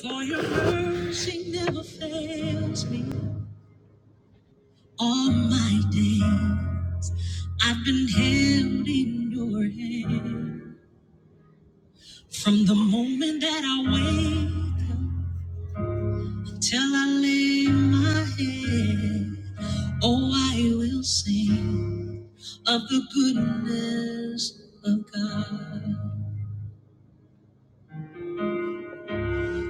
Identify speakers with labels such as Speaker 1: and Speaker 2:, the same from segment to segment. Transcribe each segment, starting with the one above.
Speaker 1: For your mercy never fails me all my day. I've been held in your hand from the moment that I wake up till I lay my head. Oh, I will sing of the goodness of God,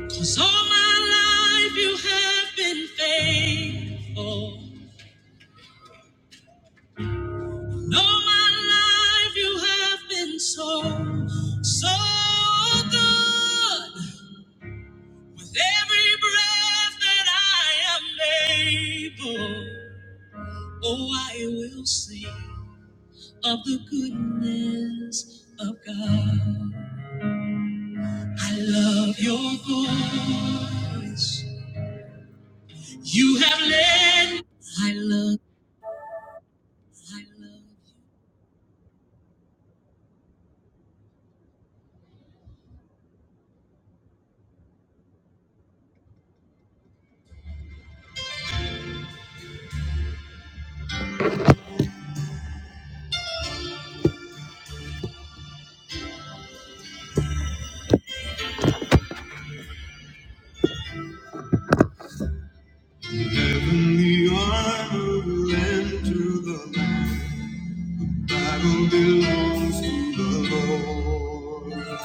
Speaker 1: 'cause all my life you have been faithful. All my life you have been so, so good. With every breath that I am able, oh, I will sing of the goodness of God. I love your voice. You have led. I love, I love. From the arm of land to the land. Battle belongs to the Lord.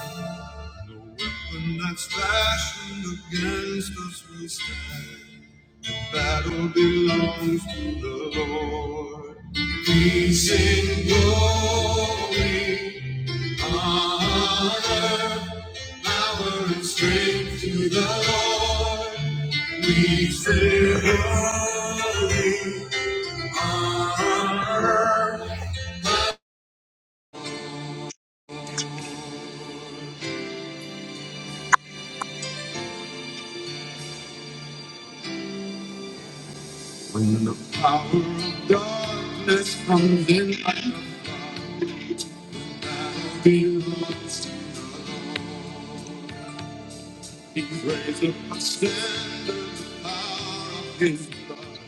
Speaker 1: When that's fashioned against us, we stand. Battle belongs to the Lord. We sing glory, honor, power, and strength to the Lord. We sing glory. When the power of darkness comes in, I Love you. Sorry.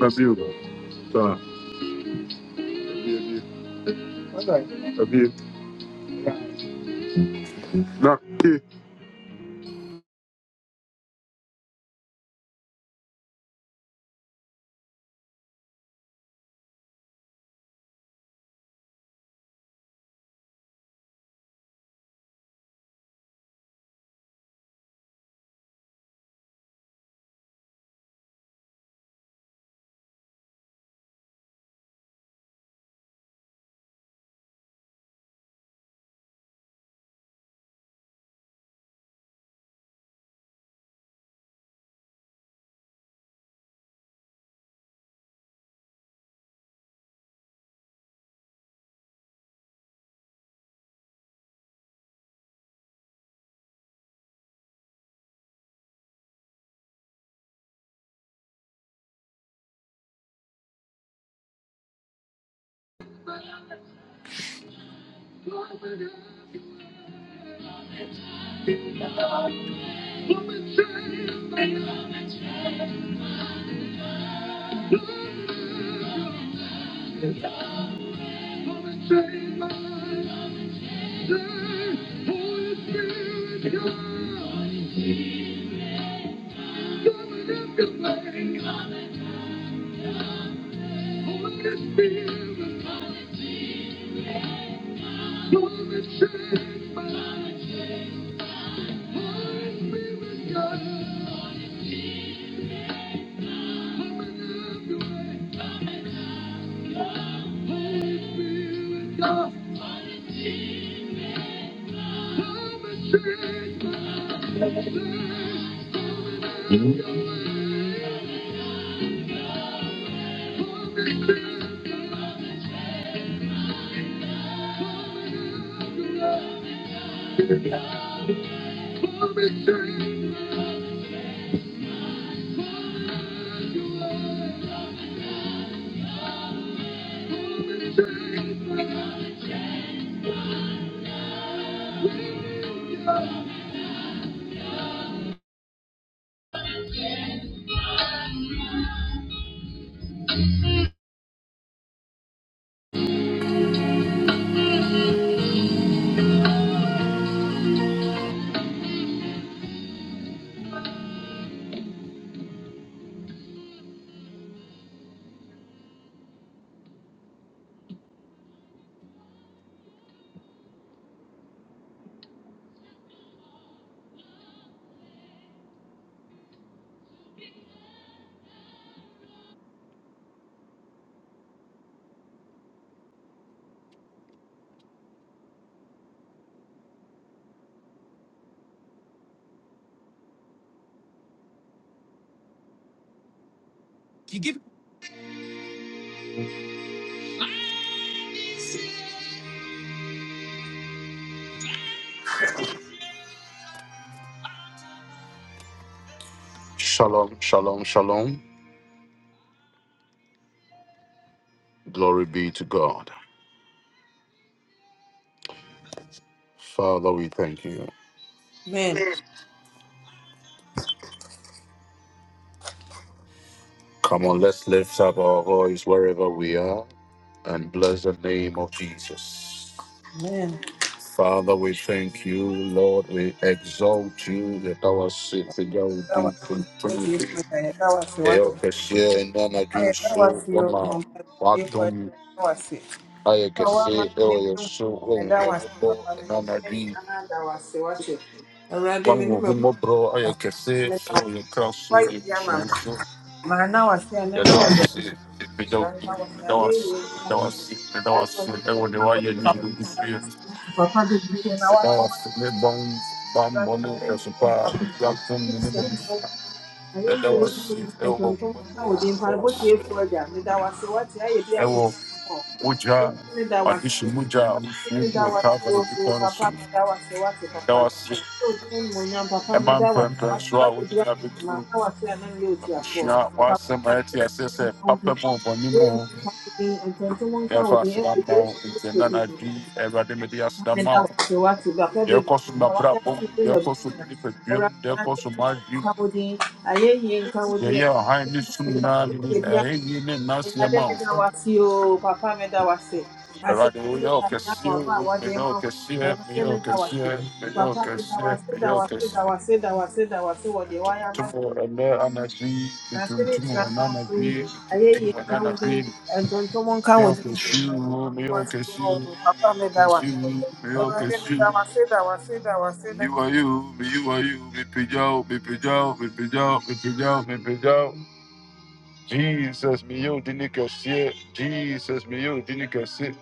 Speaker 1: Love you. Love you. Shalom, shalom, shalom. Glory be to God. Father, we thank you.
Speaker 2: Amen.
Speaker 1: Come on, let's lift up our voice wherever we are and bless the name of Jesus.
Speaker 2: Amen.
Speaker 1: Father, we thank you, Lord. We exalt you that our sins and our
Speaker 2: Hekawa
Speaker 1: deeds
Speaker 2: wote
Speaker 1: continually.
Speaker 2: ifanya hekawa si wake.
Speaker 1: Help us here in wama dreams,
Speaker 2: Hekawa
Speaker 1: so
Speaker 2: sio mtakatifu hekawa si.
Speaker 1: ayɛ
Speaker 2: Kama wama
Speaker 1: kɛse ɛwɔ
Speaker 2: ni
Speaker 1: yɛn
Speaker 2: Mungu
Speaker 1: so wɔn
Speaker 2: nenda
Speaker 1: yɛn
Speaker 2: wasi
Speaker 1: mmɔbɔ
Speaker 2: papa
Speaker 1: ɛna
Speaker 2: mimi
Speaker 1: anadwo
Speaker 2: ni
Speaker 1: yi
Speaker 2: nanda wasi wate. Awurade
Speaker 1: wɔn
Speaker 2: me ne
Speaker 1: wɔn ho
Speaker 2: mɛboa
Speaker 1: mmɔborɔ ayɛ kɛse
Speaker 2: me na
Speaker 1: ɛwɔ yɛn kra so
Speaker 2: wayɛ
Speaker 1: yɛn
Speaker 2: bi ama
Speaker 1: busua
Speaker 2: me.
Speaker 1: so
Speaker 2: Maa na wase a ne
Speaker 1: yɛda
Speaker 2: mɛwɔ
Speaker 1: wo ase
Speaker 2: deɛ
Speaker 1: ɛpagya
Speaker 2: nhyira
Speaker 1: wo
Speaker 2: nka
Speaker 1: din
Speaker 2: wo na
Speaker 1: yɛda wo
Speaker 2: ayɛ
Speaker 1: ase
Speaker 2: yie nka wo
Speaker 1: yɛda wo
Speaker 2: din.
Speaker 1: ase yɛda wo
Speaker 2: Ɛto
Speaker 1: ase
Speaker 2: nka
Speaker 1: ɛwɔ deɛ woayɛ ne nyina gu so yɛ
Speaker 2: Papa bebree na
Speaker 1: yɛda wo ase
Speaker 2: wayɛ.
Speaker 1: ne bɔn bammɔ
Speaker 2: Awurade na
Speaker 1: ne
Speaker 2: wo deɛ
Speaker 1: ɛsopa
Speaker 2: menka
Speaker 1: a
Speaker 2: wo ho.
Speaker 1: ɛdi
Speaker 2: Na
Speaker 1: apom ne ne
Speaker 2: nka wo
Speaker 1: mabusua
Speaker 2: din.
Speaker 1: yɛda wo
Speaker 2: nka wo
Speaker 1: ase
Speaker 2: din.
Speaker 1: ɛwɔ wo
Speaker 2: Ntontom nka
Speaker 1: mmɔborɔ
Speaker 2: wo din.
Speaker 1: yɛda wo
Speaker 2: Mpaebɔ
Speaker 1: ase
Speaker 2: tiefoɔ agya, meda wo ase. Woate ayɛ bi
Speaker 1: ɛwɔ mogya w'adehye mogya a wofuo gu wɔ Calvary bepɔ no
Speaker 2: Papa,
Speaker 1: so
Speaker 2: meda wo ase.
Speaker 1: that
Speaker 2: papa.
Speaker 1: was
Speaker 2: Sɛ obi animuonyam, papa,
Speaker 1: ɛma
Speaker 2: meda wo ase.
Speaker 1: mpɛmpɛn
Speaker 2: Woate.
Speaker 1: so a
Speaker 2: Woayɛ
Speaker 1: wode
Speaker 2: bi
Speaker 1: nya bɛduru
Speaker 2: Na woate a na meyɛ
Speaker 1: abusua
Speaker 2: Papa,
Speaker 1: w'asɛm
Speaker 2: na
Speaker 1: a ɛte
Speaker 2: nhyira
Speaker 1: aseɛ sɛ
Speaker 2: nka wo
Speaker 1: papa
Speaker 2: din.
Speaker 1: mu ɔbɔne mu o,
Speaker 2: nka wo din. nka wo
Speaker 1: yɛmfa
Speaker 2: din.
Speaker 1: aseda mma wo nti ɛna na adwene yi, awurade mede aseda ma
Speaker 2: Ena
Speaker 1: wo
Speaker 2: wake wate
Speaker 1: deɛ ɛkɔ so
Speaker 2: na wayɛ
Speaker 1: mmabrabɔ
Speaker 2: ama
Speaker 1: mu
Speaker 2: me ne
Speaker 1: deɛ ɛkɔ so me
Speaker 2: m'abusua.
Speaker 1: nipaduam
Speaker 2: Awurade,
Speaker 1: deɛ
Speaker 2: ma
Speaker 1: ɛkɔ so
Speaker 2: m'abusuafoɔ
Speaker 1: m'adwene
Speaker 2: nka
Speaker 1: mu
Speaker 2: wo din. Ayɛyie nka wo din.
Speaker 1: yɛyɛ ɔhan
Speaker 2: Ayɛyie
Speaker 1: ne
Speaker 2: nka
Speaker 1: sum
Speaker 2: wo din. Papa,
Speaker 1: nyinaa ne
Speaker 2: woyɛ bi ama
Speaker 1: ayɛyie ne
Speaker 2: me.
Speaker 1: nnaseɛ
Speaker 2: da
Speaker 1: ma wo
Speaker 2: meda wo ase oo. Papa, meda wo ase. Ase
Speaker 1: awurade
Speaker 2: tumi
Speaker 1: woyɛ
Speaker 2: ka nea
Speaker 1: ɔkɛseɛ
Speaker 2: wɔaba a
Speaker 1: o
Speaker 2: wɔde
Speaker 1: meyɛ
Speaker 2: ma wo.
Speaker 1: ɔkɛseɛ
Speaker 2: Awurade,
Speaker 1: meyɛ
Speaker 2: meda wo
Speaker 1: ɔkɛseɛ meyɛ
Speaker 2: Papa, me da
Speaker 1: ɔkɛseɛ
Speaker 2: wasi. da
Speaker 1: meyɛ
Speaker 2: wasi da
Speaker 1: ɔkɛseɛ
Speaker 2: wasi da wasi da wasi wa wɔ deɛ woayɛ ama
Speaker 1: tuntum
Speaker 2: me.
Speaker 1: wɔ ɛnɛ anadwo yi
Speaker 2: Na ase ne
Speaker 1: metuntum wɔ
Speaker 2: nyinaa
Speaker 1: ɛnɛ
Speaker 2: nka wo
Speaker 1: anadwo
Speaker 2: din.
Speaker 1: yi metuntum
Speaker 2: Ayɛyie
Speaker 1: wɔ ɛnɛ anadwo Yo, cause you, me, yo,
Speaker 2: wàásù
Speaker 1: cause
Speaker 2: o
Speaker 1: you,
Speaker 2: bàbá mi dá me
Speaker 1: cause you, me, yo,
Speaker 2: ẹwúrẹ́dẹ́
Speaker 1: cause
Speaker 2: mi dá
Speaker 1: you.
Speaker 2: wàásù dá wàásù dá wàásù dá
Speaker 1: You are you, me, you are you, me, pigeon, me, pigeon, me, pigeon, me, pigeon, me, pigeon. Jesus, me, yo, dini kassi. Jesus, me, yo, dini kassi.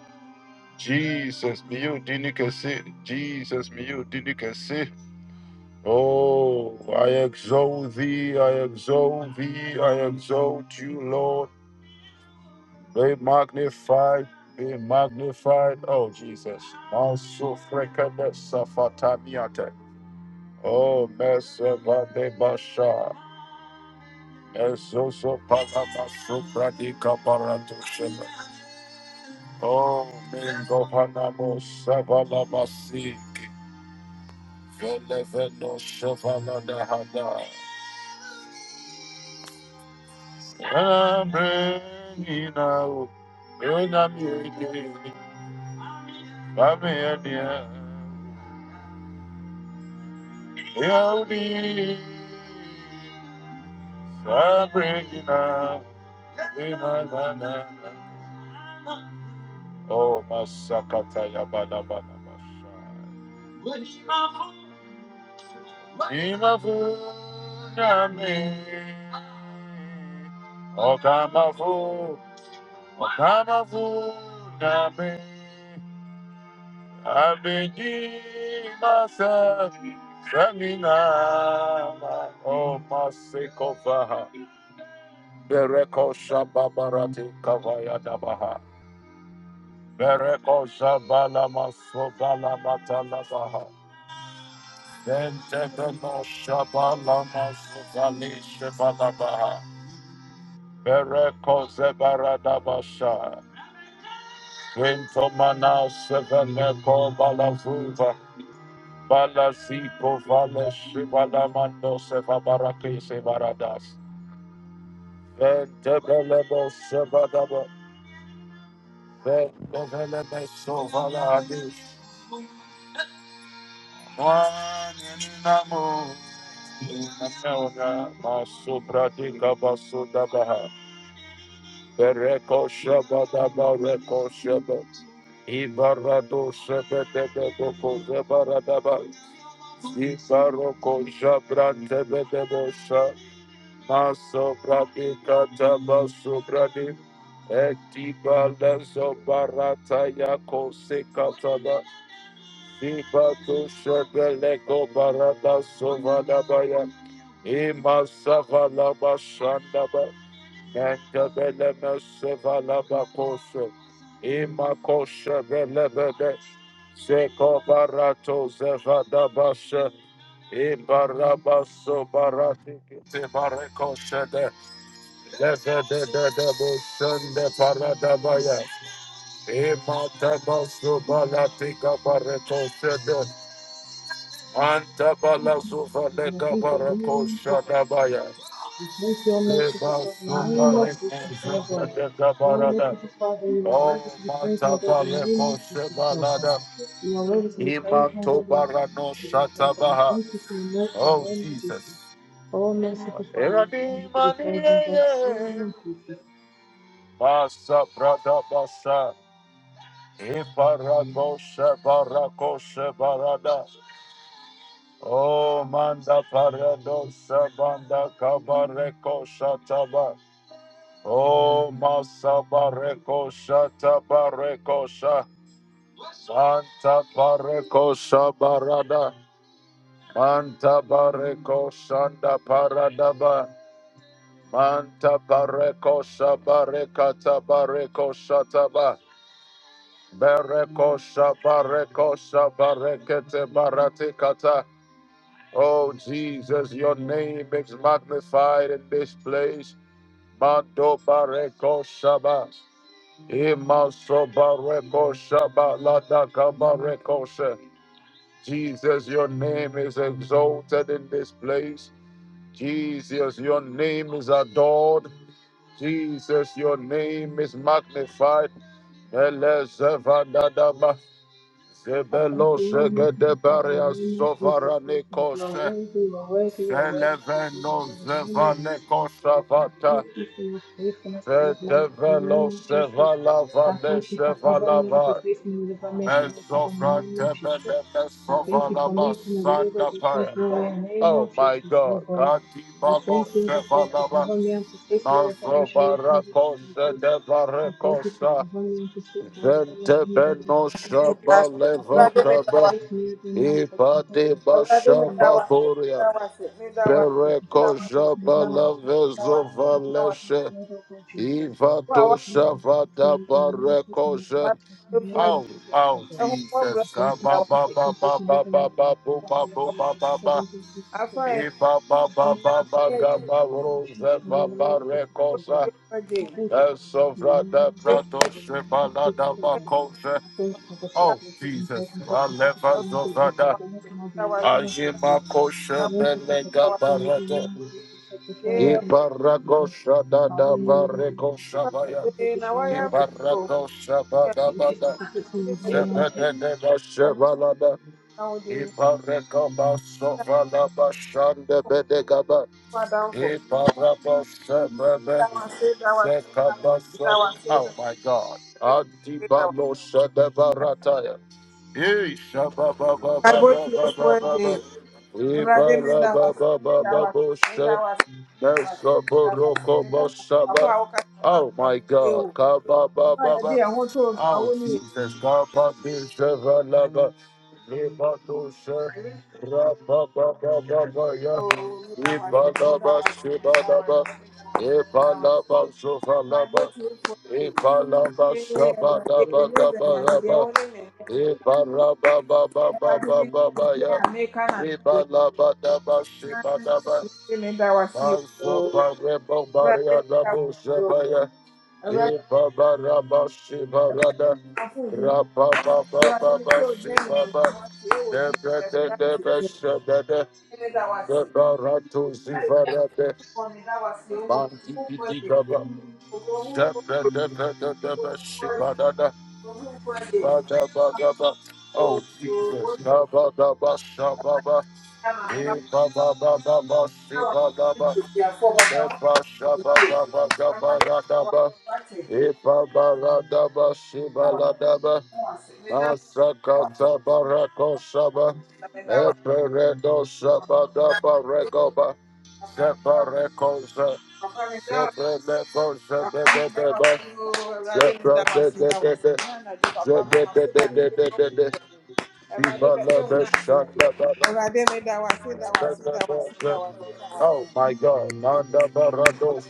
Speaker 1: Jesus, me, yo, dini kassi. Jesus, me, yo, dini kassi. Oh, I exalt thee, I exalt thee, I exalt you, Lord. Be magnified, be magnified. Oh, Jesus. Masu frekada safatamiate. Oh, Meseva de Basha. Ezoso Palamasu Pradika Paratushima. Oh, Mingohanamo Savalamasik. Veleveno Shavaladahada. Amen. Amen. Inau. Benami. Amen. yeah. He'll be Sabrina, Lima, Lana, Oh, Masakata Yabada Banabasha. Ima Funami, Okamafu, Okamafu Nami, Abiji Masa, Samina, Oh, Masikovaha, Bereko Shababarati Kavaya Dabaha. Bereko shabala maso bala batala baha. Bente beno shabala maso bali shabala baha. Bereko zebara dabasha. Quinto mana seveneko bala vuva. Bala ziko vale shibala mando seva baraki sevaradas. Bente belebo sebadaba. Bente belebe sovala hadis. One in the moon. Naona masubra di kabasuda baha. Bereko shaba daba reko shaba. Ibarado shebe debe doko zebara daba. Ibaroko jabra tebe debo Masubra di kataba di. Etiba lezo barata yako sekataba. Ibato Shebeleko Barada Sovadabaya Ima Savalaba Shandaba Nantabeleme Sevalaba Koshe Ima Koshe Belebede Seko Barato Zevadabashe Ibaraba barati. Tibareko Shede Levede de Bushende Paradabaya Ima Tabasu Balatika Bareko Shede Antabala sufa
Speaker 3: We're gonna
Speaker 1: leka
Speaker 3: take it
Speaker 1: barako
Speaker 3: really Jesus.
Speaker 1: shadabaya.
Speaker 3: We thank your mercy for
Speaker 1: Deba
Speaker 3: God in the name
Speaker 1: sufa
Speaker 3: of
Speaker 1: reko
Speaker 3: Jesus, Lord
Speaker 1: sheba
Speaker 3: God.
Speaker 1: leka
Speaker 3: Lord,
Speaker 1: barada.
Speaker 3: merciful Father, you are
Speaker 1: Oh,
Speaker 3: worthy to be praised, my God, in
Speaker 1: matabale
Speaker 3: the name of
Speaker 1: ko
Speaker 3: Jesus, Lord God.
Speaker 1: shebalada.
Speaker 3: You are worthy to be praised,
Speaker 1: Ima
Speaker 3: my God, in the name of
Speaker 1: tobarano
Speaker 3: Jesus, Lord God. We
Speaker 1: shatabaha.
Speaker 3: thank you for your mercy in the
Speaker 1: Oh,
Speaker 3: name of Jesus.
Speaker 1: Jesus.
Speaker 3: Oh, merciful Father, you are
Speaker 1: Erani
Speaker 3: worthy to be praised, my God, in the name
Speaker 1: maniye.
Speaker 3: of Jesus.
Speaker 1: Basa brada basa. Iparako shebarako shebarada. Oh, manda parado shebanda kabareko shatabah. Oh, Masa Bareko Shata Santa Bareko barada, Manta Bareko da Paradaba Manta Bareko Shabarekata Bareko Shataba Bereko Shabareko Shabarekete Baratikata Oh Jesus, your name is magnified in this place. Mando Bareko ba. Jesus, your name is exalted in this place. Jesus, your name is adored. Jesus, your name is magnified. Elezevadadaba,
Speaker 3: I thank you, Lord, merciful Father, in the
Speaker 1: zebeloshegedebaria
Speaker 3: name of Jesus Christ. that You are
Speaker 1: sovaranikoshe,
Speaker 3: worthy, you are worthy, you are worthy to be praised, my God, in the name of Jesus. I
Speaker 1: zelevenozevanikovshavata,
Speaker 3: thank you for your faithfulness towards my life, in the name of Jesus. I thank you for covering me and
Speaker 1: vedevelosevalavadeshevalava.
Speaker 3: protecting me with the permission
Speaker 1: Oh
Speaker 3: of the name of Jesus. I thank you for making a way where there is no way, in the name of
Speaker 1: my
Speaker 3: Jesus, oh
Speaker 1: God.
Speaker 3: God. I
Speaker 1: Katibalo
Speaker 3: thank you, Lord, God, for
Speaker 1: Shevalaba.
Speaker 3: covering me and protecting me with the permission of the name of
Speaker 1: Nazobarako
Speaker 3: Jesus, oh God. I thank you for
Speaker 1: Sedevarekosa.
Speaker 3: covering me and protecting me with the permission of the name of
Speaker 1: Ventebeno
Speaker 3: Jesus, oh God.
Speaker 2: wàásù
Speaker 3: Thank you
Speaker 2: ẹwúrẹ́dẹ́ mi
Speaker 3: for
Speaker 2: dá
Speaker 1: Shabalevataba.
Speaker 2: wàásù
Speaker 3: protecting faith and every man, protecting family,
Speaker 1: Ibadeba
Speaker 3: protecting the
Speaker 2: ẹwúrẹ́dẹ́ mi dá
Speaker 3: children, protecting the
Speaker 2: wàásù mi
Speaker 3: children.
Speaker 1: Shababuria.
Speaker 2: dá wàásù mi
Speaker 3: I
Speaker 2: dá
Speaker 3: thank you for
Speaker 1: Pereko
Speaker 2: wàásù mi
Speaker 3: protecting the
Speaker 2: dá wàásù mi dá wàásù mi dá wàásù mi
Speaker 1: Shabalavezovaleche.
Speaker 2: dá
Speaker 1: Ivato
Speaker 2: wàásù fún àwa
Speaker 1: Shavada Barekoshe.
Speaker 2: máa mi fún ẹgbẹ́ fún ẹgbẹ́
Speaker 1: Oh, oh,
Speaker 2: ẹ̀hún wọ́n
Speaker 1: Jesus.
Speaker 2: bùrọ̀
Speaker 1: Ah,
Speaker 2: mi dá
Speaker 1: Ba ba ba ba ba ba ba bo ba bo
Speaker 2: wàásù
Speaker 1: ba ba ba.
Speaker 2: afọ ẹ̀
Speaker 1: E ba ba ba ba ba
Speaker 2: ní ẹ̀yìn
Speaker 1: ga ba
Speaker 3: nation,
Speaker 1: roze
Speaker 3: my
Speaker 1: ba ba
Speaker 3: Lord Jesus,
Speaker 2: fún
Speaker 3: oh God.
Speaker 1: recosa.
Speaker 2: ẹgbẹ́ fún
Speaker 3: I
Speaker 2: ẹgbẹ́ ẹ̀yìn
Speaker 3: thank you
Speaker 1: The
Speaker 3: for protecting the
Speaker 1: sovra
Speaker 3: name
Speaker 1: the
Speaker 3: of
Speaker 2: fún ẹgbẹ́ fún ẹgbẹ́
Speaker 3: Jesus,
Speaker 1: prato
Speaker 3: for the
Speaker 2: wàásù
Speaker 3: name of
Speaker 1: sheba la da ba
Speaker 3: Jesus,
Speaker 1: kose.
Speaker 3: I thank you for
Speaker 1: Oh,
Speaker 3: protecting us even
Speaker 1: Jesus.
Speaker 3: though confess
Speaker 1: I
Speaker 3: and blessed don't
Speaker 1: never
Speaker 3: God,
Speaker 1: zovra
Speaker 3: you should
Speaker 1: da.
Speaker 3: so much more
Speaker 2: dá
Speaker 3: than
Speaker 2: wàásù
Speaker 3: very much you
Speaker 1: Ajima
Speaker 3: could. I
Speaker 1: koshe
Speaker 3: thank you for
Speaker 1: belega
Speaker 3: protecting us even
Speaker 1: barade.
Speaker 3: now, so protect the shell and
Speaker 1: E
Speaker 3: God, you should God.
Speaker 1: baragosha da da ba
Speaker 3: Hallelujah, this is my God,
Speaker 1: rekosha
Speaker 3: you should
Speaker 1: baya.
Speaker 3: protect the shell and
Speaker 1: E baragosha
Speaker 3: God, you
Speaker 1: ba
Speaker 3: should
Speaker 1: ra, go,
Speaker 3: God.
Speaker 1: sha, ba, da
Speaker 3: Thank
Speaker 1: ba
Speaker 3: you for
Speaker 1: da.
Speaker 3: protecting
Speaker 2: dá
Speaker 3: us even now, to
Speaker 1: Zebede da
Speaker 2: wàásù
Speaker 1: sheba la da.
Speaker 2: Now the
Speaker 1: Iparekaba sovalaba shande bedegaba.
Speaker 2: power down for
Speaker 1: Iparaba sebebe
Speaker 2: that one, say that one, say that one,
Speaker 1: sekaba so.
Speaker 2: that one, say
Speaker 1: Oh
Speaker 2: that one,
Speaker 1: my God.
Speaker 2: say that one.
Speaker 1: Antibalo sedebarataya.
Speaker 2: saved. Bible till four
Speaker 1: Ishababababababababa.
Speaker 2: day. Everybody me that one, me that one, me
Speaker 1: Ibarabababababoshe.
Speaker 2: that one, me that one, me that one, me that one. Apo
Speaker 1: Mesoborokobosaba.
Speaker 2: awo ka ma
Speaker 1: Oh
Speaker 2: gba
Speaker 1: my
Speaker 2: mi ti
Speaker 1: God.
Speaker 2: o. Mo ya de
Speaker 1: Kababababa.
Speaker 2: àwọn tó o sọ
Speaker 1: Oh
Speaker 2: àwọn ní
Speaker 1: Jesus. Kababishevalaba. Rabba Rabba
Speaker 2: ìlú mi that one, say me that one, say me that one, me that one, me that one. saved. Bible clear for four day. Ilé ẹgbẹ̀rún ẹgbẹ̀rún ẹgbẹ̀rún àti ìdíyẹwọ́ ní mẹ́rin. Awurade me bia
Speaker 1: Rabba
Speaker 2: a meka na mede yɛ Awurade me da wase o Awurade me da wase o Awurade afo bi Awurade me sɛ ogyina ne mu ne
Speaker 1: Rabba
Speaker 2: wase ɛwɔ
Speaker 1: Oh
Speaker 2: Jesus Christ bi
Speaker 1: Jesus,
Speaker 2: mu me da wase Wɔ me da wase o mo mo bɔde o mo mo bɔde o mo bɔde o
Speaker 1: Kabadaba Shababa,
Speaker 2: o
Speaker 1: Ekababa
Speaker 2: Awurade meda
Speaker 1: Sibadaba, Nepa Shababa Gabaradaba, Epa Baradaba Shibaladaba, Masakata barako shaba, epereko shaba da bareko separeko sha, separeko shaba da da ba, sepra de de de de, zege de de de de de de, de, ibala beshanda barako
Speaker 2: wase, meda wase, meda
Speaker 1: Oh my God, manda barado,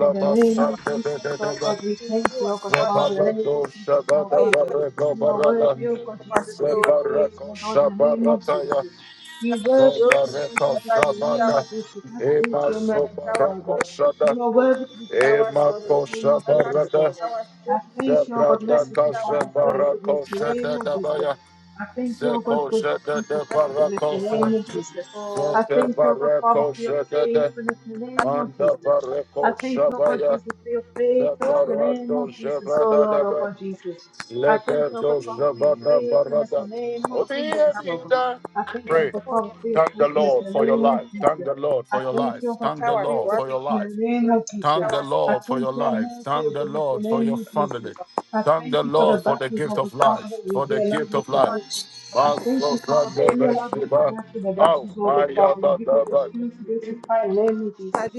Speaker 3: In the name of
Speaker 1: basanda de de
Speaker 3: Jesus,
Speaker 1: de
Speaker 3: oh
Speaker 1: ba.
Speaker 3: God, we thank you, oh God, Father. In the name of
Speaker 1: Zebalado
Speaker 3: Jesus, oh
Speaker 1: Shabada
Speaker 3: God,
Speaker 1: Bareko
Speaker 3: you are
Speaker 1: Barada
Speaker 3: worthy, oh God, Jesus, to be
Speaker 2: wase.
Speaker 3: praised,
Speaker 1: Zebareko
Speaker 3: oh God, in the name of
Speaker 1: Shabarataya
Speaker 3: Jesus. We
Speaker 2: Thank
Speaker 3: worship you, Holy
Speaker 1: Zebareko
Speaker 3: Father, in the name
Speaker 1: Shabada
Speaker 3: of Jesus. That's faith,
Speaker 1: Ema
Speaker 3: your merciful Father.
Speaker 1: Sobareko Shada
Speaker 3: You are worthy to be praised, oh
Speaker 1: Ema
Speaker 3: God, in the name
Speaker 1: Kosha
Speaker 3: of Jesus, oh
Speaker 1: Barada
Speaker 3: God. I thank you, oh God,
Speaker 1: Zebrada
Speaker 3: merciful Father,
Speaker 1: Kasha
Speaker 3: for your goodness,
Speaker 1: Barako
Speaker 3: in the name
Speaker 1: Shada
Speaker 3: of Jesus.
Speaker 1: Dabaya
Speaker 3: I thank you, oh God,
Speaker 1: Zeko
Speaker 3: good
Speaker 1: Shada
Speaker 3: Jesus,
Speaker 1: de
Speaker 3: for your goodness,
Speaker 1: Barako
Speaker 3: in the
Speaker 1: Se
Speaker 3: name of Jesus. I
Speaker 1: Zeke
Speaker 3: thank you, O God Father,
Speaker 1: Barako
Speaker 3: for your
Speaker 1: Shada de
Speaker 3: faithfulness in the name of
Speaker 1: Manda
Speaker 3: Jesus. I
Speaker 1: Bareko
Speaker 3: thank you, O God
Speaker 1: Shabaya
Speaker 3: Jesus, for your faithfulness in the name
Speaker 1: Zebarado
Speaker 3: of Jesus, oh
Speaker 1: Shabada
Speaker 3: Lord, O
Speaker 1: Daba
Speaker 3: God Jesus. I thank you, O God
Speaker 1: Lebedo
Speaker 3: Father, for your
Speaker 1: Shabada
Speaker 3: faithfulness
Speaker 1: Barada.
Speaker 3: in the name of Jesus, O God.
Speaker 1: Obiedida.
Speaker 3: I thank you, O
Speaker 1: Pray.
Speaker 3: God Father, for your
Speaker 1: Thank the
Speaker 3: faithfulness
Speaker 1: Lord
Speaker 3: in the
Speaker 1: for your
Speaker 3: name of
Speaker 1: life. Thank
Speaker 3: Jesus.
Speaker 1: the Lord
Speaker 3: I
Speaker 1: for your
Speaker 3: thank
Speaker 1: life.
Speaker 3: you, Abba
Speaker 1: Thank the
Speaker 3: Father, for your
Speaker 1: Lord for your
Speaker 3: protection
Speaker 1: life.
Speaker 3: in the name of Jesus.
Speaker 1: Thank the
Speaker 3: I
Speaker 1: Lord for your
Speaker 3: thank you, O
Speaker 1: life.
Speaker 3: Lord, for your
Speaker 1: Thank the
Speaker 3: goodness in
Speaker 1: Lord
Speaker 3: the
Speaker 1: for
Speaker 3: name
Speaker 1: your
Speaker 3: of Jesus.
Speaker 1: family.
Speaker 3: I
Speaker 1: Thank
Speaker 3: thank
Speaker 1: the
Speaker 3: you for the
Speaker 1: Lord for the
Speaker 3: battles,
Speaker 1: gift
Speaker 3: of the
Speaker 1: of
Speaker 3: Father,
Speaker 1: life.
Speaker 3: that you
Speaker 1: For the
Speaker 3: dare allow
Speaker 1: gift
Speaker 3: me
Speaker 1: of
Speaker 3: to
Speaker 1: life.
Speaker 3: go through. I thank
Speaker 1: Maso
Speaker 3: you, Father, that
Speaker 1: Sande
Speaker 3: when you allow me to
Speaker 1: Beshiba.
Speaker 3: go through the
Speaker 1: Au
Speaker 3: battles, of the
Speaker 1: Maya
Speaker 3: Father, you give me the
Speaker 1: Badaba.
Speaker 3: strength to be able to fight in the name of Jesus.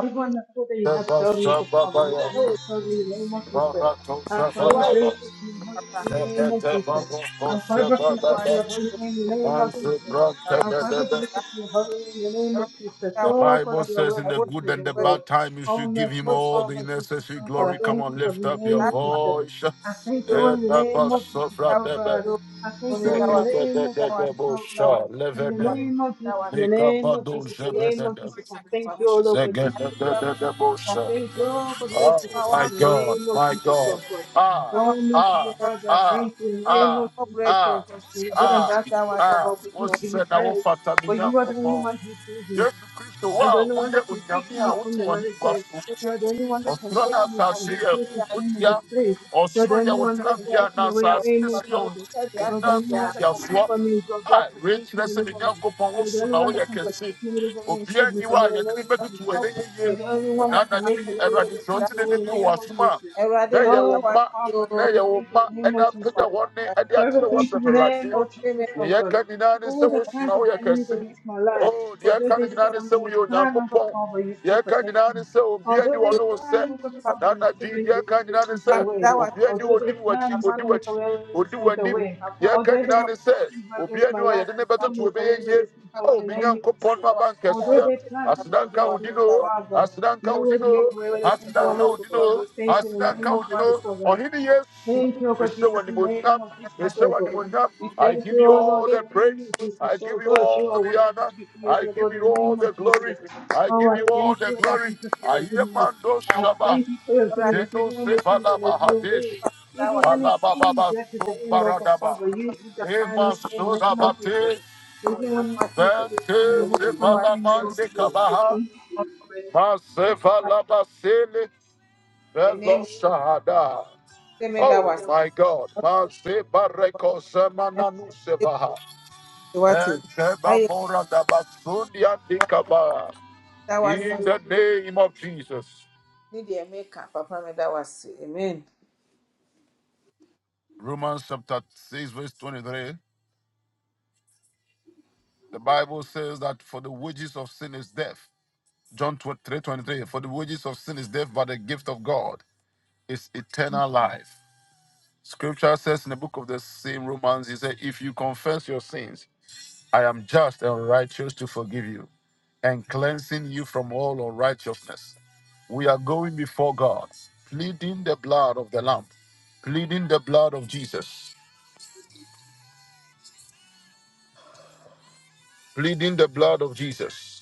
Speaker 3: Everyone that thought that you had
Speaker 1: Seba
Speaker 3: failed me, but Father, you
Speaker 1: Shababaya.
Speaker 3: have never failed me in the name of Jesus.
Speaker 1: Barato
Speaker 3: I'm forever
Speaker 1: Zabadaba.
Speaker 3: grateful to your holy name in the name of
Speaker 1: Zekete
Speaker 3: Jesus.
Speaker 1: Babu
Speaker 3: I'm forever thankful to
Speaker 1: Koshebadaba.
Speaker 3: your holy name in the name of Jesus. Our Father,
Speaker 1: The
Speaker 3: blessed be your holy name, in the name of Jesus. Oh, God,
Speaker 1: Bible
Speaker 3: you are
Speaker 1: says, In
Speaker 3: worthy
Speaker 1: the
Speaker 3: to be
Speaker 1: good
Speaker 3: praised,
Speaker 1: and
Speaker 3: O
Speaker 1: the
Speaker 3: God.
Speaker 1: bad time, you
Speaker 3: Oh,
Speaker 1: should give him
Speaker 3: merciful
Speaker 1: all the
Speaker 3: Father, Jesus,
Speaker 1: necessary
Speaker 3: oh God, I
Speaker 1: glory. Come
Speaker 3: thank
Speaker 1: on,
Speaker 3: you for
Speaker 1: lift
Speaker 3: the
Speaker 1: up your
Speaker 3: name of Jesus.
Speaker 1: voice.
Speaker 3: I thank
Speaker 2: you.
Speaker 3: you in the name of Jesus, oh God. I thank you in the name of Jesus, oh God. In the name of Jesus, in the name of Jesus, in the name of Jesus, I thank you, O Lord God, Jesus, oh God. I thank you all for
Speaker 1: Oh,
Speaker 3: merciful
Speaker 1: my
Speaker 3: Father in the
Speaker 1: God,
Speaker 3: name of
Speaker 1: my
Speaker 3: Jesus,
Speaker 1: God.
Speaker 3: so God.
Speaker 1: Ah,
Speaker 3: Oh, merciful
Speaker 1: ah,
Speaker 3: Father, I
Speaker 1: ah,
Speaker 3: thank you in the name
Speaker 1: ah,
Speaker 3: of Jesus, so
Speaker 1: ah,
Speaker 3: God, for your good and
Speaker 1: ah,
Speaker 3: bad things, oh
Speaker 1: ah.
Speaker 3: Father, because we
Speaker 1: What's
Speaker 3: give you
Speaker 1: said? I
Speaker 3: praise. For you are the only
Speaker 1: want
Speaker 3: one who sees you.
Speaker 1: yesu kristo wo
Speaker 3: I'm the
Speaker 1: a
Speaker 3: only one
Speaker 1: woyɛ
Speaker 3: that can take
Speaker 1: onyame
Speaker 3: me
Speaker 1: a
Speaker 3: from
Speaker 1: wote
Speaker 3: the merry
Speaker 1: w'ahengua
Speaker 3: grave.
Speaker 1: so
Speaker 3: You are the only one that can
Speaker 1: ɔsoro ne
Speaker 3: take me from
Speaker 1: asase
Speaker 3: the
Speaker 1: yɛ
Speaker 3: grave of shame and
Speaker 1: wodua
Speaker 3: disgrace. You are
Speaker 1: ɔsoro
Speaker 3: the only one that can take me
Speaker 1: na
Speaker 3: away,
Speaker 1: asase ne
Speaker 3: name of
Speaker 1: so yɛ wo
Speaker 3: Jesus.
Speaker 1: wo
Speaker 3: You are the
Speaker 1: nan
Speaker 3: only
Speaker 1: so
Speaker 3: one that can
Speaker 1: ntiasoɔ
Speaker 3: cover me your blood,
Speaker 1: a wei
Speaker 3: protect
Speaker 1: kyerɛ
Speaker 3: me,
Speaker 1: sɛ ne
Speaker 3: deliver me.
Speaker 1: nyankopɔn wo
Speaker 3: You are the
Speaker 1: so
Speaker 3: only
Speaker 1: na
Speaker 3: one that
Speaker 1: woyɛ
Speaker 3: can
Speaker 1: kɛse
Speaker 3: protect me, deliver me, and
Speaker 1: obiara
Speaker 3: shield me
Speaker 1: nni hɔ
Speaker 3: from
Speaker 1: a
Speaker 3: all
Speaker 1: yɛde
Speaker 3: the
Speaker 1: ne
Speaker 3: name of
Speaker 1: bɛtoto wɔ
Speaker 3: Jesus.
Speaker 1: ɛnɛ
Speaker 3: You
Speaker 1: yɛyie
Speaker 3: are the only one
Speaker 1: ɛna
Speaker 3: that can
Speaker 1: anadwo
Speaker 3: make a
Speaker 1: yi
Speaker 3: way where
Speaker 1: awurade
Speaker 3: there
Speaker 1: sɛ
Speaker 3: seems
Speaker 1: wote
Speaker 3: no way,
Speaker 1: dede
Speaker 3: in
Speaker 1: bi wɔ
Speaker 3: name of
Speaker 1: w'asom a
Speaker 3: Jesus.
Speaker 1: na
Speaker 2: Ewurade mi
Speaker 1: ɛyɛ
Speaker 2: da
Speaker 3: Oh,
Speaker 1: wo
Speaker 2: wa
Speaker 3: God,
Speaker 1: mma
Speaker 2: si
Speaker 3: Father,
Speaker 1: na
Speaker 2: o,
Speaker 3: I
Speaker 1: ɛyɛ wo
Speaker 3: pray,
Speaker 1: mma
Speaker 3: in the name
Speaker 1: ɛna
Speaker 3: of
Speaker 2: wa
Speaker 1: apagya
Speaker 3: Jesus.
Speaker 2: si
Speaker 1: wɔn ne
Speaker 3: I
Speaker 1: ɛde
Speaker 3: forever
Speaker 1: akyerɛ
Speaker 3: thank you in the
Speaker 2: si,
Speaker 3: name of Jesus,
Speaker 1: Deɛ
Speaker 3: oh God.
Speaker 1: yɛka nyinaa ne
Speaker 3: For
Speaker 1: sɛ
Speaker 3: All the
Speaker 1: wosoma
Speaker 3: plans of the
Speaker 1: woyɛ
Speaker 3: enemies
Speaker 1: kɛse.
Speaker 3: against my life,
Speaker 1: Oh, deɛ
Speaker 3: although
Speaker 1: yɛka
Speaker 3: they
Speaker 1: no
Speaker 2: si
Speaker 3: said
Speaker 1: nyinaa ne
Speaker 3: I'm
Speaker 1: sɛ
Speaker 3: in a
Speaker 1: woyɛ
Speaker 3: plan, oh God,
Speaker 1: Onyankopɔn.
Speaker 3: Father, you still
Speaker 1: Deɛ yɛka
Speaker 3: protect
Speaker 1: nyinaa
Speaker 3: me.
Speaker 1: ne sɛ obiara
Speaker 3: Although
Speaker 1: nni wo
Speaker 3: they
Speaker 1: ne wo
Speaker 3: plan, oh
Speaker 1: sɛ.
Speaker 3: God, Father,
Speaker 1: Ɛna
Speaker 3: you
Speaker 1: anadwo
Speaker 3: still
Speaker 1: yi,
Speaker 3: make
Speaker 1: deɛ
Speaker 3: the way
Speaker 1: yɛka
Speaker 3: that
Speaker 1: nyinaa ne
Speaker 3: seems no
Speaker 1: sɛ
Speaker 3: way.
Speaker 1: obiara nni
Speaker 3: Although
Speaker 1: wo
Speaker 3: they
Speaker 1: anim
Speaker 3: plan,
Speaker 1: w'akyi,
Speaker 3: you
Speaker 1: odi
Speaker 3: still make a
Speaker 1: w'akyi,
Speaker 3: way where there
Speaker 1: odi
Speaker 3: seems no
Speaker 1: w'anim.
Speaker 3: way.
Speaker 1: Deɛ yɛka
Speaker 3: Although they
Speaker 1: nyinaa
Speaker 3: may
Speaker 1: ne sɛ
Speaker 3: plan evil against
Speaker 1: obiara
Speaker 3: my
Speaker 1: nni a
Speaker 3: life,
Speaker 1: yɛde ne
Speaker 3: you still
Speaker 1: bɛtoto
Speaker 3: make a way
Speaker 1: bɛyɛ
Speaker 3: where
Speaker 1: yie.
Speaker 3: there seems no way
Speaker 1: Oh,
Speaker 3: in the
Speaker 1: me
Speaker 3: name of
Speaker 1: Nyankopɔn
Speaker 3: Jesus.
Speaker 1: no aba
Speaker 3: Although
Speaker 1: nkɛseɛ.
Speaker 3: they plan evil
Speaker 1: Aseda nka wo
Speaker 3: against me,
Speaker 1: din
Speaker 3: oh
Speaker 1: o.
Speaker 3: God, Father,
Speaker 1: Aseda nka
Speaker 3: you
Speaker 1: wo
Speaker 3: always
Speaker 1: din
Speaker 3: make
Speaker 1: o.
Speaker 3: a way where there seems
Speaker 1: Aseda
Speaker 3: no way,
Speaker 1: nka
Speaker 3: oh
Speaker 1: wo
Speaker 3: God,
Speaker 1: din
Speaker 3: Father.
Speaker 1: o.
Speaker 3: We Thank you in the
Speaker 1: Aseda
Speaker 3: name
Speaker 1: nka wo
Speaker 3: of
Speaker 1: din
Speaker 3: Jesus,
Speaker 1: o.
Speaker 3: oh God.
Speaker 1: Ɔhene Yesu,
Speaker 3: Thank you, O God
Speaker 1: ɛhyɛ wo
Speaker 3: Jesus, in the name of Jesus, O
Speaker 1: Yeshua
Speaker 3: God.
Speaker 1: Adonai,
Speaker 3: We
Speaker 1: I
Speaker 3: thank you,
Speaker 1: give you
Speaker 3: O Lord,
Speaker 1: all
Speaker 3: in
Speaker 1: the
Speaker 3: the
Speaker 1: praise.
Speaker 3: name of
Speaker 1: I
Speaker 3: Jesus, O
Speaker 1: give you
Speaker 3: God. You
Speaker 1: all
Speaker 3: are
Speaker 1: the
Speaker 3: worthy
Speaker 1: honor.
Speaker 3: to be praised,
Speaker 1: I
Speaker 3: O
Speaker 1: give
Speaker 3: God, in
Speaker 1: you
Speaker 3: the
Speaker 1: all
Speaker 3: name
Speaker 1: the
Speaker 3: of
Speaker 1: glory.
Speaker 3: Jesus.
Speaker 1: I
Speaker 3: Oh,
Speaker 1: give
Speaker 3: I
Speaker 1: you all
Speaker 3: thank
Speaker 1: the
Speaker 3: you, O God
Speaker 1: glory.
Speaker 3: Jesus, for
Speaker 1: I
Speaker 3: your
Speaker 1: hear
Speaker 3: goodness.
Speaker 1: Mando
Speaker 3: I
Speaker 1: Shaba.
Speaker 3: thank you for your goodness,
Speaker 1: Deno
Speaker 3: even when
Speaker 1: se
Speaker 3: it seems that there's
Speaker 1: balaba
Speaker 3: no
Speaker 1: hadesh.
Speaker 3: way. Even when it
Speaker 1: Balaba
Speaker 3: seems
Speaker 1: baba
Speaker 3: like it's the end, O God,
Speaker 1: sumbaradaba.
Speaker 3: Father, you have the final
Speaker 1: Nema
Speaker 3: say in the
Speaker 1: soda
Speaker 3: name of
Speaker 1: bate.
Speaker 3: Jesus. Even when it seems that it's the end, you
Speaker 1: Vente
Speaker 3: have
Speaker 1: se
Speaker 3: the final say in the name of
Speaker 1: balamande
Speaker 3: Jesus.
Speaker 1: kabaha. Masefa laba sele.
Speaker 2: The
Speaker 1: Velo
Speaker 2: name
Speaker 1: shahada.
Speaker 2: that
Speaker 1: Oh
Speaker 2: was
Speaker 1: my God. Maseba reko
Speaker 2: what
Speaker 1: semananu sevaha. In
Speaker 2: I that was you
Speaker 1: the name of Jesus.
Speaker 2: need the American Papa, me that was Amen.
Speaker 1: Romans chapter 6, verse 23. The Bible says that for the wages of sin is death. John 3 23. For the wages of sin is death, but the gift of God is eternal life. Scripture says in the book of the same Romans, he said, If you confess your sins, I am just and righteous to forgive you and cleansing you from all unrighteousness. We are going before God, pleading the blood of the Lamb, pleading the blood of Jesus, pleading the blood of Jesus.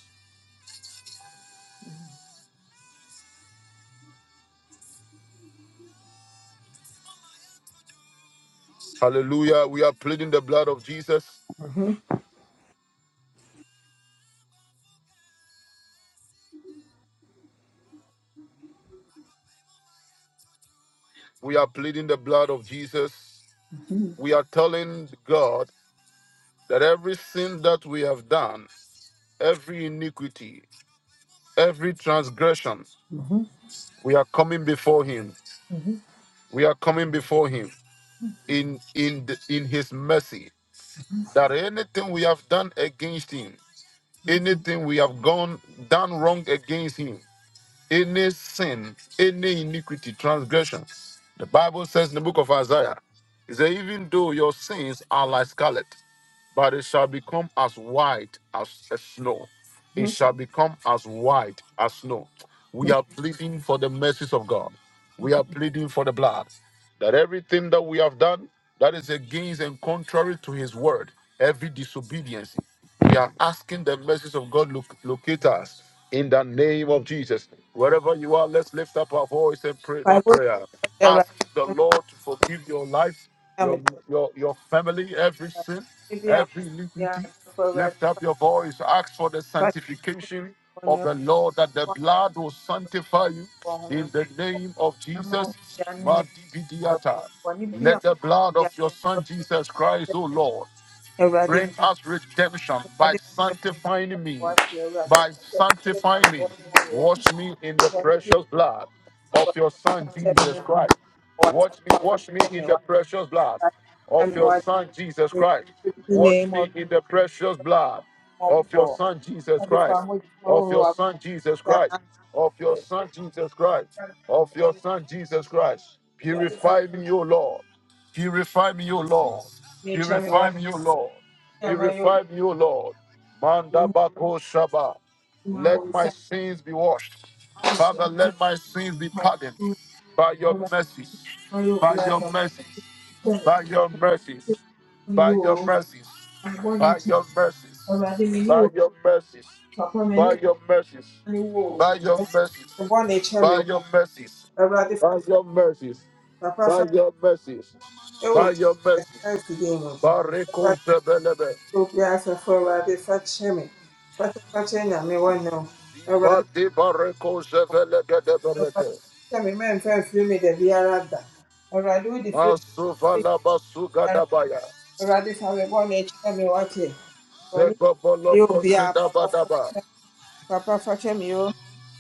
Speaker 1: Hallelujah. We are pleading the blood of Jesus.
Speaker 2: Mhm,
Speaker 1: We are pleading the blood of Jesus. We are telling God that every sin that we have done, every iniquity, every transgression,
Speaker 2: mhm,
Speaker 1: we are coming before Him.
Speaker 2: mhm,
Speaker 1: We are coming before Him. in in the, in his mercy that anything we have done against him
Speaker 2: mhm,
Speaker 1: anything we have gone done wrong against him any sin any iniquity transgression the bible says in the book of isaiah is that even though your sins are like scarlet but it shall become as white as a snow. It
Speaker 2: mhm.
Speaker 1: shall become as white as snow. We are pleading for the mercies of God. We are pleading for the blood. That everything that we have done that is against and contrary to his word, every disobedience, we are asking the mercies of God look, locate us in the name of Jesus. Wherever you are, let's lift up our voice and pray that
Speaker 2: Bible
Speaker 1: prayer. Ask
Speaker 2: Awurade,
Speaker 1: the Lord to forgive your life,
Speaker 2: na
Speaker 1: your
Speaker 2: mede-
Speaker 1: your your family, every sin
Speaker 2: mede bi a-
Speaker 1: every
Speaker 2: bi a
Speaker 1: iniquity.
Speaker 2: asafo Awurade,
Speaker 1: Lift up your voice, ask for the
Speaker 2: mpaeɛ
Speaker 1: sanctification of
Speaker 2: bɔne
Speaker 1: the Lord, that the blood will sanctify you
Speaker 2: wɔ Honhom
Speaker 1: in the
Speaker 2: Kronkron
Speaker 1: name of
Speaker 2: na ma no
Speaker 1: Jesus.
Speaker 2: nyɛ nnipa
Speaker 1: Madibidiata.
Speaker 2: bi a
Speaker 1: Let the blood
Speaker 2: wɔyɛ
Speaker 1: of your
Speaker 2: a
Speaker 1: Son Jesus Christ, O Lord
Speaker 2: Awurade
Speaker 1: Bring us redemption
Speaker 2: Awurade
Speaker 1: by
Speaker 2: bɔ
Speaker 1: sanctifying me,
Speaker 2: kyɛ Awurade
Speaker 1: by
Speaker 2: kyɛ kyɛ ma
Speaker 1: sanctifying
Speaker 2: me
Speaker 1: me.
Speaker 2: wɔ
Speaker 1: Wash me in the
Speaker 2: bɔne bi
Speaker 1: precious blood
Speaker 2: a
Speaker 1: of your Son
Speaker 2: kyɛ me
Speaker 1: Jesus
Speaker 2: ho
Speaker 1: Christ.
Speaker 2: wɔkyɛ
Speaker 1: Wash me, wash
Speaker 2: wɔkyɛ
Speaker 1: me
Speaker 2: me
Speaker 1: in the precious blood
Speaker 2: wɔkyɛ
Speaker 1: of
Speaker 2: me
Speaker 1: your
Speaker 2: wɔkyɛ
Speaker 1: Son Jesus
Speaker 2: me
Speaker 1: Christ.
Speaker 2: the
Speaker 1: Wash
Speaker 2: name of
Speaker 1: me in the precious blood of your
Speaker 2: Mobbo
Speaker 1: Son Jesus
Speaker 2: Awurade
Speaker 1: Christ.
Speaker 2: fa ho gyina wo
Speaker 1: Of
Speaker 2: ho
Speaker 1: your
Speaker 2: akokyɛ
Speaker 1: Son Jesus Christ. Of your Son Jesus Christ.
Speaker 2: Awurade
Speaker 1: Of your Son Jesus Christ.
Speaker 2: fa ho
Speaker 1: Purify me, O Lord. Purify me, O Lord.
Speaker 2: kyɛ me
Speaker 1: Purify
Speaker 2: wɔkyɛ
Speaker 1: me, O Lord.
Speaker 2: ma yɛ
Speaker 1: Purify me, O Lord. Manda Mandabako Shaba.
Speaker 2: ma
Speaker 1: Let
Speaker 2: wɔn nsa
Speaker 1: my sins be washed. Father,
Speaker 2: kyɛ me ho
Speaker 1: let my sins be
Speaker 2: ma
Speaker 1: pardoned by your mercies.
Speaker 2: ma yɛ obi
Speaker 1: By your mercies. By your mercies.
Speaker 2: ni
Speaker 1: By
Speaker 2: wò
Speaker 1: your
Speaker 2: ó
Speaker 1: mercies.
Speaker 2: ọgbọ́n ni
Speaker 1: By
Speaker 2: iṣẹ́
Speaker 1: your mercies.
Speaker 2: ọrọ̀ ajé mi ní wò
Speaker 1: By
Speaker 2: ó
Speaker 1: your mercies.
Speaker 2: bàbá mi ní
Speaker 1: By your mercies.
Speaker 2: ìlú ni wò
Speaker 1: By your
Speaker 2: ó.
Speaker 1: mercies.
Speaker 2: ọgbọ́n na iṣẹ́ mi
Speaker 1: By your mercies.
Speaker 2: ọrọ̀ ajé fásitáà
Speaker 1: By your mercies. By
Speaker 2: fásitáà
Speaker 1: your mercies.
Speaker 2: ẹ wò
Speaker 1: By your mercies.
Speaker 2: ẹ̀sán ìfìdí ìmọ̀ ọrọ̀
Speaker 1: Bariko
Speaker 2: ajé
Speaker 1: Zebelebe.
Speaker 2: tó bí a sọ fún ọrọ̀ ajé fásitáà mi fásitáà fásitáà ẹ̀yàn mi wọ́n náà ọrọ̀ ajé
Speaker 1: Bati bareko jevele gede
Speaker 2: ọrọ̀ ajé
Speaker 1: berete.
Speaker 2: fásitáà mi mẹ́rin fẹ́ fi mí dẹ̀bi ara dà ọrọ̀ ajé ó di fi mí
Speaker 1: Masuva
Speaker 2: dẹ̀bi
Speaker 1: la basuga
Speaker 2: ara
Speaker 1: dabaya.
Speaker 2: ọrọ̀ ajé fáwọn ẹgbọ́n na iṣẹ́ mi wá tẹ̀ wọ́n
Speaker 1: Zego
Speaker 2: ní yóò
Speaker 1: boloko
Speaker 2: bí a pàpà
Speaker 1: shedaba
Speaker 2: fásitáà
Speaker 1: daba.
Speaker 2: mi pàpà fásitáà ó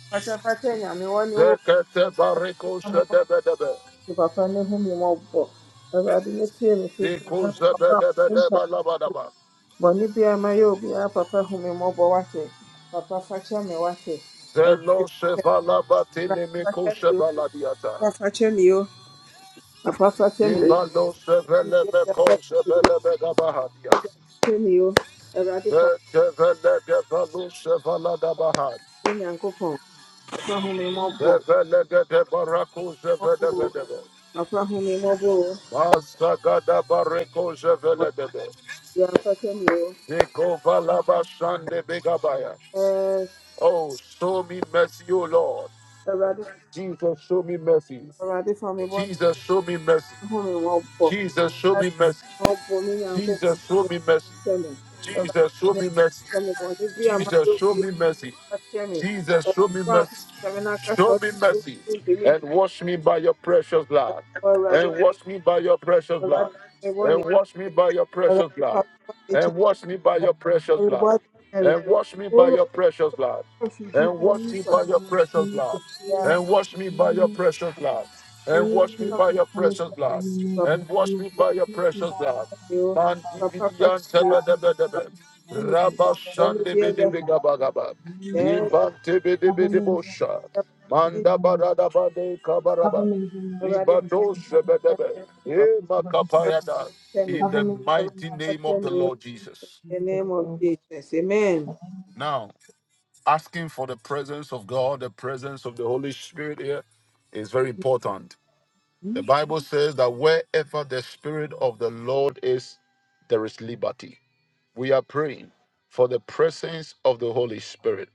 Speaker 2: fásitáà fásitáà ẹ̀yàn mi wọ́n ní wò
Speaker 1: Zekete bareko shedebe debe.
Speaker 2: papa ne ho mmemmɔbɔ. Awurade ne tie me sufrɛ na
Speaker 1: Diku
Speaker 2: mabɔ
Speaker 1: zebede
Speaker 2: me
Speaker 1: bede
Speaker 2: mpa.
Speaker 1: balaba daba.
Speaker 2: Bɔne biara mayɛ obiara papa hu me mmɔbɔ wate. Papa fakyɛ me wate. Awurade
Speaker 1: Zelo
Speaker 2: fakyɛ me
Speaker 1: shevala bati
Speaker 2: Awurade
Speaker 1: limiku
Speaker 2: fakyɛ me o.
Speaker 1: shevala diata.
Speaker 2: Papa fakyɛ me o. Papa fakyɛ me o.
Speaker 1: Ibalo shevele
Speaker 2: Awurade
Speaker 1: meko shevele bedaba hadias.
Speaker 2: fakyɛ me o. Awurade fakyɛ me
Speaker 1: Zevele gevalu shevala daba had.
Speaker 2: Nyankopɔn. Papa hu me mmɔbɔ.
Speaker 1: Zevele gede baraku
Speaker 2: Papa hu
Speaker 1: zevede
Speaker 2: me
Speaker 1: bedebe.
Speaker 2: mmɔbɔ o.
Speaker 1: Masagada Bareko
Speaker 2: Bɔne
Speaker 1: Jeveledebe.
Speaker 2: biara fakyɛ me o.
Speaker 1: Eko Valabashande Begabaya.
Speaker 2: Ɛɛ,
Speaker 1: Oh, show me mercy, O Lord.
Speaker 2: Awurade
Speaker 1: Jesus, show me mercy.
Speaker 2: Awurade fa me bɔne
Speaker 1: Jesus, show me mercy.
Speaker 2: ho me mmɔbɔ.
Speaker 1: Jesus, show me mercy.
Speaker 2: Ọbụ m nyankopɔn
Speaker 1: Jesus, show me mercy.
Speaker 2: mehyɛ me. Awurade
Speaker 1: Jesus,
Speaker 2: ma
Speaker 1: show
Speaker 2: me
Speaker 1: me mercy.
Speaker 2: nhyɛ me bɔne bi a mayɛ
Speaker 1: Jesus, show
Speaker 2: bio
Speaker 1: me mercy.
Speaker 2: na kyɛ me.
Speaker 1: Jesus,
Speaker 2: Awurade
Speaker 1: show me
Speaker 2: wo a
Speaker 1: mercy.
Speaker 2: woahyɛ me no aka sɛ
Speaker 1: Show
Speaker 2: ɔde
Speaker 1: me
Speaker 2: me agu mu
Speaker 1: mercy.
Speaker 2: a mentumi
Speaker 1: And
Speaker 2: ntwe.
Speaker 1: wash me by your precious blood.
Speaker 2: Ɛbɛyɛ Awurade,
Speaker 1: And wash me by your precious blood.
Speaker 2: Awurade fa me bɔne
Speaker 1: And
Speaker 2: kyɛ
Speaker 1: wash me
Speaker 2: me.
Speaker 1: by your precious
Speaker 2: Awurade fa
Speaker 1: blood.
Speaker 2: me bɔne kyɛ
Speaker 1: And
Speaker 2: me.
Speaker 1: wash me by your
Speaker 2: Awurade fa
Speaker 1: precious
Speaker 2: me
Speaker 1: blood.
Speaker 2: bɔne kyɛ me.
Speaker 1: And wash me by
Speaker 2: Owura wo
Speaker 1: your precious blood.
Speaker 3: Um,
Speaker 1: And wash
Speaker 3: and,
Speaker 1: me by your
Speaker 3: uh,
Speaker 1: precious
Speaker 3: we
Speaker 1: blood.
Speaker 3: should see you
Speaker 1: And
Speaker 3: in
Speaker 1: wash
Speaker 3: the
Speaker 1: me by your
Speaker 3: name of
Speaker 1: precious
Speaker 3: Jesus.
Speaker 1: blood. And
Speaker 3: Any
Speaker 1: wash me
Speaker 3: proof
Speaker 1: by
Speaker 3: and
Speaker 1: your precious
Speaker 3: committed
Speaker 1: blood.
Speaker 3: means the
Speaker 1: And wash
Speaker 3: agreement
Speaker 1: me
Speaker 3: of
Speaker 1: by
Speaker 3: the
Speaker 1: your
Speaker 3: duty
Speaker 1: precious
Speaker 3: that has
Speaker 1: blood.
Speaker 3: done of the
Speaker 1: Man,
Speaker 3: sovereign,
Speaker 1: dividian, tebe,
Speaker 3: that has
Speaker 1: debe,
Speaker 3: served an
Speaker 1: debe.
Speaker 3: investment to
Speaker 1: Rabba,
Speaker 3: shed a
Speaker 1: shande,
Speaker 3: burden
Speaker 1: bede,
Speaker 3: for the
Speaker 1: bega, baga,
Speaker 3: happiness
Speaker 1: ba.
Speaker 3: of many people. Government is very
Speaker 1: Ibantebedebedebosha.
Speaker 3: respectful of Romeo and Sesame Sesame members of the children.
Speaker 1: Mandabaradabade kabaraba.
Speaker 3: Government is very respectful of Romeo and Sesame Sesame
Speaker 1: Ibadoshebedebe.
Speaker 3: Body Sesame Sesame Body
Speaker 1: Emakapayada. In the
Speaker 3: Government is very
Speaker 1: mighty
Speaker 3: respectful of Romeo
Speaker 1: name of the
Speaker 3: and
Speaker 1: Lord Jesus.
Speaker 2: the
Speaker 3: Sesame Sesame
Speaker 2: name
Speaker 3: Jesus,
Speaker 2: of
Speaker 3: oh God,
Speaker 2: Jesus. Amen.
Speaker 3: for of
Speaker 1: Now,
Speaker 3: Jesus.
Speaker 1: asking for the presence of God, the presence of the Holy Spirit here is very important. The
Speaker 2: Mhm,
Speaker 1: Bible says that wherever the Spirit of the Lord is, there is liberty. We are praying for the presence of the Holy Spirit.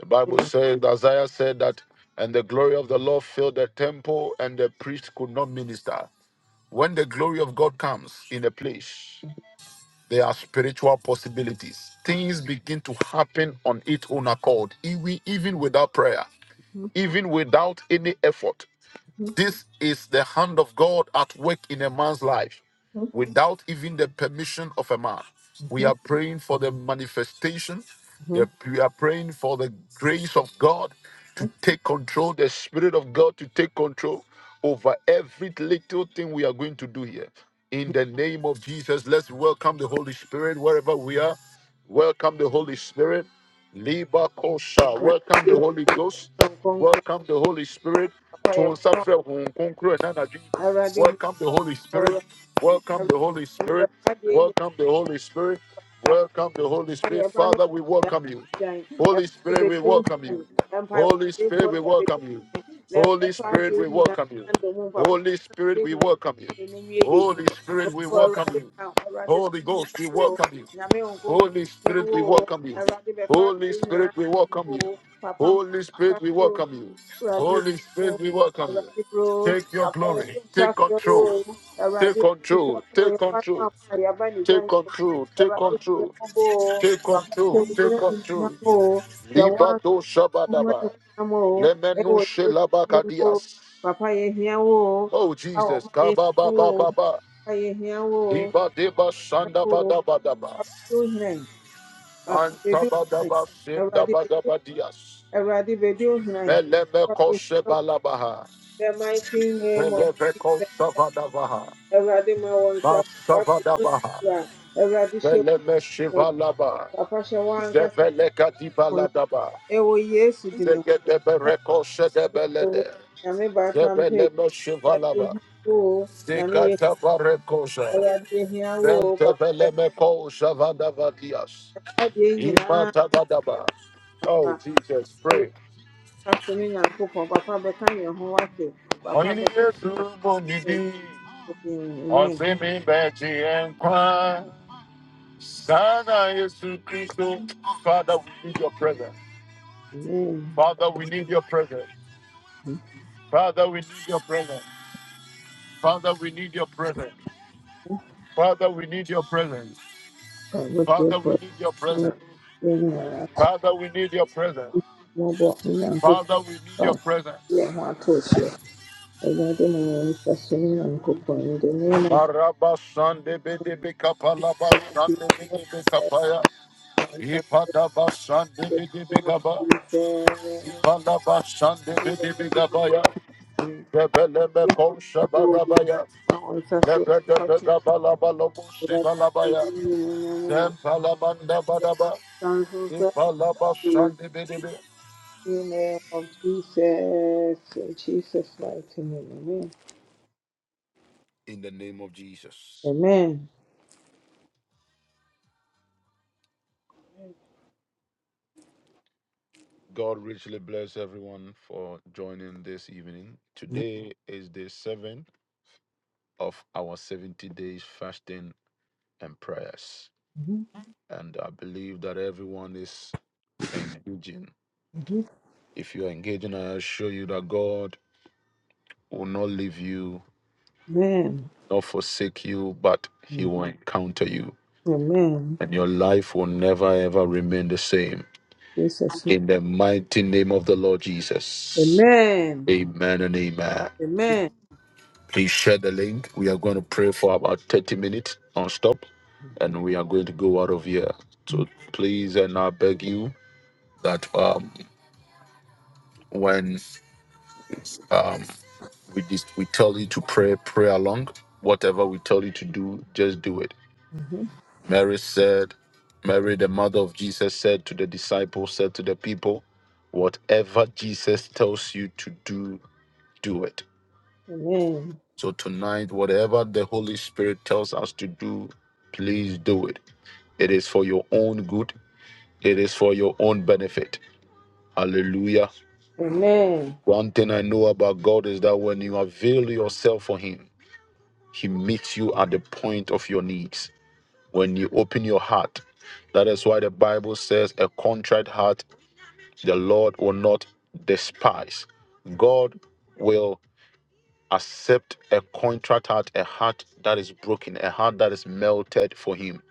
Speaker 1: The Bible
Speaker 2: Mm.
Speaker 1: says, Isaiah said that, and the glory of the Lord filled the temple, and the priest could not minister. When the glory of God comes in a place, there are spiritual possibilities. Things begin to happen on its own accord, even even without prayer,
Speaker 2: mhm,
Speaker 1: even without any effort.
Speaker 2: mhm,
Speaker 1: This is the hand of God at work in a man's life without even the permission of a man. We
Speaker 2: mhm,
Speaker 1: are praying for the manifestation.
Speaker 2: mhm,
Speaker 1: the- We are praying for the grace of God to
Speaker 2: mhm,
Speaker 1: take control, the Spirit of God to take control over every little thing we are going to do here. In the name of Jesus, let's welcome the Holy Spirit wherever we are. Welcome the Holy Spirit. Liba Kosha. Welcome the
Speaker 2: mhm.
Speaker 1: Holy Ghost. Welcome the Holy Spirit to suffer, honhom conquer, and energy. welcome the holy spirit welcome the holy spirit welcome the holy spirit welcome the holy spirit
Speaker 2: no
Speaker 1: father we welcome you holy spirit we welcome you holy spirit we welcome you holy spirit we welcome you holy spirit we welcome you holy spirit we welcome you holy ghost we
Speaker 2: oo
Speaker 1: welcome you
Speaker 2: nyame wo nkonko
Speaker 1: Holy
Speaker 2: na
Speaker 1: Spirit,
Speaker 2: wo
Speaker 1: we
Speaker 2: oo
Speaker 1: welcome you.
Speaker 2: awurade bɛfa
Speaker 1: Holy
Speaker 2: adeɛ nyinaa
Speaker 1: Spirit, we
Speaker 2: ma
Speaker 1: welcome
Speaker 2: wo
Speaker 1: you.
Speaker 2: papa ma
Speaker 1: Holy
Speaker 2: nsa
Speaker 1: Spirit, we
Speaker 2: so oo
Speaker 1: welcome you.
Speaker 2: awurade
Speaker 1: Holy
Speaker 2: wo oo
Speaker 1: Spirit, we welcome you.
Speaker 2: awurade bro
Speaker 1: Take your
Speaker 2: papa yɛto
Speaker 1: glory.
Speaker 2: nsa
Speaker 1: Take
Speaker 2: frɛ wo
Speaker 1: control.
Speaker 2: oo awurade
Speaker 1: Take
Speaker 2: yɛto nsa
Speaker 1: control.
Speaker 2: frɛ wo
Speaker 1: Take
Speaker 2: yɛfa no
Speaker 1: control.
Speaker 2: ama a yɛaba ne gya
Speaker 1: Take
Speaker 2: nso
Speaker 1: control. Take
Speaker 2: awurade hu
Speaker 1: control.
Speaker 2: yɛmmɔbɔ oo
Speaker 1: Take
Speaker 2: papa hyɛ
Speaker 1: control.
Speaker 2: wo gyina
Speaker 1: Take control.
Speaker 2: animuonyam oo hyɛ wo anka
Speaker 1: Libato
Speaker 2: wo ho
Speaker 1: Shabadaba.
Speaker 2: animuonyam oo
Speaker 1: Lemenu
Speaker 2: ɛwɔ yesu din mu oo
Speaker 1: Shelabakadias.
Speaker 2: papa yɛhia wo oo
Speaker 1: Oh Jesus. Kababa
Speaker 2: papa wo ho yɛhia wo
Speaker 1: Baba
Speaker 2: oo
Speaker 1: Baba.
Speaker 2: papa yɛhia wo
Speaker 1: Liba Deba
Speaker 2: oo
Speaker 1: Sandabadabadaba.
Speaker 2: ohenan papa bedi ohenan awurade bedi
Speaker 1: Antabadaba dias.
Speaker 2: awurade bedi ohenan
Speaker 1: Melebeko
Speaker 2: Awurade,
Speaker 1: Sebalabaha,
Speaker 2: in the mighty name of
Speaker 1: Melebeko
Speaker 2: jesus
Speaker 1: Savadabaha,
Speaker 2: awurade ma wɔn nsa fa kutu
Speaker 1: Basavadabaha,
Speaker 2: kura awurade hyɛ
Speaker 1: Meleme
Speaker 2: wɔn
Speaker 1: Shivalaba,
Speaker 2: papa hyɛ wɔn ankasa
Speaker 1: Zebeleka
Speaker 2: wɔn
Speaker 1: Dibaladaba,
Speaker 2: ɛwɔ yesu di ne ho
Speaker 1: Zegedebereko
Speaker 2: ɛwɔ
Speaker 1: Sedebelede,
Speaker 2: nyame baaka mpe
Speaker 1: Zebeleme
Speaker 2: awurade yɛ
Speaker 1: Shivalaba,
Speaker 2: hia wo nyame yɛ
Speaker 1: Zekatabarekosa,
Speaker 2: awurade yɛ hia wo papa yɛ
Speaker 1: Ventebelemeko Savadavadias,
Speaker 2: papa deɛ
Speaker 1: Imatabadaba. Oh, Jesus, pray.
Speaker 2: papa bɛka papa
Speaker 1: Only
Speaker 2: bɛhwɛ.
Speaker 1: a true body, on
Speaker 2: Amen.
Speaker 1: semi Betty and cry. Sana Yesu Christo. Father, we need your presence.
Speaker 2: Amen.
Speaker 1: Father, we need your presence. Father, we need your presence. Father, we need your presence. Father, we need your presence.
Speaker 2: Ɔbɛtie
Speaker 1: Father,
Speaker 2: fo
Speaker 1: we need your
Speaker 2: ɛkyɛn
Speaker 1: presence.
Speaker 2: yɛn nyinaa
Speaker 1: Father, we need your presence.
Speaker 2: mmɔbɔ Nyankopɔn
Speaker 1: Father, we need
Speaker 2: a
Speaker 1: your
Speaker 2: yɛ
Speaker 1: presence.
Speaker 2: ho ato so. Awurade ma wɔn nsa so ne Nyankopɔn in the name of
Speaker 1: Maraba Sande Bede Bikapalaba Sande Bede
Speaker 2: Jesus.
Speaker 1: Bikapaya.
Speaker 2: I trust
Speaker 1: Ipadaba Sande
Speaker 2: in
Speaker 1: Bede
Speaker 2: the name of
Speaker 1: Bigaba.
Speaker 2: Jesus.
Speaker 1: Ipalaba Sande
Speaker 2: In the
Speaker 1: Bede
Speaker 2: name
Speaker 1: Bigabaya.
Speaker 2: of Jesus.
Speaker 1: Bebeleme
Speaker 2: Yes,
Speaker 1: Kosha
Speaker 2: Lord, we
Speaker 1: Barabaya.
Speaker 2: trust in our nsa
Speaker 1: In
Speaker 2: so.
Speaker 1: the
Speaker 2: Ɔkyerɛ Awurade sɛ ɔde ne nyamanyam wɔ nsa nso so. In the name of Jesus, in Jesus' mighty name, amen.
Speaker 1: name of Jesus.
Speaker 2: Amen.
Speaker 1: God richly bless everyone for joining this evening. Today is day seven of our 70 days fasting and prayers.
Speaker 2: Mhm.
Speaker 1: And I believe that everyone is engaging.
Speaker 2: Mhm.
Speaker 1: If you are engaging, I assure you that God will not leave you,
Speaker 2: Amen.
Speaker 1: not forsake you, but He
Speaker 2: Mm.
Speaker 1: will encounter you.
Speaker 2: Amen.
Speaker 1: and your life will never ever remain the same.
Speaker 2: Jesus.
Speaker 1: In the mighty name of the Lord Jesus.
Speaker 2: Amen.
Speaker 1: Amen and amen.
Speaker 2: Amen.
Speaker 1: Please share the link. We are going to pray for about 30 minutes non stop and we are going to go out of here. So please, and I beg you that um, when um, we, dis- we tell you to pray, pray along. Whatever we tell you to do, just do it.
Speaker 2: Mhm.
Speaker 1: Mary said, Mary, the mother of Jesus, said to the disciples, said to the people, whatever Jesus tells you to do, do it.
Speaker 2: Amen.
Speaker 1: So tonight, whatever the Holy Spirit tells us to do, please do it. It is for your own good, it is for your own benefit. Hallelujah.
Speaker 2: Amen.
Speaker 1: One thing I know about God is that when you avail yourself for Him, He meets you at the point of your needs. When you open your heart, that is why the Bible says a contrite heart The Lord will not despise. God will accept a contract heart, a heart that is broken, a heart that is melted for him,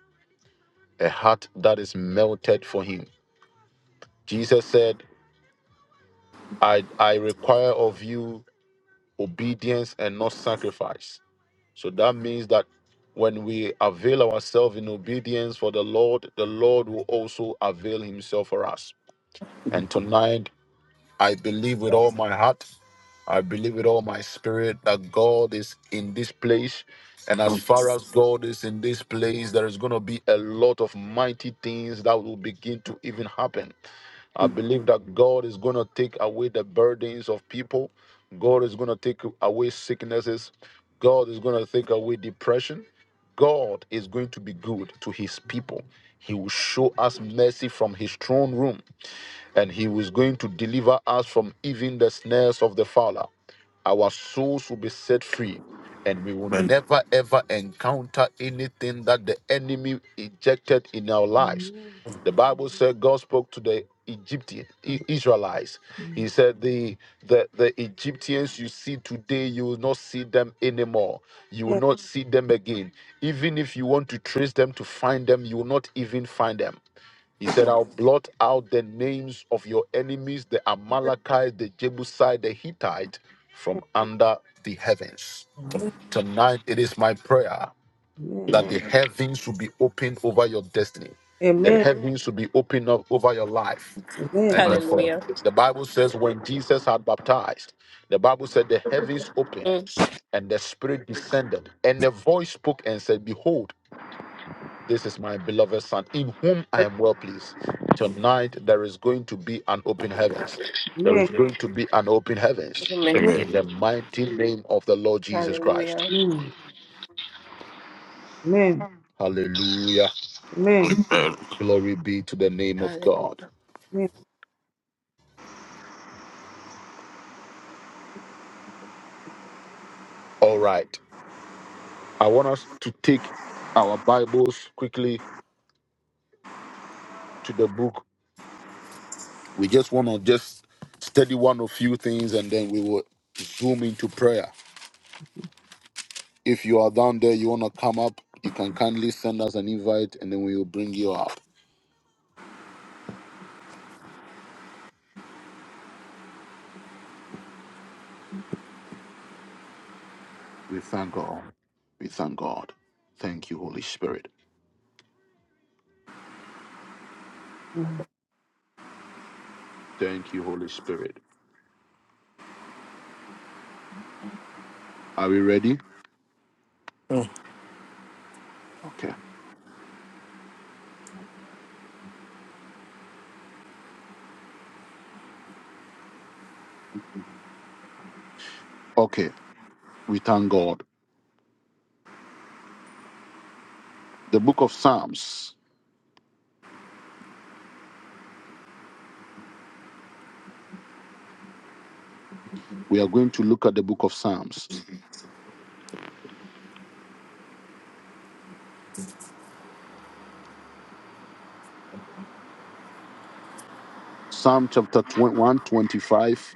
Speaker 1: a heart that is melted for him. Jesus said, I, I require of you obedience and not sacrifice. So that means that when we avail ourselves in obedience for the Lord, the Lord will also avail himself for us. And tonight, I believe with all my heart, I believe with all my spirit that God is in this place. And as far as God is in this place, there is going to be a lot of mighty things that will begin to even happen. I believe that God is going to take away the burdens of people. God is going to take away sicknesses. God is going to take away depression. God is going to be good to his people. He will show us mercy from his throne room and he was going to deliver us from even the snares of the fowler. Our souls will be set free, and we will
Speaker 4: Amen.
Speaker 1: never ever encounter anything that the enemy ejected in our lives.
Speaker 3: Amen.
Speaker 1: The Bible said God spoke to the Egyptian I- Israelites. He said, the, the the Egyptians you see today, you will not see them anymore. You will not see them again. Even if you want to trace them to find them, you will not even find them. He said, I'll blot out the names of your enemies, the Amalekites, the Jebusite, the Hittite, from under the heavens. Tonight, it is my prayer
Speaker 2: Amen.
Speaker 1: that the heavens will be open over your destiny. The Amen.
Speaker 2: Amen. Amen.
Speaker 1: heavens will be open up over your life. And
Speaker 2: Amen.
Speaker 1: then
Speaker 4: Amen.
Speaker 1: from
Speaker 5: Hallelujah.
Speaker 1: the Bible says, when Jesus had baptized, the Bible said the heavens opened
Speaker 5: Mm,
Speaker 1: and the Spirit descended. And the voice spoke and said, Behold, this is my beloved son, in whom I am well pleased. Tonight there is going to be an open heavens. There is going to be an open heavens
Speaker 5: Amen.
Speaker 2: Amen.
Speaker 1: in the mighty name of the Lord Jesus Christ.
Speaker 5: Hallelujah.
Speaker 2: Amen.
Speaker 1: Hallelujah.
Speaker 2: Amen.
Speaker 4: Amen.
Speaker 1: Glory be to the name of God.
Speaker 5: Hallelujah.
Speaker 1: All right. I want us to take our Bibles quickly to the book. We just want to just study one or few things and then we will zoom into prayer. If you are down there, you want to come up, you can kindly send us an invite and then we will bring you up. We thank God. We thank God. Thank you, Holy Spirit.
Speaker 2: Amen. Amen.
Speaker 1: Thank you, Holy Spirit. Are we ready? Okay. Okay. We thank God. The book of Psalms. We are going to look at the book of Psalms. Psalm chapter 20 125,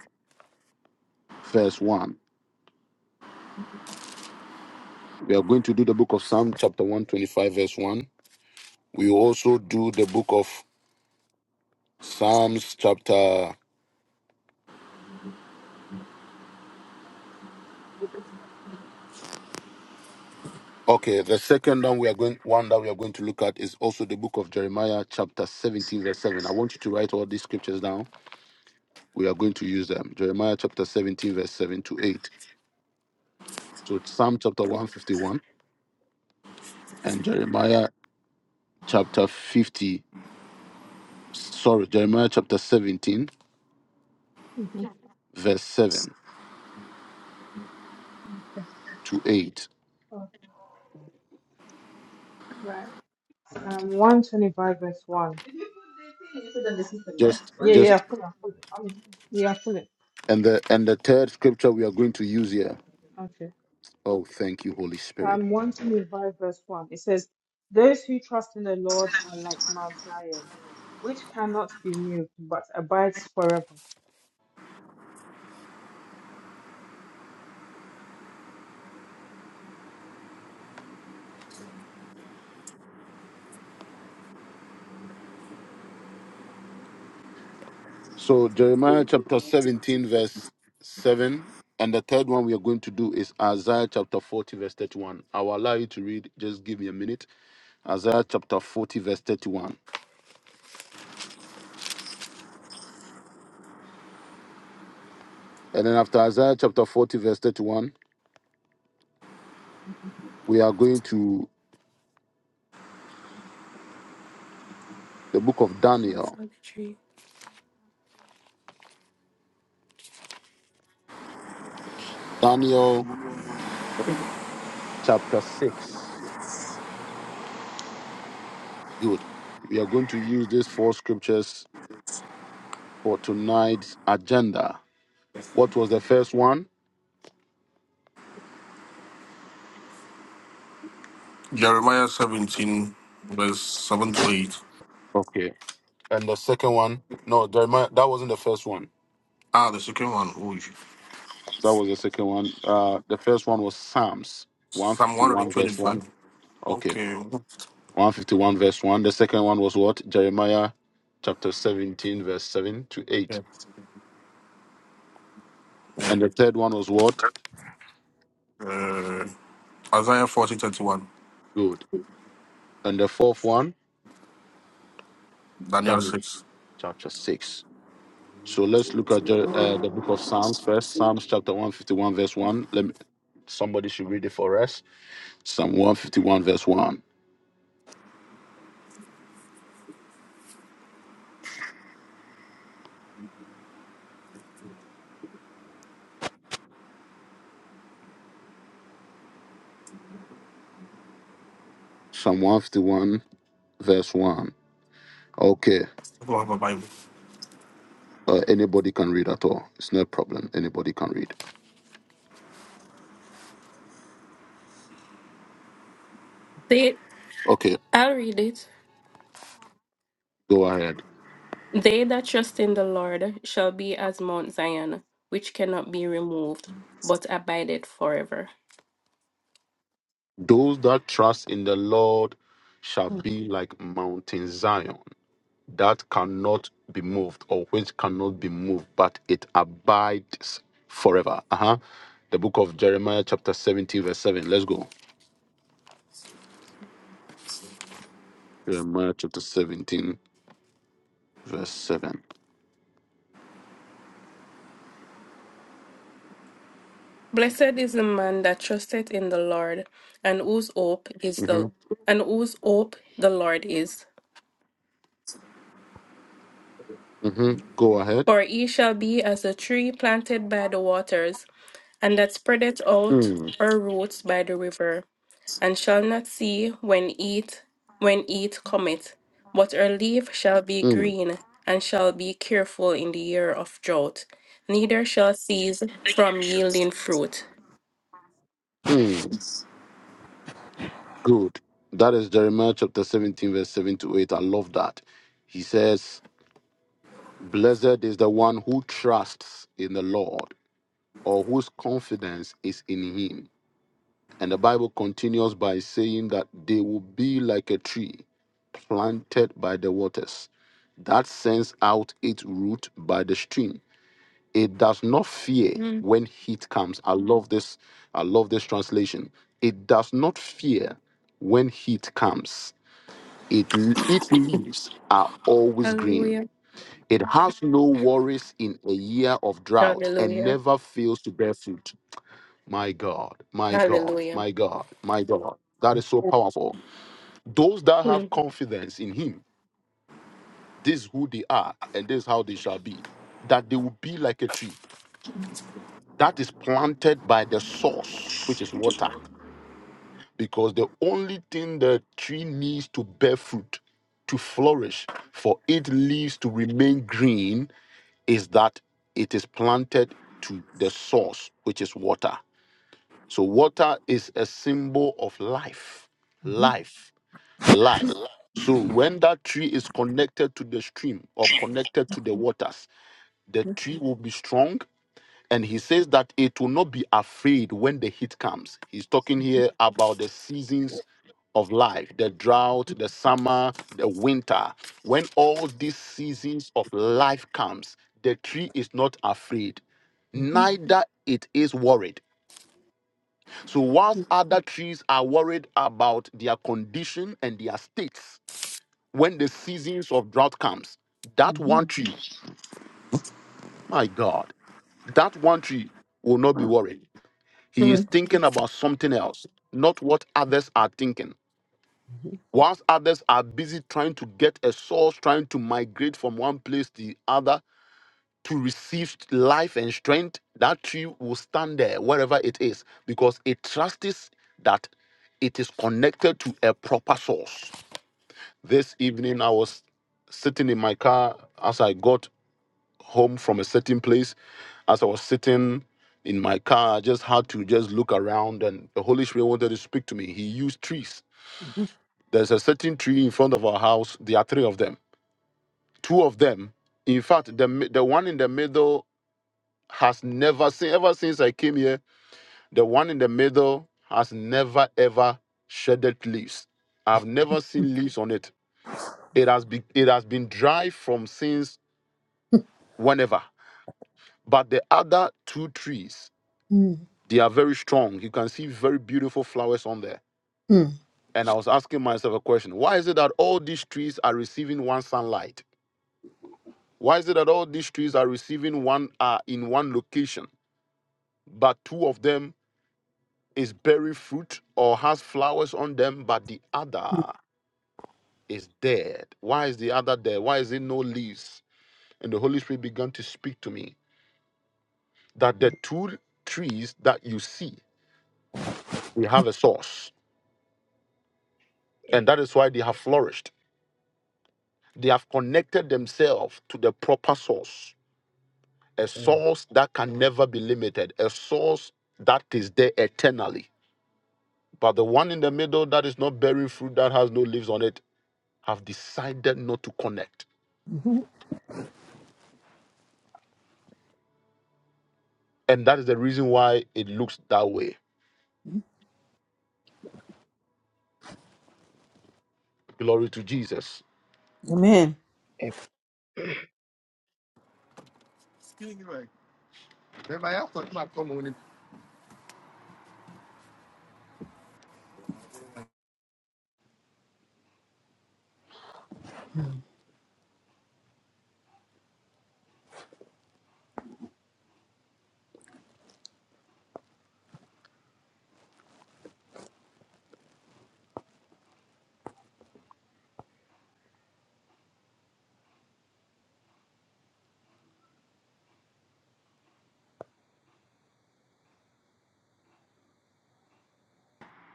Speaker 1: verse 1. We are going to do the book of Psalm chapter 125, verse 1. We will also do the book of Psalms chapter Okay, the second one we are going one that we are going to look at is also the book of Jeremiah chapter 17 verse 7. I want you to write all these scriptures down. We are going to use them. Jeremiah chapter 17 verse 7 to 8. So it's Psalm chapter 151 and Jeremiah chapter 50 sorry, Jeremiah chapter 17 verse 7
Speaker 3: Okay.
Speaker 1: to 8.
Speaker 3: Right. Um, 125 verse 1. This is the next
Speaker 1: Just
Speaker 3: Yeah, one. yeah, I
Speaker 1: just
Speaker 3: pull it, I pull it. Um, yeah, pull it.
Speaker 1: and the and the third scripture we are going to use here.
Speaker 3: Okay.
Speaker 1: Oh, thank you Holy Spirit
Speaker 3: Um, one Timothy five verse one. It says, "Those who trust in the Lord are like Mount Zion, which cannot be moved, but abides forever."
Speaker 1: So Jeremiah chapter 17, verse 7. And the third one we are going to do is Isaiah chapter 40, verse 31. I will allow you to read. Just give me a minute. Isaiah chapter 40, verse 31. And then after Isaiah chapter 40, verse 31, we are going to the book of
Speaker 5: Pray
Speaker 1: Daniel.
Speaker 5: For the tree.
Speaker 1: Daniel chapter 6. Good. We are going to use these four scriptures for tonight's agenda. What was the first one?
Speaker 4: Jeremiah 17, verse 7 to 8.
Speaker 1: Okay. And the second one? No, Jeremiah, that wasn't the first one.
Speaker 4: Ah, the second one. Oh,
Speaker 1: That was the second one. Uh, the first one was Psalms
Speaker 4: Psalm
Speaker 1: 151, verse 1.
Speaker 4: 125.
Speaker 1: Okay,
Speaker 4: Okay.
Speaker 1: 151, verse 1. The second one was what? Jeremiah chapter 17, verse 7 to 8.
Speaker 4: Yeah. yeah.
Speaker 1: And the third one was what?
Speaker 4: Uh, Isaiah 40, thirty-one.
Speaker 1: Good. And the fourth one?
Speaker 4: Daniel
Speaker 1: Daniel
Speaker 4: 6.
Speaker 1: chapter 6. So let's look at Jer- uh, the book of Psalms first. Psalms chapter 151, verse 1. Let me, somebody should read it for us. Psalm 151, verse 1. Psalm 151, verse 1. Okay.
Speaker 4: I don't have a Bible.
Speaker 1: Uh, anybody can read at all. It's no problem. Anybody can read.
Speaker 5: They
Speaker 1: Okay,
Speaker 5: I'll read it.
Speaker 1: go ahead.
Speaker 5: They that trust in the Lord shall be as Mount Zion, which cannot be removed, but abideth forever.
Speaker 1: Those that trust in the Lord shall be like Mountain Zion that cannot be moved or which cannot be moved, but it abides forever. Uh huh. The book of Jeremiah, chapter 17, verse 7. Let's go. Jeremiah, chapter 17, verse 7.
Speaker 5: Blessed is the man that trusteth in the Lord, and whose hope is
Speaker 1: Mm-hmm.
Speaker 5: the and whose hope the Lord is.
Speaker 1: Mm-hmm. Go ahead.
Speaker 5: For he shall be as a tree planted by the waters, and that spreadeth out
Speaker 1: Mm,
Speaker 5: her roots by the river and shall not see when eat when eat cometh, but her leaf shall be
Speaker 1: mm,
Speaker 5: green, and shall be careful in the year of drought, neither shall cease from yielding fruit.
Speaker 1: mm. Good. That is Jeremiah chapter 17, verse 7 to 8. I love that. He says, Blessed is the one who trusts in the Lord or whose confidence is in him. And the Bible continues by saying that they will be like a tree planted by the waters that sends out its root by the stream. It does not fear
Speaker 5: Mm,
Speaker 1: when heat comes. I love this. I love this translation. It does not fear when heat comes It, its leaves are always green.
Speaker 5: hallelujah.
Speaker 1: It has no worries in a year of drought and
Speaker 5: Hallelujah.
Speaker 1: never fails to bear fruit. My God, my God,
Speaker 5: Hallelujah.
Speaker 1: my God, my God. That is so powerful. Those that have
Speaker 5: Mm,
Speaker 1: confidence in Him, this is who they are and this is how they shall be, that they will be like a tree that is planted by the source, which is water, because the only thing the tree needs to bear fruit, to flourish, for its leaves to remain green is that it is planted to the source, which is water. So, water is a symbol of life,
Speaker 2: Amen.
Speaker 1: life, life. So, when that tree is connected to the stream or connected to the waters, the tree will be strong and he says that it will not be afraid when the heat comes. He's talking here about the seasons of life the drought, the summer, the winter. When all these seasons of life comes, the tree is not afraid,
Speaker 2: Mhm. Mhm.
Speaker 1: neither it is worried. So, whilst other trees are worried about their condition and their states, when the seasons of drought comes, that
Speaker 2: Mhm.
Speaker 1: one tree, my God, that one tree will not be worried He is
Speaker 5: mm,
Speaker 2: Mhm.
Speaker 1: thinking about something else, not what others are thinking. Whilst others are busy trying to get a source, trying to migrate from one place to the other to receive life and strength, that tree will stand there wherever it is because it trusts that it is connected to a proper source. This evening, I was sitting in my car as I got home from a certain place, as I was sitting in my car, I just had to just look around, and the Holy Spirit wanted to speak to me. He used trees. There's a certain tree in front of our house. There are three of them. Two of them, in fact, the mi- the one in the middle has never seen ever since I came here. The one in the middle has never ever shedded leaves. I've never seen leaves on it. It has been it has been dry from since whenever. But the other two trees
Speaker 2: Mhm.
Speaker 1: They are very strong. You can see very beautiful flowers on there.
Speaker 2: Mhm.
Speaker 1: And I was asking myself a question why is it that all these trees are receiving one sunlight? Why is it that all these trees are receiving one are in one location, but two of them is bearing fruit or has flowers on them, but the other is dead? Why is the other dead? Why is it no leaves? And the Holy Spirit began to speak to me that the two trees that you see, they have a source, and that is why they have flourished They have connected themselves to the proper source, a
Speaker 6: Mm.
Speaker 1: source that can never be limited, a source that is there eternally. But the one in the middle that is not bearing fruit, that has no leaves on it, have decided not to connect. And that is the reason why it looks that way. Glory to Jesus.
Speaker 2: Amen.
Speaker 6: And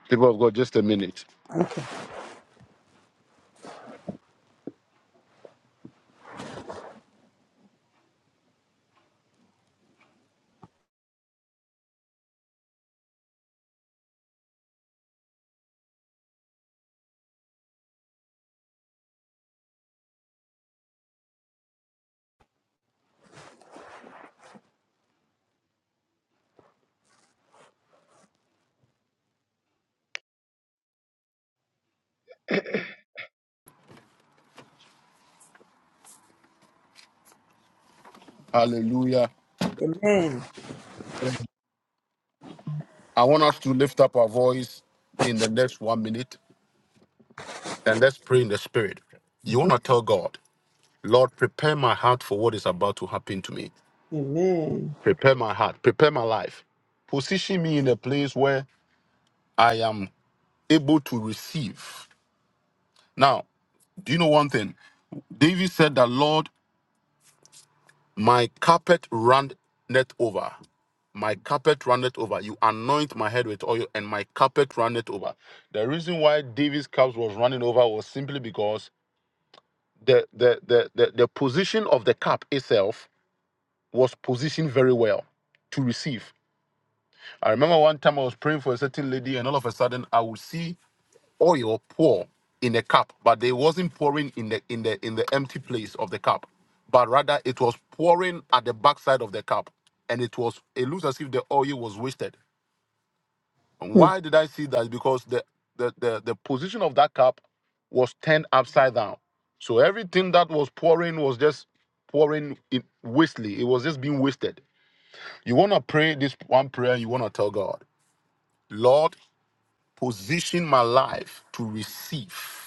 Speaker 1: People of God, just a minute.
Speaker 2: Okay.
Speaker 1: Hallelujah.
Speaker 2: Amen.
Speaker 6: from
Speaker 1: I want us to lift up our voice in the next one minute and let's pray in the spirit. You want to tell God, Lord, prepare my heart for what is about to happen to me.
Speaker 2: Amen.
Speaker 1: prepare my heart, prepare my life, position me in a place where I am able to receive. Now, do you know one thing? David said that, Lord, my carpet runneth over. My carpet runneth over. You anoint my head with oil, and my carpet runneth over. The reason why David's cup was running over was simply because the the, the, the, the position of the cup itself was positioned very well to receive. I remember one time I was praying for a certain lady, and all of a sudden I would see oil pour in a cup, but they wasn't pouring in the in the in the empty place of the cup, but rather it was pouring at the backside of the cup, and it was it looks as if the oil was wasted. And
Speaker 2: Mhm.
Speaker 1: why did I see that? Because the the the, the position of that cup was turned upside down, so everything that was pouring was just pouring in wastely. It was just being wasted. You want to pray this one prayer. You want to tell God, Lord, position my life to receive.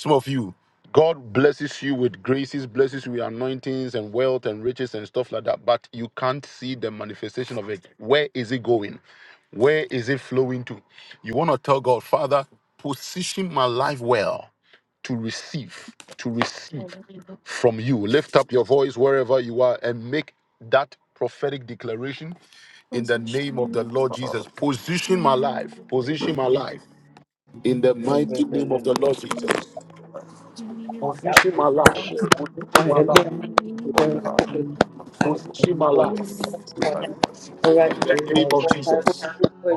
Speaker 1: Some of you, God blesses you with graces, blesses you with anointings and wealth and riches and stuff like that, but you can't see the manifestation of it. Where is it going? Where is it flowing to? You want to tell God, Father, position my life well to receive, to receive
Speaker 5: Father.
Speaker 1: from you. Lift up your voice wherever you are and make that prophetic declaration in the name of the Lord Jesus. Position my
Speaker 5: Mm,
Speaker 1: life, position my life in the
Speaker 6: the very,
Speaker 1: mighty
Speaker 6: very
Speaker 1: name
Speaker 6: little,
Speaker 1: of the Lord Jesus
Speaker 6: and that
Speaker 1: my life,
Speaker 6: position that
Speaker 1: position
Speaker 6: you
Speaker 1: my
Speaker 6: have
Speaker 1: life,
Speaker 2: Hallelujah.
Speaker 4: Oh,
Speaker 6: made
Speaker 4: oh,
Speaker 6: for
Speaker 1: position
Speaker 6: me,
Speaker 1: my
Speaker 6: O Lord,
Speaker 1: life
Speaker 6: to
Speaker 4: Bible, I see.
Speaker 6: be a
Speaker 2: Already.
Speaker 1: in the
Speaker 6: good
Speaker 1: name
Speaker 6: Lord,
Speaker 1: of Jesus.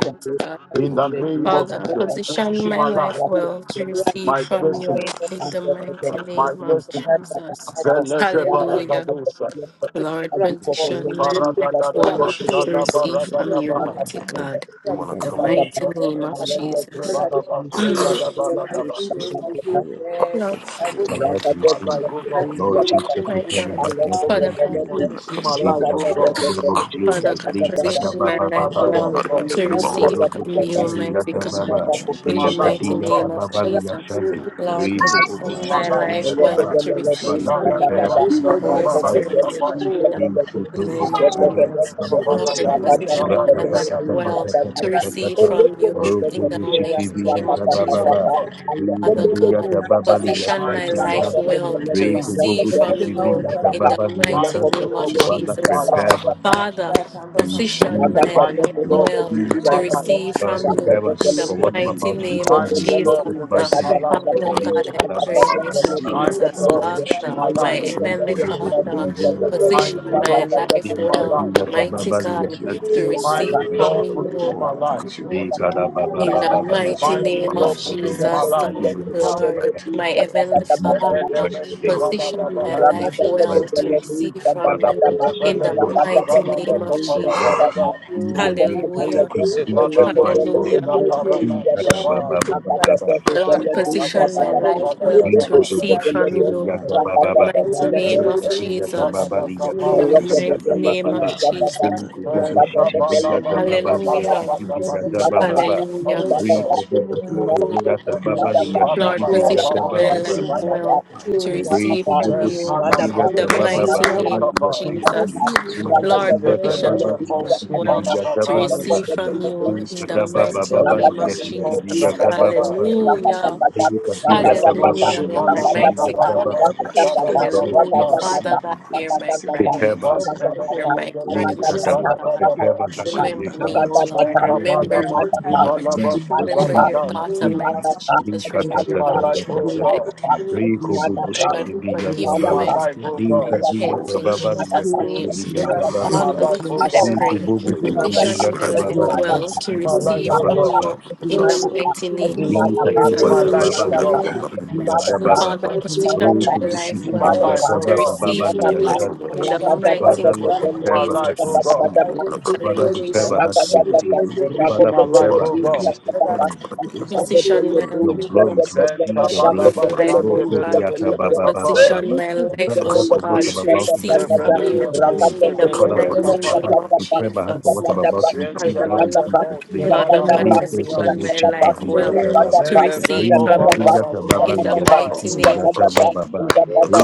Speaker 6: and to be
Speaker 5: God.
Speaker 6: a good
Speaker 1: In
Speaker 4: Oh,
Speaker 2: Already.
Speaker 1: the
Speaker 6: Lord,
Speaker 1: name
Speaker 6: who's
Speaker 1: of
Speaker 6: got
Speaker 5: Father,
Speaker 6: that-
Speaker 1: Jesus,
Speaker 6: that- that
Speaker 5: position
Speaker 1: position
Speaker 5: my
Speaker 1: my life,
Speaker 5: life
Speaker 6: breath of
Speaker 5: well to
Speaker 6: freedom, that is
Speaker 5: receive
Speaker 1: my
Speaker 6: got
Speaker 5: from
Speaker 6: that breath,
Speaker 1: destiny,
Speaker 5: you
Speaker 2: Jesus
Speaker 5: in
Speaker 6: and
Speaker 5: the
Speaker 6: that- that- that
Speaker 5: mighty
Speaker 6: breath
Speaker 1: my
Speaker 5: name
Speaker 6: is
Speaker 5: of
Speaker 6: got
Speaker 1: destiny.
Speaker 6: that- that-
Speaker 5: Jesus.
Speaker 6: that-
Speaker 1: Beleje
Speaker 6: that, ra- da- da-
Speaker 5: Hallelujah.
Speaker 6: da- da-
Speaker 1: baragadosa,
Speaker 6: da- da- da.
Speaker 5: Lord,
Speaker 6: As you come and tell
Speaker 5: position
Speaker 6: me,
Speaker 5: my
Speaker 6: who's
Speaker 5: life
Speaker 6: got that
Speaker 1: ikaragadada
Speaker 6: breath,
Speaker 5: well
Speaker 6: that-
Speaker 7: position,
Speaker 6: that- that- that, ra- da- da- da- da-
Speaker 5: to
Speaker 7: my
Speaker 1: bashada
Speaker 6: da,
Speaker 5: receive
Speaker 7: Father
Speaker 5: from
Speaker 7: my
Speaker 1: baragada
Speaker 7: Father
Speaker 5: you,
Speaker 1: baha.
Speaker 7: I
Speaker 5: mighty
Speaker 7: pray
Speaker 5: God,
Speaker 4: I
Speaker 6: who's
Speaker 4: wanna
Speaker 7: that
Speaker 6: got
Speaker 5: the
Speaker 4: come.
Speaker 6: that-
Speaker 1: Then
Speaker 6: that-
Speaker 4: with you.
Speaker 7: position,
Speaker 5: mighty
Speaker 6: that.
Speaker 7: my
Speaker 5: name
Speaker 6: I
Speaker 5: of
Speaker 6: love
Speaker 7: God,
Speaker 1: oh,
Speaker 6: that-
Speaker 7: I
Speaker 6: that-
Speaker 7: pray
Speaker 5: Jesus.
Speaker 6: that- that,
Speaker 1: Rebalaba,
Speaker 6: who's
Speaker 7: your
Speaker 6: got that-
Speaker 5: Mm.
Speaker 7: position,
Speaker 1: Segada
Speaker 6: that- that,
Speaker 7: help
Speaker 6: who's
Speaker 1: Baladaba.
Speaker 7: so
Speaker 6: got that-
Speaker 7: my
Speaker 6: that- that.
Speaker 7: oil
Speaker 5: Lord,
Speaker 7: will follow along.
Speaker 8: about
Speaker 1: Position
Speaker 8: to
Speaker 1: my
Speaker 8: receive.
Speaker 1: life,
Speaker 7: I
Speaker 1: oh
Speaker 7: bring
Speaker 1: God.
Speaker 7: it
Speaker 4: I
Speaker 8: Lord
Speaker 7: down,
Speaker 4: wanna
Speaker 8: Jesus,
Speaker 5: my
Speaker 7: but
Speaker 8: prepare
Speaker 7: my,
Speaker 5: God,
Speaker 8: about what I
Speaker 7: my
Speaker 5: Father
Speaker 8: need to
Speaker 7: oil
Speaker 5: God.
Speaker 7: will
Speaker 8: receive.
Speaker 4: come
Speaker 1: Position my
Speaker 4: with
Speaker 8: In
Speaker 1: life,
Speaker 4: you.
Speaker 7: go
Speaker 8: the
Speaker 7: to
Speaker 1: oh
Speaker 8: mighty
Speaker 1: God.
Speaker 7: waste
Speaker 8: name
Speaker 7: in
Speaker 8: of
Speaker 7: the
Speaker 4: Ah,
Speaker 7: mighty
Speaker 5: Father
Speaker 8: Jesus,
Speaker 7: name
Speaker 5: God,
Speaker 7: of
Speaker 8: Lee
Speaker 7: Jesus.
Speaker 5: position
Speaker 8: Kadaba
Speaker 5: my
Speaker 8: Baba
Speaker 1: Position my
Speaker 5: life
Speaker 1: life,
Speaker 8: Baba,
Speaker 4: I
Speaker 7: Amen.
Speaker 1: oh
Speaker 5: well
Speaker 4: don't know. I
Speaker 5: to
Speaker 7: I
Speaker 1: God.
Speaker 4: don't
Speaker 8: Lee
Speaker 7: pray.
Speaker 4: know, I
Speaker 5: receive
Speaker 4: don't know.
Speaker 5: from
Speaker 8: Kodobuti
Speaker 4: This
Speaker 5: you,
Speaker 7: Now you
Speaker 5: mighty
Speaker 8: Kiviyata
Speaker 7: place
Speaker 5: God.
Speaker 7: me in
Speaker 8: Baba,
Speaker 7: the right
Speaker 1: Position
Speaker 5: In
Speaker 1: my
Speaker 5: the
Speaker 4: is-
Speaker 8: Lee
Speaker 7: position,
Speaker 1: life,
Speaker 7: Father
Speaker 5: mighty
Speaker 1: oh
Speaker 7: God,
Speaker 5: name
Speaker 8: Kadiyata
Speaker 7: I
Speaker 1: God.
Speaker 5: of
Speaker 7: pray.
Speaker 8: Baba
Speaker 6: Rakata
Speaker 5: Jesus.
Speaker 7: Now
Speaker 8: Liyashanda,
Speaker 7: you place
Speaker 5: Lord,
Speaker 8: Lee
Speaker 7: me in the
Speaker 5: position
Speaker 8: Kodobuti
Speaker 1: My
Speaker 5: my
Speaker 7: right
Speaker 1: life is
Speaker 5: life
Speaker 6: Thank
Speaker 7: direction
Speaker 1: good.
Speaker 8: Kiviyata
Speaker 4: this
Speaker 5: well
Speaker 8: Baba.
Speaker 4: is-
Speaker 5: to
Speaker 7: to
Speaker 5: receive
Speaker 8: Father,
Speaker 1: My
Speaker 7: receive
Speaker 5: from
Speaker 7: my
Speaker 1: life is good.
Speaker 8: prepare
Speaker 1: My
Speaker 5: you,
Speaker 1: life
Speaker 7: blessings in the
Speaker 1: is good.
Speaker 8: me
Speaker 5: Holy
Speaker 1: My life is
Speaker 7: mighty name of
Speaker 5: Spirit.
Speaker 1: good.
Speaker 7: Jesus, Father
Speaker 5: In
Speaker 8: Father, prepare my
Speaker 5: the
Speaker 7: God.
Speaker 5: mighty
Speaker 7: Please
Speaker 5: name of
Speaker 7: don't let
Speaker 8: heart
Speaker 7: my,
Speaker 8: to
Speaker 5: Jesus.
Speaker 7: my,
Speaker 4: Thank
Speaker 5: Lord,
Speaker 7: my money go
Speaker 5: position
Speaker 7: to
Speaker 5: my
Speaker 7: waste
Speaker 5: life
Speaker 7: in the
Speaker 1: My
Speaker 5: well
Speaker 7: mighty name
Speaker 5: to
Speaker 7: of Jesus,
Speaker 5: receive
Speaker 7: Father
Speaker 5: from
Speaker 7: God.
Speaker 5: you. In
Speaker 7: Don't
Speaker 5: the
Speaker 7: let my
Speaker 5: mighty
Speaker 8: receive
Speaker 7: money go
Speaker 5: name of
Speaker 7: to waste,
Speaker 1: life
Speaker 5: Jesus.
Speaker 1: is
Speaker 7: Father God.
Speaker 1: good.
Speaker 7: Don't
Speaker 5: Father
Speaker 7: let my money
Speaker 5: God.
Speaker 7: go to waste,
Speaker 5: Position
Speaker 7: Father
Speaker 5: my
Speaker 1: Mighty
Speaker 7: God.
Speaker 5: life
Speaker 1: God,
Speaker 7: Don't
Speaker 5: well
Speaker 1: position
Speaker 7: let my
Speaker 1: my
Speaker 5: to
Speaker 1: life.
Speaker 7: money go
Speaker 5: receive
Speaker 7: to
Speaker 5: from
Speaker 7: waste, Father
Speaker 5: you
Speaker 7: God. In
Speaker 5: in
Speaker 7: the
Speaker 5: the
Speaker 7: mighty
Speaker 5: mighty
Speaker 1: Mighty
Speaker 7: name
Speaker 5: name
Speaker 7: of
Speaker 5: of
Speaker 1: God,
Speaker 7: Jesus, Father
Speaker 1: position my
Speaker 5: Jesus.
Speaker 7: God.
Speaker 1: life.
Speaker 6: you.
Speaker 5: Father,
Speaker 7: Position
Speaker 5: position
Speaker 7: me
Speaker 6: Baba
Speaker 8: it,
Speaker 7: at
Speaker 5: my
Speaker 7: the
Speaker 6: kata
Speaker 5: life
Speaker 1: Mighty
Speaker 8: to
Speaker 1: God,
Speaker 6: kelele
Speaker 7: right
Speaker 5: well
Speaker 8: receive,
Speaker 7: place,
Speaker 1: position
Speaker 6: tuja
Speaker 5: to
Speaker 1: my
Speaker 7: Father
Speaker 1: life.
Speaker 6: kata
Speaker 7: God,
Speaker 5: receive
Speaker 8: uh,
Speaker 5: from
Speaker 7: so that
Speaker 6: raka
Speaker 8: prepare
Speaker 5: you
Speaker 7: I
Speaker 8: my
Speaker 5: in
Speaker 8: heart
Speaker 6: kelele
Speaker 5: the
Speaker 8: for what I'm
Speaker 7: receive
Speaker 8: about
Speaker 5: mighty
Speaker 8: to
Speaker 7: my
Speaker 6: tuja
Speaker 5: name of
Speaker 8: receive
Speaker 1: Mighty
Speaker 8: in
Speaker 7: blessings,
Speaker 6: kelele
Speaker 5: Jesus.
Speaker 1: God,
Speaker 8: Jesus'
Speaker 7: I
Speaker 6: tuja
Speaker 5: Father
Speaker 1: position
Speaker 8: mighty
Speaker 1: my
Speaker 6: kata
Speaker 7: receive
Speaker 8: name.
Speaker 6: kata
Speaker 1: life.
Speaker 7: your
Speaker 6: kata
Speaker 5: God,
Speaker 7: oil to
Speaker 5: I
Speaker 6: raka
Speaker 7: absorb,
Speaker 5: pray,
Speaker 7: I
Speaker 6: kata
Speaker 5: mighty
Speaker 6: kelele
Speaker 7: receive
Speaker 6: tuja
Speaker 1: Mighty
Speaker 5: Jesus,
Speaker 1: God,
Speaker 6: kelele
Speaker 7: what
Speaker 1: position
Speaker 5: Father,
Speaker 1: my
Speaker 7: you
Speaker 6: ayo
Speaker 5: my
Speaker 1: life.
Speaker 7: really
Speaker 6: kata
Speaker 5: heavenly
Speaker 6: kata
Speaker 7: have
Speaker 6: hara
Speaker 7: for
Speaker 5: Father,
Speaker 7: me in
Speaker 6: tuja
Speaker 7: the
Speaker 6: kata
Speaker 7: mighty
Speaker 5: position
Speaker 7: name
Speaker 1: Mighty
Speaker 8: Likodobosifiziyasabababa.
Speaker 6: raka
Speaker 7: of
Speaker 5: my
Speaker 1: God,
Speaker 7: Jesus.
Speaker 6: kata
Speaker 5: life
Speaker 1: position
Speaker 7: God.
Speaker 1: my
Speaker 6: kelele
Speaker 5: well,
Speaker 1: life.
Speaker 6: tuja kata
Speaker 5: mighty
Speaker 7: And Thank
Speaker 5: God,
Speaker 7: you
Speaker 8: Likadiyasababaliyasanti.
Speaker 5: to
Speaker 6: ilang
Speaker 7: so
Speaker 5: receive
Speaker 6: kata
Speaker 1: Mighty
Speaker 7: much
Speaker 5: from
Speaker 1: God,
Speaker 6: ilang
Speaker 7: for
Speaker 1: position
Speaker 5: you
Speaker 7: all
Speaker 6: kata
Speaker 1: my
Speaker 7: the
Speaker 1: life.
Speaker 7: things you're
Speaker 6: ilang
Speaker 7: about
Speaker 6: kata
Speaker 7: to do in my
Speaker 5: in
Speaker 7: life
Speaker 5: the
Speaker 6: raka
Speaker 7: and the
Speaker 8: Likadabababababa.
Speaker 6: kata
Speaker 7: things you're
Speaker 5: mighty
Speaker 1: Mighty
Speaker 7: already
Speaker 6: kelele
Speaker 5: name
Speaker 6: tuja
Speaker 7: doing
Speaker 5: of
Speaker 7: and
Speaker 1: God,
Speaker 7: the
Speaker 1: position my
Speaker 7: things
Speaker 6: kata
Speaker 5: Jesus,
Speaker 1: life.
Speaker 6: kelele
Speaker 7: you, you're
Speaker 5: Lord,
Speaker 7: about
Speaker 8: Likodobosifiziyasabababa.
Speaker 7: to
Speaker 5: my
Speaker 7: do in
Speaker 6: tuja
Speaker 7: the
Speaker 6: kata
Speaker 5: heavenly
Speaker 8: In
Speaker 6: kata
Speaker 7: mighty
Speaker 1: Oh
Speaker 7: name
Speaker 8: Jesus'
Speaker 5: Father,
Speaker 6: kata
Speaker 7: of Jesus,
Speaker 8: mighty name.
Speaker 7: Father God.
Speaker 5: position my
Speaker 8: In
Speaker 7: I
Speaker 5: life
Speaker 7: thank
Speaker 8: Jesus'
Speaker 7: you so
Speaker 5: well
Speaker 8: mighty
Speaker 5: to
Speaker 7: much,
Speaker 8: name.
Speaker 7: Father
Speaker 5: receive
Speaker 7: God.
Speaker 5: from
Speaker 8: Father,
Speaker 7: I
Speaker 5: you.
Speaker 7: thank
Speaker 8: position
Speaker 5: In
Speaker 7: you
Speaker 8: me
Speaker 5: the
Speaker 8: well. We
Speaker 5: mighty name
Speaker 8: see
Speaker 5: of
Speaker 8: your
Speaker 5: Jesus.
Speaker 8: blood. We see your grace.
Speaker 7: We
Speaker 5: Hallelujah.
Speaker 7: thank you
Speaker 8: In
Speaker 7: so much for
Speaker 8: Jesus'
Speaker 7: the God.
Speaker 8: mighty name.
Speaker 5: Hallelujah.
Speaker 7: I thank you for positioning me, for God.
Speaker 8: Likadabababababa.
Speaker 7: I
Speaker 5: Lord,
Speaker 7: thank you for
Speaker 5: position
Speaker 7: placing
Speaker 5: my
Speaker 7: me in the
Speaker 5: life
Speaker 7: right
Speaker 5: well to
Speaker 7: direction,
Speaker 5: receive
Speaker 7: for God.
Speaker 5: from
Speaker 7: I,
Speaker 5: you. The
Speaker 8: Likodobosifiziyasabababa.
Speaker 7: I, I
Speaker 5: mighty
Speaker 7: thank
Speaker 6: Rangata
Speaker 8: Baba,
Speaker 5: name
Speaker 7: you
Speaker 5: of
Speaker 7: for,
Speaker 5: Jesus.
Speaker 7: for,
Speaker 5: In
Speaker 7: for
Speaker 5: the
Speaker 6: Thank
Speaker 7: placing
Speaker 5: mighty
Speaker 7: me
Speaker 5: name
Speaker 7: on
Speaker 5: of
Speaker 7: the right
Speaker 5: Jesus.
Speaker 7: spot so that I can receive your oil in the
Speaker 5: Hallelujah.
Speaker 7: mighty name of
Speaker 5: Hallelujah.
Speaker 1: my
Speaker 7: Jesus,
Speaker 1: God.
Speaker 7: for God. I thank you so much
Speaker 5: Lord,
Speaker 7: for
Speaker 5: position my life
Speaker 7: placing me in
Speaker 5: well
Speaker 7: the right
Speaker 5: to
Speaker 7: place
Speaker 5: receive
Speaker 7: to
Speaker 5: from
Speaker 1: Then
Speaker 7: receive
Speaker 5: you
Speaker 1: Hannah must be
Speaker 7: your
Speaker 5: the
Speaker 7: blessing.
Speaker 1: one
Speaker 5: mighty
Speaker 1: and the
Speaker 7: In the
Speaker 5: name of
Speaker 1: Kapaya.
Speaker 7: mighty name of
Speaker 5: Jesus.
Speaker 7: Jesus, Father
Speaker 5: Lord,
Speaker 7: God, I
Speaker 1: Then
Speaker 5: position my
Speaker 7: thank
Speaker 1: the
Speaker 5: life
Speaker 7: you
Speaker 1: phone
Speaker 7: so
Speaker 1: to
Speaker 5: well
Speaker 7: much
Speaker 1: Mama
Speaker 5: to
Speaker 7: for
Speaker 1: Batali.
Speaker 5: receive
Speaker 7: placing
Speaker 8: Lord,
Speaker 7: me
Speaker 5: from
Speaker 7: at the
Speaker 6: you.
Speaker 5: you
Speaker 7: right
Speaker 5: in the
Speaker 7: spot.
Speaker 1: Position my
Speaker 7: Thank
Speaker 5: mighty
Speaker 7: you for
Speaker 5: name of
Speaker 6: Thank
Speaker 7: placing me
Speaker 1: life,
Speaker 7: at the
Speaker 1: oh
Speaker 5: Jesus.
Speaker 7: right path. Thank
Speaker 5: Hallelujah.
Speaker 7: you for
Speaker 5: Hallelujah,
Speaker 7: showing
Speaker 5: Lord,
Speaker 7: me
Speaker 5: mighty
Speaker 7: the
Speaker 5: God.
Speaker 7: way I need to stay so I
Speaker 5: Hallelujah.
Speaker 7: can
Speaker 5: Father
Speaker 7: receive
Speaker 5: God,
Speaker 7: you
Speaker 5: hear my
Speaker 7: blessings in
Speaker 5: cry,
Speaker 7: the
Speaker 5: mighty
Speaker 7: mighty
Speaker 5: God. Hear
Speaker 7: name of
Speaker 5: my cry,
Speaker 7: Jesus, Father
Speaker 5: mighty
Speaker 7: God.
Speaker 8: Lekadababa.
Speaker 5: God.
Speaker 7: I
Speaker 8: Prepare my heart,
Speaker 7: thank you in
Speaker 5: Remember
Speaker 8: Heavenly Father.
Speaker 5: me, O
Speaker 7: advance, Father
Speaker 5: Lord.
Speaker 7: God.
Speaker 8: Oh, to
Speaker 7: I
Speaker 5: Remember
Speaker 7: thank
Speaker 8: receive,
Speaker 5: me,
Speaker 8: to
Speaker 7: you
Speaker 5: O
Speaker 7: in
Speaker 8: receive,
Speaker 5: Lord.
Speaker 7: advance for
Speaker 8: to
Speaker 5: Remember
Speaker 8: receive,
Speaker 5: your
Speaker 7: positioning
Speaker 8: to
Speaker 7: me in
Speaker 5: daughter,
Speaker 7: the
Speaker 8: receive.
Speaker 5: mighty
Speaker 7: mighty name of
Speaker 5: Jesus.
Speaker 7: Jesus.
Speaker 5: Remember your
Speaker 7: I thank you
Speaker 5: child.
Speaker 8: Lekatatatatatatata.
Speaker 7: in
Speaker 1: God.
Speaker 7: advance for positioning me
Speaker 5: Father
Speaker 7: well.
Speaker 5: God, forgive
Speaker 1: Position
Speaker 5: me,
Speaker 7: I
Speaker 1: my
Speaker 8: Rekoboboshikeviyatababa.
Speaker 7: thank
Speaker 5: mighty
Speaker 1: life,
Speaker 7: you
Speaker 5: God,
Speaker 7: in
Speaker 1: oh
Speaker 5: and
Speaker 7: advance
Speaker 1: God.
Speaker 7: for
Speaker 5: repent in
Speaker 8: Lekadiyatababa
Speaker 5: Jesus'
Speaker 7: for
Speaker 5: name.
Speaker 7: placing me in the
Speaker 1: Position
Speaker 7: right
Speaker 1: my
Speaker 5: Father
Speaker 8: liyasikeviyatabababa.
Speaker 1: life,
Speaker 7: place
Speaker 5: God,
Speaker 7: to
Speaker 1: oh
Speaker 5: I
Speaker 1: God.
Speaker 7: receive
Speaker 5: pray,
Speaker 7: my oil. I,
Speaker 5: position my
Speaker 7: I,
Speaker 8: Rekoboboshikeviyatababa
Speaker 5: life
Speaker 7: I
Speaker 6: you.
Speaker 5: well to
Speaker 1: Position
Speaker 7: thank
Speaker 1: my life, oh God. Position my
Speaker 7: you in
Speaker 1: life,
Speaker 5: receive
Speaker 1: oh
Speaker 5: from
Speaker 7: advance
Speaker 1: God.
Speaker 8: liyasikeviyatabababa.
Speaker 7: for
Speaker 5: you in
Speaker 7: for
Speaker 5: the
Speaker 7: for
Speaker 5: mighty
Speaker 7: for
Speaker 5: name of
Speaker 7: for,
Speaker 1: Position
Speaker 7: for
Speaker 1: my
Speaker 5: Jesus.
Speaker 1: life, oh
Speaker 8: Lekadiyatababa
Speaker 7: placing my
Speaker 1: God.
Speaker 7: cap on the right
Speaker 8: liyasikeviyatabababa.
Speaker 5: Father,
Speaker 7: spot
Speaker 8: Oh,
Speaker 5: position my
Speaker 8: to
Speaker 7: to
Speaker 5: life
Speaker 7: receive
Speaker 5: well
Speaker 7: my, my
Speaker 5: to
Speaker 7: oil in
Speaker 5: receive
Speaker 8: bushikeviyatabababa
Speaker 7: the
Speaker 5: from you
Speaker 7: mighty name
Speaker 8: liyashanta.
Speaker 7: of
Speaker 5: in the
Speaker 7: Jesus. Father God,
Speaker 5: mighty
Speaker 8: Father,
Speaker 7: don't let
Speaker 8: Lord,
Speaker 7: my
Speaker 5: name of
Speaker 1: Position
Speaker 7: oil
Speaker 8: prepare
Speaker 1: my
Speaker 7: go
Speaker 8: my
Speaker 7: to
Speaker 8: heart
Speaker 1: life,
Speaker 8: to
Speaker 1: oh
Speaker 5: Jesus.
Speaker 7: waste
Speaker 8: receive.
Speaker 7: in the
Speaker 1: God.
Speaker 7: mighty name
Speaker 8: Father,
Speaker 7: of Jesus.
Speaker 8: prepare
Speaker 5: Hallelujah.
Speaker 8: my heart to
Speaker 4: you.
Speaker 7: Father God,
Speaker 6: Ragadabada,
Speaker 8: receive.
Speaker 7: please don't let my
Speaker 1: Position
Speaker 8: Father,
Speaker 1: my
Speaker 7: oil go
Speaker 8: prepare
Speaker 1: life,
Speaker 4: Thank
Speaker 8: my
Speaker 1: oh
Speaker 7: to
Speaker 8: heart
Speaker 6: Rakopepelepu,
Speaker 8: to
Speaker 7: waste.
Speaker 1: God.
Speaker 7: Father God,
Speaker 6: Sakatata,
Speaker 8: receive
Speaker 7: please don't let my
Speaker 5: Position my
Speaker 7: oil go
Speaker 6: Antikopepelepu,
Speaker 8: your
Speaker 5: life,
Speaker 7: to
Speaker 5: oh
Speaker 8: glory
Speaker 5: God.
Speaker 7: waste.
Speaker 8: to
Speaker 7: I
Speaker 1: Then
Speaker 6: Zepepele,
Speaker 8: receive the
Speaker 5: Position
Speaker 7: thank you,
Speaker 1: Kabalaba
Speaker 5: my
Speaker 8: blessing.
Speaker 7: Father.
Speaker 5: life,
Speaker 1: San
Speaker 8: Lord,
Speaker 5: oh
Speaker 6: Rakopepelepu,
Speaker 1: de
Speaker 5: God.
Speaker 7: I thank you,
Speaker 8: Kodiata
Speaker 6: Zepelepe,
Speaker 8: Baba Baba
Speaker 7: Lord.
Speaker 6: Eh,
Speaker 1: Kapala.
Speaker 5: position
Speaker 8: Baba.
Speaker 7: I
Speaker 5: my
Speaker 7: thank
Speaker 8: Prepare
Speaker 5: life,
Speaker 8: my
Speaker 7: you
Speaker 8: heart
Speaker 5: oh
Speaker 7: so
Speaker 8: for
Speaker 6: Mukupepelepu,
Speaker 8: what
Speaker 5: God,
Speaker 7: much.
Speaker 8: I'm
Speaker 5: to
Speaker 8: about to
Speaker 7: I
Speaker 5: receive
Speaker 7: thank you,
Speaker 8: receive
Speaker 5: from
Speaker 6: Zatatatata,
Speaker 8: in
Speaker 7: Father.
Speaker 5: you
Speaker 1: Develeme
Speaker 7: I
Speaker 8: Jesus'
Speaker 7: thank you,
Speaker 1: Ko
Speaker 8: name.
Speaker 5: in the
Speaker 8: Father,
Speaker 1: Shebele
Speaker 6: Rakapepelepu,
Speaker 5: mighty
Speaker 8: prepare
Speaker 7: Father.
Speaker 8: my
Speaker 1: Kapaya.
Speaker 8: heart,
Speaker 5: name of
Speaker 6: Sakatata,
Speaker 8: prepare my heart for
Speaker 7: I
Speaker 5: Jesus.
Speaker 8: what I'm
Speaker 7: thank you
Speaker 8: about
Speaker 6: Zakatapa,
Speaker 7: so
Speaker 8: to
Speaker 1: Then
Speaker 7: much for,
Speaker 8: receive now in
Speaker 5: Hallelujah.
Speaker 6: Zakatapa,
Speaker 7: for
Speaker 8: Jesus'
Speaker 1: Telemeno
Speaker 8: name.
Speaker 5: Father
Speaker 1: Shevala
Speaker 5: God,
Speaker 6: Zakatapa,
Speaker 8: Lito
Speaker 1: Matilias.
Speaker 5: position
Speaker 8: Sobo
Speaker 5: my
Speaker 7: placing me
Speaker 6: Zakatapa,
Speaker 7: at
Speaker 8: Chiti
Speaker 5: life
Speaker 7: the
Speaker 6: Zakatapa,
Speaker 7: right
Speaker 5: well
Speaker 8: Vijata
Speaker 7: place.
Speaker 8: Baba.
Speaker 5: to
Speaker 6: Zakatapa,
Speaker 7: Thank
Speaker 1: Deleve
Speaker 5: receive
Speaker 7: you.
Speaker 8: Rita
Speaker 5: from
Speaker 6: Zakatapa,
Speaker 5: you
Speaker 1: Kovalaba
Speaker 8: Vijata Baba
Speaker 1: San
Speaker 5: in the
Speaker 8: Liya
Speaker 6: Zakatapa,
Speaker 1: Kapaya.
Speaker 5: mighty
Speaker 8: Chiti
Speaker 5: name of
Speaker 8: Vijata
Speaker 6: Zakatapa,
Speaker 5: Jesus.
Speaker 8: Baba Baba.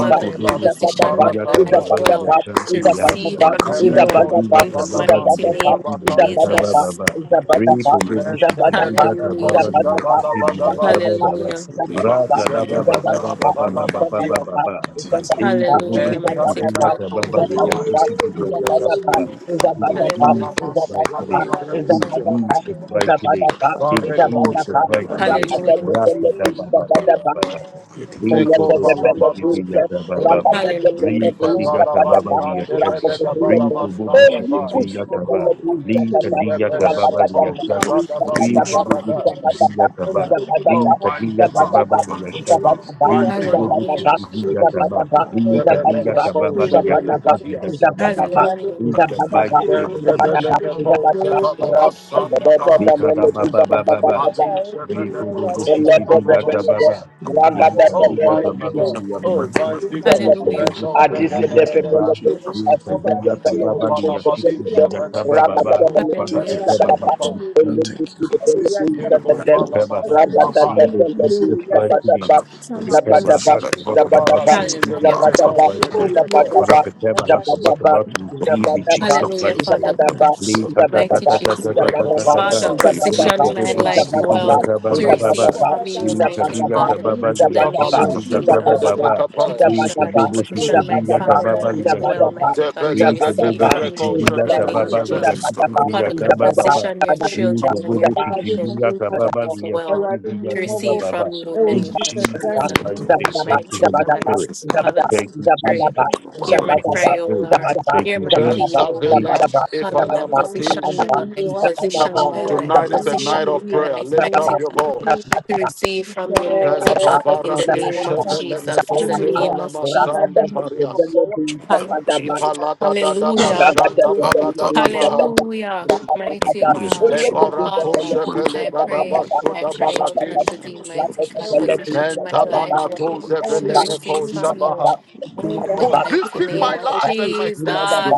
Speaker 5: Father
Speaker 7: Thank
Speaker 5: God,
Speaker 7: you for
Speaker 8: Dobo
Speaker 7: placing
Speaker 8: Chiti
Speaker 7: me at
Speaker 5: position my
Speaker 7: the
Speaker 6: Zakatapa,
Speaker 8: Vijata
Speaker 5: life
Speaker 7: right
Speaker 1: Subaratalias.
Speaker 8: Baba
Speaker 7: place,
Speaker 8: Liya
Speaker 5: well
Speaker 8: Shampi
Speaker 5: to
Speaker 7: I thank you
Speaker 8: Lihanta.
Speaker 5: receive
Speaker 6: Zakatapa,
Speaker 7: for
Speaker 5: from
Speaker 7: placing me at
Speaker 6: Zakatapa,
Speaker 8: Rita
Speaker 7: the
Speaker 5: you
Speaker 1: Ereko
Speaker 7: right
Speaker 6: Zakatapa,
Speaker 5: in
Speaker 7: place,
Speaker 5: the
Speaker 8: Vijata
Speaker 1: Shabala
Speaker 8: Baba
Speaker 5: mighty
Speaker 8: Liya
Speaker 6: Zakatapa,
Speaker 5: name
Speaker 1: Masila
Speaker 7: I
Speaker 5: of
Speaker 8: Chiti
Speaker 7: thank you for
Speaker 8: Vijata
Speaker 1: Batalias.
Speaker 8: Baba
Speaker 7: placing
Speaker 6: Zabadapa,
Speaker 7: me
Speaker 5: Jesus.
Speaker 8: Baba.
Speaker 7: at the right place,
Speaker 6: Zabadapa,
Speaker 8: Riko bobo
Speaker 1: Then
Speaker 8: shiki
Speaker 7: I
Speaker 6: Zabadapa,
Speaker 7: thank
Speaker 8: biya
Speaker 7: you for
Speaker 1: Tebeleme
Speaker 8: tababa
Speaker 5: Hallelujah.
Speaker 1: Ko
Speaker 7: placing me
Speaker 8: liya
Speaker 7: at the
Speaker 6: Zabadapa,
Speaker 7: right
Speaker 1: Shabala
Speaker 8: shiki
Speaker 6: Zabadapa,
Speaker 7: place,
Speaker 8: biya
Speaker 1: Badaba.
Speaker 6: Zabadapa,
Speaker 8: tababa ba.
Speaker 5: Hallelujah.
Speaker 7: Thank you for
Speaker 6: Zabadapa,
Speaker 8: Raka
Speaker 7: this
Speaker 6: Zabadapa,
Speaker 8: daba
Speaker 7: Maria,
Speaker 8: baba
Speaker 1: Tebeleme
Speaker 7: please
Speaker 8: baba
Speaker 6: Zabadapa,
Speaker 7: forgive
Speaker 8: baba
Speaker 1: Shevala
Speaker 7: us
Speaker 8: baba
Speaker 7: in
Speaker 1: Batias.
Speaker 7: the
Speaker 8: baba
Speaker 6: Zabadapa,
Speaker 8: ba.
Speaker 7: mighty name
Speaker 6: Zabadapa,
Speaker 8: Riko
Speaker 7: of
Speaker 8: bobo
Speaker 5: Hallelujah,
Speaker 1: And
Speaker 7: Jesus.
Speaker 8: shiki
Speaker 5: mighty
Speaker 6: Zabadapa,
Speaker 8: biya
Speaker 5: God.
Speaker 1: Tabena to
Speaker 8: tababa baba
Speaker 7: In the
Speaker 6: Zabadapa,
Speaker 7: mighty
Speaker 1: Shevala
Speaker 8: shiki
Speaker 7: name of
Speaker 8: biya
Speaker 7: Jesus,
Speaker 8: tababa
Speaker 7: for
Speaker 6: Zabadapa,
Speaker 7: the
Speaker 8: ba.
Speaker 7: God.
Speaker 8: In
Speaker 7: I thank
Speaker 5: Hallelujah.
Speaker 7: you
Speaker 8: Jesus
Speaker 7: for placing
Speaker 8: mighty
Speaker 7: me in the right
Speaker 8: name.
Speaker 7: place in
Speaker 8: In
Speaker 7: the
Speaker 1: Ibalamasigadabaratuze.
Speaker 7: mighty
Speaker 8: Jesus
Speaker 7: name of
Speaker 8: mighty
Speaker 7: Jesus.
Speaker 8: name.
Speaker 7: I thank
Speaker 8: In
Speaker 7: you for placing
Speaker 8: Jesus
Speaker 7: me
Speaker 6: Zabadapa,
Speaker 7: in the
Speaker 8: mighty
Speaker 7: right
Speaker 6: Zabadapa,
Speaker 8: name.
Speaker 7: place
Speaker 1: Barrekoshedebeleko.
Speaker 7: in
Speaker 6: Zabadapa,
Speaker 7: the
Speaker 5: Hallelujah.
Speaker 7: mighty
Speaker 8: Raka
Speaker 7: name of
Speaker 8: daba
Speaker 7: Jesus.
Speaker 6: Zabadapa,
Speaker 8: baba
Speaker 6: Zabadapa,
Speaker 8: baba baba.
Speaker 7: We thank you for
Speaker 8: Riko dobo
Speaker 7: placing me in
Speaker 8: shiki biya
Speaker 1: Dekovalavaduze.
Speaker 8: tababa ba.
Speaker 7: the name of
Speaker 5: Hallelujah.
Speaker 8: Rika
Speaker 7: Jesus.
Speaker 8: diga
Speaker 4: you.
Speaker 7: I
Speaker 8: baba
Speaker 7: thank you
Speaker 8: liya
Speaker 7: for
Speaker 8: shanta.
Speaker 7: positioning me in the
Speaker 8: Riko
Speaker 7: right
Speaker 8: bobo
Speaker 7: things
Speaker 1: Devalabasandebelegabalabasandaba.
Speaker 8: shiki
Speaker 7: to
Speaker 8: biya
Speaker 7: receive my
Speaker 8: tababa.
Speaker 7: oil. I
Speaker 8: Li
Speaker 7: thank you
Speaker 8: kadiya
Speaker 7: for
Speaker 8: kababa
Speaker 7: shifting
Speaker 1: Debelebeko,
Speaker 7: my
Speaker 4: No,
Speaker 7: cup
Speaker 8: liyashata.
Speaker 4: no,
Speaker 7: to the
Speaker 4: if
Speaker 8: Ri
Speaker 4: you
Speaker 7: right
Speaker 4: shoot,
Speaker 8: kububu
Speaker 1: devalabasubarada.
Speaker 7: part to receive
Speaker 8: sikiziya
Speaker 7: my
Speaker 8: kaba.
Speaker 7: oil. I
Speaker 1: Oh,
Speaker 8: Li
Speaker 7: thank you for
Speaker 1: mighty
Speaker 8: kadiya
Speaker 7: not
Speaker 4: but
Speaker 1: God,
Speaker 7: making my
Speaker 8: kababa
Speaker 4: what's not
Speaker 7: whole
Speaker 4: the
Speaker 7: lot
Speaker 1: mighty
Speaker 7: to
Speaker 4: shoot?
Speaker 8: liyashata.
Speaker 1: God,
Speaker 7: waste in
Speaker 4: No,
Speaker 7: my
Speaker 8: Ri
Speaker 1: mighty
Speaker 7: name
Speaker 1: God.
Speaker 8: kububu
Speaker 7: of
Speaker 5: Hallelujah.
Speaker 7: Jesus.
Speaker 8: sikiziya
Speaker 7: Thank you for
Speaker 8: kaba.
Speaker 7: the God.
Speaker 8: Li
Speaker 7: Thank you
Speaker 8: kadiya
Speaker 7: so
Speaker 1: Debelebeko,
Speaker 8: kababa
Speaker 7: much. Thank you. Thank
Speaker 8: liyasikiziya
Speaker 1: shebelegadias.
Speaker 7: you.
Speaker 8: shaba baba.
Speaker 5: Hallelujah.
Speaker 8: In
Speaker 7: God,
Speaker 8: the
Speaker 7: thank you.
Speaker 8: mighty name of
Speaker 7: I
Speaker 8: Jesus.
Speaker 7: appreciate you
Speaker 1: Debelebeko,
Speaker 7: for doing that for me
Speaker 1: zevalabasandaba.
Speaker 8: Li
Speaker 7: and for doing
Speaker 8: kadaba
Speaker 7: that for my
Speaker 8: baba baba.
Speaker 7: family
Speaker 1: Ali,
Speaker 7: too.
Speaker 6: Ragada
Speaker 7: In
Speaker 8: Ri
Speaker 7: the
Speaker 4: let's
Speaker 8: kububu
Speaker 7: mighty
Speaker 4: take
Speaker 7: name of
Speaker 8: sikiziya
Speaker 1: shebelebeko,
Speaker 8: kababa.
Speaker 7: Jesus. In
Speaker 4: up
Speaker 7: the
Speaker 4: my man.
Speaker 8: Li
Speaker 7: mighty
Speaker 1: Oh,
Speaker 7: name
Speaker 8: kadiya
Speaker 7: of
Speaker 1: mighty
Speaker 8: kababa
Speaker 7: Jesus.
Speaker 4: No,
Speaker 1: God.
Speaker 4: no
Speaker 7: In the
Speaker 1: Oh,
Speaker 4: man from
Speaker 8: liyashata.
Speaker 4: my
Speaker 7: mighty
Speaker 1: mighty
Speaker 7: name
Speaker 4: preparation.
Speaker 7: of
Speaker 8: Ri
Speaker 1: God.
Speaker 5: Hallelujah.
Speaker 1: That
Speaker 7: Jesus.
Speaker 8: kububu
Speaker 1: don't
Speaker 7: In
Speaker 1: that
Speaker 7: the
Speaker 6: Adise
Speaker 1: that that
Speaker 6: de
Speaker 8: sikiziya
Speaker 7: mighty
Speaker 1: that
Speaker 7: name
Speaker 1: that.
Speaker 7: of
Speaker 8: kaba.
Speaker 6: febelete,
Speaker 7: Jesus.
Speaker 8: Li
Speaker 7: In the
Speaker 6: adise de
Speaker 8: kadiya
Speaker 7: mighty name
Speaker 1: Siko
Speaker 6: febelete,
Speaker 8: kababa
Speaker 7: of
Speaker 1: bala
Speaker 7: Jesus.
Speaker 1: badi
Speaker 6: febelete,
Speaker 7: And
Speaker 8: liyasikiziya
Speaker 1: shabala da
Speaker 7: thank you
Speaker 1: da
Speaker 8: shaba
Speaker 1: da
Speaker 6: ramba
Speaker 7: for
Speaker 6: de
Speaker 7: that.
Speaker 8: baba.
Speaker 1: da
Speaker 6: febelete,
Speaker 8: Father,
Speaker 5: Hallelujah.
Speaker 7: Thank
Speaker 1: shabala
Speaker 7: you
Speaker 1: da
Speaker 8: prepare
Speaker 7: so
Speaker 8: my
Speaker 1: da da
Speaker 6: sabadapa,
Speaker 8: heart to
Speaker 7: much.
Speaker 1: da.
Speaker 7: And
Speaker 8: receive
Speaker 6: febelete,
Speaker 7: thank you for
Speaker 6: febelete,
Speaker 7: placing me at
Speaker 4: No,
Speaker 7: the
Speaker 1: Siko
Speaker 7: right
Speaker 4: like
Speaker 6: sabadapa,
Speaker 1: bala
Speaker 7: place.
Speaker 8: Whoever has
Speaker 1: masu
Speaker 6: ramba
Speaker 7: Thank you so
Speaker 1: kapa.
Speaker 6: de
Speaker 7: much
Speaker 8: received
Speaker 7: for
Speaker 8: in
Speaker 7: placing me in
Speaker 8: Jesus'
Speaker 6: febelete,
Speaker 7: the right
Speaker 8: mighty name.
Speaker 4: a
Speaker 6: sabadapa,
Speaker 7: position.
Speaker 4: couple of
Speaker 7: Thank
Speaker 4: things.
Speaker 7: you
Speaker 8: Prepare
Speaker 7: so
Speaker 8: my
Speaker 4: But
Speaker 6: zabadapa,
Speaker 4: you
Speaker 8: heart
Speaker 7: much for
Speaker 4: like
Speaker 8: for
Speaker 4: oh
Speaker 8: what
Speaker 4: my
Speaker 1: Siko
Speaker 8: I'm
Speaker 7: shifting
Speaker 4: god,
Speaker 7: my
Speaker 8: about to
Speaker 6: zabadapa,
Speaker 4: so
Speaker 7: cap
Speaker 1: barati
Speaker 7: to the
Speaker 8: receive in
Speaker 7: right
Speaker 5: Hallelujah.
Speaker 4: bam,
Speaker 1: zebere
Speaker 4: bam,
Speaker 8: Jesus'
Speaker 7: spot.
Speaker 6: zabadapa,
Speaker 8: mighty
Speaker 1: konshe
Speaker 4: wow,
Speaker 1: da
Speaker 7: In
Speaker 8: name.
Speaker 7: the
Speaker 1: da
Speaker 4: wow.
Speaker 1: da.
Speaker 8: Father,
Speaker 7: mighty
Speaker 6: zabadapa,
Speaker 7: name
Speaker 8: prepare
Speaker 7: of
Speaker 8: my heart for
Speaker 7: Jesus.
Speaker 8: what I'm
Speaker 6: zabadapa, zabadapa,
Speaker 8: about
Speaker 7: Oh,
Speaker 8: to
Speaker 4: No, no,
Speaker 8: receive in
Speaker 4: what
Speaker 6: zabadapa,
Speaker 8: Jesus'
Speaker 5: Hallelujah,
Speaker 8: mighty
Speaker 4: happened?
Speaker 5: Father
Speaker 8: name.
Speaker 5: God.
Speaker 6: zabadapa, zabadapa,
Speaker 8: Lee
Speaker 4: So,
Speaker 8: ta ta ta
Speaker 4: no,
Speaker 5: Mighty
Speaker 6: zabadapa,
Speaker 8: ta
Speaker 4: I
Speaker 8: ta
Speaker 5: Jesus.
Speaker 8: ta
Speaker 4: can't
Speaker 8: ta
Speaker 4: worry
Speaker 8: ta
Speaker 4: about
Speaker 1: Siko
Speaker 8: ta
Speaker 7: Thank you,
Speaker 8: ta
Speaker 1: bala
Speaker 8: ta.
Speaker 7: God.
Speaker 5: Father,
Speaker 1: bas.
Speaker 4: something from
Speaker 8: Lee
Speaker 4: my
Speaker 5: position
Speaker 4: position.
Speaker 8: kodo
Speaker 5: my
Speaker 7: Thank
Speaker 8: bo
Speaker 4: So,
Speaker 7: you
Speaker 8: si
Speaker 7: so
Speaker 5: life
Speaker 8: ti di
Speaker 7: much for
Speaker 4: nobody
Speaker 8: ya
Speaker 7: the
Speaker 5: well
Speaker 4: can
Speaker 8: ta ba
Speaker 7: good.
Speaker 4: worry
Speaker 5: to
Speaker 8: ba
Speaker 4: about
Speaker 8: ba
Speaker 4: this.
Speaker 8: ba.
Speaker 5: receive
Speaker 7: Thank you
Speaker 5: from
Speaker 7: so
Speaker 5: you,
Speaker 8: Lee
Speaker 7: much
Speaker 8: ta
Speaker 7: for
Speaker 5: mighty
Speaker 7: the
Speaker 8: di ya
Speaker 6: zabadapa, zabadapa,
Speaker 5: God.
Speaker 8: ta
Speaker 7: good.
Speaker 1: Kanju
Speaker 8: ba ba
Speaker 1: de
Speaker 8: li
Speaker 5: In
Speaker 1: de
Speaker 8: ya
Speaker 6: zabadapa,
Speaker 5: the
Speaker 7: Thank you
Speaker 8: si
Speaker 5: name
Speaker 8: ti
Speaker 7: so
Speaker 4: You
Speaker 6: zabadapa,
Speaker 5: of
Speaker 1: kabalo
Speaker 4: don't
Speaker 8: di
Speaker 4: have
Speaker 7: much
Speaker 8: ya
Speaker 4: to
Speaker 7: for
Speaker 4: worry
Speaker 7: the
Speaker 8: ta
Speaker 1: shada
Speaker 4: about it.
Speaker 1: da
Speaker 8: ba
Speaker 1: da
Speaker 5: Jesus.
Speaker 6: zabadapa,
Speaker 8: ba
Speaker 1: da
Speaker 8: ba.
Speaker 7: good. Thank
Speaker 1: kapa.
Speaker 7: you
Speaker 5: Mighty
Speaker 8: Lee
Speaker 7: so
Speaker 5: God.
Speaker 6: Zabadaba,
Speaker 7: much
Speaker 8: kodo
Speaker 4: I'm
Speaker 7: for
Speaker 8: bo
Speaker 4: just gonna
Speaker 8: si
Speaker 7: the good.
Speaker 8: ti
Speaker 5: Position
Speaker 4: shoot.
Speaker 5: my
Speaker 8: di ya
Speaker 7: In
Speaker 6: Zabadaba,
Speaker 8: ta ba
Speaker 7: the
Speaker 5: family
Speaker 8: ba li
Speaker 5: life
Speaker 7: mighty
Speaker 8: ya
Speaker 5: well,
Speaker 7: name
Speaker 6: Zabadaba,
Speaker 7: of
Speaker 8: shanta.
Speaker 5: mighty
Speaker 6: Zabadaba,
Speaker 5: God,
Speaker 7: Jesus.
Speaker 5: to
Speaker 8: Lee
Speaker 1: Zebele da da
Speaker 7: In
Speaker 8: kodo
Speaker 7: the
Speaker 5: receive
Speaker 8: bo
Speaker 1: da
Speaker 6: Zabadaba,
Speaker 5: from
Speaker 8: si
Speaker 7: mighty
Speaker 8: ti
Speaker 7: name
Speaker 5: you
Speaker 8: di
Speaker 1: rekonshe
Speaker 7: of
Speaker 5: in
Speaker 8: ya
Speaker 1: da
Speaker 5: the
Speaker 8: ta
Speaker 6: Zabadaba,
Speaker 1: da
Speaker 8: ba
Speaker 5: name
Speaker 1: da
Speaker 7: Jesus.
Speaker 5: of
Speaker 6: Zabadaba,
Speaker 8: ba li ya
Speaker 7: In
Speaker 8: si
Speaker 5: Jesus.
Speaker 4: Stop.
Speaker 7: the
Speaker 8: ti
Speaker 6: Zabadaba,
Speaker 8: di
Speaker 7: mighty,
Speaker 8: ya
Speaker 5: Father
Speaker 6: Zabadaba,
Speaker 8: ta
Speaker 5: God,
Speaker 8: ba ba
Speaker 6: Zabadaba,
Speaker 8: ba.
Speaker 5: position your
Speaker 7: in the
Speaker 8: Lee
Speaker 5: children
Speaker 7: mighty
Speaker 5: and
Speaker 8: kodo bo
Speaker 7: name
Speaker 5: your
Speaker 8: si
Speaker 6: Zabadaba,
Speaker 7: of
Speaker 8: ti
Speaker 5: people
Speaker 8: di
Speaker 7: Jesus.
Speaker 8: ya ta
Speaker 7: In
Speaker 8: ba ba
Speaker 5: life
Speaker 8: li ya si
Speaker 5: well
Speaker 8: ti di
Speaker 5: to
Speaker 8: ya ta
Speaker 7: I
Speaker 8: ba
Speaker 5: receive
Speaker 8: ba
Speaker 7: thank
Speaker 8: ba.
Speaker 7: you
Speaker 5: from
Speaker 7: so
Speaker 5: you in the
Speaker 7: much,
Speaker 5: name
Speaker 8: In
Speaker 7: Father
Speaker 5: of
Speaker 6: Zabada,
Speaker 7: God.
Speaker 5: Jesus.
Speaker 6: Zabadaba,
Speaker 8: Jesus'
Speaker 2: Christ,
Speaker 7: I
Speaker 6: Zabadaba,
Speaker 8: mighty
Speaker 7: thank you
Speaker 8: name.
Speaker 6: Zabadaba,
Speaker 7: so
Speaker 8: Thank
Speaker 7: much,
Speaker 8: you,
Speaker 5: Mighty
Speaker 8: Holy
Speaker 6: Zabadaba,
Speaker 7: Father
Speaker 5: God,
Speaker 7: God.
Speaker 8: Spirit.
Speaker 6: Zabadaba, Zabadaba,
Speaker 7: I
Speaker 6: Zabadaba,
Speaker 5: Father
Speaker 7: thank
Speaker 5: God,
Speaker 8: Thank
Speaker 7: you
Speaker 8: you,
Speaker 7: for
Speaker 8: Jesus.
Speaker 7: using
Speaker 5: pray.
Speaker 7: me the
Speaker 6: Zabadaba,
Speaker 7: right
Speaker 4: What
Speaker 8: Thank
Speaker 5: Hear my
Speaker 8: you,
Speaker 7: spot
Speaker 6: Zabadaba, Zabadaba,
Speaker 7: in
Speaker 8: Holy
Speaker 7: the
Speaker 5: cry, O
Speaker 4: about
Speaker 8: Spirit.
Speaker 7: mighty
Speaker 5: Lord.
Speaker 7: name
Speaker 8: Thank
Speaker 5: Hear
Speaker 8: you,
Speaker 5: my
Speaker 7: of
Speaker 5: plea,
Speaker 7: Jesus.
Speaker 1: Venta
Speaker 5: O
Speaker 8: Jesus.
Speaker 7: I
Speaker 5: Lord.
Speaker 7: thank
Speaker 1: velas
Speaker 7: you so
Speaker 5: Father
Speaker 7: much,
Speaker 5: God,
Speaker 1: ifala
Speaker 7: Father God.
Speaker 5: position my
Speaker 1: matis.
Speaker 7: In
Speaker 5: life,
Speaker 7: Jesus'
Speaker 1: Come
Speaker 7: mighty
Speaker 5: position
Speaker 1: on,
Speaker 5: my
Speaker 7: name I
Speaker 5: life,
Speaker 1: tonight
Speaker 7: pray,
Speaker 1: is a
Speaker 6: Zabadaba,
Speaker 7: Father
Speaker 5: position
Speaker 1: night of
Speaker 7: God.
Speaker 5: my
Speaker 1: prayer.
Speaker 5: life,
Speaker 1: Lift
Speaker 7: Thank
Speaker 5: mighty
Speaker 1: up your
Speaker 7: you.
Speaker 5: God.
Speaker 1: voice.
Speaker 5: To receive from
Speaker 7: Thank
Speaker 5: you,
Speaker 7: You
Speaker 5: mighty
Speaker 1: Vento
Speaker 5: God,
Speaker 7: can
Speaker 5: in
Speaker 7: have
Speaker 6: Zabadaba,
Speaker 5: the
Speaker 4: Thank
Speaker 7: the
Speaker 1: barate
Speaker 5: name
Speaker 6: Zabadaba,
Speaker 5: of
Speaker 7: hand.
Speaker 1: shevele
Speaker 5: Jesus, in the
Speaker 1: metoze
Speaker 6: Zabadaba.
Speaker 5: name
Speaker 1: vala
Speaker 5: of
Speaker 6: Orang
Speaker 5: Jesus.
Speaker 1: masande
Speaker 6: kata,
Speaker 7: Thank you.
Speaker 6: "Jangan
Speaker 1: parias.
Speaker 6: lebih
Speaker 5: Hall-
Speaker 6: kepada
Speaker 1: Ipalada da da
Speaker 6: Thank
Speaker 5: Hallelujah,
Speaker 1: bashanda balada da baha.
Speaker 5: hallelujah, mighty
Speaker 7: In the mighty
Speaker 1: Le
Speaker 5: God.
Speaker 7: name of
Speaker 1: barato
Speaker 5: Father,
Speaker 7: Jesus.
Speaker 1: shevele
Speaker 5: I
Speaker 1: gada
Speaker 7: In the
Speaker 5: pray,
Speaker 7: name
Speaker 5: I
Speaker 7: of
Speaker 1: basuda
Speaker 5: cry
Speaker 7: Jesus,
Speaker 5: out
Speaker 7: Father
Speaker 5: unto
Speaker 1: baratis.
Speaker 7: God.
Speaker 5: thee, mighty
Speaker 7: Thank you
Speaker 5: God,
Speaker 7: so much, Father
Speaker 5: position my
Speaker 7: God.
Speaker 1: Menta
Speaker 5: life,
Speaker 7: Thank
Speaker 1: banato
Speaker 7: you.
Speaker 5: Lord, to
Speaker 1: zevele
Speaker 7: Appreciate
Speaker 1: meko
Speaker 5: receive from
Speaker 7: you.
Speaker 5: you.
Speaker 1: shabaha.
Speaker 7: In the
Speaker 5: In the
Speaker 7: name of
Speaker 5: mighty
Speaker 1: Position
Speaker 5: name
Speaker 1: my
Speaker 7: Jesus.
Speaker 5: of
Speaker 1: life and my destiny
Speaker 5: Jesus.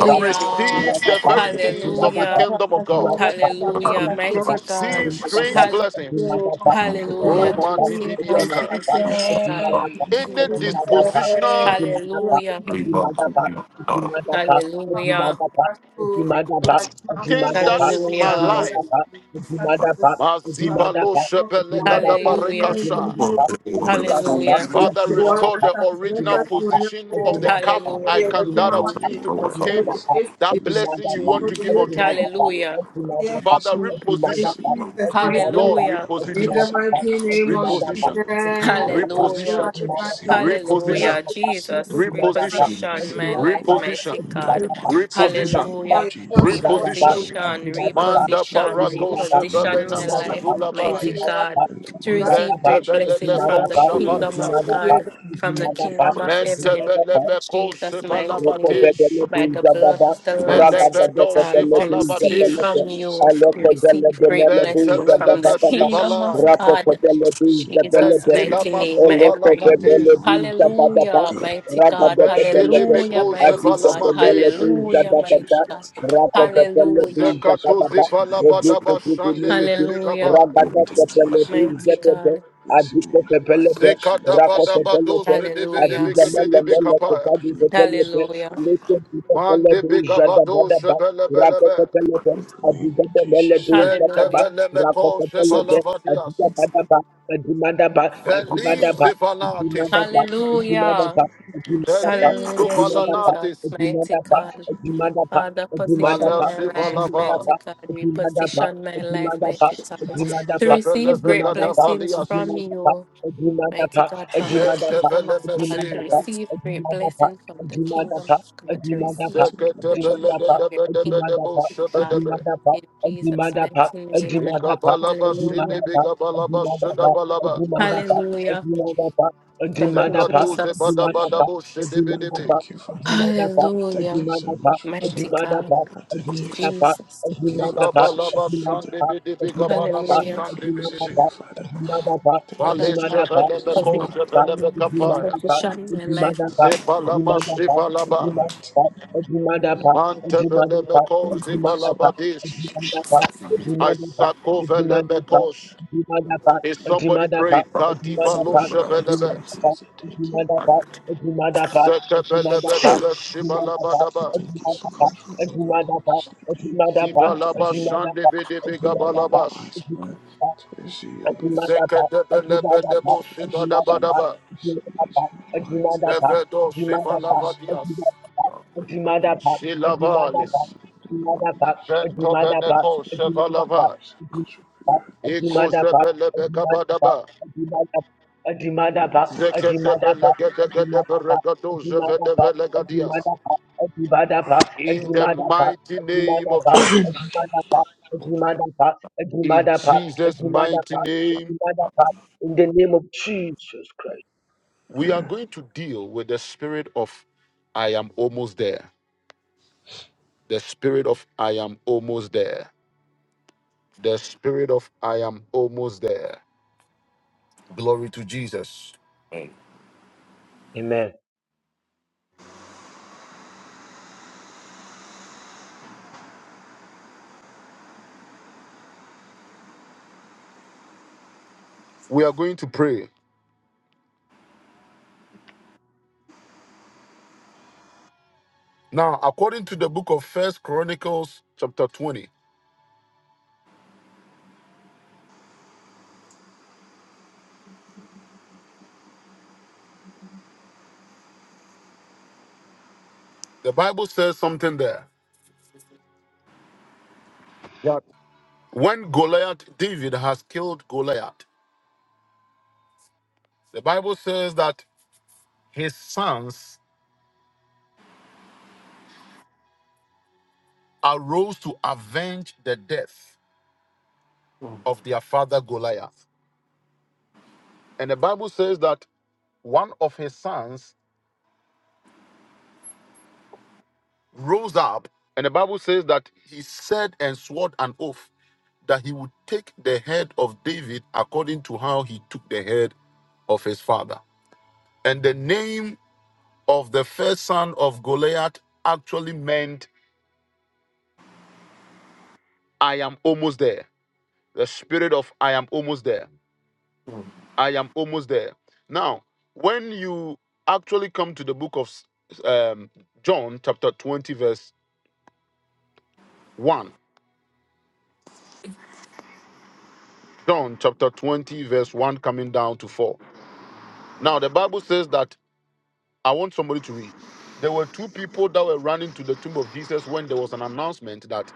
Speaker 1: to
Speaker 7: Thank
Speaker 1: receive the very things
Speaker 7: you,
Speaker 1: of the
Speaker 5: Hallelujah.
Speaker 1: kingdom of God,
Speaker 5: Hallelujah.
Speaker 1: to
Speaker 5: Mighty God.
Speaker 1: receive strange
Speaker 5: Hall-
Speaker 1: blessings.
Speaker 2: you in the
Speaker 5: hallelujah.
Speaker 1: Oh,
Speaker 2: mighty
Speaker 5: To
Speaker 1: man,
Speaker 5: receive
Speaker 2: name of
Speaker 1: bibidiata.
Speaker 2: Jesus.
Speaker 5: blessings, mighty God, from the
Speaker 1: Any
Speaker 5: kingdom of
Speaker 2: Jesus,
Speaker 5: God.
Speaker 1: dispositional
Speaker 2: you are the
Speaker 5: Hallelujah.
Speaker 2: main
Speaker 6: you.
Speaker 2: noble and the
Speaker 6: I'm
Speaker 2: good. Upon our
Speaker 5: Hallelujah.
Speaker 2: castle, you are the man.
Speaker 1: thing that is in my
Speaker 5: Hallelujah.
Speaker 1: life Mazibalo
Speaker 5: Hallelujah.
Speaker 1: shebelegadabare
Speaker 5: Hallelujah.
Speaker 2: Yes,
Speaker 1: Father,
Speaker 2: you are
Speaker 1: restore
Speaker 2: the
Speaker 1: the original
Speaker 2: transgression, you are the
Speaker 1: position of
Speaker 2: poor.
Speaker 1: the
Speaker 2: You
Speaker 1: cup
Speaker 2: are
Speaker 5: Hallelujah.
Speaker 1: I
Speaker 2: the
Speaker 7: Father,
Speaker 1: can
Speaker 7: for
Speaker 2: Elohim
Speaker 1: that I will
Speaker 7: putting me
Speaker 1: use
Speaker 2: Almighty.
Speaker 7: in
Speaker 1: to
Speaker 7: the right
Speaker 2: You are
Speaker 1: contain
Speaker 2: the
Speaker 7: place
Speaker 2: best,
Speaker 7: to
Speaker 2: you
Speaker 1: that blessing you want
Speaker 2: are
Speaker 1: to
Speaker 2: the
Speaker 7: receive
Speaker 1: give
Speaker 2: greatest,
Speaker 1: unto
Speaker 7: your
Speaker 1: me.
Speaker 7: oil.
Speaker 5: Hallelujah.
Speaker 7: I
Speaker 2: yes,
Speaker 7: thank you
Speaker 1: Father,
Speaker 7: so
Speaker 2: you are.
Speaker 7: much for
Speaker 2: In
Speaker 1: reposition.
Speaker 7: receiving my
Speaker 2: Jesus' mighty
Speaker 7: oil.
Speaker 2: name.
Speaker 1: Lord,
Speaker 7: I
Speaker 5: Hallelujah.
Speaker 7: thank
Speaker 2: In
Speaker 7: you
Speaker 1: reposition.
Speaker 2: the
Speaker 7: so much
Speaker 2: mighty
Speaker 7: for
Speaker 2: name of
Speaker 7: positioning
Speaker 1: Reposition.
Speaker 7: me
Speaker 4: you.
Speaker 7: in
Speaker 2: Jesus.
Speaker 7: the right
Speaker 5: Hallelujah.
Speaker 1: Reposition.
Speaker 7: spot to receive
Speaker 2: Eradicate,
Speaker 7: my
Speaker 1: Reposition.
Speaker 7: blessing,
Speaker 5: Hallelujah.
Speaker 2: eradicate,
Speaker 7: to receive
Speaker 6: just
Speaker 5: Jesus,
Speaker 6: a
Speaker 7: my oil,
Speaker 6: man.
Speaker 1: Reposition.
Speaker 7: to
Speaker 5: reposition
Speaker 7: receive
Speaker 5: my
Speaker 7: my
Speaker 5: life,
Speaker 7: oil.
Speaker 1: Reposition.
Speaker 5: mighty
Speaker 7: In the
Speaker 2: eradicate,
Speaker 5: God.
Speaker 7: mighty
Speaker 1: Reposition.
Speaker 7: name of
Speaker 5: Hallelujah.
Speaker 7: Jesus, in
Speaker 1: Reposition.
Speaker 7: the
Speaker 2: would
Speaker 5: Reposition,
Speaker 7: mighty name of
Speaker 1: Manda
Speaker 5: reposition,
Speaker 7: Jesus,
Speaker 1: parato
Speaker 7: in the
Speaker 5: reposition
Speaker 1: shebelena
Speaker 5: my
Speaker 7: mighty
Speaker 5: life,
Speaker 7: name of
Speaker 2: be a
Speaker 1: masulabai.
Speaker 5: mighty
Speaker 7: Jesus,
Speaker 2: year
Speaker 5: God,
Speaker 7: in the
Speaker 5: to
Speaker 7: mighty
Speaker 5: receive
Speaker 7: name of
Speaker 5: great
Speaker 7: Jesus.
Speaker 5: blessings from
Speaker 1: Ventebelebeko
Speaker 5: the
Speaker 2: two.
Speaker 5: kingdom of
Speaker 2: What
Speaker 1: Shabatias,
Speaker 2: did you
Speaker 5: God,
Speaker 2: the
Speaker 5: from the
Speaker 7: Thank you.
Speaker 5: kingdom of heaven.
Speaker 1: Ventebelebeko
Speaker 5: Jesus, mighty name,
Speaker 1: Sibalamatis,
Speaker 5: by the blood of the Lamb, mighty
Speaker 1: Melevedo
Speaker 5: God,
Speaker 7: In
Speaker 5: to
Speaker 7: the mighty
Speaker 5: receive
Speaker 7: name of
Speaker 1: Sivalabatis,
Speaker 5: from
Speaker 7: Jesus,
Speaker 5: you,
Speaker 7: I
Speaker 5: to
Speaker 7: pray, Father
Speaker 5: receive
Speaker 7: God.
Speaker 5: great
Speaker 7: Thank you
Speaker 5: blessings from the
Speaker 1: Ventebeleme
Speaker 7: for
Speaker 5: kingdom
Speaker 7: positioning
Speaker 5: of
Speaker 1: Sivalai,
Speaker 7: me
Speaker 5: God.
Speaker 7: to proceed my way.
Speaker 5: Jesus'
Speaker 7: I thank
Speaker 5: mighty
Speaker 1: Ventilama
Speaker 7: you
Speaker 5: name, I
Speaker 7: for
Speaker 5: pray.
Speaker 7: putting me in
Speaker 1: Suvalamatis,
Speaker 7: the right place, Father
Speaker 5: Hallelujah,
Speaker 7: God.
Speaker 5: mighty
Speaker 7: I
Speaker 5: God.
Speaker 7: appreciate you so
Speaker 5: Hallelujah,
Speaker 1: Ventilimico
Speaker 7: much,
Speaker 5: mighty
Speaker 7: Father
Speaker 5: God.
Speaker 7: God. I
Speaker 1: Sibalamatis,
Speaker 5: Hallelujah,
Speaker 7: appreciate you
Speaker 5: mighty
Speaker 7: so
Speaker 5: God.
Speaker 7: much, Father God. In
Speaker 5: Hallelujah.
Speaker 7: Jesus'
Speaker 1: Zekatu
Speaker 7: mighty name,
Speaker 1: Zivalabadaba Shande
Speaker 7: Jesus'
Speaker 5: Hallelujah,
Speaker 1: Bidibigaba,
Speaker 7: name. Thank you so
Speaker 5: mighty
Speaker 7: much
Speaker 5: God.
Speaker 7: for placing me in the right position to
Speaker 6: Rakosa
Speaker 7: receive your
Speaker 1: Zekadabadabadu
Speaker 6: Pelete,
Speaker 7: word.
Speaker 5: Hallelujah.
Speaker 6: Adiza
Speaker 7: Thank you for
Speaker 6: Mele
Speaker 1: Sidibidibigabidibigabaya,
Speaker 6: Kopadi
Speaker 7: putting me in the position to receive
Speaker 6: Pelete,
Speaker 7: your
Speaker 5: Hallelujah.
Speaker 7: word.
Speaker 1: Mandibigabadu
Speaker 6: Lekotikapelebrujadabadaba,
Speaker 1: Sebelebelebe.
Speaker 6: rakakapelete,
Speaker 7: In the name of Jesus.
Speaker 6: adibadabelebrujadaba,
Speaker 5: Hallelujah.
Speaker 6: rakakapelete,
Speaker 1: Ventevelemekoshevalavadias.
Speaker 6: adibadabadaba, adimadaba,
Speaker 1: Feliz
Speaker 6: adimadaba,
Speaker 1: ifanatis.
Speaker 6: adimadaba,
Speaker 5: Hallelujah.
Speaker 6: adimadaba, adimadaba,
Speaker 1: Feliz
Speaker 5: Hallelujah,
Speaker 6: adimadaba,
Speaker 1: ufalanatis.
Speaker 5: Jesus, mighty
Speaker 6: adimadaba, adimadaba,
Speaker 5: God.
Speaker 6: adimadaba,
Speaker 5: Father, position
Speaker 6: adimadaba,
Speaker 5: my life,
Speaker 1: Valesivalava.
Speaker 6: adimadaba,
Speaker 5: mighty God.
Speaker 6: adimadaba, adimadaba,
Speaker 5: Reposition my life,
Speaker 6: adimadaba,
Speaker 5: mighty God, to
Speaker 6: adimadaba,
Speaker 5: receive great blessings from
Speaker 1: Zevelevekadavalias.
Speaker 5: you. Mighty God, from the
Speaker 6: adimadaba,
Speaker 5: kingdom of God to
Speaker 1: Ventevelemeshila.
Speaker 6: adimadaba,
Speaker 5: receive great
Speaker 6: adimadaba,
Speaker 5: blessing, from the
Speaker 6: adimadaba,
Speaker 5: kingdom of God to receive great blessing
Speaker 7: Jesus,
Speaker 5: from your kingdom, mighty God.
Speaker 1: Zeketebelegedebedebedeboshebedebe.
Speaker 5: In Jesus' mighty name, hallelujah.
Speaker 1: Ikabalabashidibigabalabashidabalaba.
Speaker 5: Hallelujah. Thank you,
Speaker 7: in the name of
Speaker 5: Jesus.
Speaker 7: Jesus, I
Speaker 1: Zekatuzebadabadaboshidibidibidi.
Speaker 7: thank you, Father. I thank you
Speaker 5: Hallelujah.
Speaker 7: so much, Father
Speaker 5: Mighty
Speaker 7: God.
Speaker 5: God,
Speaker 7: I thank you.
Speaker 5: Jesus.
Speaker 7: Thank you for the position, Father. Thank you so
Speaker 5: Hallelujah.
Speaker 7: much for the position,
Speaker 1: Zikabalabashandibidibigabalabashandibidibi.
Speaker 7: Father. Thank you
Speaker 5: Father
Speaker 7: so much
Speaker 5: God,
Speaker 7: for the
Speaker 5: for
Speaker 7: position,
Speaker 5: the
Speaker 7: Father.
Speaker 5: for
Speaker 7: Thank
Speaker 1: Paleshevelemekoshevelebekapaya.
Speaker 7: you
Speaker 5: the
Speaker 7: so
Speaker 5: shot
Speaker 7: much for
Speaker 5: in my
Speaker 7: the position,
Speaker 5: life.
Speaker 7: for the Father.
Speaker 1: Sepalamashivalaba.
Speaker 7: Almighty, Almighty. Thank you. Thank you so much for the
Speaker 1: Mantevelemekoshivalabadish.
Speaker 7: position, Father. God. Praise the Lord. Jesus.
Speaker 1: Isakovelemekosh. Is somebody praying? Katiba lo
Speaker 7: Do what?
Speaker 1: shebelebe.
Speaker 7: Thank you. Jesus. Thank you.
Speaker 1: Zekebelebedebe
Speaker 7: And
Speaker 1: shibalabadaba.
Speaker 7: Thank you so much, Father God, for positioning me. And thank
Speaker 1: Zibalaba
Speaker 7: you for putting me in the right
Speaker 1: shandibidibigabalabash.
Speaker 7: spot to receive
Speaker 6: a
Speaker 7: your blessing.
Speaker 6: dimada pa, a dimada pa, a
Speaker 7: Thank
Speaker 1: Zekedebelebedebo
Speaker 7: you. I appreciate
Speaker 6: dimada
Speaker 7: you
Speaker 1: shibadabadaba.
Speaker 7: so much in the mighty name
Speaker 6: pa,
Speaker 1: Levedo
Speaker 7: of Jesus.
Speaker 1: shivalavadias.
Speaker 7: Jesus. In the
Speaker 1: Shilavalis.
Speaker 7: mighty name of Jesus.
Speaker 1: Ventoveneko
Speaker 7: Thank you. Thank
Speaker 1: shevalava.
Speaker 7: you so much, Father God.
Speaker 1: Ikozebelebekabadaba.
Speaker 6: Adimadapa,
Speaker 7: In
Speaker 1: Zeketebelegedegedebregadozhevedebelekadias. In the mighty name of Jesus. In
Speaker 6: Adimadapa,
Speaker 1: Jesus' mighty
Speaker 6: Adimadapa,
Speaker 1: name,
Speaker 6: Father, God, In the name of Jesus Christ.
Speaker 1: we are going to deal with the spirit of I am almost there. The spirit of I am almost there. The spirit of I am almost there. Glory to Jesus.
Speaker 6: Amen.
Speaker 1: We are going to pray. Now, according to the book of First Chronicles, chapter 20, the Bible says something there. When Goliath, David has killed Goliath, the Bible says that his sons arose to avenge the death of their father Goliath. And the Bible says that one of his sons rose up, and the Bible says that he said and swore an oath that he would take the head of David according to how he took the head of his father. And the name of the first son of Goliath actually meant, I am almost there. The spirit of I am almost there. I am almost there. Now, when you actually come to the book of um, John, chapter 20, verse 1, John chapter 20, verse 1, coming down to 4. Now, the Bible says that I want somebody to read. There were two people that were running to the tomb of Jesus when there was an announcement that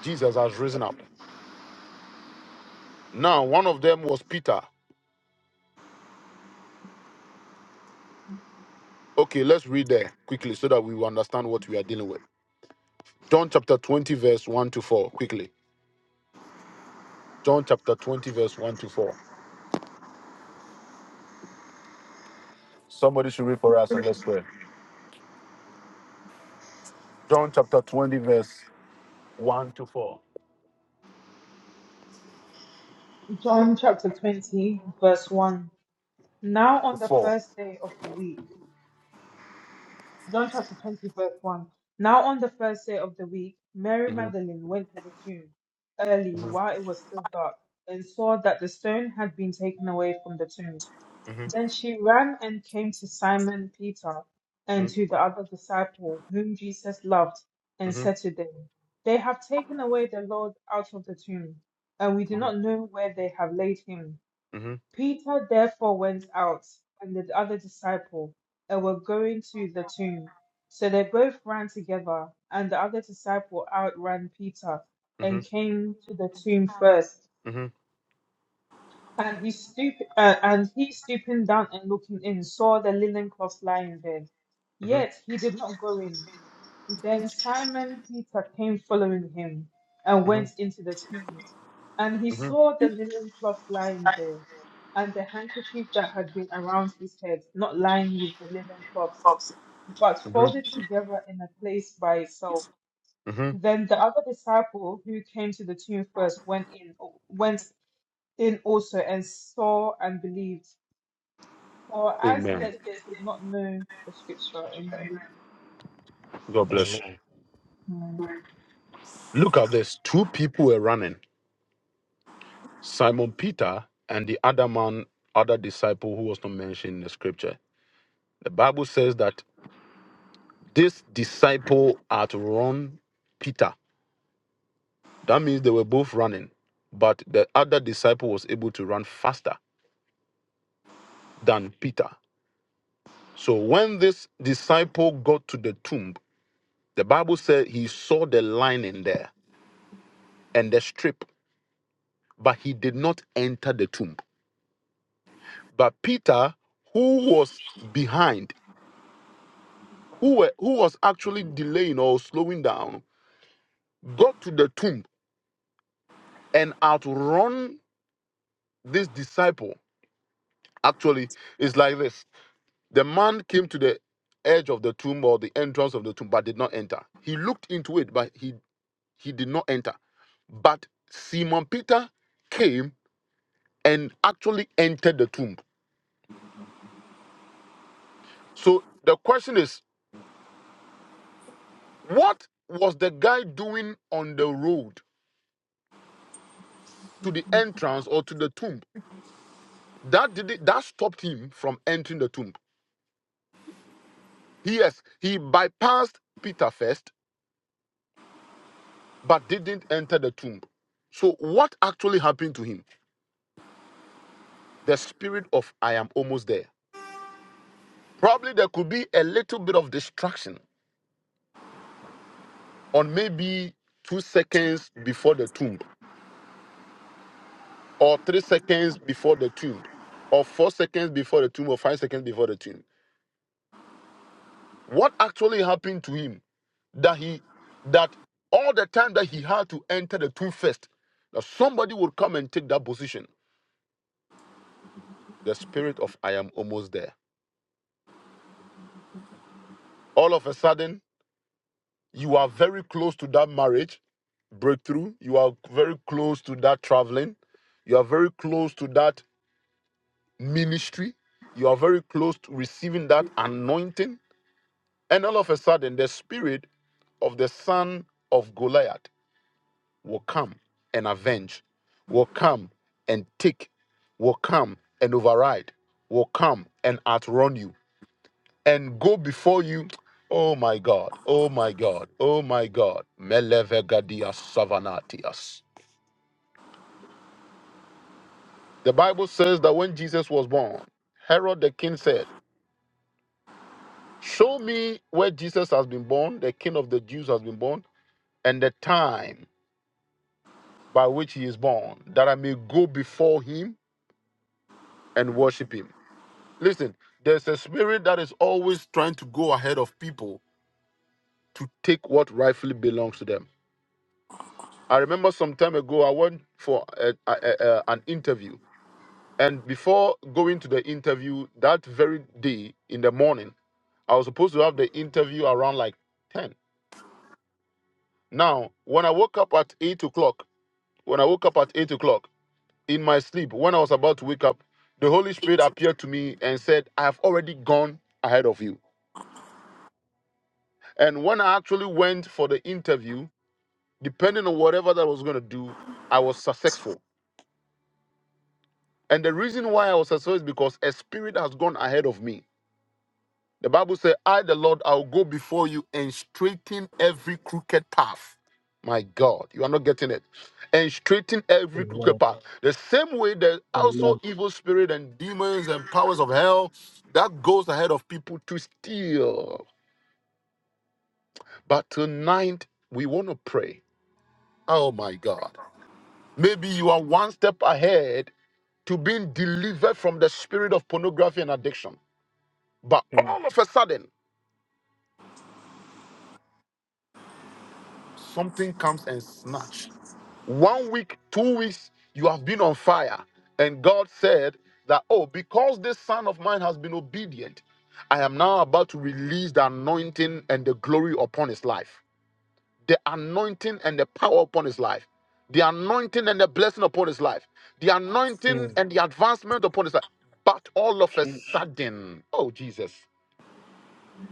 Speaker 1: Jesus has risen up. Now, one of them was Peter. Okay, let's read there quickly so that we will understand what we are dealing with. John chapter 20, verse 1 to 4, quickly. John chapter 20, verse 1 to 4. Somebody should read for us and let's pray. John chapter 20, verse 1 to 4.
Speaker 3: John chapter twenty verse one. Now
Speaker 1: To
Speaker 3: on the
Speaker 1: 4.
Speaker 3: first day of the week, John chapter twenty verse one. Now on the first day of the week, Mary
Speaker 1: Mhm,
Speaker 3: Magdalene went to the tomb early
Speaker 1: mhm,
Speaker 3: while it was still dark and saw that the stone had been taken away from the tomb.
Speaker 1: mhm,
Speaker 3: Then she ran and came to Simon Peter and to the other disciple whom Jesus loved,
Speaker 1: mhm,
Speaker 3: and
Speaker 1: mhm,
Speaker 3: said to them, They have taken away the Lord out of the tomb, and we do
Speaker 1: mhm,
Speaker 3: not know where they have laid him.
Speaker 1: mhm,
Speaker 3: Peter therefore went out, and the other disciple, and were going to the tomb. So they both ran together, and the other disciple outran Peter, and
Speaker 1: mhm,
Speaker 3: came to the tomb first.
Speaker 1: mhm, mhm,
Speaker 3: And he stooped, uh, and he stooping down and looking in, saw the linen cloth lying there. Yet he did not go in. Then Simon Peter came following him, and went into the tomb. And he
Speaker 1: mhm, mhm,
Speaker 3: saw the linen cloth lying there, and the handkerchief that had been around his head, not lying with the linen cloth, but
Speaker 1: mhm,
Speaker 3: folded together in a place by itself.
Speaker 1: mhm.
Speaker 3: Then the other disciple who came to the tomb first went in, went in also and saw and believed for as
Speaker 1: Amen.
Speaker 3: yet they did not know the scripture. Amen.
Speaker 1: God bless you.
Speaker 6: Amen.
Speaker 1: Look at this. Two people were running Simon Peter and the other man, other disciple who was not mentioned in the scripture. The Bible says that this disciple outrun Peter That means they were both running, but the other disciple was able to run faster than Peter. So when this disciple got to the tomb, the Bible said he saw the lining there and the strip, but he did not enter the tomb. But Peter, who was behind, who, were, who was actually delaying or slowing down, got to the tomb and outrun this disciple. Actually, it's like this The man came to the edge of the tomb or the entrance of the tomb, but did not enter. He looked into it, but he, he did not enter. But Simon Peter came and actually entered the tomb. So the question is, what was the guy doing on the road to the entrance or to the tomb? That did it, that stopped him from entering the tomb. Yes, he bypassed Peter first, but didn't enter the tomb. So what actually happened to him? the spirit of I am almost there. Probably there could be a little bit of distraction on maybe two seconds before the tomb, or three seconds before the tomb, or four seconds before the tomb, or five seconds before the tomb. What actually happened to him that he that all the time that he had to enter the tomb first, that somebody would come and take that position. The spirit of I am almost there. All of a sudden, you are very close to that marriage breakthrough. You are very close to that traveling. You are very close to that ministry. You are very close to receiving that anointing. And all of a sudden, the spirit of the son of Goliath will come and avenge, will come and take, will come and override, will come and outrun you and go before you. Oh my God, oh my God, oh my God. Melevegadias savanatias. The Bible says that when Jesus was born, Herod the king said, Show me where Jesus has been born, the king of the Jews has been born, and the time by which he is born, that I may go before him and worship him. Listen, there's a spirit that is always trying to go ahead of people to take what rightfully belongs to them. I remember some time ago, I went for a, a- a- a- an interview And before going to the interview that very day in the morning, I was supposed to have the interview around like 10. Now, when I woke up at 8 o'clock, when I woke up at 8 o'clock in my sleep, when I was about to wake up, the Holy Spirit appeared to me and said, I have already gone ahead of you. And when I actually went for the interview, depending on whatever that I was going to do, I was successful. And the reason why I was successful is because a spirit has gone ahead of me The Bible says, I, the Lord, I will go before you and straighten every crooked path. My God, you are not getting it. And straighten every
Speaker 6: Amen.
Speaker 1: crooked path. The same way there's also
Speaker 6: Amen.
Speaker 1: evil spirit and demons and powers of hell that goes ahead of people to steal. But tonight, we want to pray. Oh my God. Maybe you are one step ahead to being delivered from the spirit of pornography and addiction. But
Speaker 6: Mm,
Speaker 1: all of a sudden, something comes and snatch One week, two weeks, you have been on fire. And God said that, oh, because this son of mine has been obedient, I am now about to release the anointing and the glory upon his life. The anointing and the power upon his life. The anointing and the blessing upon his life. The anointing and the advancement upon his life. But all of a
Speaker 6: mm,
Speaker 1: sudden, oh, Jesus.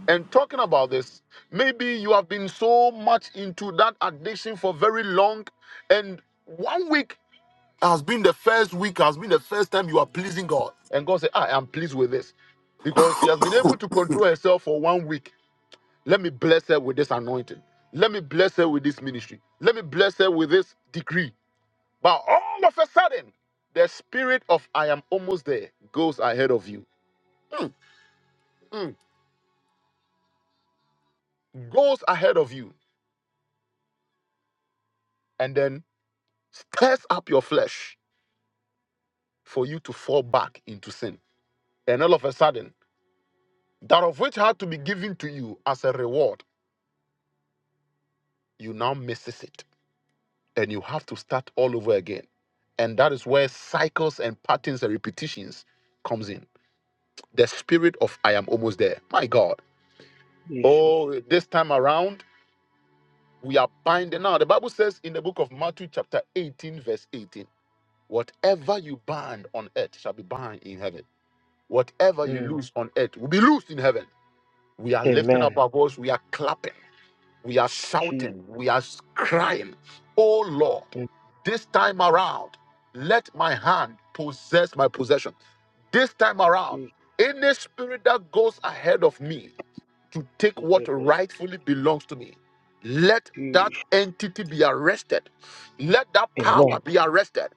Speaker 1: And talking about this, maybe you have been so much into that addiction for very long, and one week has been the first week, has been the first time you are pleasing God. And God said, I am pleased with this. Because she has been able to control herself for one week. Let me bless her with this anointing. Let me bless her with this ministry. Let me bless her with this degree. But all of a sudden, the spirit of I am almost there goes ahead of you. Mm, mm. Goes ahead of you. And then stirs up your flesh for you to fall back into sin. And all of a sudden, that of which had to be given to you as a reward you now misses it and you have to start all over again and that is where cycles and patterns and repetitions comes in the spirit of i am almost there my god
Speaker 6: Jesus.
Speaker 1: oh this time around we are binding now the bible says in the book of matthew chapter 18 verse 18 whatever you bind on earth shall be bound in heaven whatever you
Speaker 6: Mm,
Speaker 1: loose on earth will be loosed in heaven we are lifting up
Speaker 6: amen.
Speaker 1: our voice we are clapping We are
Speaker 6: Jesus.
Speaker 1: shouting, we are crying, Oh Lord,
Speaker 6: Mm,
Speaker 1: this time around, let my hand possess my possession. This time around,
Speaker 6: Jesus.
Speaker 1: any spirit that goes ahead of me to take what
Speaker 6: Amen.
Speaker 1: rightfully belongs to me. Let that
Speaker 6: Jesus.
Speaker 1: entity be arrested. Let that power
Speaker 6: Amen.
Speaker 1: be arrested.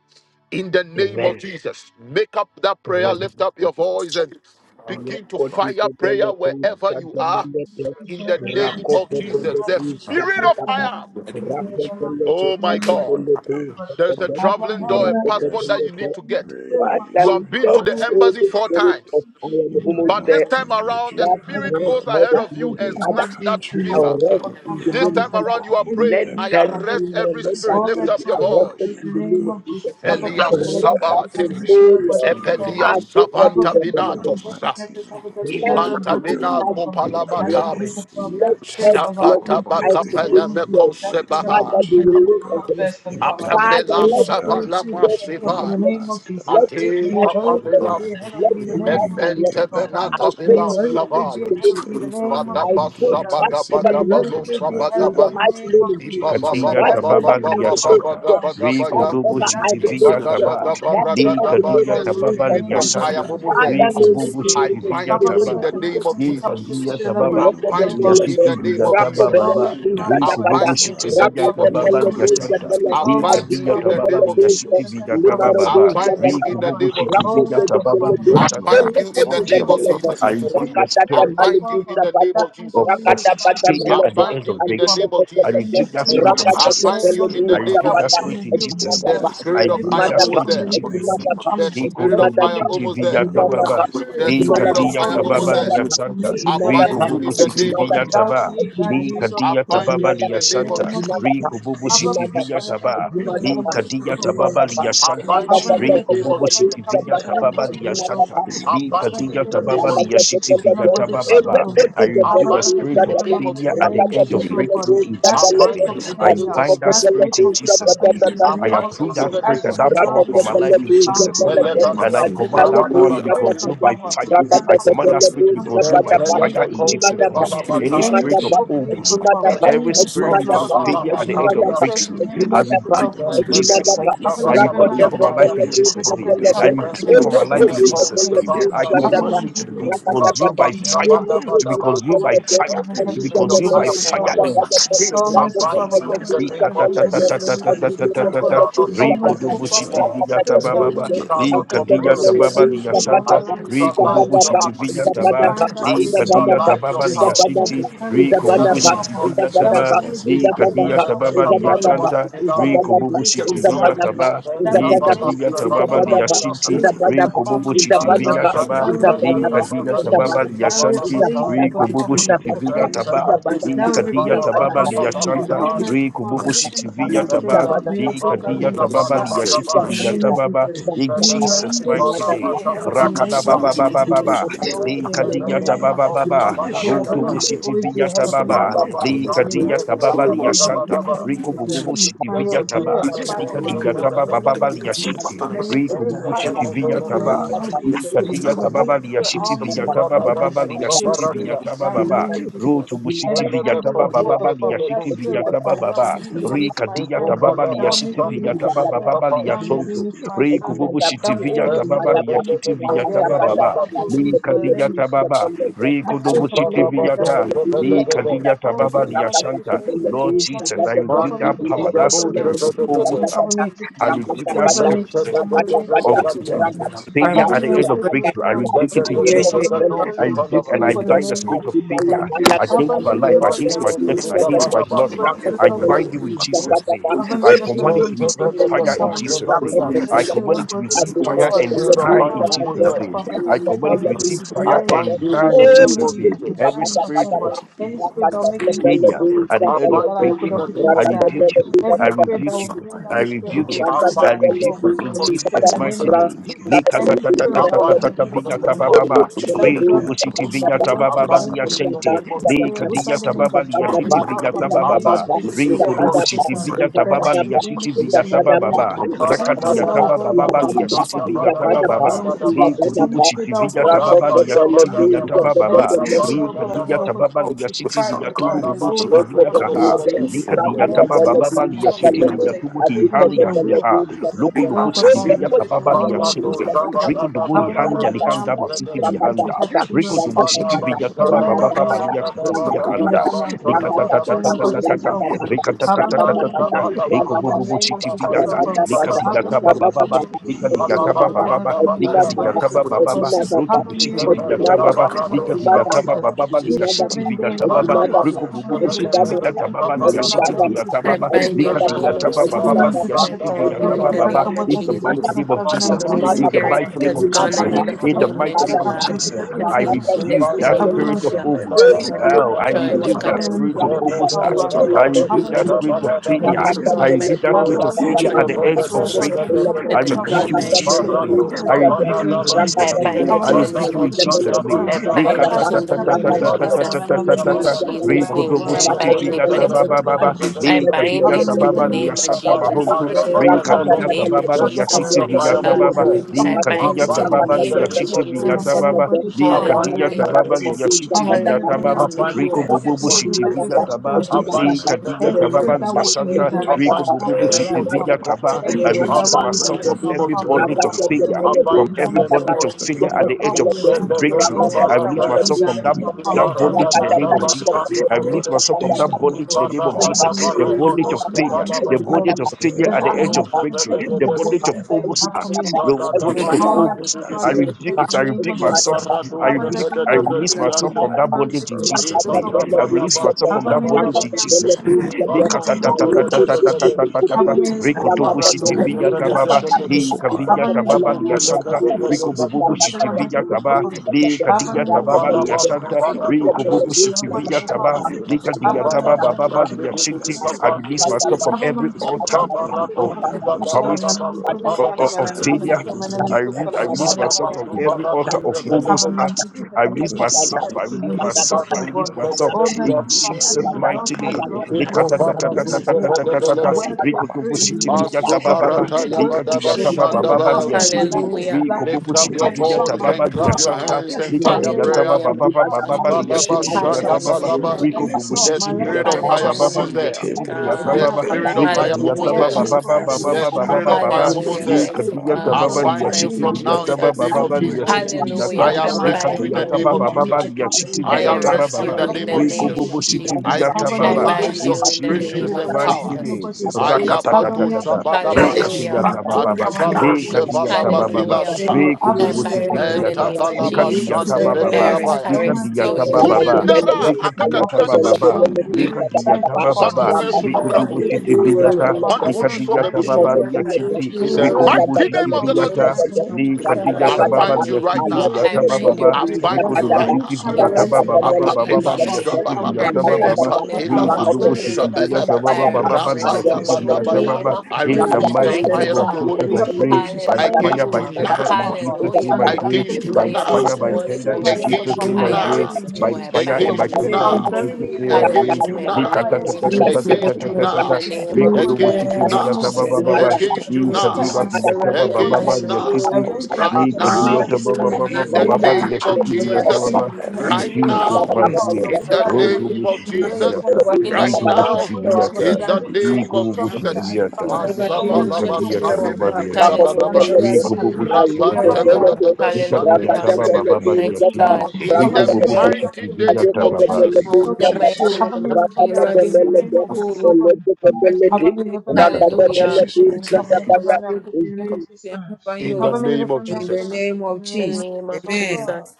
Speaker 1: In the name of
Speaker 6: Amen.
Speaker 1: Jesus, make up that prayer,
Speaker 6: Amen.
Speaker 1: lift up your voice, and begin to
Speaker 6: Mokoti
Speaker 1: fire prayer
Speaker 6: pepele
Speaker 1: wherever
Speaker 6: kusta
Speaker 1: you are.
Speaker 6: jamelete.
Speaker 1: In the
Speaker 7: the
Speaker 1: name
Speaker 7: mighty
Speaker 6: Rako
Speaker 1: of
Speaker 6: pepele
Speaker 7: name
Speaker 1: Jesus,
Speaker 7: of
Speaker 1: the
Speaker 7: Jesus.
Speaker 6: kusta
Speaker 1: spirit of
Speaker 6: patata.
Speaker 1: fire.
Speaker 7: in the
Speaker 6: Rako pepele
Speaker 7: spirit of
Speaker 1: Oh
Speaker 6: kusta
Speaker 1: my
Speaker 7: an
Speaker 1: God,
Speaker 7: over
Speaker 6: pepele
Speaker 7: there,
Speaker 6: kusta
Speaker 1: there's
Speaker 7: for
Speaker 1: a
Speaker 6: pepele.
Speaker 7: the
Speaker 1: traveling
Speaker 7: glory
Speaker 1: door, a
Speaker 7: of
Speaker 6: Rako
Speaker 1: passport
Speaker 7: rest,
Speaker 1: that you
Speaker 6: bebele
Speaker 1: need to get.
Speaker 6: What
Speaker 7: ready
Speaker 1: You
Speaker 6: and
Speaker 1: have
Speaker 7: spirit
Speaker 1: been
Speaker 6: let
Speaker 1: to the
Speaker 6: all
Speaker 7: almost
Speaker 1: embassy
Speaker 6: the
Speaker 1: four
Speaker 6: spirit
Speaker 7: everything.
Speaker 6: of
Speaker 1: times,
Speaker 6: I am
Speaker 7: In
Speaker 3: The
Speaker 7: the
Speaker 6: almost
Speaker 3: grace
Speaker 1: but
Speaker 3: for
Speaker 1: this
Speaker 6: there.
Speaker 3: that
Speaker 7: mighty
Speaker 1: time
Speaker 7: name of
Speaker 1: around, the
Speaker 3: is
Speaker 7: Jesus,
Speaker 6: That
Speaker 3: ahead
Speaker 7: Father
Speaker 3: of
Speaker 1: spirit
Speaker 6: runs
Speaker 3: me.
Speaker 1: goes
Speaker 7: God,
Speaker 6: out
Speaker 1: ahead
Speaker 6: of
Speaker 1: of
Speaker 3: That
Speaker 1: you
Speaker 6: me,
Speaker 3: grace
Speaker 1: and
Speaker 3: was
Speaker 7: we are
Speaker 3: ahead
Speaker 6: Father.
Speaker 1: snatch
Speaker 3: of me,
Speaker 1: that
Speaker 6: Be
Speaker 7: capturing
Speaker 1: visa.
Speaker 3: creating
Speaker 6: arrested
Speaker 3: or
Speaker 7: and
Speaker 6: in
Speaker 3: from
Speaker 7: we
Speaker 3: the
Speaker 6: the
Speaker 7: are
Speaker 1: This
Speaker 6: name
Speaker 3: trouble
Speaker 6: of
Speaker 1: time
Speaker 3: so that
Speaker 1: around,
Speaker 6: Jesus.
Speaker 1: you
Speaker 3: I
Speaker 1: are
Speaker 7: maintaining
Speaker 3: almost
Speaker 1: praying.
Speaker 6: Let
Speaker 1: I
Speaker 3: reach
Speaker 7: every
Speaker 3: my
Speaker 6: that
Speaker 1: arrest
Speaker 3: blessing.
Speaker 6: demon,
Speaker 1: every
Speaker 6: let that
Speaker 1: spirit.
Speaker 7: blessing
Speaker 3: Oh,
Speaker 1: Lift
Speaker 7: that
Speaker 3: blessed
Speaker 6: spirit be
Speaker 7: is
Speaker 1: up your
Speaker 3: Father, we
Speaker 7: coming our
Speaker 3: destroy
Speaker 6: arrested
Speaker 1: voice.
Speaker 3: in
Speaker 7: way,
Speaker 6: in
Speaker 3: the
Speaker 6: the
Speaker 7: Father
Speaker 6: name
Speaker 3: name
Speaker 6: of
Speaker 7: God.
Speaker 3: of
Speaker 6: Jesus.
Speaker 3: Jesus.
Speaker 7: We
Speaker 3: Cover,
Speaker 1: Elia
Speaker 3: protect,
Speaker 7: arrest
Speaker 3: deliver, and
Speaker 6: Arrest
Speaker 3: protect
Speaker 6: that
Speaker 3: the
Speaker 1: Sabati,
Speaker 3: common
Speaker 6: spirit,
Speaker 7: every
Speaker 3: future
Speaker 6: oh
Speaker 3: of
Speaker 7: spirit
Speaker 6: Lord.
Speaker 3: worship and
Speaker 7: of
Speaker 3: form.
Speaker 7: an
Speaker 1: Epelia
Speaker 6: I
Speaker 7: over
Speaker 6: pray
Speaker 7: there.
Speaker 6: all
Speaker 3: Cover,
Speaker 6: these
Speaker 1: Savanta
Speaker 6: in the
Speaker 3: protect,
Speaker 7: In
Speaker 3: and
Speaker 6: name of
Speaker 7: the
Speaker 3: deliver,
Speaker 6: God.
Speaker 3: and protect,
Speaker 1: Binatusa,
Speaker 7: mighty
Speaker 3: the common
Speaker 7: name of
Speaker 6: Let
Speaker 7: Jesus,
Speaker 3: future
Speaker 6: my
Speaker 3: of
Speaker 7: Father
Speaker 1: Ipanta
Speaker 6: hand
Speaker 3: worship
Speaker 7: God,
Speaker 1: Bina
Speaker 3: and
Speaker 6: touch
Speaker 3: form.
Speaker 7: we
Speaker 6: my
Speaker 3: As
Speaker 7: pray
Speaker 3: I'm
Speaker 6: blessing.
Speaker 3: here
Speaker 1: Kopalamatami,
Speaker 3: for
Speaker 7: and
Speaker 3: Father,
Speaker 7: we
Speaker 6: Let
Speaker 3: that
Speaker 6: that
Speaker 3: spirit
Speaker 7: protect
Speaker 3: of our
Speaker 1: Safata
Speaker 6: blessing
Speaker 3: own
Speaker 7: more
Speaker 6: I
Speaker 3: creating, in the
Speaker 7: destiny
Speaker 6: suppose
Speaker 3: name
Speaker 6: to
Speaker 3: of
Speaker 7: in
Speaker 1: Bakapelemeko
Speaker 6: God.
Speaker 3: Jesus,
Speaker 7: the
Speaker 3: that spirit
Speaker 7: mighty
Speaker 3: that
Speaker 7: name
Speaker 3: makes
Speaker 7: of
Speaker 1: Sebaha,
Speaker 6: Father,
Speaker 3: me
Speaker 6: be
Speaker 7: Jesus,
Speaker 4: Thank
Speaker 3: confess,
Speaker 7: Father
Speaker 6: released
Speaker 3: I'm
Speaker 7: God.
Speaker 3: not
Speaker 6: unto me.
Speaker 3: first for Father.
Speaker 7: Anything that
Speaker 6: Father,
Speaker 3: May
Speaker 1: Apamela
Speaker 3: your
Speaker 6: let
Speaker 7: belongs to
Speaker 3: Holy
Speaker 7: us
Speaker 6: me
Speaker 7: is
Speaker 3: Spirit
Speaker 1: Savalama
Speaker 7: going
Speaker 3: be
Speaker 6: get
Speaker 7: to
Speaker 3: ahead of
Speaker 7: be
Speaker 6: my
Speaker 3: me
Speaker 1: Sivan,
Speaker 3: in
Speaker 7: for
Speaker 3: the
Speaker 6: blessing.
Speaker 3: name of
Speaker 7: us in the
Speaker 3: Jesus.
Speaker 6: Let me
Speaker 7: mighty
Speaker 1: Ati
Speaker 7: name
Speaker 3: May
Speaker 7: of
Speaker 3: your
Speaker 6: touch my
Speaker 3: Holy
Speaker 7: Jesus,
Speaker 6: blessing.
Speaker 7: Father
Speaker 3: Spirit
Speaker 1: Papamela
Speaker 7: God.
Speaker 3: be ahead of
Speaker 6: Let
Speaker 3: me in
Speaker 6: me
Speaker 3: the name
Speaker 6: pass
Speaker 3: of
Speaker 7: Anything
Speaker 6: from left.
Speaker 3: Jesus,
Speaker 1: Efente
Speaker 3: oh
Speaker 7: that
Speaker 3: God.
Speaker 6: I
Speaker 7: belongs
Speaker 1: Benata
Speaker 7: to
Speaker 3: May
Speaker 6: take
Speaker 1: Bila
Speaker 3: your
Speaker 7: us
Speaker 6: from
Speaker 3: Holy
Speaker 6: blessing
Speaker 3: Spirit
Speaker 7: is
Speaker 6: to
Speaker 3: be
Speaker 1: Savali,
Speaker 6: the
Speaker 7: going to
Speaker 3: ahead of
Speaker 6: name of
Speaker 3: me in
Speaker 7: stay,
Speaker 6: Jesus.
Speaker 3: the name
Speaker 7: and
Speaker 3: of
Speaker 7: we're
Speaker 6: I
Speaker 1: Badaba
Speaker 7: going
Speaker 3: Jesus,
Speaker 7: to
Speaker 3: oh
Speaker 6: take
Speaker 3: God.
Speaker 7: witness
Speaker 1: Sabadaba
Speaker 7: it
Speaker 6: whatever
Speaker 3: May your
Speaker 6: belongs
Speaker 3: Holy
Speaker 6: to
Speaker 1: Dabalo
Speaker 7: come to
Speaker 6: them.
Speaker 3: Spirit be
Speaker 7: life
Speaker 3: ahead
Speaker 7: in
Speaker 3: of
Speaker 6: In
Speaker 7: the
Speaker 6: the
Speaker 3: me
Speaker 1: Sabadaba,
Speaker 3: in
Speaker 7: mighty
Speaker 3: the
Speaker 6: mighty
Speaker 3: name
Speaker 6: name
Speaker 3: of
Speaker 7: name
Speaker 6: of
Speaker 7: of
Speaker 6: Jesus.
Speaker 3: Jesus,
Speaker 1: Iba ba
Speaker 3: oh
Speaker 4: you.
Speaker 7: Jesus.
Speaker 1: ba
Speaker 3: God.
Speaker 8: Kadia
Speaker 1: ba
Speaker 3: That
Speaker 1: ba
Speaker 7: In
Speaker 6: Whatever
Speaker 1: ba
Speaker 8: Tababa
Speaker 7: the
Speaker 3: spirit
Speaker 1: ba ba
Speaker 6: I
Speaker 3: of
Speaker 1: ba
Speaker 8: Lia
Speaker 7: mighty
Speaker 6: suppose
Speaker 7: name
Speaker 3: power
Speaker 6: to
Speaker 3: of
Speaker 7: of
Speaker 8: Santa,
Speaker 1: Ibabababababababababagabaya.
Speaker 3: our
Speaker 6: get.
Speaker 1: ba
Speaker 3: holy
Speaker 1: ga
Speaker 7: Jesus.
Speaker 1: ba
Speaker 8: Rico
Speaker 1: ya.
Speaker 3: communities.
Speaker 7: In
Speaker 8: Dubu
Speaker 6: Whatever
Speaker 7: the
Speaker 3: That
Speaker 6: I
Speaker 3: spirit
Speaker 7: mighty
Speaker 3: that
Speaker 1: Iba
Speaker 6: suppose
Speaker 7: name
Speaker 8: Sitivia
Speaker 6: to
Speaker 3: makes
Speaker 7: of
Speaker 1: ga
Speaker 3: me
Speaker 6: get.
Speaker 1: ba
Speaker 8: Taba,
Speaker 3: become
Speaker 1: ga
Speaker 7: Jesus.
Speaker 1: ba ra
Speaker 3: second
Speaker 6: Whatever
Speaker 1: ga
Speaker 3: best
Speaker 7: Father
Speaker 8: Di
Speaker 6: I'm
Speaker 1: da
Speaker 3: rather
Speaker 7: God,
Speaker 3: than
Speaker 1: ba.
Speaker 6: supposed
Speaker 8: Kadia
Speaker 6: to
Speaker 1: The
Speaker 3: third best
Speaker 6: release
Speaker 7: anything
Speaker 8: Tababa
Speaker 3: in the
Speaker 1: spirit
Speaker 7: that
Speaker 6: unto
Speaker 3: name
Speaker 8: Lia
Speaker 3: of
Speaker 6: me.
Speaker 1: of
Speaker 7: belongs to
Speaker 1: I
Speaker 3: Jesus. To
Speaker 1: am
Speaker 8: Santa,
Speaker 7: us
Speaker 1: almost
Speaker 7: is
Speaker 3: destroy in the
Speaker 1: there.
Speaker 6: Father,
Speaker 7: going
Speaker 8: Rico
Speaker 3: name
Speaker 7: to
Speaker 6: may
Speaker 3: of
Speaker 7: be
Speaker 6: it
Speaker 8: Bubu
Speaker 6: be
Speaker 3: Jesus.
Speaker 1: I
Speaker 7: belong
Speaker 6: released in
Speaker 8: Sitivia
Speaker 1: bind
Speaker 7: to
Speaker 6: the
Speaker 3: Father,
Speaker 1: you
Speaker 7: us
Speaker 1: in
Speaker 6: name of
Speaker 7: in
Speaker 3: protect
Speaker 1: the
Speaker 8: Taba,
Speaker 7: the
Speaker 3: and
Speaker 6: Jesus.
Speaker 1: name of
Speaker 7: mighty
Speaker 3: protect
Speaker 7: name
Speaker 3: us,
Speaker 8: Di
Speaker 7: of
Speaker 3: cover,
Speaker 1: Jesus.
Speaker 7: Jesus.
Speaker 8: Kadia
Speaker 3: protection, and I'm
Speaker 7: We
Speaker 3: going
Speaker 8: Tababa
Speaker 7: are
Speaker 1: I
Speaker 7: not
Speaker 3: Jesus
Speaker 7: going
Speaker 3: so
Speaker 7: to
Speaker 1: bind
Speaker 8: Lia
Speaker 1: you
Speaker 3: long.
Speaker 7: lose
Speaker 1: in the name
Speaker 8: Sitivia
Speaker 7: anything
Speaker 1: of
Speaker 7: that's,
Speaker 8: Taba
Speaker 3: Oh,
Speaker 1: Jesus.
Speaker 8: Baba,
Speaker 3: Master
Speaker 7: that
Speaker 3: Father,
Speaker 1: I
Speaker 7: is
Speaker 3: cover
Speaker 8: Rico
Speaker 3: up and
Speaker 7: meant
Speaker 8: Bubu
Speaker 3: take
Speaker 1: bind
Speaker 7: for
Speaker 3: the
Speaker 1: you in
Speaker 7: us
Speaker 1: the
Speaker 3: fantastic
Speaker 8: Sitivia
Speaker 1: name
Speaker 3: Father
Speaker 1: of
Speaker 3: for
Speaker 7: in the
Speaker 8: Tababa
Speaker 3: children
Speaker 8: Lia
Speaker 3: with this
Speaker 1: Jesus.
Speaker 7: mighty
Speaker 3: one.
Speaker 8: Santa,
Speaker 7: name of
Speaker 1: I
Speaker 3: Oh,
Speaker 8: Di
Speaker 1: bind
Speaker 7: Jesus.
Speaker 3: Master
Speaker 1: you
Speaker 8: Kadia
Speaker 1: in
Speaker 3: Father,
Speaker 7: We
Speaker 1: the
Speaker 7: are not
Speaker 3: cover
Speaker 8: Tababa
Speaker 1: name
Speaker 3: up
Speaker 7: going
Speaker 3: and
Speaker 1: of
Speaker 8: Lia
Speaker 7: to
Speaker 3: take the
Speaker 1: Jesus.
Speaker 7: lose
Speaker 8: Sitivia
Speaker 3: fantastic
Speaker 7: anything
Speaker 3: Father
Speaker 8: Taba
Speaker 7: that
Speaker 3: for
Speaker 7: is
Speaker 1: I
Speaker 8: Baba,
Speaker 3: children
Speaker 7: meant
Speaker 3: with
Speaker 1: bind
Speaker 7: for
Speaker 3: this
Speaker 1: you
Speaker 7: us in
Speaker 8: Rico
Speaker 1: in the
Speaker 8: Bubu
Speaker 7: the
Speaker 3: one.
Speaker 1: name of
Speaker 7: mighty name
Speaker 3: Oh,
Speaker 8: Sitivia
Speaker 1: Jesus.
Speaker 7: of
Speaker 3: Master
Speaker 8: Tababa
Speaker 7: Jesus.
Speaker 3: Father,
Speaker 8: Lia
Speaker 1: I
Speaker 7: We
Speaker 3: cover
Speaker 7: are not
Speaker 3: me
Speaker 8: Santa,
Speaker 3: up
Speaker 1: bind
Speaker 7: going
Speaker 3: and
Speaker 7: to
Speaker 1: you
Speaker 3: take
Speaker 1: in
Speaker 3: the
Speaker 7: lose
Speaker 1: the
Speaker 8: Lord
Speaker 3: name
Speaker 1: name
Speaker 3: of
Speaker 1: of
Speaker 7: anything
Speaker 8: Jesus,
Speaker 7: that
Speaker 3: Jesus.
Speaker 1: Jesus.
Speaker 7: is
Speaker 8: I
Speaker 7: meant for
Speaker 8: give
Speaker 3: Any
Speaker 8: the
Speaker 7: us.
Speaker 1: I
Speaker 3: spirit
Speaker 8: spirit
Speaker 3: of
Speaker 1: bind you in
Speaker 3: Father
Speaker 1: the name
Speaker 3: that
Speaker 1: of
Speaker 3: comes
Speaker 8: of,
Speaker 3: from
Speaker 1: Jesus.
Speaker 7: We are
Speaker 8: of
Speaker 7: not
Speaker 3: any
Speaker 7: going to
Speaker 3: dark
Speaker 7: lose
Speaker 8: failure
Speaker 1: I
Speaker 3: spirit
Speaker 7: anything.
Speaker 3: to
Speaker 8: at the
Speaker 1: bind
Speaker 8: end
Speaker 7: in
Speaker 1: you
Speaker 3: darkness
Speaker 7: the
Speaker 8: of
Speaker 1: in
Speaker 3: to
Speaker 1: the
Speaker 8: breakthrough.
Speaker 1: name
Speaker 3: Father.
Speaker 1: of
Speaker 8: I
Speaker 3: Any
Speaker 8: rebuke
Speaker 1: Jesus.
Speaker 8: that
Speaker 7: Mighty
Speaker 3: spirit
Speaker 7: name
Speaker 3: of
Speaker 8: spirit
Speaker 7: of
Speaker 8: in
Speaker 3: entity
Speaker 1: I
Speaker 3: in the
Speaker 7: Jesus,
Speaker 8: Jesus'
Speaker 1: bind
Speaker 3: name
Speaker 8: name.
Speaker 1: you
Speaker 3: of
Speaker 7: we are
Speaker 1: in the
Speaker 8: I
Speaker 7: going
Speaker 3: Jesus
Speaker 7: to
Speaker 1: name
Speaker 3: that
Speaker 8: rebuke
Speaker 1: of
Speaker 7: get
Speaker 8: that
Speaker 3: will come
Speaker 8: spirit
Speaker 1: Jesus.
Speaker 8: in
Speaker 3: ahead of me
Speaker 8: Jesus'
Speaker 3: in
Speaker 7: everything
Speaker 1: The
Speaker 8: name.
Speaker 7: that is
Speaker 3: judgment.
Speaker 8: I
Speaker 7: meant
Speaker 1: spirit of
Speaker 7: for
Speaker 3: Every
Speaker 1: I
Speaker 8: rebuke
Speaker 7: us
Speaker 1: am
Speaker 8: that
Speaker 3: single
Speaker 1: almost
Speaker 8: spirit
Speaker 7: in
Speaker 3: time
Speaker 8: in
Speaker 3: there
Speaker 1: there.
Speaker 7: the
Speaker 3: is a
Speaker 8: Jesus'
Speaker 7: name of
Speaker 3: breakthrough
Speaker 8: name.
Speaker 1: The
Speaker 7: Jesus.
Speaker 3: coming,
Speaker 1: spirit of
Speaker 3: every time
Speaker 1: I am
Speaker 3: there
Speaker 7: In
Speaker 3: is a
Speaker 1: almost
Speaker 7: the
Speaker 3: threat
Speaker 1: there.
Speaker 7: name
Speaker 3: coming,
Speaker 7: of
Speaker 3: that
Speaker 8: Likotobochitiviyatababa,
Speaker 7: Jesus.
Speaker 3: spirit
Speaker 1: The
Speaker 3: of
Speaker 7: In the
Speaker 3: Father
Speaker 1: spirit
Speaker 3: that
Speaker 1: of
Speaker 3: will
Speaker 7: name
Speaker 1: I
Speaker 3: go
Speaker 1: am
Speaker 3: ahead
Speaker 7: of
Speaker 1: almost
Speaker 3: of
Speaker 8: likadiyatababa
Speaker 3: me
Speaker 1: there.
Speaker 7: Jesus.
Speaker 3: and
Speaker 7: In
Speaker 8: liyashanta,
Speaker 7: the
Speaker 3: create,
Speaker 1: I
Speaker 3: God,
Speaker 7: name
Speaker 6: Rakata
Speaker 1: bind you in
Speaker 7: of
Speaker 1: the
Speaker 7: Jesus.
Speaker 3: negativity.
Speaker 1: name of
Speaker 7: In the
Speaker 3: Thou
Speaker 1: Jesus.
Speaker 8: rikobobositiviyataba,
Speaker 7: name
Speaker 3: create
Speaker 7: of
Speaker 3: bad news,
Speaker 7: Jesus.
Speaker 3: O
Speaker 1: I
Speaker 3: God,
Speaker 7: In the
Speaker 3: Father.
Speaker 1: bind
Speaker 3: We
Speaker 8: likadiyatababa
Speaker 1: you
Speaker 7: name
Speaker 1: in
Speaker 3: destroy
Speaker 7: of
Speaker 1: the
Speaker 3: the
Speaker 1: name of
Speaker 3: name
Speaker 8: liyashanta,
Speaker 7: Jesus.
Speaker 3: of Jesus.
Speaker 7: In the name
Speaker 3: Have our
Speaker 7: of
Speaker 3: protect and
Speaker 7: Jesus.
Speaker 3: reverence
Speaker 8: rikobobositiviyataba,
Speaker 3: and
Speaker 7: Father
Speaker 3: show no
Speaker 7: God,
Speaker 3: one
Speaker 7: we
Speaker 3: watches us so
Speaker 7: pray
Speaker 3: far.
Speaker 8: likadiyatababa
Speaker 7: and we
Speaker 1: I
Speaker 8: liyashante,
Speaker 1: bind you
Speaker 7: capture
Speaker 3: Kavga
Speaker 1: in the name
Speaker 3: kudasından ben
Speaker 1: of
Speaker 3: zaten
Speaker 1: Jesus.
Speaker 7: everything
Speaker 3: kapsa
Speaker 7: that
Speaker 3: şadan
Speaker 8: rikobobositiviyatababa
Speaker 7: belongs to
Speaker 3: kocası
Speaker 7: us.
Speaker 3: soğuk.
Speaker 8: liyashanta,
Speaker 6: Ragada
Speaker 7: We are
Speaker 1: I
Speaker 3: Kavga
Speaker 1: bind
Speaker 7: resting
Speaker 1: you in
Speaker 7: and
Speaker 1: the
Speaker 7: we
Speaker 3: kudasından
Speaker 1: name
Speaker 8: likadiyatababa
Speaker 3: ben
Speaker 1: of
Speaker 7: resist
Speaker 3: zaten
Speaker 7: not
Speaker 1: Jesus.
Speaker 7: still.
Speaker 3: şişişinden
Speaker 7: It
Speaker 3: kocası
Speaker 7: is not
Speaker 8: liyashitiviyatabababa.
Speaker 3: soğuk.
Speaker 7: going
Speaker 8: I
Speaker 1: I
Speaker 7: anywhere.
Speaker 3: Kavga
Speaker 8: rebuke the
Speaker 1: bind you
Speaker 8: spirit
Speaker 7: In
Speaker 1: in
Speaker 7: the
Speaker 3: kudasından
Speaker 1: the
Speaker 8: of
Speaker 3: ben
Speaker 1: name of
Speaker 7: mighty
Speaker 3: mamsayız
Speaker 8: failure
Speaker 3: in the
Speaker 8: at
Speaker 7: name
Speaker 1: Jesus.
Speaker 8: the
Speaker 3: name
Speaker 7: of
Speaker 3: of
Speaker 8: edge
Speaker 7: Jesus,
Speaker 3: Jesus
Speaker 8: of
Speaker 7: Father
Speaker 3: soğuk.
Speaker 7: God,
Speaker 8: breakthrough in
Speaker 3: That
Speaker 1: I
Speaker 7: anything
Speaker 8: Jesus'
Speaker 3: spirit
Speaker 7: that
Speaker 1: bind
Speaker 8: name.
Speaker 1: you
Speaker 3: of
Speaker 7: belongs
Speaker 1: in the
Speaker 7: to
Speaker 8: I
Speaker 7: us
Speaker 1: name
Speaker 3: failure,
Speaker 1: of
Speaker 7: this
Speaker 8: bind that
Speaker 3: that
Speaker 1: Jesus.
Speaker 7: season.
Speaker 8: spirit
Speaker 3: spirit
Speaker 8: in
Speaker 3: of
Speaker 7: It's not
Speaker 8: Jesus'
Speaker 7: going
Speaker 3: disappointment
Speaker 8: name.
Speaker 7: to be
Speaker 3: in the
Speaker 1: I
Speaker 8: I
Speaker 3: name
Speaker 7: by
Speaker 1: bind
Speaker 3: of
Speaker 1: you
Speaker 8: approve
Speaker 7: sex
Speaker 1: in
Speaker 8: that
Speaker 3: Jesus.
Speaker 7: in
Speaker 1: the
Speaker 7: the
Speaker 3: As
Speaker 8: spirit
Speaker 1: name
Speaker 3: you
Speaker 8: and
Speaker 1: of
Speaker 3: have
Speaker 8: that
Speaker 7: mighty
Speaker 3: bound
Speaker 8: power
Speaker 7: name
Speaker 3: in
Speaker 7: of
Speaker 8: for
Speaker 6: Rakata
Speaker 8: my
Speaker 1: Jesus.
Speaker 3: heaven,
Speaker 8: life
Speaker 7: Jesus.
Speaker 3: Jesus
Speaker 8: in
Speaker 3: is bound
Speaker 7: And
Speaker 3: on
Speaker 8: Jesus'
Speaker 7: God,
Speaker 1: Well,
Speaker 3: earth in
Speaker 8: name.
Speaker 3: the
Speaker 1: let
Speaker 3: name of
Speaker 1: us
Speaker 7: anything
Speaker 1: lay
Speaker 8: And
Speaker 7: that
Speaker 1: our
Speaker 8: I
Speaker 3: Jesus.
Speaker 1: feet,
Speaker 7: belongs
Speaker 8: command
Speaker 1: come
Speaker 7: to
Speaker 8: that
Speaker 1: on,
Speaker 7: me,
Speaker 3: Any
Speaker 8: power to be
Speaker 3: spirit
Speaker 7: I'm
Speaker 3: of
Speaker 8: consumed by
Speaker 3: power
Speaker 7: going to
Speaker 8: fire.
Speaker 7: get
Speaker 3: that
Speaker 8: I
Speaker 3: comes
Speaker 8: command
Speaker 7: it.
Speaker 3: from
Speaker 8: that
Speaker 3: any
Speaker 8: spirit to be
Speaker 7: In
Speaker 3: camp
Speaker 7: the
Speaker 3: of
Speaker 8: consumed
Speaker 1: Then,
Speaker 7: mighty
Speaker 8: by
Speaker 7: name
Speaker 3: Satan,
Speaker 7: of Jesus
Speaker 3: any
Speaker 1: let
Speaker 8: fire
Speaker 1: the
Speaker 8: in
Speaker 3: evil
Speaker 1: coach,
Speaker 8: Jesus'
Speaker 1: the
Speaker 7: no
Speaker 8: name.
Speaker 3: destiny,
Speaker 8: Any
Speaker 1: Balabatai.
Speaker 3: any
Speaker 8: spirit of
Speaker 3: evil
Speaker 7: distraction and
Speaker 3: place,
Speaker 8: almost,
Speaker 7: no
Speaker 3: God Father,
Speaker 1: Every
Speaker 3: any
Speaker 8: every
Speaker 7: obstacle
Speaker 3: evil
Speaker 7: is
Speaker 1: spirit of
Speaker 7: going
Speaker 8: spirit
Speaker 7: to
Speaker 3: person, oh
Speaker 8: of
Speaker 3: God
Speaker 1: fire
Speaker 3: Father,
Speaker 8: failure
Speaker 7: is
Speaker 8: at the
Speaker 7: going
Speaker 8: edge
Speaker 7: to
Speaker 3: we
Speaker 8: of
Speaker 7: be able
Speaker 3: destroy
Speaker 7: to
Speaker 3: it in the
Speaker 8: breakthrough,
Speaker 7: stop
Speaker 3: name
Speaker 8: I
Speaker 3: of
Speaker 7: it
Speaker 3: Jesus,
Speaker 7: in
Speaker 8: rebuke
Speaker 3: oh God
Speaker 7: the
Speaker 8: you in
Speaker 7: mighty name
Speaker 8: Jesus'
Speaker 7: of
Speaker 8: name.
Speaker 3: Papa
Speaker 8: I
Speaker 3: man,
Speaker 7: Jesus.
Speaker 3: the
Speaker 8: rebuke
Speaker 3: grandma,
Speaker 7: We're
Speaker 8: you
Speaker 3: such
Speaker 8: for
Speaker 7: going
Speaker 3: and
Speaker 8: my
Speaker 7: to
Speaker 3: such
Speaker 8: life
Speaker 7: get
Speaker 3: and
Speaker 8: in
Speaker 3: such
Speaker 8: Jesus'
Speaker 3: and
Speaker 8: name.
Speaker 7: everything
Speaker 3: such and such, and
Speaker 8: I
Speaker 7: that
Speaker 3: Papa
Speaker 8: rebuke
Speaker 7: is
Speaker 3: such
Speaker 8: you
Speaker 3: and such and
Speaker 8: for
Speaker 7: meant
Speaker 8: my
Speaker 3: such
Speaker 7: for
Speaker 3: and
Speaker 8: life in
Speaker 3: such
Speaker 7: us
Speaker 3: and
Speaker 7: in the
Speaker 3: such
Speaker 8: Jesus'
Speaker 3: and
Speaker 7: mighty
Speaker 8: name.
Speaker 7: name of
Speaker 8: I
Speaker 3: such. Papa
Speaker 7: Jesus.
Speaker 8: command
Speaker 3: mom,
Speaker 8: you to
Speaker 3: such
Speaker 7: Father
Speaker 3: and
Speaker 7: God,
Speaker 8: be
Speaker 7: we
Speaker 3: such,
Speaker 7: are
Speaker 3: me such
Speaker 7: going to
Speaker 3: and
Speaker 8: consumed
Speaker 3: such,
Speaker 8: by
Speaker 7: get
Speaker 3: in the name
Speaker 8: fire
Speaker 7: everything
Speaker 3: of
Speaker 7: that is
Speaker 3: Jesus,
Speaker 8: to be
Speaker 3: go
Speaker 8: consumed
Speaker 3: cover
Speaker 7: us
Speaker 8: by
Speaker 3: up
Speaker 7: in the
Speaker 3: protection
Speaker 8: fire,
Speaker 3: of
Speaker 8: to
Speaker 7: mighty
Speaker 8: be
Speaker 7: name
Speaker 3: ancestral
Speaker 7: of
Speaker 3: and
Speaker 8: consumed
Speaker 3: God,
Speaker 8: by
Speaker 7: Jesus.
Speaker 3: Jesus, so
Speaker 8: fire
Speaker 3: God.
Speaker 7: There's
Speaker 8: in
Speaker 1: warfare,
Speaker 7: nothing
Speaker 8: Jesus'
Speaker 7: that's
Speaker 3: Oh,
Speaker 1: I
Speaker 7: gonna
Speaker 8: mighty
Speaker 3: merciful
Speaker 1: bind
Speaker 3: Father,
Speaker 7: bypass
Speaker 8: name.
Speaker 1: you
Speaker 7: us
Speaker 3: cover
Speaker 1: in
Speaker 7: this
Speaker 3: and
Speaker 1: the
Speaker 4: Jesus,
Speaker 7: time.
Speaker 1: name
Speaker 3: protection of
Speaker 1: of
Speaker 7: This is
Speaker 1: Jesus.
Speaker 3: ancestral
Speaker 7: our
Speaker 3: and
Speaker 6: I
Speaker 3: God,
Speaker 7: time
Speaker 6: do
Speaker 7: for
Speaker 3: Jesus,
Speaker 7: the
Speaker 3: so
Speaker 7: God.
Speaker 3: God.
Speaker 8: Likatatatatatatatata,
Speaker 1: Shall not
Speaker 7: This is
Speaker 3: Oh,
Speaker 7: our
Speaker 6: the
Speaker 1: operate
Speaker 7: time
Speaker 3: merciful
Speaker 7: for the
Speaker 6: is
Speaker 3: Father,
Speaker 6: a
Speaker 7: God.
Speaker 3: every
Speaker 1: anymore.
Speaker 3: spirit
Speaker 7: We're
Speaker 3: without
Speaker 7: going
Speaker 3: me
Speaker 7: to
Speaker 8: rikodoboshitiviyatababa,
Speaker 7: get
Speaker 1: Shall
Speaker 3: becomes
Speaker 1: not
Speaker 7: everything that
Speaker 3: second.
Speaker 1: operate
Speaker 7: is
Speaker 1: again.
Speaker 8: likadiyatababa
Speaker 3: Any spirit
Speaker 7: rightfully
Speaker 3: that will not
Speaker 8: liyasanta,
Speaker 1: I
Speaker 3: allow me to be first
Speaker 1: neutralize
Speaker 3: in the
Speaker 1: your
Speaker 3: name of
Speaker 1: action.
Speaker 3: Jesus,
Speaker 7: you are
Speaker 3: we
Speaker 7: going
Speaker 8: rikoboboshitiviyatababa,
Speaker 7: to
Speaker 3: bind
Speaker 7: get
Speaker 3: that
Speaker 1: I
Speaker 3: spirit in the
Speaker 7: each and
Speaker 3: name of
Speaker 1: neutralize your
Speaker 7: every
Speaker 8: likadiyatababa
Speaker 3: Jesus.
Speaker 7: single one
Speaker 1: powers.
Speaker 7: of them,
Speaker 8: liyashinti,
Speaker 3: Any
Speaker 7: Father
Speaker 3: kind of
Speaker 7: God.
Speaker 1: In
Speaker 3: spirit, God
Speaker 7: The
Speaker 1: the name
Speaker 7: ones
Speaker 3: Father,
Speaker 1: of
Speaker 7: that has
Speaker 3: that will
Speaker 1: Jesus,
Speaker 8: rikoboboshitiviyatababa,
Speaker 7: passed
Speaker 3: always
Speaker 7: us,
Speaker 3: be
Speaker 7: you
Speaker 3: ahead
Speaker 7: are
Speaker 3: of
Speaker 1: the
Speaker 7: going
Speaker 3: me,
Speaker 7: to
Speaker 3: that
Speaker 1: devil
Speaker 3: will
Speaker 7: get
Speaker 8: likadiyatababa
Speaker 1: can't
Speaker 3: dim the
Speaker 7: through
Speaker 1: follow
Speaker 3: light
Speaker 7: them
Speaker 3: that I
Speaker 8: liyasanta,
Speaker 3: have,
Speaker 1: us.
Speaker 3: that
Speaker 7: in the
Speaker 3: will replace
Speaker 7: mighty
Speaker 3: it
Speaker 7: name
Speaker 3: with
Speaker 7: of
Speaker 3: darkness,
Speaker 7: Jesus.
Speaker 8: rikoboboshitiviyatababa,
Speaker 1: Thank
Speaker 7: you are
Speaker 3: that will
Speaker 1: you.
Speaker 7: going to
Speaker 3: replace it
Speaker 7: take
Speaker 3: with
Speaker 8: likadiyatababa
Speaker 7: everything
Speaker 3: failure,
Speaker 7: that
Speaker 3: that will
Speaker 7: belongs to
Speaker 8: liyashinti,
Speaker 7: us
Speaker 3: replace
Speaker 7: in the
Speaker 3: it, God
Speaker 7: mighty
Speaker 3: Father, with
Speaker 7: name of Jesus.
Speaker 3: failure,
Speaker 7: Father
Speaker 8: rikoboboshitiviyatababa,
Speaker 3: that will
Speaker 7: God, we are not going
Speaker 3: replace it with
Speaker 7: to lose
Speaker 8: likadiyatababa
Speaker 3: negativity,
Speaker 7: any
Speaker 3: that will
Speaker 8: liyashanti,
Speaker 7: blessing.
Speaker 3: replace it, God
Speaker 8: Rico Bobo
Speaker 3: Father,
Speaker 7: We are
Speaker 3: with
Speaker 7: not going to
Speaker 8: Shitivia
Speaker 7: lose
Speaker 3: disappointment.
Speaker 8: Taba,
Speaker 7: any blessing
Speaker 8: Li
Speaker 3: That
Speaker 7: this
Speaker 3: will
Speaker 7: time.
Speaker 8: kadia
Speaker 3: replace the
Speaker 7: In the
Speaker 8: Tababa
Speaker 3: delay.
Speaker 7: name
Speaker 8: Liashanta,
Speaker 7: of Jesus,
Speaker 3: Almost
Speaker 8: Rico
Speaker 3: for
Speaker 8: Bobo
Speaker 7: Lord,
Speaker 3: every time
Speaker 7: I
Speaker 3: some
Speaker 8: Shitivia
Speaker 7: know
Speaker 3: that spirit
Speaker 7: you
Speaker 8: Taba,
Speaker 3: comes,
Speaker 6: bad
Speaker 3: may your
Speaker 8: Li
Speaker 3: good
Speaker 7: who of
Speaker 3: God
Speaker 6: is
Speaker 3: and
Speaker 8: kadia
Speaker 6: a
Speaker 7: all
Speaker 3: angels
Speaker 8: Tababa
Speaker 7: seas
Speaker 3: fire of that
Speaker 6: Thank
Speaker 7: and
Speaker 3: spirit
Speaker 7: make
Speaker 3: in the
Speaker 8: Liashitivia
Speaker 3: name of
Speaker 7: sure we
Speaker 8: Tababa,
Speaker 3: Jesus.
Speaker 7: get
Speaker 8: in
Speaker 3: May
Speaker 7: everything
Speaker 3: your
Speaker 7: that
Speaker 8: Jesus'
Speaker 3: angels
Speaker 7: belongs
Speaker 8: mighty
Speaker 3: always
Speaker 7: to us.
Speaker 3: be
Speaker 8: name.
Speaker 3: ahead of
Speaker 7: Lord,
Speaker 3: me in the name of
Speaker 7: I know
Speaker 8: Rakadababa
Speaker 3: Jesus.
Speaker 7: you're
Speaker 8: Baba
Speaker 3: May your
Speaker 7: going
Speaker 8: Baba,
Speaker 3: Holy
Speaker 7: to
Speaker 3: Spirit always
Speaker 8: Li
Speaker 3: be ahead
Speaker 7: be
Speaker 3: of me in
Speaker 8: kadia
Speaker 3: the name
Speaker 7: there
Speaker 3: of
Speaker 8: Tababa
Speaker 3: Jesus.
Speaker 7: to
Speaker 8: Baba,
Speaker 7: make
Speaker 3: May your
Speaker 7: sure we
Speaker 8: Ruto
Speaker 3: Holy
Speaker 7: get
Speaker 3: Spirit always
Speaker 7: everything
Speaker 3: be
Speaker 8: Bushitivia
Speaker 7: that
Speaker 3: ahead of
Speaker 7: belongs
Speaker 3: me in
Speaker 8: Tababa,
Speaker 3: the name of
Speaker 8: Li
Speaker 3: Jesus. May your
Speaker 8: kadia
Speaker 3: Holy Spirit
Speaker 8: Tababa
Speaker 3: always be ahead of me
Speaker 8: Liashanta,
Speaker 3: in the
Speaker 7: to us.
Speaker 3: name of
Speaker 8: Rico
Speaker 3: Jesus.
Speaker 7: We
Speaker 8: Bobo
Speaker 3: May your
Speaker 7: arrest
Speaker 8: Shitivia Taba,
Speaker 7: any
Speaker 3: spirit fight
Speaker 8: Li
Speaker 3: on
Speaker 7: spirit
Speaker 3: my
Speaker 7: of
Speaker 8: kadia
Speaker 3: behalf in the
Speaker 8: Tababa
Speaker 3: name
Speaker 8: Baba
Speaker 3: of
Speaker 7: unbelief,
Speaker 3: Jesus.
Speaker 8: Liashiti,
Speaker 7: any
Speaker 3: May your
Speaker 8: Rico
Speaker 7: spirit
Speaker 3: spirit
Speaker 7: that
Speaker 8: Bobo
Speaker 7: is
Speaker 3: fight my
Speaker 7: holding us
Speaker 3: cause
Speaker 8: Shitivia
Speaker 3: in
Speaker 7: back,
Speaker 3: the
Speaker 8: Taba,
Speaker 7: any
Speaker 3: name of
Speaker 7: spirit
Speaker 3: Jesus.
Speaker 7: that
Speaker 3: May
Speaker 7: is
Speaker 8: Kadia
Speaker 3: the Holy
Speaker 8: tababa
Speaker 7: delaying our
Speaker 3: Spirit
Speaker 8: liyashiti
Speaker 3: arm
Speaker 7: blessings in the
Speaker 3: and
Speaker 8: viyataba
Speaker 7: mighty.
Speaker 3: rebuke the
Speaker 8: bababa
Speaker 6: you.
Speaker 1: Ibalabasuka
Speaker 3: spirit
Speaker 8: liyashiti
Speaker 7: God.
Speaker 3: to
Speaker 1: Baradias,
Speaker 8: viyataba
Speaker 7: We
Speaker 3: fight in the
Speaker 8: baba.
Speaker 7: thank
Speaker 3: name
Speaker 7: you.
Speaker 3: of Jesus.
Speaker 8: Ro tubushiti
Speaker 3: Every
Speaker 1: The
Speaker 3: time there
Speaker 8: viyataba
Speaker 3: is war, God
Speaker 8: bababa
Speaker 3: Father, that
Speaker 8: liyashiti
Speaker 3: spirit,
Speaker 7: We
Speaker 3: God
Speaker 8: viyataba
Speaker 3: Father, that
Speaker 7: thank you
Speaker 3: will
Speaker 8: baba.
Speaker 3: make me
Speaker 7: for
Speaker 8: Re
Speaker 3: miss my
Speaker 8: kadia
Speaker 3: time.
Speaker 8: tababa
Speaker 3: That
Speaker 7: Oh,
Speaker 3: will make
Speaker 8: liyashiti
Speaker 7: fuck,
Speaker 3: me miss
Speaker 7: oh.
Speaker 3: my
Speaker 8: viyataba
Speaker 3: time.
Speaker 8: bababa
Speaker 3: That will
Speaker 7: Let's,
Speaker 3: make me
Speaker 7: let's
Speaker 8: liyasonto.
Speaker 3: miss
Speaker 7: give
Speaker 3: my
Speaker 7: up.
Speaker 8: Ri
Speaker 3: assignment.
Speaker 8: kububu
Speaker 7: And I
Speaker 8: shiti
Speaker 3: That will
Speaker 7: believe in
Speaker 3: always make
Speaker 8: viyatababa
Speaker 3: me, almost
Speaker 8: liyashiti
Speaker 3: make me there,
Speaker 8: viyataba
Speaker 3: but
Speaker 7: Jesus.
Speaker 3: yet
Speaker 8: baba.
Speaker 3: I'll still
Speaker 8: Li
Speaker 3: lose. But in the
Speaker 8: kadia
Speaker 3: name of Jesus,
Speaker 8: tababa. Ri
Speaker 3: that spirit
Speaker 8: kudubu
Speaker 3: of
Speaker 8: shiti
Speaker 3: lateness, that
Speaker 8: viyata.
Speaker 3: spirit of
Speaker 8: Li
Speaker 3: delay.
Speaker 8: kadia
Speaker 3: Oh,
Speaker 8: tababa
Speaker 3: God Father, we just
Speaker 8: liyashanta.
Speaker 3: pray in the
Speaker 8: Lord
Speaker 3: name
Speaker 7: In the
Speaker 3: of
Speaker 7: name of
Speaker 8: Jesus, I
Speaker 7: Jesus.
Speaker 3: Jesus.
Speaker 8: rebuke
Speaker 3: Cover me,
Speaker 8: that
Speaker 3: protect
Speaker 8: power,
Speaker 3: me,
Speaker 8: that
Speaker 3: deliver me, and
Speaker 8: spirit
Speaker 7: in
Speaker 8: of
Speaker 3: take
Speaker 7: the
Speaker 3: me, protect
Speaker 8: almost
Speaker 3: me,
Speaker 7: mighty
Speaker 8: that.
Speaker 3: cover
Speaker 7: name
Speaker 3: me.
Speaker 7: of
Speaker 8: I
Speaker 7: Jesus.
Speaker 8: rebuke that
Speaker 7: In
Speaker 3: Deliver me and
Speaker 8: spirit.
Speaker 3: choose from
Speaker 7: the mighty name
Speaker 3: in
Speaker 7: of
Speaker 3: the name
Speaker 7: Jesus.
Speaker 3: of
Speaker 8: of
Speaker 3: Jesus,
Speaker 7: In
Speaker 3: Lord.
Speaker 7: the
Speaker 3: God.
Speaker 7: mighty name of
Speaker 2: I
Speaker 8: failure
Speaker 3: Cover
Speaker 8: at
Speaker 7: Jesus.
Speaker 2: put
Speaker 3: me,
Speaker 8: the
Speaker 2: you
Speaker 3: I'm
Speaker 8: edge of
Speaker 2: for
Speaker 3: taking it
Speaker 2: the
Speaker 8: breakthrough.
Speaker 3: from
Speaker 8: I
Speaker 3: me, I'm
Speaker 8: rebuke
Speaker 3: taking
Speaker 2: what
Speaker 3: it,
Speaker 8: it in
Speaker 3: touch me, cover
Speaker 8: Jesus'
Speaker 3: me,
Speaker 8: name.
Speaker 3: deliver
Speaker 8: I
Speaker 3: me, I'm
Speaker 8: rebuke
Speaker 3: taking
Speaker 8: and
Speaker 3: it,
Speaker 8: I
Speaker 3: God,
Speaker 6: Rangga
Speaker 3: the
Speaker 8: bind the
Speaker 3: name of
Speaker 8: spirit of
Speaker 3: Jesus, Lord. God.
Speaker 8: failure
Speaker 7: Thank you so
Speaker 8: against
Speaker 3: Cover
Speaker 7: much
Speaker 8: my
Speaker 3: me,
Speaker 7: for the
Speaker 8: life,
Speaker 3: deliver me,
Speaker 8: against
Speaker 3: I'm
Speaker 8: my
Speaker 3: taking it,
Speaker 8: destiny,
Speaker 3: deliver
Speaker 8: against
Speaker 3: me, and
Speaker 8: my
Speaker 7: kindness
Speaker 3: choose
Speaker 7: of
Speaker 3: me,
Speaker 8: glory.
Speaker 3: God,
Speaker 7: God.
Speaker 3: Jesus,
Speaker 8: I
Speaker 3: Lord. God.
Speaker 8: bind you in
Speaker 7: Everything I do
Speaker 8: Jesus'
Speaker 7: is
Speaker 8: name.
Speaker 7: as it's
Speaker 8: I
Speaker 3: Government
Speaker 7: going to
Speaker 8: command it
Speaker 3: referendum,
Speaker 7: be
Speaker 8: to
Speaker 3: debt
Speaker 7: for
Speaker 8: receive
Speaker 7: us.
Speaker 8: fire
Speaker 3: investment,
Speaker 7: It's
Speaker 8: in
Speaker 7: not going
Speaker 3: government
Speaker 8: Jesus'
Speaker 7: to be
Speaker 8: name.
Speaker 3: program,
Speaker 7: in the
Speaker 8: I command
Speaker 3: petition,
Speaker 8: it to
Speaker 7: mighty name
Speaker 3: produce,
Speaker 8: receive
Speaker 3: and
Speaker 7: of
Speaker 3: so
Speaker 8: fire
Speaker 7: Jesus.
Speaker 3: forth.
Speaker 8: and
Speaker 1: spirit
Speaker 7: In
Speaker 1: of
Speaker 7: the
Speaker 3: And
Speaker 8: die
Speaker 1: fire,
Speaker 3: my
Speaker 8: in Jesus'
Speaker 3: workplace
Speaker 7: mighty name
Speaker 3: of
Speaker 7: of
Speaker 8: name.
Speaker 3: power, every
Speaker 8: I
Speaker 7: Jesus.
Speaker 3: spirit
Speaker 8: command it
Speaker 3: that
Speaker 7: In
Speaker 8: to
Speaker 3: make
Speaker 7: the
Speaker 3: me
Speaker 8: receive
Speaker 3: be
Speaker 7: mighty
Speaker 1: I
Speaker 8: fire
Speaker 7: name of
Speaker 3: delayed,
Speaker 8: and
Speaker 1: find you
Speaker 7: Jesus.
Speaker 8: die
Speaker 3: every
Speaker 1: in the
Speaker 8: in
Speaker 3: spirit that
Speaker 1: name
Speaker 3: make
Speaker 8: Jesus'
Speaker 1: of
Speaker 3: me
Speaker 7: Everything
Speaker 8: name.
Speaker 3: be
Speaker 7: I do
Speaker 1: Jesus.
Speaker 7: is
Speaker 8: Every
Speaker 3: behind
Speaker 7: as
Speaker 3: of
Speaker 7: it's
Speaker 8: spirit of
Speaker 7: going
Speaker 3: power,
Speaker 7: to
Speaker 3: any
Speaker 7: be for
Speaker 3: spirit that will
Speaker 7: us. In
Speaker 3: make
Speaker 7: the
Speaker 3: me miss
Speaker 7: mighty
Speaker 3: any
Speaker 7: name
Speaker 8: failure, at the
Speaker 1: I
Speaker 8: edge
Speaker 3: opportunity
Speaker 8: of
Speaker 3: that
Speaker 1: bind
Speaker 3: I
Speaker 1: you
Speaker 3: good
Speaker 7: of
Speaker 1: in
Speaker 7: Jesus.
Speaker 1: the
Speaker 8: breakthrough.
Speaker 4: Thank
Speaker 7: We will
Speaker 1: name
Speaker 3: opportunity
Speaker 8: I
Speaker 1: of
Speaker 7: know
Speaker 3: that I
Speaker 8: rebuke
Speaker 3: have,
Speaker 1: Jesus.
Speaker 8: you.
Speaker 7: you.
Speaker 3: every
Speaker 8: I
Speaker 6: Randa
Speaker 3: spirit that
Speaker 8: rebuke
Speaker 3: will
Speaker 8: you.
Speaker 3: bring
Speaker 7: life
Speaker 3: down
Speaker 8: I
Speaker 3: the
Speaker 7: or
Speaker 3: spirit of
Speaker 8: rebuke
Speaker 7: our
Speaker 8: you.
Speaker 1: I
Speaker 3: excellence that
Speaker 8: I
Speaker 1: bind
Speaker 3: I
Speaker 7: destiny.
Speaker 3: have
Speaker 1: you
Speaker 3: no
Speaker 8: rebuke you
Speaker 1: in the
Speaker 3: control
Speaker 8: in
Speaker 1: name
Speaker 7: Everything
Speaker 1: of
Speaker 3: with
Speaker 7: the
Speaker 3: this
Speaker 1: Jesus.
Speaker 8: Jesus'
Speaker 3: person, in the
Speaker 7: enemy
Speaker 3: name
Speaker 7: has
Speaker 8: mighty
Speaker 3: of
Speaker 7: planned
Speaker 8: name.
Speaker 3: Jesus.
Speaker 7: against us,
Speaker 3: Any
Speaker 7: that
Speaker 3: spirit
Speaker 1: I
Speaker 7: is
Speaker 3: that will
Speaker 7: that
Speaker 1: bind
Speaker 3: come
Speaker 8: Lekatatatatatatata
Speaker 7: they
Speaker 3: ahead
Speaker 7: are
Speaker 3: of
Speaker 1: you
Speaker 3: me,
Speaker 1: in the
Speaker 3: God
Speaker 1: name
Speaker 7: planning
Speaker 1: of
Speaker 6: Rakoto
Speaker 3: Father,
Speaker 8: vinyatabababa.
Speaker 1: Jesus.
Speaker 7: to
Speaker 3: that will
Speaker 7: use
Speaker 3: grab the
Speaker 7: that
Speaker 8: Retubusiti
Speaker 7: to
Speaker 3: position that
Speaker 7: stop
Speaker 3: belongs
Speaker 7: our
Speaker 1: I
Speaker 3: to me, in the
Speaker 8: vinyatabababa
Speaker 1: bind
Speaker 3: name
Speaker 1: you
Speaker 3: of
Speaker 7: blessings.
Speaker 1: in the
Speaker 8: liyasente.
Speaker 3: Jesus.
Speaker 1: name of Jesus.
Speaker 3: May
Speaker 7: It
Speaker 3: wisdom
Speaker 7: is
Speaker 3: and
Speaker 7: not
Speaker 8: Lekadiyababa
Speaker 7: going
Speaker 3: angels
Speaker 7: to
Speaker 3: fight
Speaker 7: work. It,
Speaker 3: this
Speaker 8: liyasiti
Speaker 7: it,
Speaker 3: outcome
Speaker 7: it,
Speaker 3: in the
Speaker 1: I
Speaker 7: it
Speaker 3: name
Speaker 7: has
Speaker 1: bind
Speaker 8: vinyatabababa.
Speaker 3: of
Speaker 7: already
Speaker 3: Jesus
Speaker 1: you
Speaker 3: to
Speaker 1: in the
Speaker 3: be a
Speaker 1: name
Speaker 7: failed.
Speaker 1: of
Speaker 3: positive
Speaker 8: Rekodubusiti
Speaker 1: Jesus.
Speaker 7: In
Speaker 3: one
Speaker 7: the
Speaker 3: so that
Speaker 8: vinyatababa
Speaker 3: I
Speaker 7: mighty
Speaker 3: can
Speaker 7: name of
Speaker 3: gain the
Speaker 8: liyasiti
Speaker 7: Jesus,
Speaker 3: position that belongs
Speaker 7: everything
Speaker 3: to
Speaker 8: vinyatabababa.
Speaker 3: me.
Speaker 7: that belongs to
Speaker 3: Any spirit
Speaker 7: us
Speaker 3: that
Speaker 7: is,
Speaker 3: will go ahead
Speaker 8: Rekadiyatabababa
Speaker 3: of
Speaker 1: Ba-ra-da-da-da-da-da-ba,
Speaker 3: me to
Speaker 7: is
Speaker 8: liyasiti
Speaker 7: going
Speaker 3: to
Speaker 7: to be.
Speaker 3: take what
Speaker 7: We are
Speaker 8: vinyatabababa.
Speaker 3: belongs
Speaker 7: going
Speaker 3: to
Speaker 7: to
Speaker 1: shanda-ba-da-da-ba-da-da-da-ba.
Speaker 3: me.
Speaker 7: get it in
Speaker 3: Any
Speaker 7: the
Speaker 3: spirit
Speaker 8: Lekodubusiti
Speaker 3: that
Speaker 7: mighty
Speaker 3: will
Speaker 7: name
Speaker 3: go
Speaker 7: of
Speaker 3: ahead
Speaker 7: Jesus.
Speaker 4: you.
Speaker 3: to
Speaker 8: vinyatababa
Speaker 7: It is
Speaker 3: take
Speaker 7: our
Speaker 3: what
Speaker 6: bele
Speaker 8: liyasiti
Speaker 7: time,
Speaker 3: belongs to me.
Speaker 4: Thank
Speaker 7: Father
Speaker 1: Ra-ba-ya-ba-da-da-ba,
Speaker 4: you.
Speaker 7: God.
Speaker 4: I'm I'm
Speaker 3: Any
Speaker 8: vinyatabababa.
Speaker 3: kind of
Speaker 7: This is
Speaker 3: spirit that
Speaker 7: our
Speaker 3: will
Speaker 8: Rika
Speaker 3: go
Speaker 7: year,
Speaker 8: diya
Speaker 3: ahead
Speaker 1: shanda-ba-ra-da-da-ba.
Speaker 3: of
Speaker 7: Father
Speaker 3: God,
Speaker 7: God.
Speaker 8: tababa
Speaker 4: I'm I'm I'm I'm
Speaker 3: Father,
Speaker 4: not
Speaker 8: liya
Speaker 3: to
Speaker 7: This
Speaker 8: siti
Speaker 7: is
Speaker 3: fight
Speaker 7: our
Speaker 8: viya
Speaker 3: for
Speaker 8: tubu
Speaker 3: Father,
Speaker 7: time,
Speaker 3: the
Speaker 1: Ba-da-ba,
Speaker 8: bubu
Speaker 7: Father
Speaker 6: Every mother,
Speaker 3: will
Speaker 8: siti
Speaker 3: that
Speaker 7: God.
Speaker 3: you
Speaker 8: viya
Speaker 3: have for
Speaker 7: This
Speaker 3: me,
Speaker 7: is
Speaker 8: taha.
Speaker 7: our
Speaker 1: shanda-da-da-da-da-da.
Speaker 3: to
Speaker 7: year
Speaker 8: Lika
Speaker 3: bring
Speaker 7: in
Speaker 6: every
Speaker 8: diya
Speaker 3: delay
Speaker 7: the
Speaker 3: upon my
Speaker 8: tababa
Speaker 7: mighty
Speaker 3: life so
Speaker 8: baba
Speaker 3: that I
Speaker 8: liya
Speaker 3: cannot
Speaker 7: using
Speaker 8: siti
Speaker 3: meet up to
Speaker 8: viya
Speaker 3: the
Speaker 7: everything
Speaker 8: tubu
Speaker 7: that comes
Speaker 3: expectations of
Speaker 8: hihali ya
Speaker 3: your
Speaker 7: with it,
Speaker 3: will.
Speaker 8: hilaha.
Speaker 7: everything,
Speaker 8: Luku
Speaker 7: every
Speaker 3: Oh,
Speaker 8: luku siti
Speaker 3: perform with
Speaker 7: blessing,
Speaker 8: viya
Speaker 3: this praise
Speaker 7: every
Speaker 3: in the
Speaker 8: tababa liya
Speaker 3: name
Speaker 1: ra
Speaker 3: of
Speaker 7: every, every
Speaker 1: do
Speaker 3: Jesus.
Speaker 8: siti.
Speaker 1: da
Speaker 3: So
Speaker 1: ba
Speaker 3: forth.
Speaker 1: da
Speaker 8: Riko
Speaker 7: breakthrough
Speaker 1: da
Speaker 8: dubu
Speaker 1: ba
Speaker 3: Cover me
Speaker 7: we are
Speaker 3: with
Speaker 8: hihanda
Speaker 7: going
Speaker 3: the
Speaker 7: to
Speaker 3: arms,
Speaker 8: lihanda
Speaker 3: take me. I'm taking
Speaker 8: masiti
Speaker 1: shanda-da-da-da.
Speaker 3: second
Speaker 8: via
Speaker 7: to,
Speaker 3: test.
Speaker 7: to,
Speaker 3: Please
Speaker 8: handa.
Speaker 7: to,
Speaker 3: touch your
Speaker 7: to
Speaker 8: Riko
Speaker 3: children. I'm
Speaker 7: receive
Speaker 8: dubu
Speaker 3: praise
Speaker 1: Thank
Speaker 8: siti
Speaker 7: each
Speaker 3: them.
Speaker 7: and every
Speaker 8: viya
Speaker 7: one
Speaker 3: Cover
Speaker 7: of
Speaker 3: me
Speaker 8: tababa
Speaker 7: them
Speaker 3: with
Speaker 7: in
Speaker 3: the
Speaker 8: baba
Speaker 7: the
Speaker 3: arms,
Speaker 8: liya
Speaker 3: take me.
Speaker 8: siti
Speaker 3: I'm
Speaker 7: mighty
Speaker 3: taking
Speaker 7: name
Speaker 8: viya
Speaker 3: second test.
Speaker 7: of
Speaker 3: Me
Speaker 8: handa.
Speaker 3: with
Speaker 7: Jesus.
Speaker 3: me. I'm
Speaker 7: We are
Speaker 8: Lika
Speaker 3: taking
Speaker 8: ta
Speaker 7: nowhere
Speaker 3: test.
Speaker 8: ta
Speaker 3: Your
Speaker 7: to
Speaker 8: ta
Speaker 3: children.
Speaker 8: ta
Speaker 3: I'm
Speaker 8: ta
Speaker 3: God
Speaker 7: lose
Speaker 1: you.
Speaker 8: ta ta
Speaker 3: Jesus.
Speaker 8: ta.
Speaker 7: any,
Speaker 3: So God.
Speaker 7: any,
Speaker 8: Rika
Speaker 7: any
Speaker 8: ta ta
Speaker 3: Cover
Speaker 8: ta
Speaker 3: me
Speaker 8: ta
Speaker 7: breakthrough,
Speaker 3: with
Speaker 8: ta ta
Speaker 3: the
Speaker 8: ta.
Speaker 3: me.
Speaker 7: any,
Speaker 3: Children
Speaker 8: Liko
Speaker 3: from
Speaker 7: anything
Speaker 8: bubu
Speaker 3: in the
Speaker 8: bubu
Speaker 7: that
Speaker 3: name of
Speaker 8: siti
Speaker 7: belongs to
Speaker 3: Jesus.
Speaker 8: viya
Speaker 7: us.
Speaker 3: So
Speaker 8: ta.
Speaker 7: All
Speaker 3: God.
Speaker 7: the
Speaker 8: Lika
Speaker 7: blessings
Speaker 8: diya
Speaker 3: Cover me
Speaker 7: are
Speaker 3: with
Speaker 8: tababa
Speaker 3: the
Speaker 7: going
Speaker 3: arms, take me.
Speaker 8: baba.
Speaker 7: to
Speaker 3: I'm
Speaker 8: Lika
Speaker 3: taking test.
Speaker 7: be
Speaker 8: diya
Speaker 3: Me cover me
Speaker 8: tababa
Speaker 4: not
Speaker 3: with
Speaker 8: baba.
Speaker 3: the me.
Speaker 4: not
Speaker 8: Lika
Speaker 3: Children. God
Speaker 8: diya
Speaker 7: for
Speaker 4: going going
Speaker 3: Jesus.
Speaker 7: us
Speaker 4: going
Speaker 3: So
Speaker 4: going
Speaker 8: tababa
Speaker 4: to to to come over with
Speaker 7: and
Speaker 4: you.
Speaker 3: God.
Speaker 8: baba.
Speaker 7: this
Speaker 8: Roto
Speaker 7: nothing
Speaker 3: Cover
Speaker 7: the
Speaker 4: I'm
Speaker 3: me
Speaker 8: Bushiti
Speaker 3: and
Speaker 7: enemy
Speaker 3: make
Speaker 7: will be
Speaker 3: way
Speaker 7: able
Speaker 3: where
Speaker 7: to
Speaker 8: Vigatababa,
Speaker 3: there
Speaker 7: do
Speaker 3: is
Speaker 7: in
Speaker 3: no way.
Speaker 7: the
Speaker 8: Lika
Speaker 3: In the
Speaker 6: mother,
Speaker 3: name of
Speaker 7: mighty name
Speaker 8: Vigataba
Speaker 3: Jesus.
Speaker 7: of
Speaker 8: Baba
Speaker 3: This
Speaker 6: every
Speaker 7: Jesus.
Speaker 6: mother,
Speaker 8: Liashiti
Speaker 7: Father
Speaker 3: seven
Speaker 7: God,
Speaker 3: day in
Speaker 7: I know
Speaker 3: the
Speaker 6: every
Speaker 3: name
Speaker 8: Vigatababa,
Speaker 3: of
Speaker 7: you will
Speaker 6: mother,
Speaker 3: Jesus.
Speaker 8: Rico
Speaker 7: fight
Speaker 3: Cover
Speaker 7: for
Speaker 3: me
Speaker 6: Thank
Speaker 8: Bubu
Speaker 3: and
Speaker 7: us,
Speaker 3: deliver
Speaker 7: Father
Speaker 8: Shiti
Speaker 3: me. I'm
Speaker 7: God.
Speaker 3: taking
Speaker 7: I
Speaker 3: test.
Speaker 8: Vigatababa
Speaker 7: know
Speaker 3: Me with
Speaker 7: you
Speaker 3: me.
Speaker 7: will
Speaker 3: I'm
Speaker 8: Liashiti
Speaker 7: fight
Speaker 3: taking
Speaker 4: going
Speaker 7: for us,
Speaker 5: I
Speaker 8: Vigatababa,
Speaker 7: Father
Speaker 3: test.
Speaker 7: God.
Speaker 5: bind you in
Speaker 8: Lika
Speaker 5: the
Speaker 7: I know
Speaker 5: name
Speaker 7: you
Speaker 5: of
Speaker 4: to
Speaker 8: Digataba
Speaker 7: will block
Speaker 3: However,
Speaker 8: Baba
Speaker 3: most
Speaker 5: Jesus.
Speaker 7: every
Speaker 3: systems
Speaker 5: I
Speaker 3: such
Speaker 8: Liashiti
Speaker 3: as
Speaker 4: of
Speaker 7: attack
Speaker 5: bind you
Speaker 7: by
Speaker 3: such and
Speaker 5: in
Speaker 8: Vigataba
Speaker 7: the
Speaker 5: the
Speaker 3: such like
Speaker 7: enemy
Speaker 5: name
Speaker 3: subway
Speaker 5: of
Speaker 7: in
Speaker 8: in
Speaker 7: the
Speaker 8: the
Speaker 3: buses, such as
Speaker 8: mighty
Speaker 5: Jesus.
Speaker 7: mighty
Speaker 8: name
Speaker 7: name
Speaker 8: of
Speaker 3: such
Speaker 7: of
Speaker 8: Jesus,
Speaker 3: dynamic
Speaker 7: Jesus.
Speaker 5: Holy
Speaker 7: I
Speaker 8: in
Speaker 3: permanent
Speaker 8: the
Speaker 7: know
Speaker 5: Spirit,
Speaker 7: you're
Speaker 8: mighty
Speaker 3: structures.
Speaker 5: it
Speaker 8: name
Speaker 7: going
Speaker 5: has
Speaker 8: of
Speaker 5: gone
Speaker 7: to
Speaker 8: Jesus,
Speaker 3: However,
Speaker 5: ahead of
Speaker 7: stand
Speaker 8: in the
Speaker 5: me,
Speaker 3: historical such
Speaker 7: for
Speaker 8: mighty
Speaker 3: and
Speaker 5: mighty
Speaker 7: us
Speaker 3: such
Speaker 8: name of
Speaker 3: often
Speaker 5: God,
Speaker 3: such
Speaker 7: and,
Speaker 3: and
Speaker 8: Jesus,
Speaker 3: such
Speaker 5: to
Speaker 8: I
Speaker 7: and
Speaker 3: process
Speaker 5: take
Speaker 3: of
Speaker 5: my
Speaker 7: defend
Speaker 8: rebuke
Speaker 7: us
Speaker 8: that
Speaker 5: destiny,
Speaker 3: However,
Speaker 5: mighty
Speaker 7: and
Speaker 8: spirit
Speaker 3: most
Speaker 8: of
Speaker 5: God,
Speaker 7: defend
Speaker 3: systems such as
Speaker 8: almost.
Speaker 3: at least
Speaker 7: everything
Speaker 5: and
Speaker 7: that
Speaker 3: five
Speaker 5: to
Speaker 3: such
Speaker 8: Oh,
Speaker 3: and
Speaker 8: I
Speaker 7: belongs
Speaker 3: such
Speaker 7: to
Speaker 5: destroy
Speaker 3: unit
Speaker 7: us,
Speaker 5: what
Speaker 8: rebuke
Speaker 3: was
Speaker 7: Father
Speaker 5: God
Speaker 8: that
Speaker 7: God.
Speaker 5: has
Speaker 3: permanent
Speaker 8: spirit of
Speaker 7: The
Speaker 1: The
Speaker 3: structures of
Speaker 8: almost
Speaker 7: enemy
Speaker 3: solve
Speaker 5: in
Speaker 8: act.
Speaker 7: is
Speaker 3: body.
Speaker 5: store
Speaker 7: going
Speaker 8: I
Speaker 5: for me,
Speaker 7: to
Speaker 8: rebuke
Speaker 3: However,
Speaker 5: mighty
Speaker 8: that
Speaker 3: many
Speaker 7: to
Speaker 3: of
Speaker 7: to
Speaker 3: them
Speaker 8: spirit
Speaker 5: God,
Speaker 8: of
Speaker 7: to,
Speaker 3: now
Speaker 7: to
Speaker 3: such and
Speaker 5: to
Speaker 8: failure.
Speaker 3: such and
Speaker 7: witness
Speaker 8: I
Speaker 5: destroy
Speaker 3: common.
Speaker 7: us
Speaker 5: my
Speaker 8: rebuke that
Speaker 3: A
Speaker 8: spirit
Speaker 7: get
Speaker 8: of
Speaker 3: couple of
Speaker 5: goals
Speaker 3: months
Speaker 8: failure
Speaker 3: such
Speaker 5: and
Speaker 8: at
Speaker 3: and
Speaker 8: the
Speaker 5: my
Speaker 7: everything that
Speaker 3: such
Speaker 8: edge of
Speaker 3: where
Speaker 7: you
Speaker 5: destiny,
Speaker 3: conversation,
Speaker 8: breakthrough.
Speaker 6: you.
Speaker 5: to
Speaker 8: I
Speaker 3: conversation,
Speaker 7: Oh,
Speaker 8: rebuke
Speaker 5: destroy
Speaker 7: she
Speaker 8: you
Speaker 3: conversation,
Speaker 8: in
Speaker 5: my
Speaker 7: is
Speaker 6: Thank
Speaker 3: such and
Speaker 8: Jesus'
Speaker 3: such
Speaker 7: trying
Speaker 5: dream,
Speaker 3: and
Speaker 7: to
Speaker 3: such
Speaker 5: mighty
Speaker 8: name.
Speaker 3: and
Speaker 5: God.
Speaker 7: blood
Speaker 8: I
Speaker 3: such
Speaker 7: in
Speaker 8: rebuke
Speaker 7: the
Speaker 8: you in
Speaker 3: conversation.
Speaker 5: I
Speaker 8: Jesus'
Speaker 7: mighty
Speaker 8: name.
Speaker 7: name
Speaker 5: bind
Speaker 7: of
Speaker 5: it
Speaker 8: I
Speaker 3: However,
Speaker 5: in the
Speaker 3: many
Speaker 7: Jesus.
Speaker 8: rebuke
Speaker 5: name
Speaker 8: you
Speaker 5: of
Speaker 8: in
Speaker 3: participants such
Speaker 7: In
Speaker 3: and
Speaker 7: the
Speaker 8: Jesus'
Speaker 3: such
Speaker 5: Jesus.
Speaker 3: and
Speaker 8: name.
Speaker 3: common.
Speaker 5: I
Speaker 7: mighty name of
Speaker 5: bind
Speaker 3: I've
Speaker 5: it
Speaker 3: tried
Speaker 5: in
Speaker 7: Jesus.
Speaker 3: to
Speaker 5: the
Speaker 3: happen
Speaker 7: In
Speaker 5: name
Speaker 3: and
Speaker 7: the
Speaker 5: of
Speaker 3: touch and I can
Speaker 7: mighty
Speaker 5: Jesus.
Speaker 3: learn
Speaker 7: name
Speaker 3: what
Speaker 7: of
Speaker 3: I'm going to
Speaker 5: In
Speaker 3: learn,
Speaker 7: Jesus.
Speaker 8: Lekatatatatatatatatatata.
Speaker 3: what I'm going
Speaker 7: In
Speaker 3: to
Speaker 7: the
Speaker 5: Jesus'
Speaker 3: learn, so
Speaker 5: name,
Speaker 7: mighty
Speaker 5: I
Speaker 3: whatever
Speaker 7: name of
Speaker 3: I'm going to
Speaker 5: bind
Speaker 3: learn,
Speaker 5: it,
Speaker 3: so
Speaker 7: Jesus.
Speaker 3: I'm
Speaker 5: mighty
Speaker 3: supposed
Speaker 7: In
Speaker 5: God.
Speaker 7: the mighty
Speaker 8: Rekodoboshitiviyatabababa.
Speaker 3: to
Speaker 7: name
Speaker 5: I
Speaker 7: of
Speaker 5: bind it
Speaker 7: Jesus.
Speaker 3: Covenant
Speaker 5: in
Speaker 3: a
Speaker 5: the
Speaker 7: In the
Speaker 3: man,
Speaker 5: name
Speaker 7: mighty
Speaker 5: of
Speaker 3: in
Speaker 7: name
Speaker 3: testing,
Speaker 7: of
Speaker 5: Jesus,
Speaker 3: of
Speaker 8: Lekadiyatababaliyasantabahonto.
Speaker 7: Jesus.
Speaker 3: fifty,
Speaker 5: mighty
Speaker 3: that
Speaker 5: God.
Speaker 3: was
Speaker 7: And
Speaker 5: In
Speaker 3: covenant,
Speaker 7: you're
Speaker 5: the
Speaker 3: take
Speaker 7: going
Speaker 3: some
Speaker 7: to
Speaker 5: name of
Speaker 3: fifty, come
Speaker 7: witness
Speaker 3: to
Speaker 5: Jesus,
Speaker 7: that
Speaker 1: spirit
Speaker 3: covenant,
Speaker 1: of
Speaker 7: we
Speaker 3: and it's
Speaker 5: mighty
Speaker 3: supposed
Speaker 7: receive
Speaker 3: to
Speaker 5: God.
Speaker 1: Ayabobo
Speaker 8: Rekadiyatababaliyansitiviyatababa.
Speaker 1: there.
Speaker 7: every
Speaker 5: I
Speaker 3: covenant
Speaker 7: single
Speaker 3: is in
Speaker 5: bind
Speaker 7: blessing
Speaker 5: it
Speaker 3: sister,
Speaker 1: Abide
Speaker 7: that
Speaker 5: in
Speaker 7: is
Speaker 5: the
Speaker 7: we're going
Speaker 1: in
Speaker 7: to
Speaker 5: name
Speaker 1: the
Speaker 5: of
Speaker 7: ask
Speaker 1: name
Speaker 7: in the
Speaker 1: of
Speaker 3: I'm
Speaker 7: mighty
Speaker 5: Jesus.
Speaker 1: Jesus.
Speaker 3: going
Speaker 4: Jesus.
Speaker 7: name
Speaker 3: to
Speaker 8: Lekadiyatababaliyansitiviyatababa.
Speaker 7: of
Speaker 3: go to
Speaker 7: Jesus.
Speaker 3: sister, for
Speaker 1: Abide
Speaker 3: the
Speaker 7: In the
Speaker 3: name
Speaker 1: in
Speaker 3: of
Speaker 5: Hallelujah.
Speaker 1: the
Speaker 3: the
Speaker 1: name
Speaker 7: mighty
Speaker 1: of
Speaker 7: name
Speaker 1: Jesus.
Speaker 7: of Jesus.
Speaker 3: Covenant is
Speaker 7: We
Speaker 3: a
Speaker 7: are
Speaker 3: man,
Speaker 8: Lekadiyatababaliyansitiviyatababa.
Speaker 5: Hallelujah,
Speaker 7: going to
Speaker 3: that's
Speaker 1: Abide
Speaker 5: my
Speaker 3: in
Speaker 7: give
Speaker 1: in the
Speaker 3: testing,
Speaker 1: name of
Speaker 7: every
Speaker 3: testing,
Speaker 1: Jesus.
Speaker 7: single
Speaker 3: testing,
Speaker 7: blessing that
Speaker 8: Rekoboboboshitiviyatababa.
Speaker 7: belongs to us.
Speaker 1: Abide
Speaker 7: There's
Speaker 1: in the
Speaker 7: nothing
Speaker 1: name
Speaker 7: the
Speaker 3: Any
Speaker 1: of
Speaker 7: enemy
Speaker 3: spirit that
Speaker 1: Jesus.
Speaker 7: is going
Speaker 3: will
Speaker 7: to be
Speaker 8: Lekadiyatababaliyansanta.
Speaker 7: able to
Speaker 1: I
Speaker 3: redirect
Speaker 7: do
Speaker 4: I'm
Speaker 7: to
Speaker 3: my
Speaker 1: bind
Speaker 7: stop
Speaker 3: path
Speaker 1: you in
Speaker 7: it.
Speaker 3: to
Speaker 1: the
Speaker 3: the
Speaker 1: name
Speaker 3: right
Speaker 1: of
Speaker 7: In the
Speaker 3: path,
Speaker 1: Jesus.
Speaker 7: mighty
Speaker 8: Rekoboboboshitiviyatababa.
Speaker 7: name
Speaker 3: any
Speaker 7: of
Speaker 8: I
Speaker 3: spirit
Speaker 1: I
Speaker 7: Jesus,
Speaker 3: that
Speaker 6: you.
Speaker 7: we
Speaker 8: release
Speaker 3: will
Speaker 7: break
Speaker 1: in
Speaker 8: myself
Speaker 1: the
Speaker 3: redirect
Speaker 8: from
Speaker 3: my
Speaker 7: every
Speaker 1: name
Speaker 8: every
Speaker 1: of
Speaker 3: path,
Speaker 7: obstacle
Speaker 1: Jesus.
Speaker 3: but
Speaker 8: bondage
Speaker 7: in
Speaker 8: of
Speaker 3: from
Speaker 7: our
Speaker 6: Rangata
Speaker 7: way
Speaker 3: of the
Speaker 8: failure
Speaker 1: I
Speaker 3: route that
Speaker 8: from
Speaker 1: bind
Speaker 3: you
Speaker 1: you in
Speaker 3: want
Speaker 8: every
Speaker 7: break
Speaker 3: me
Speaker 1: the
Speaker 3: to go,
Speaker 7: every
Speaker 1: name
Speaker 8: bondage
Speaker 1: of
Speaker 8: of
Speaker 1: Jesus.
Speaker 8: failure
Speaker 3: of
Speaker 7: obstacle in
Speaker 8: at
Speaker 3: the
Speaker 7: our
Speaker 8: the
Speaker 7: way.
Speaker 8: edge
Speaker 3: path
Speaker 8: of
Speaker 3: that you're
Speaker 1: The
Speaker 7: In
Speaker 3: trying to
Speaker 7: the
Speaker 3: get,
Speaker 1: levels
Speaker 8: breakthrough.
Speaker 3: me, any
Speaker 1: of
Speaker 7: mighty
Speaker 8: I
Speaker 3: spirit
Speaker 7: name
Speaker 3: that
Speaker 7: of
Speaker 8: release
Speaker 3: will
Speaker 1: Barataya.
Speaker 8: myself from
Speaker 7: Jesus,
Speaker 8: that.
Speaker 3: redirect
Speaker 7: we
Speaker 3: my path
Speaker 8: That
Speaker 7: take
Speaker 3: to the wrong
Speaker 8: bondage in
Speaker 7: everything
Speaker 3: path,
Speaker 8: the
Speaker 3: in
Speaker 7: that
Speaker 3: the
Speaker 8: name
Speaker 1: Ibarakadada
Speaker 8: of
Speaker 3: name of
Speaker 7: belongs to
Speaker 8: Jesus.
Speaker 3: Jesus,
Speaker 7: us,
Speaker 3: so that
Speaker 7: Father
Speaker 8: I
Speaker 3: I
Speaker 8: release
Speaker 7: God.
Speaker 3: miss
Speaker 1: Bashandadadada.
Speaker 3: what is
Speaker 8: myself from
Speaker 7: There's
Speaker 3: ahead of
Speaker 8: that
Speaker 7: not
Speaker 3: me
Speaker 7: going
Speaker 8: bondage
Speaker 7: to
Speaker 8: in the
Speaker 7: be
Speaker 8: name of
Speaker 3: so that I
Speaker 8: Jesus.
Speaker 1: Ibarakada
Speaker 7: almost
Speaker 3: miss
Speaker 8: The
Speaker 7: there.
Speaker 3: your
Speaker 8: bondage
Speaker 3: blessings,
Speaker 8: of
Speaker 7: There's
Speaker 1: Baragodo
Speaker 3: so
Speaker 7: not
Speaker 3: that I
Speaker 7: going
Speaker 8: failure,
Speaker 7: to
Speaker 3: miss
Speaker 7: be
Speaker 8: the
Speaker 3: your
Speaker 1: Sebalaba.
Speaker 8: bondage
Speaker 3: glory,
Speaker 8: of
Speaker 7: almost there.
Speaker 8: failure
Speaker 3: so
Speaker 8: at
Speaker 3: that
Speaker 8: the
Speaker 3: I
Speaker 7: There's
Speaker 8: edge
Speaker 1: Libado
Speaker 3: miss
Speaker 8: of
Speaker 7: not going
Speaker 3: the
Speaker 7: to
Speaker 8: breakthrough,
Speaker 7: be
Speaker 3: blessings,
Speaker 8: the
Speaker 3: the
Speaker 7: almost
Speaker 3: great
Speaker 1: Sebeledadada.
Speaker 8: bondage of
Speaker 7: there.
Speaker 3: things that you
Speaker 7: Everything
Speaker 8: almost
Speaker 3: have for
Speaker 7: which
Speaker 8: act,
Speaker 3: me.
Speaker 7: we need is
Speaker 8: the
Speaker 7: going
Speaker 1: Balada
Speaker 7: to
Speaker 8: bondage of
Speaker 3: Oh,
Speaker 7: belong
Speaker 8: almost.
Speaker 3: merciful
Speaker 7: to us
Speaker 8: I
Speaker 3: Father,
Speaker 1: Bashandadadada.
Speaker 3: we
Speaker 7: and it's
Speaker 3: destroy
Speaker 8: rebuke
Speaker 7: going
Speaker 8: it. I
Speaker 3: in
Speaker 7: to
Speaker 3: the name
Speaker 8: rebuke
Speaker 3: of
Speaker 7: be
Speaker 1: Biku
Speaker 7: for
Speaker 3: Jesus.
Speaker 8: myself.
Speaker 7: us for
Speaker 8: I
Speaker 7: the
Speaker 1: Barado
Speaker 3: Have I ever
Speaker 8: rebuke.
Speaker 7: rest
Speaker 3: been
Speaker 8: I
Speaker 3: mom, take
Speaker 1: Zebedadada
Speaker 8: release
Speaker 7: of,
Speaker 3: me,
Speaker 7: of
Speaker 3: take
Speaker 8: myself
Speaker 7: our
Speaker 3: me,
Speaker 1: Siante.
Speaker 8: from
Speaker 7: life
Speaker 3: ever
Speaker 8: that
Speaker 7: on
Speaker 3: mom,
Speaker 7: this
Speaker 8: bondage
Speaker 3: take
Speaker 8: in
Speaker 3: me,
Speaker 7: earth.
Speaker 3: Lord
Speaker 8: Jesus'
Speaker 3: Jesus,
Speaker 7: In
Speaker 3: oh
Speaker 8: name.
Speaker 7: the
Speaker 1: Ikata
Speaker 8: I release
Speaker 7: mighty
Speaker 1: Balaba
Speaker 8: myself from
Speaker 3: Hapa
Speaker 7: name
Speaker 8: that
Speaker 3: mimi
Speaker 7: of
Speaker 8: bondage
Speaker 1: Silabalaba.
Speaker 8: in
Speaker 3: nilipomiam siku
Speaker 8: Jesus'
Speaker 7: Jesus,
Speaker 3: sisi
Speaker 7: in
Speaker 8: name.
Speaker 7: the
Speaker 3: sisi
Speaker 1: Ibado
Speaker 7: mighty
Speaker 3: nilipomiam
Speaker 6: I
Speaker 7: name
Speaker 3: siku
Speaker 6: look
Speaker 7: of
Speaker 3: ngoja siku.
Speaker 7: Jesus,
Speaker 1: Sebeledadada.
Speaker 7: we come
Speaker 3: Hapa
Speaker 8: Lekatatatatatatatatatata.
Speaker 6: for
Speaker 3: mimi
Speaker 7: against
Speaker 1: Biku
Speaker 7: any
Speaker 3: nilipomiam siku sisi
Speaker 1: Barado
Speaker 7: obstacle
Speaker 3: sisi sisi
Speaker 7: that is
Speaker 8: Rekotobushitiviyatababa.
Speaker 7: trying
Speaker 3: ngoja.
Speaker 1: Zebeledadada.
Speaker 8: Li
Speaker 7: so hard
Speaker 3: Hapa
Speaker 8: kaviya
Speaker 3: mimi
Speaker 7: to
Speaker 1: Lift
Speaker 8: tababa
Speaker 3: nilipomiam
Speaker 1: up
Speaker 8: liya
Speaker 1: your
Speaker 7: block
Speaker 3: siku
Speaker 8: santa
Speaker 7: out
Speaker 3: sisi sisi
Speaker 8: riko
Speaker 7: blessings.
Speaker 3: sisi
Speaker 8: bobobo
Speaker 7: We,
Speaker 3: sisi
Speaker 7: sh-
Speaker 3: shela
Speaker 7: we,
Speaker 3: ngoja
Speaker 7: we,
Speaker 8: sitiviya
Speaker 3: siku
Speaker 8: taba
Speaker 3: soko.
Speaker 7: we we
Speaker 8: li
Speaker 7: sh-
Speaker 3: Hapa
Speaker 8: kadiya
Speaker 7: cut
Speaker 3: mimi
Speaker 7: them
Speaker 8: tababa
Speaker 7: in
Speaker 3: nilipomiam
Speaker 7: the
Speaker 8: liya
Speaker 6: Rakopelete,
Speaker 3: siku
Speaker 8: santa
Speaker 3: sisi
Speaker 7: mighty name of
Speaker 3: sisi
Speaker 8: riko
Speaker 3: sisi
Speaker 8: bobo
Speaker 7: Jesus.
Speaker 3: shela
Speaker 7: We
Speaker 3: ngoja
Speaker 8: sitiviya
Speaker 3: siku
Speaker 7: destroy
Speaker 8: taba
Speaker 3: soko.
Speaker 7: any
Speaker 8: li kadiya
Speaker 3: Hapa
Speaker 7: obstacle
Speaker 3: mimi
Speaker 7: that is
Speaker 8: tababa
Speaker 3: nilipomiam
Speaker 8: baba
Speaker 3: siku
Speaker 7: blocking
Speaker 8: liya
Speaker 7: our
Speaker 3: sisi
Speaker 8: shinti.
Speaker 6: Thank
Speaker 7: blessings,
Speaker 3: sisi
Speaker 8: I
Speaker 7: our
Speaker 3: sisi.
Speaker 8: release myself
Speaker 7: destiny,
Speaker 8: from
Speaker 3: Hapa
Speaker 7: that
Speaker 3: mimi
Speaker 8: every
Speaker 7: is
Speaker 3: siku
Speaker 8: altar
Speaker 3: sisi
Speaker 7: blocking
Speaker 3: sisi sisi
Speaker 8: of
Speaker 7: anything
Speaker 3: sisi
Speaker 7: that
Speaker 3: sisi
Speaker 7: blocks
Speaker 3: para la
Speaker 7: us
Speaker 8: promise
Speaker 7: from
Speaker 3: mano siku
Speaker 7: God.
Speaker 3: mimi
Speaker 8: o-
Speaker 3: na
Speaker 8: o-
Speaker 7: This
Speaker 8: of
Speaker 3: mano siku
Speaker 7: time
Speaker 4: not
Speaker 7: we
Speaker 3: mimi
Speaker 8: failure.
Speaker 7: are going
Speaker 3: na
Speaker 7: to
Speaker 3: mano
Speaker 4: sure.
Speaker 8: I
Speaker 7: get
Speaker 3: siku
Speaker 8: release,
Speaker 3: para
Speaker 8: I
Speaker 3: la
Speaker 7: every
Speaker 3: mano
Speaker 8: release
Speaker 3: mano
Speaker 7: single
Speaker 8: myself
Speaker 7: thing
Speaker 8: from
Speaker 4: Yes,
Speaker 7: in
Speaker 3: mano.
Speaker 7: the
Speaker 8: every altar
Speaker 4: Victoria
Speaker 8: of
Speaker 7: mighty
Speaker 3: Have
Speaker 8: almost
Speaker 3: a
Speaker 7: name of
Speaker 8: art.
Speaker 3: man please
Speaker 7: Jesus.
Speaker 3: me set
Speaker 8: I
Speaker 3: taking
Speaker 7: We're
Speaker 8: release
Speaker 3: set
Speaker 7: going
Speaker 3: taking
Speaker 7: to give
Speaker 3: and
Speaker 8: myself.
Speaker 3: set
Speaker 8: I
Speaker 7: every
Speaker 3: and
Speaker 8: release
Speaker 3: then what you
Speaker 7: blessing
Speaker 3: say
Speaker 8: myself.
Speaker 7: in
Speaker 8: I
Speaker 7: the
Speaker 8: release
Speaker 3: someone.
Speaker 8: myself
Speaker 7: mighty
Speaker 3: Oh
Speaker 7: name
Speaker 8: in
Speaker 7: of
Speaker 3: merciful
Speaker 7: Jesus.
Speaker 3: Father, as
Speaker 8: Jesus'
Speaker 3: I
Speaker 7: Begin to
Speaker 3: revealed
Speaker 8: mighty
Speaker 7: give
Speaker 8: name.
Speaker 7: every
Speaker 3: myself to you for the next 70
Speaker 7: blessing that
Speaker 3: days,
Speaker 7: belongs to
Speaker 8: Likatatatatatatatata,
Speaker 7: us in
Speaker 3: work
Speaker 7: the
Speaker 3: your spirit
Speaker 7: mighty
Speaker 3: in
Speaker 7: name
Speaker 3: me
Speaker 7: of
Speaker 3: in the name
Speaker 7: Jesus.
Speaker 3: of
Speaker 7: We are
Speaker 3: Jesus.
Speaker 8: rikotoboshitiviyatabababa,
Speaker 7: going to put
Speaker 3: Work
Speaker 7: them
Speaker 3: your
Speaker 7: to
Speaker 3: spirit in
Speaker 7: shame in the
Speaker 3: every
Speaker 8: likadiyatabababa
Speaker 7: mighty
Speaker 3: department
Speaker 7: name
Speaker 3: of
Speaker 7: of
Speaker 3: my life
Speaker 8: liyashinti,
Speaker 7: Jesus.
Speaker 3: that is
Speaker 5: Hallelujah.
Speaker 7: We are going
Speaker 3: lacking,
Speaker 7: to put them
Speaker 3: every
Speaker 7: to shame
Speaker 3: part of
Speaker 7: in
Speaker 1: voice
Speaker 3: my
Speaker 7: the
Speaker 8: rikoboboshitiviyatababa
Speaker 1: and
Speaker 7: mighty
Speaker 1: clap
Speaker 3: part of
Speaker 7: name
Speaker 1: your
Speaker 3: my
Speaker 7: of
Speaker 3: life
Speaker 8: liyashanta,
Speaker 7: Jesus.
Speaker 1: hands
Speaker 3: that
Speaker 1: and
Speaker 3: is
Speaker 7: They are
Speaker 1: fire
Speaker 7: going
Speaker 3: delayed,
Speaker 7: to
Speaker 1: prayer.
Speaker 7: work
Speaker 5: Hallelujah, my
Speaker 3: any part of
Speaker 5: God.
Speaker 3: my
Speaker 8: likadiyatabababababa
Speaker 7: see
Speaker 3: life
Speaker 7: the
Speaker 3: that
Speaker 1: Zibalaba
Speaker 3: there
Speaker 7: and
Speaker 3: is
Speaker 1: Shanda
Speaker 7: witness
Speaker 8: liyashitiviyatababa,
Speaker 3: disappointment,
Speaker 5: Hallelujah,
Speaker 1: balaba.
Speaker 7: our
Speaker 3: any
Speaker 5: Jesus.
Speaker 7: blessing.
Speaker 3: part of
Speaker 1: The
Speaker 3: my
Speaker 7: We are
Speaker 3: life,
Speaker 1: spirit
Speaker 3: oh
Speaker 1: of
Speaker 3: God,
Speaker 7: going
Speaker 1: I
Speaker 7: to
Speaker 3: Father,
Speaker 1: am
Speaker 3: that is
Speaker 8: rikodoboshitiviyatabababa
Speaker 5: Hallelujah,
Speaker 7: set
Speaker 1: almost
Speaker 6: you.
Speaker 1: there.
Speaker 5: mighty
Speaker 3: suffering, any
Speaker 7: table in
Speaker 3: part of
Speaker 6: Thank
Speaker 3: my
Speaker 7: front
Speaker 1: The
Speaker 5: God.
Speaker 7: of
Speaker 3: life,
Speaker 8: liyashitiviyatababa,
Speaker 3: God,
Speaker 7: them.
Speaker 1: spirit of
Speaker 7: We
Speaker 3: Father.
Speaker 7: are
Speaker 1: I am
Speaker 7: going to
Speaker 1: almost
Speaker 5: Hallelujah,
Speaker 3: Oh,
Speaker 1: there.
Speaker 3: pray
Speaker 7: witness
Speaker 3: for
Speaker 7: us
Speaker 5: Jesus.
Speaker 1: The
Speaker 3: restoration in the
Speaker 7: uh,
Speaker 3: name
Speaker 1: spirit
Speaker 3: of
Speaker 1: of
Speaker 7: uh,
Speaker 1: I
Speaker 8: rikadiyatabababababababababa,
Speaker 1: am
Speaker 7: as
Speaker 3: Jesus.
Speaker 5: Hallelujah,
Speaker 1: almost
Speaker 3: I
Speaker 8: Ni
Speaker 1: there.
Speaker 7: feast
Speaker 3: pray
Speaker 5: mighty
Speaker 3: for
Speaker 7: our
Speaker 3: a
Speaker 8: kadiyata
Speaker 1: I
Speaker 5: God.
Speaker 8: baba
Speaker 7: blessing
Speaker 3: restoration in
Speaker 1: bind
Speaker 7: right
Speaker 3: the
Speaker 7: in
Speaker 1: you
Speaker 8: liyashiti
Speaker 3: name
Speaker 5: Mighty
Speaker 7: front
Speaker 1: from
Speaker 3: of
Speaker 7: of
Speaker 1: now
Speaker 7: them.
Speaker 1: in the
Speaker 3: Jesus.
Speaker 8: viyataba
Speaker 7: In
Speaker 1: name
Speaker 5: Jesus.
Speaker 8: baba
Speaker 3: As
Speaker 7: the
Speaker 1: of
Speaker 3: you
Speaker 8: ba
Speaker 7: mighty
Speaker 1: Jesus.
Speaker 3: reorder
Speaker 7: name
Speaker 8: liyashiti
Speaker 7: of
Speaker 3: and
Speaker 7: Jesus, and
Speaker 1: I
Speaker 8: viyata.
Speaker 5: Hallelujah.
Speaker 3: reposition
Speaker 5: I
Speaker 7: there's
Speaker 3: my
Speaker 1: arrest you
Speaker 3: steps
Speaker 7: nothing
Speaker 1: in
Speaker 5: bind
Speaker 3: so
Speaker 7: they
Speaker 1: the
Speaker 7: are
Speaker 3: that I
Speaker 1: name
Speaker 5: you.
Speaker 7: going
Speaker 8: Rekadiyataba
Speaker 3: do
Speaker 7: to
Speaker 1: of
Speaker 7: be
Speaker 3: not
Speaker 8: baba
Speaker 7: able
Speaker 3: miss
Speaker 8: ba
Speaker 3: the
Speaker 7: to
Speaker 1: Jesus.
Speaker 3: path
Speaker 7: do
Speaker 3: that
Speaker 8: liyashiti
Speaker 3: you have
Speaker 1: I
Speaker 7: but
Speaker 5: I
Speaker 3: for me,
Speaker 8: viyataba
Speaker 3: but
Speaker 1: arrest
Speaker 5: arrest
Speaker 7: witness
Speaker 8: baba.
Speaker 1: you in
Speaker 3: Father,
Speaker 8: baba.
Speaker 5: you
Speaker 1: the
Speaker 3: help
Speaker 7: your
Speaker 5: in
Speaker 3: me
Speaker 1: name
Speaker 3: in
Speaker 5: the
Speaker 3: the
Speaker 1: of
Speaker 3: name
Speaker 7: blessing.
Speaker 3: of
Speaker 5: name
Speaker 8: Rekobobo
Speaker 1: Jesus.
Speaker 3: Jesus.
Speaker 5: of
Speaker 7: In the
Speaker 8: shiti
Speaker 1: I
Speaker 5: Jesus.
Speaker 8: viyata
Speaker 3: Harbor
Speaker 7: mighty
Speaker 3: me,
Speaker 5: I
Speaker 7: name
Speaker 3: in
Speaker 8: baba.
Speaker 3: the
Speaker 7: of
Speaker 1: neutralize
Speaker 3: family
Speaker 5: bind
Speaker 8: In
Speaker 1: your
Speaker 3: I'm
Speaker 5: you
Speaker 7: Jesus.
Speaker 5: in the
Speaker 3: taking,
Speaker 7: In the
Speaker 3: taking
Speaker 8: Jesus'
Speaker 3: the
Speaker 5: name
Speaker 1: operations
Speaker 5: of
Speaker 1: and
Speaker 3: family I'm
Speaker 7: mighty
Speaker 1: power.
Speaker 8: mighty
Speaker 7: name
Speaker 3: taking,
Speaker 7: of
Speaker 3: Lord
Speaker 5: Jesus.
Speaker 8: name.
Speaker 3: God
Speaker 7: Jesus. In
Speaker 3: Jesus.
Speaker 7: the
Speaker 3: Harbor
Speaker 1: Ayabato
Speaker 3: me, I'm
Speaker 7: mighty
Speaker 8: Rakatatatata.
Speaker 7: name of
Speaker 3: taking the
Speaker 1: Shabagaba.
Speaker 3: family
Speaker 7: Jesus
Speaker 3: I'm
Speaker 5: Hallelujah.
Speaker 7: in
Speaker 3: taking,
Speaker 7: the
Speaker 8: Rekadiyata
Speaker 3: taking
Speaker 8: baba
Speaker 3: the
Speaker 8: ba.
Speaker 3: cover
Speaker 7: mighty
Speaker 3: me, in
Speaker 7: name
Speaker 1: Ativalo
Speaker 3: the
Speaker 7: of
Speaker 3: family I'm
Speaker 7: Jesus,
Speaker 3: taking, in the
Speaker 8: Rekadiyata
Speaker 7: in the
Speaker 3: name of
Speaker 8: baba ba.
Speaker 1: Shevalabakila
Speaker 5: Hallelujah.
Speaker 3: Jesus.
Speaker 7: mighty name
Speaker 1: Sha.
Speaker 7: of
Speaker 3: Harbor
Speaker 5: I
Speaker 3: me,
Speaker 8: Rekobobo
Speaker 3: in
Speaker 7: Jesus,
Speaker 3: the
Speaker 8: shiti
Speaker 5: bind
Speaker 7: in
Speaker 5: you
Speaker 3: family
Speaker 7: the
Speaker 5: in
Speaker 3: I'm
Speaker 5: the
Speaker 8: viyata.
Speaker 3: taking,
Speaker 5: name of
Speaker 7: mighty
Speaker 3: taking the
Speaker 7: name
Speaker 1: Entavalaba
Speaker 7: of
Speaker 3: name of
Speaker 5: Jesus.
Speaker 8: Nikadiyata
Speaker 3: Jesus.
Speaker 7: Jesus, in
Speaker 8: baba
Speaker 5: I
Speaker 7: the
Speaker 8: ba.
Speaker 3: As
Speaker 6: you.
Speaker 5: arre-
Speaker 3: I have
Speaker 1: Shandevedegabaya.
Speaker 7: mighty
Speaker 3: found
Speaker 7: name
Speaker 5: arrest
Speaker 7: of
Speaker 5: you
Speaker 8: Nikadiyata
Speaker 3: myself
Speaker 5: in
Speaker 3: through
Speaker 5: the
Speaker 7: Jesus,
Speaker 3: the
Speaker 8: baba
Speaker 1: Tumi
Speaker 3: next
Speaker 5: name
Speaker 7: in
Speaker 8: ba.
Speaker 5: of
Speaker 7: the
Speaker 3: 70
Speaker 5: Jesus.
Speaker 1: biara
Speaker 3: days
Speaker 7: mighty name of
Speaker 3: of
Speaker 8: Nikadiyata
Speaker 1: akakakra ne
Speaker 8: baba
Speaker 7: Jesus,
Speaker 3: serious
Speaker 1: maduru
Speaker 8: ba.
Speaker 3: fast
Speaker 1: hɔ.
Speaker 7: in the
Speaker 3: and serious
Speaker 7: mighty
Speaker 3: prayers
Speaker 7: name
Speaker 8: Nikadiyata
Speaker 7: of
Speaker 3: for
Speaker 8: baba
Speaker 1: Ma
Speaker 7: Jesus.
Speaker 1: no
Speaker 3: Father.
Speaker 8: ba.
Speaker 7: There's nothing
Speaker 3: Most
Speaker 8: Rekodobo
Speaker 7: the
Speaker 3: spirit's
Speaker 8: shiti
Speaker 7: enemy is going
Speaker 3: inside,
Speaker 7: to be
Speaker 3: God
Speaker 8: viyata.
Speaker 7: able
Speaker 1: Ɔma
Speaker 7: to
Speaker 3: Father,
Speaker 1: ne
Speaker 7: do.
Speaker 1: ho
Speaker 7: We
Speaker 1: no
Speaker 3: open
Speaker 7: shall
Speaker 3: my
Speaker 1: nso
Speaker 7: beat
Speaker 1: ɔma
Speaker 3: eyes
Speaker 8: Nikadiyata
Speaker 3: in
Speaker 7: them
Speaker 3: the
Speaker 7: in
Speaker 1: abusua
Speaker 8: baba
Speaker 7: the
Speaker 3: name of Jesus.
Speaker 7: mighty name of
Speaker 8: liyashiti.
Speaker 3: May
Speaker 1: In
Speaker 7: Jesus.
Speaker 3: your
Speaker 1: the
Speaker 8: Rico
Speaker 3: Holy
Speaker 8: Bobo
Speaker 7: Anything
Speaker 1: mighty
Speaker 3: Spirit, God
Speaker 8: Shiti
Speaker 7: that
Speaker 1: name of
Speaker 3: Father,
Speaker 1: the
Speaker 7: belongs
Speaker 1: Lord
Speaker 7: to
Speaker 3: open
Speaker 8: Viata,
Speaker 3: my
Speaker 7: us
Speaker 3: eyes
Speaker 1: Jesus,
Speaker 3: in
Speaker 7: is
Speaker 3: the
Speaker 7: going
Speaker 3: name
Speaker 7: to
Speaker 3: of
Speaker 8: Li
Speaker 7: be
Speaker 3: Jesus.
Speaker 7: for us
Speaker 1: I
Speaker 7: in
Speaker 8: Kadigata
Speaker 3: May
Speaker 7: the
Speaker 3: your
Speaker 5: mighty
Speaker 8: Baba
Speaker 1: bind
Speaker 7: mighty
Speaker 3: Holy
Speaker 1: you
Speaker 7: name of
Speaker 3: Spirit
Speaker 5: name.
Speaker 1: right
Speaker 8: Liasiti
Speaker 7: Jesus.
Speaker 3: reveal
Speaker 1: now.
Speaker 3: to
Speaker 5: I
Speaker 8: Viata
Speaker 3: me in
Speaker 7: There's
Speaker 3: the
Speaker 5: bind
Speaker 7: no
Speaker 3: name
Speaker 5: you
Speaker 8: Baba,
Speaker 3: of
Speaker 1: I
Speaker 5: right
Speaker 3: Jesus.
Speaker 7: obstacle
Speaker 1: bind
Speaker 8: Rico
Speaker 7: that
Speaker 1: you
Speaker 7: will
Speaker 8: Dubo
Speaker 7: be
Speaker 1: right
Speaker 5: now
Speaker 7: able
Speaker 3: Any
Speaker 7: to
Speaker 8: Shiti
Speaker 1: now.
Speaker 3: trap
Speaker 7: stop
Speaker 3: that
Speaker 5: in the
Speaker 3: the
Speaker 7: us
Speaker 8: Viata
Speaker 7: in
Speaker 3: enemy
Speaker 8: Baba
Speaker 3: has
Speaker 5: name
Speaker 7: the
Speaker 5: of
Speaker 8: Baba
Speaker 7: name
Speaker 3: set me in,
Speaker 7: of
Speaker 1: Apapela
Speaker 8: Baba
Speaker 3: God
Speaker 7: Jesus.
Speaker 3: Father,
Speaker 5: Jesus.
Speaker 3: where
Speaker 8: Liasiti
Speaker 3: I
Speaker 7: There
Speaker 3: will
Speaker 7: will
Speaker 3: be
Speaker 7: be
Speaker 1: shabababa,
Speaker 5: I
Speaker 8: Viata
Speaker 7: no
Speaker 3: delayed,
Speaker 5: bind
Speaker 8: Baba,
Speaker 5: you in
Speaker 7: obstacle
Speaker 5: the
Speaker 7: that
Speaker 3: where
Speaker 7: will
Speaker 3: I
Speaker 7: be
Speaker 1: ipatela
Speaker 3: will
Speaker 7: able
Speaker 5: name
Speaker 8: Rico
Speaker 3: be
Speaker 7: to
Speaker 5: of
Speaker 1: bako
Speaker 8: Dubo
Speaker 7: stop
Speaker 3: buried,
Speaker 7: us
Speaker 3: so
Speaker 8: Shiti
Speaker 7: in the
Speaker 3: that
Speaker 5: Jesus.
Speaker 3: my
Speaker 8: Viata
Speaker 1: shabalaba,
Speaker 7: mighty
Speaker 8: Baba
Speaker 7: name
Speaker 5: I
Speaker 7: of
Speaker 3: giftings,
Speaker 8: Baba
Speaker 3: God
Speaker 7: Jesus.
Speaker 5: arrest
Speaker 1: rapaya
Speaker 3: Father,
Speaker 5: you
Speaker 8: Liasiti
Speaker 7: There's
Speaker 5: in
Speaker 3: so
Speaker 5: the
Speaker 3: that
Speaker 7: nothing
Speaker 3: the
Speaker 8: Viata
Speaker 7: that
Speaker 3: life
Speaker 7: they
Speaker 5: name
Speaker 8: Baba.
Speaker 1: badabaya.
Speaker 3: you
Speaker 7: will
Speaker 5: of
Speaker 3: have
Speaker 7: do
Speaker 1: I
Speaker 3: for
Speaker 7: you to
Speaker 8: In
Speaker 3: me
Speaker 7: be
Speaker 8: the
Speaker 7: able
Speaker 5: Jesus,
Speaker 1: release
Speaker 3: cannot
Speaker 7: to
Speaker 1: the
Speaker 3: be
Speaker 8: mighty
Speaker 7: stop
Speaker 5: mighty
Speaker 8: name
Speaker 1: fire
Speaker 7: us
Speaker 8: of
Speaker 1: of
Speaker 7: in
Speaker 3: opened.
Speaker 7: the
Speaker 1: the
Speaker 5: God.
Speaker 1: Holy
Speaker 8: Jesus,
Speaker 3: We
Speaker 8: I
Speaker 3: are
Speaker 7: mighty name
Speaker 1: Ghost
Speaker 7: of
Speaker 8: pray
Speaker 3: praises
Speaker 7: Jesus.
Speaker 8: by
Speaker 3: in the
Speaker 7: We
Speaker 3: name of
Speaker 7: will
Speaker 8: fire,
Speaker 1: against
Speaker 8: by
Speaker 1: you
Speaker 5: Hallelujah.
Speaker 3: Jesus,
Speaker 8: tender,
Speaker 3: God
Speaker 7: bypass
Speaker 1: now,
Speaker 8: in
Speaker 7: every
Speaker 3: Father.
Speaker 8: Jesus' name
Speaker 5: Hallelujah.
Speaker 3: And
Speaker 8: I
Speaker 7: obstacle.
Speaker 3: I'm
Speaker 5: By
Speaker 8: pray,
Speaker 7: We
Speaker 5: the
Speaker 1: against
Speaker 3: buried
Speaker 7: will
Speaker 1: you
Speaker 8: by
Speaker 3: in
Speaker 7: come
Speaker 3: the
Speaker 5: fire of
Speaker 3: name
Speaker 1: now,
Speaker 8: fire,
Speaker 7: against
Speaker 6: Rangga
Speaker 5: the
Speaker 3: of
Speaker 8: by
Speaker 3: Jesus,
Speaker 5: Holy
Speaker 8: tender,
Speaker 7: every
Speaker 3: wherever
Speaker 8: in
Speaker 3: I am,
Speaker 5: Ghost,
Speaker 7: chain
Speaker 3: God
Speaker 7: in
Speaker 8: Jesus'
Speaker 1: against
Speaker 7: the
Speaker 3: Father,
Speaker 1: you
Speaker 8: name I
Speaker 3: I'm
Speaker 5: I
Speaker 7: mighty
Speaker 8: pray,
Speaker 3: buried
Speaker 7: name
Speaker 1: now,
Speaker 3: in the
Speaker 5: arrest
Speaker 7: of
Speaker 5: you.
Speaker 8: by
Speaker 3: name of
Speaker 7: Jesus.
Speaker 5: I
Speaker 3: Jesus,
Speaker 8: fire
Speaker 7: We
Speaker 8: and
Speaker 5: bind
Speaker 6: Thank
Speaker 8: by
Speaker 3: God.
Speaker 1: against you
Speaker 7: will,
Speaker 5: you.
Speaker 7: we
Speaker 8: tender,
Speaker 7: will, we
Speaker 3: I'm
Speaker 7: will, we
Speaker 1: now,
Speaker 8: in
Speaker 7: will, we will,
Speaker 3: burying
Speaker 8: Jesus'
Speaker 3: me in the
Speaker 8: name I
Speaker 3: name of
Speaker 8: pray.
Speaker 1: against you
Speaker 3: Jesus.
Speaker 5: Hallelujah. In the
Speaker 8: Li
Speaker 1: now
Speaker 3: Wherever
Speaker 8: kata
Speaker 3: I am,
Speaker 5: name
Speaker 8: ta
Speaker 7: bypass
Speaker 8: ta
Speaker 5: of
Speaker 3: I'm
Speaker 8: ta
Speaker 3: burying me
Speaker 8: ta
Speaker 5: Jesus.
Speaker 7: every
Speaker 3: in the
Speaker 8: ta
Speaker 1: against
Speaker 3: name
Speaker 8: ta
Speaker 1: you
Speaker 3: of
Speaker 7: plan
Speaker 8: ta
Speaker 7: and
Speaker 8: ta
Speaker 7: the
Speaker 5: In
Speaker 8: ta.
Speaker 5: the
Speaker 1: now,
Speaker 3: Jesus.
Speaker 7: trap
Speaker 5: name of
Speaker 3: Set
Speaker 7: they,
Speaker 8: Rico
Speaker 3: my
Speaker 8: Dubo
Speaker 3: foot
Speaker 7: they
Speaker 1: against
Speaker 7: they
Speaker 3: in
Speaker 7: are
Speaker 1: you
Speaker 8: Shiti
Speaker 3: the
Speaker 7: trying
Speaker 5: Jesus.
Speaker 3: name
Speaker 7: to
Speaker 1: now,
Speaker 3: of
Speaker 8: Viata
Speaker 7: set
Speaker 8: Baba
Speaker 3: Jesus.
Speaker 8: Baba.
Speaker 7: to
Speaker 5: Hallelujah.
Speaker 7: stop
Speaker 1: against you
Speaker 8: Di
Speaker 7: us.
Speaker 3: Set
Speaker 1: now,
Speaker 7: This
Speaker 3: my
Speaker 8: kadiba
Speaker 7: is
Speaker 3: steps in the
Speaker 8: fiyataba
Speaker 3: name of
Speaker 8: baba
Speaker 1: against
Speaker 8: baba
Speaker 7: this
Speaker 1: you
Speaker 3: Jesus.
Speaker 7: is it
Speaker 1: now,
Speaker 5: Hallelujah.
Speaker 7: is
Speaker 8: yasiti.
Speaker 7: ours,
Speaker 3: Arrange my
Speaker 1: right
Speaker 7: and
Speaker 8: Di
Speaker 3: steps in
Speaker 7: we
Speaker 3: the name of
Speaker 1: now,
Speaker 8: kadiyata
Speaker 7: seize
Speaker 3: Jesus.
Speaker 8: baba
Speaker 3: Any
Speaker 8: baba
Speaker 1: in the
Speaker 7: every
Speaker 3: place
Speaker 8: baba
Speaker 3: that
Speaker 8: baba
Speaker 3: I'm
Speaker 1: name of
Speaker 8: yasiti
Speaker 3: in
Speaker 7: opportunity. We
Speaker 3: or
Speaker 8: biyata
Speaker 1: Jesus,
Speaker 7: see
Speaker 8: baba.
Speaker 3: anything that
Speaker 5: In
Speaker 8: In
Speaker 5: the
Speaker 3: I'm
Speaker 7: every
Speaker 1: right
Speaker 3: doing
Speaker 5: name
Speaker 3: that
Speaker 5: of
Speaker 3: is
Speaker 8: Jesus'
Speaker 7: every
Speaker 1: now,
Speaker 3: not a
Speaker 8: mighty
Speaker 3: part
Speaker 7: blessing,
Speaker 3: of
Speaker 5: Jesus.
Speaker 3: your
Speaker 8: name.
Speaker 1: in
Speaker 3: will,
Speaker 7: every
Speaker 1: the
Speaker 3: that will not
Speaker 8: Roto
Speaker 7: every
Speaker 5: Hallelujah.
Speaker 1: name
Speaker 3: lead
Speaker 1: of
Speaker 3: me to
Speaker 8: bushiti
Speaker 3: where
Speaker 7: every
Speaker 3: you
Speaker 1: Jesus,
Speaker 3: want me
Speaker 8: biyata.
Speaker 3: to
Speaker 7: every
Speaker 5: In
Speaker 3: be.
Speaker 5: the
Speaker 1: right
Speaker 8: Rito
Speaker 7: blessing
Speaker 5: name
Speaker 3: That
Speaker 7: that
Speaker 5: of
Speaker 3: will
Speaker 1: now,
Speaker 8: bushiti
Speaker 3: cause
Speaker 7: that
Speaker 3: me
Speaker 7: is
Speaker 3: to
Speaker 7: coming
Speaker 5: Jesus.
Speaker 8: biyata.
Speaker 1: in the
Speaker 7: from you,
Speaker 3: redirect so
Speaker 8: Di
Speaker 3: that
Speaker 7: Father
Speaker 1: name
Speaker 3: I
Speaker 1: of
Speaker 8: kubu
Speaker 7: God.
Speaker 3: struggle, so
Speaker 7: There
Speaker 8: bushiti
Speaker 1: Jesus.
Speaker 3: that
Speaker 7: is
Speaker 3: I
Speaker 6: you.
Speaker 5: In
Speaker 8: biyata.
Speaker 7: nothing
Speaker 3: suffer.
Speaker 5: the
Speaker 7: the enemy
Speaker 2: did
Speaker 7: will
Speaker 5: name
Speaker 3: Your
Speaker 7: be able
Speaker 5: of
Speaker 8: Di
Speaker 3: mercy,
Speaker 7: to
Speaker 1: Masabalaba
Speaker 7: do
Speaker 3: Father,
Speaker 7: in
Speaker 3: give
Speaker 7: the
Speaker 8: kadiyata
Speaker 5: Jesus.
Speaker 3: me no
Speaker 8: baba
Speaker 3: reason and
Speaker 7: mighty
Speaker 6: Bako
Speaker 7: name
Speaker 8: yasiti.
Speaker 7: of
Speaker 5: Hallelujah.
Speaker 3: understanding
Speaker 1: shandebebebegabagaba,
Speaker 6: Pendelete,
Speaker 3: everything
Speaker 7: Jesus.
Speaker 8: Riko
Speaker 3: I
Speaker 8: bobo
Speaker 3: do.
Speaker 7: In
Speaker 8: shiti
Speaker 6: Aleko
Speaker 3: Cover
Speaker 7: the
Speaker 8: biyata
Speaker 3: me
Speaker 7: name,
Speaker 3: and
Speaker 8: ba.
Speaker 6: Delete,
Speaker 3: protect me
Speaker 1: rapantebebebebe
Speaker 8: Di
Speaker 3: with the name of heaven,
Speaker 5: Hallelujah.
Speaker 8: kadiyata
Speaker 6: Ragada
Speaker 7: mighty
Speaker 8: baba
Speaker 3: children,
Speaker 1: shandebebebebe.
Speaker 6: Delete,
Speaker 8: baba
Speaker 7: name
Speaker 3: gorgeous,
Speaker 5: Mighty
Speaker 3: oh
Speaker 6: Zeta,
Speaker 8: yasiti.
Speaker 3: God.
Speaker 7: of
Speaker 5: God.
Speaker 1: In
Speaker 2: Yes.
Speaker 3: Cover
Speaker 8: Riko
Speaker 1: the
Speaker 6: Ragada
Speaker 3: me with
Speaker 7: Jesus.
Speaker 3: the
Speaker 8: bobo
Speaker 3: name
Speaker 6: Delete,
Speaker 3: of
Speaker 8: shiti
Speaker 1: mighty
Speaker 3: heaven,
Speaker 1: name
Speaker 3: protect me in
Speaker 8: biyata
Speaker 6: Aleko
Speaker 3: the
Speaker 1: of
Speaker 3: name
Speaker 2: Awurade
Speaker 3: of
Speaker 7: In the
Speaker 2: ma
Speaker 3: Jesus,
Speaker 2: wo
Speaker 6: Pendelete,
Speaker 1: Jesus,
Speaker 7: name
Speaker 3: So
Speaker 7: of
Speaker 5: The
Speaker 2: nsa
Speaker 3: God.
Speaker 6: Zeta,
Speaker 8: baba.
Speaker 2: so o.
Speaker 5: mighty
Speaker 7: Jesus.
Speaker 3: Cover
Speaker 5: name
Speaker 3: me
Speaker 5: of
Speaker 3: with the name
Speaker 6: Ragada
Speaker 3: of
Speaker 2: Awurade
Speaker 3: heaven,
Speaker 5: Jesus.
Speaker 3: in the
Speaker 2: me
Speaker 3: name
Speaker 6: Delete,
Speaker 3: of
Speaker 2: mmɔbɔ
Speaker 3: Jesus,
Speaker 4: Gardens.
Speaker 2: o.
Speaker 3: So God.
Speaker 6: Aleko
Speaker 2: Papa gye me
Speaker 6: Pendelete,
Speaker 3: Havamız
Speaker 2: firi nnipa
Speaker 3: yapamayan
Speaker 6: Ragada
Speaker 7: In
Speaker 3: seçim
Speaker 2: bɔnefoɔ
Speaker 5: Hallelujah.
Speaker 3: seçim
Speaker 2: nsam
Speaker 7: Jesus'
Speaker 2: o.
Speaker 6: Delete,
Speaker 3: seçim.
Speaker 7: mighty name.
Speaker 3: Havamız
Speaker 6: Zeta, Zeta,
Speaker 2: Awurade
Speaker 3: yapamayan
Speaker 2: hu me
Speaker 6: in
Speaker 3: seçim
Speaker 2: ne
Speaker 3: rain seçim.
Speaker 2: m'abusua ho
Speaker 1: in the
Speaker 3: Havamız
Speaker 1: name of
Speaker 3: yapamayan
Speaker 2: In the
Speaker 3: seçim
Speaker 1: Jesus.
Speaker 2: name of
Speaker 3: seçim
Speaker 5: The
Speaker 3: rain of
Speaker 2: Jesus.
Speaker 5: name
Speaker 3: Jesus.
Speaker 5: of
Speaker 3: Oh
Speaker 2: Amen.
Speaker 3: God.
Speaker 5: Jesus.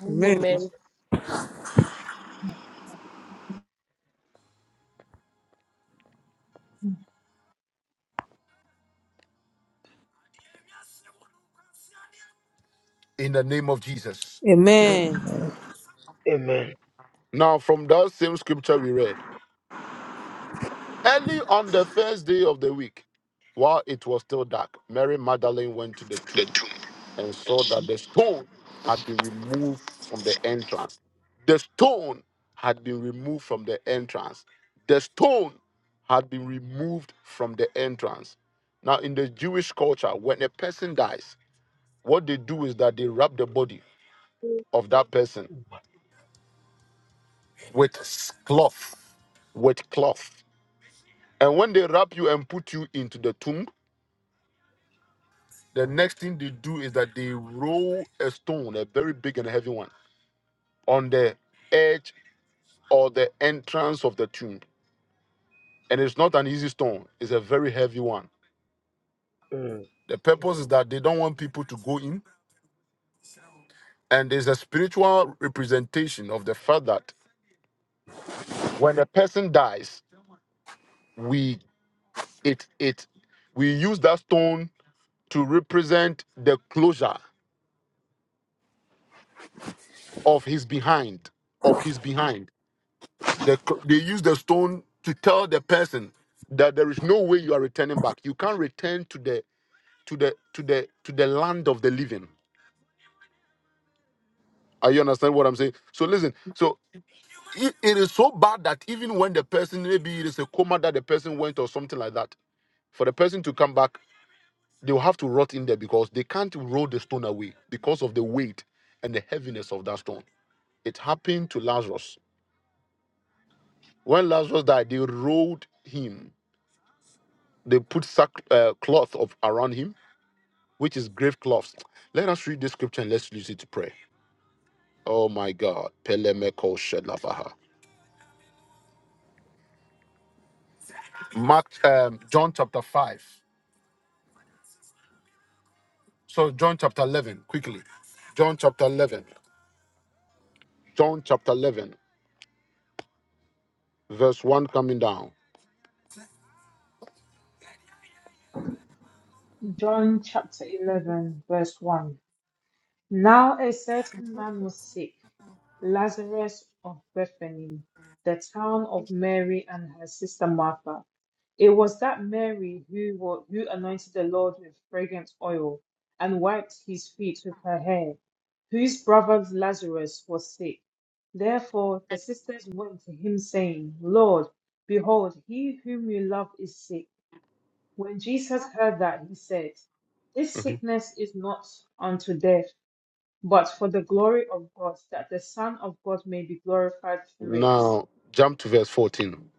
Speaker 3: Name of
Speaker 2: Amen.
Speaker 5: Amen.
Speaker 3: Jesus.
Speaker 1: in the name of Jesus.
Speaker 2: Amen.
Speaker 7: Amen.
Speaker 1: Now, from that same scripture we read, early on the first day of the week, while it was still dark, Mary Magdalene went to the tomb and saw that the stone had been removed from the entrance. The stone had been removed from the entrance. The stone had been removed from the entrance. Now, in the Jewish culture, when a person dies, what they do is that they wrap the body of that person with cloth, with cloth. And when they wrap you and put you into the tomb, the next thing they do is that they roll a stone, a very big and heavy one, on the edge or the entrance of the tomb. And it's not an easy stone, it's a very heavy one. The purpose is that they don't want people to go in. And there's a spiritual representation of the fact that when a person dies, we it it we use that stone to represent the closure of his behind, of his behind. The, they use the stone to tell the person that there is no way you are returning back. You can't return to the to the to the to the land of the living. Are you understand what I'm saying? So listen. So it, it is so bad that even when the person maybe it is a coma that the person went or something like that, for the person to come back, they will have to rot in there because they can't roll the stone away because of the weight and the heaviness of that stone. It happened to Lazarus. When Lazarus died, they rolled him. They put sack uh, cloth of around him which is grave cloths. Let us read this scripture and let's use it to pray. Oh my God. Pelemeko Shelabaha. Mark um, John chapter 5. So John chapter 11, quickly. John chapter 11. John chapter 11, verse 1 coming down.
Speaker 3: John chapter 11 verse 1. Now a certain man was sick, Lazarus of Bethany, the town of Mary and her sister Martha. It was that Mary who, wa- who anointed the Lord with fragrant oil and wiped his feet with her hair, whose brother Lazarus was sick. Therefore the sisters went to him, saying, Lord, behold, he whom you love is sick. When Jesus heard that, he said, This
Speaker 1: Mhm.
Speaker 3: sickness is not unto death, but for the glory of God, that the Son of God may be glorified through it.
Speaker 1: Now jump to verse 14.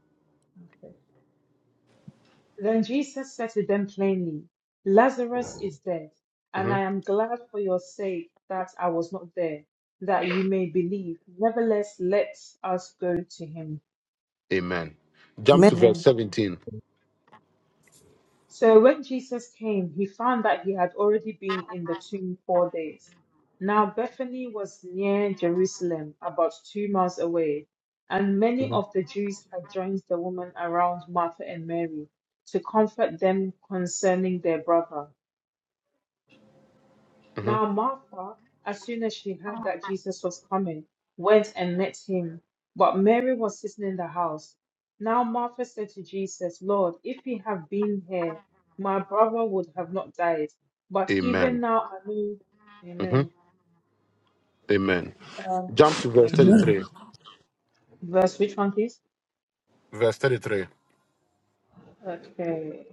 Speaker 3: Okay. Then Jesus said to them plainly, Lazarus is dead, and I
Speaker 1: Mhm.
Speaker 3: am glad for your sake that I was not there, that you may believe. Nevertheless, let us go to him.
Speaker 1: Amen. Jump
Speaker 2: Amen.
Speaker 1: to
Speaker 3: Amen.
Speaker 1: verse 17.
Speaker 3: So when Jesus came, he found that he had already been in the tomb four days. Now Bethany was near Jerusalem, about two miles away, and many of the Jews had joined the woman around Martha and Mary to comfort them concerning their brother.
Speaker 1: Mhm.
Speaker 3: Now Martha, as soon as she heard that Jesus was coming, went and met him. But Mary was sitting in the house. Now Martha said to Jesus, Lord, if he had been here, my brother would have not died. But even
Speaker 1: Amen.
Speaker 3: now I know.
Speaker 1: Mhm.
Speaker 3: Amen.
Speaker 1: Amen.
Speaker 3: Um,
Speaker 1: Jump to verse
Speaker 3: okay.
Speaker 7: Amen.
Speaker 1: 33.
Speaker 3: Verse which one, please?
Speaker 1: Verse 33.
Speaker 3: Okay.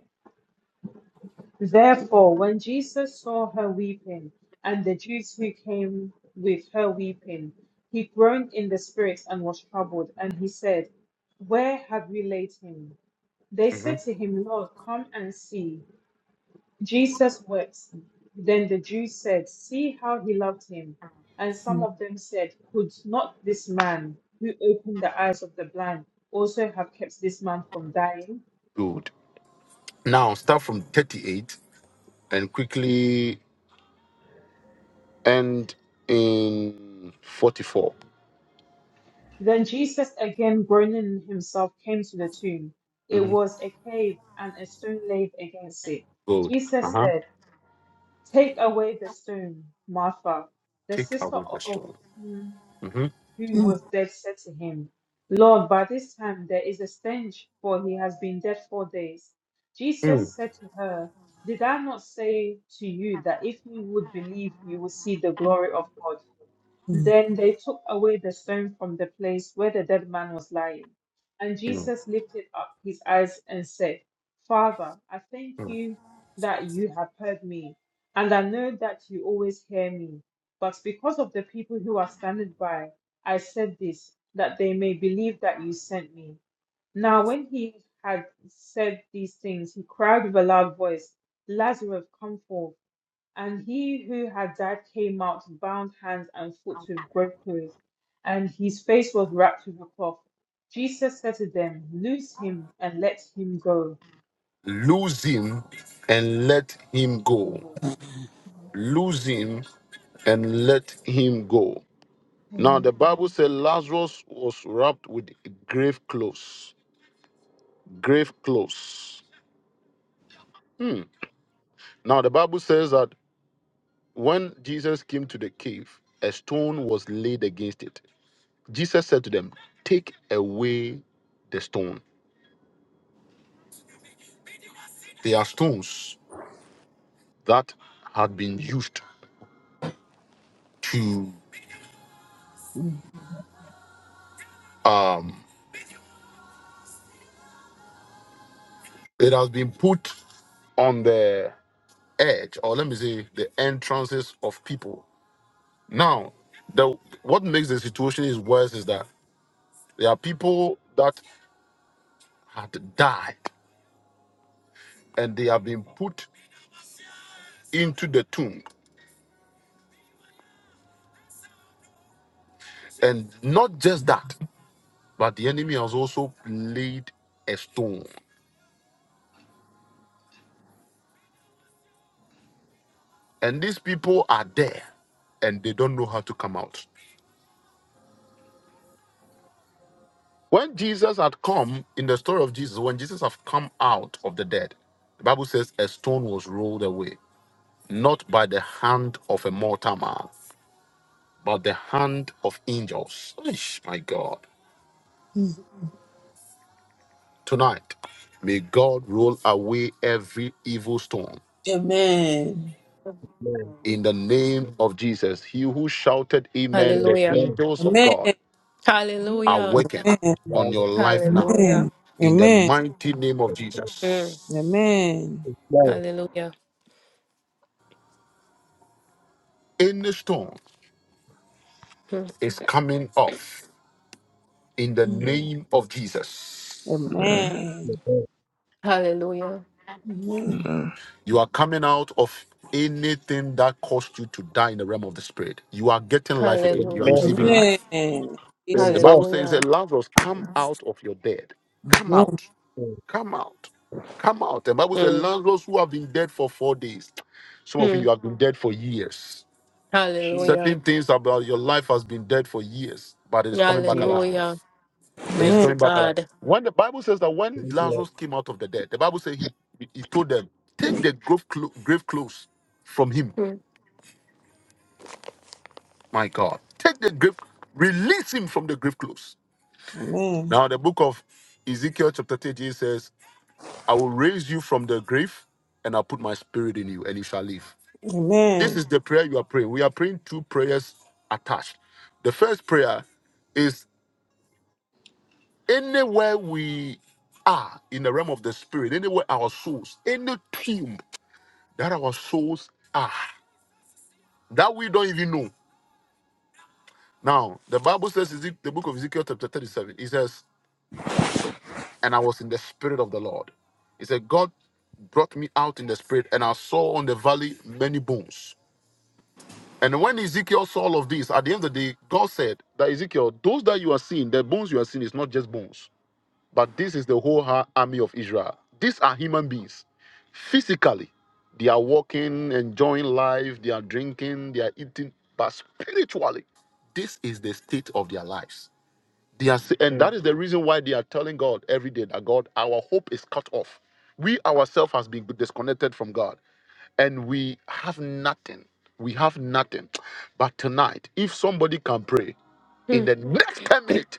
Speaker 3: Therefore, when Jesus saw her weeping, and the Jews who came with her weeping, he groaned in the spirit and was troubled, and he said, Where have you laid him? They said
Speaker 1: Mhm.
Speaker 3: to him, Lord, come and see. Jesus wept. Then the Jews said, See how he loved him. And some of them said, Could not this man who opened the eyes of the blind also have kept this man from dying?
Speaker 1: Good. Now start from 38 and quickly end in 44.
Speaker 3: Then Jesus, again groaning in himself, came to the tomb. It
Speaker 1: hmm
Speaker 3: was a cave, and a stone laid against it.
Speaker 1: Good. Uh
Speaker 3: Jesus
Speaker 1: huh.
Speaker 3: said, Take away the stone, Martha. The
Speaker 1: Take
Speaker 3: sister
Speaker 1: away the
Speaker 3: o- of
Speaker 1: stone.
Speaker 3: him
Speaker 1: hmm
Speaker 3: who
Speaker 2: Mm.
Speaker 3: was dead said to him, Lord, by this time there is a stench, for he has been dead four days.
Speaker 1: Mm.
Speaker 3: Jesus said to her, Did I not say to you that if you would believe, you would see the glory of God? Then they took away the stone from the place where the dead man was lying. And
Speaker 1: Mm.
Speaker 3: Jesus lifted up his eyes and said, Father, I thank
Speaker 1: Mm.
Speaker 3: you that you have heard me, and I know that you always hear me. But because of the people who are standing by, I said this, that they may believe that you sent me. Now, when he had said these things, he cried with a loud voice, Lazarus, come forth. And he who had died came out, bound hands and foot with grave clothes, and his face was wrapped with a cloth. Jesus said to them, Loose him and let him go.
Speaker 1: Lose him and let him go. Lose him and let him go. Now
Speaker 3: Amen.
Speaker 1: the Bible said Lazarus was wrapped with grave clothes. Grave clothes. Hmm. Now the Bible says that when Jesus came to the cave, a stone was laid against it. Jesus said to them, Take away the stone. They are stones that had been used to, um, it has been put on the edge, or let me say, the entrances of people. Now, the what makes the situation is worse is that there are people that had died and they have been put into the tomb. And not just that, but the enemy has also laid a stone. And these people are there and they don't know how to come out. When Jesus had come, in the story of Jesus, when Jesus had come out of the dead, the Bible says a stone was rolled away, not by the hand of a mortal man, but the hand of angels. Eesh, my God. Tonight, may God roll away every evil stone.
Speaker 2: Amen.
Speaker 1: In the name of Jesus, he who shouted, Amen, the
Speaker 5: Hallelujah.
Speaker 1: angels of God
Speaker 2: Amen.
Speaker 5: Hallelujah.
Speaker 1: awaken
Speaker 2: Amen.
Speaker 1: on your life now
Speaker 2: Amen.
Speaker 5: Hallelujah.
Speaker 1: in the
Speaker 2: Amen.
Speaker 1: mighty name of
Speaker 5: Mm.
Speaker 1: Jesus.
Speaker 2: Amen.
Speaker 5: Hallelujah.
Speaker 1: Any stone
Speaker 5: Mm.
Speaker 1: is coming off in the
Speaker 2: Mm.
Speaker 1: name of Jesus.
Speaker 7: Amen.
Speaker 2: Amen.
Speaker 5: Hallelujah.
Speaker 2: Amen.
Speaker 7: Amen.
Speaker 1: You are coming out of anything that caused you to die in the realm of the spirit. You are getting life again. You are
Speaker 5: Hallelujah.
Speaker 1: receiving life.
Speaker 2: Amen.
Speaker 1: The
Speaker 2: Jesus.
Speaker 1: Bible says
Speaker 5: Hallelujah.
Speaker 1: that Lazarus, come out of your dead. Come
Speaker 2: Amen.
Speaker 1: out. Come out. Come out. The Bible says
Speaker 5: Mm.
Speaker 1: Lazarus, who have been dead for four days. Some of you
Speaker 5: Mm.
Speaker 1: have been dead for years.
Speaker 6: Jesus'
Speaker 1: Certain
Speaker 5: Hallelujah.
Speaker 1: things about your life has been dead for years, but it is coming back
Speaker 6: name.
Speaker 1: alive.
Speaker 5: Hallelujah.
Speaker 1: It is
Speaker 2: Amen.
Speaker 5: Mighty
Speaker 1: coming back alive.
Speaker 5: God.
Speaker 1: When the Bible says that when
Speaker 6: Amen.
Speaker 1: Lazarus came out of the dead, the Bible says he he told them, take the grave, clo- grave clothes from him.
Speaker 5: Mm.
Speaker 1: My God, take the grave, release him from the grave clothes.
Speaker 2: Amen.
Speaker 1: Now the book of Ezekiel chapter 30 says, I will raise you from the grave and I'll put my spirit in you and you shall live. This
Speaker 2: Amen.
Speaker 1: is the prayer you are praying. We are praying two prayers attached. The first prayer is. Anywhere we are in the realm of the spirit, anywhere our souls, any tomb that our souls are, that we don't even know. Now, the Bible says, Ezek- the book of Ezekiel, chapter 37, it says, And I was in the spirit of the Lord. It said, God brought me out in the spirit, and I saw on the valley many bones. And when Ezekiel saw all of this, at the end of the day, God said that Ezekiel, those that you are seeing, the bones you are seeing is not just bones. But this is the whole ha- army of Israel. These are human beings. Physically, they are walking, enjoying life, they are drinking, they are eating. But spiritually, this is the state of their lives. They are, sa- and that
Speaker 6: Amen.
Speaker 1: is the reason why they are telling God every day that God, our hope is cut off. We ourselves has been disconnected from God, and we have nothing. We have nothing. But tonight, if somebody can pray in
Speaker 5: Mm.
Speaker 1: the next ten minutes,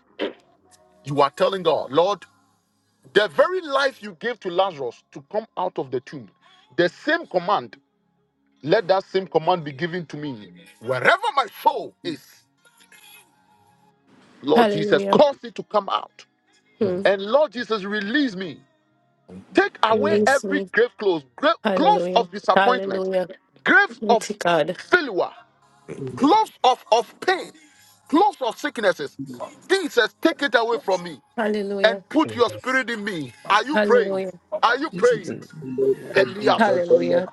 Speaker 1: you are telling God, Lord. The very life you gave to Lazarus to come out of the tomb, the same command, let that same command be given to me. Wherever my soul is, Lord Jesus,
Speaker 5: Hallelujah.
Speaker 1: cause it to come out.
Speaker 5: Mm.
Speaker 1: And Lord Jesus, release me. Take
Speaker 6: Amen.
Speaker 1: away
Speaker 6: Amen. Amen. Amen. Amen. Jesus. Amen.
Speaker 5: Release me.
Speaker 1: every grave clothes, grave, clothes
Speaker 5: Hallelujah.
Speaker 1: of disappointment,
Speaker 5: Hallelujah.
Speaker 1: graves of
Speaker 5: Mighty God.
Speaker 1: failure,
Speaker 6: Amen.
Speaker 1: clothes of, of pain, clothes of sicknesses. Jesus, take it away from me
Speaker 5: Hallelujah.
Speaker 1: and put
Speaker 6: Amen.
Speaker 1: your spirit in me. Are you praying?
Speaker 5: Hallelujah.
Speaker 1: Are you praying?
Speaker 7: Amen.
Speaker 6: Father, any
Speaker 7: Yeah.
Speaker 6: great
Speaker 1: Elias.
Speaker 5: Hallelujah.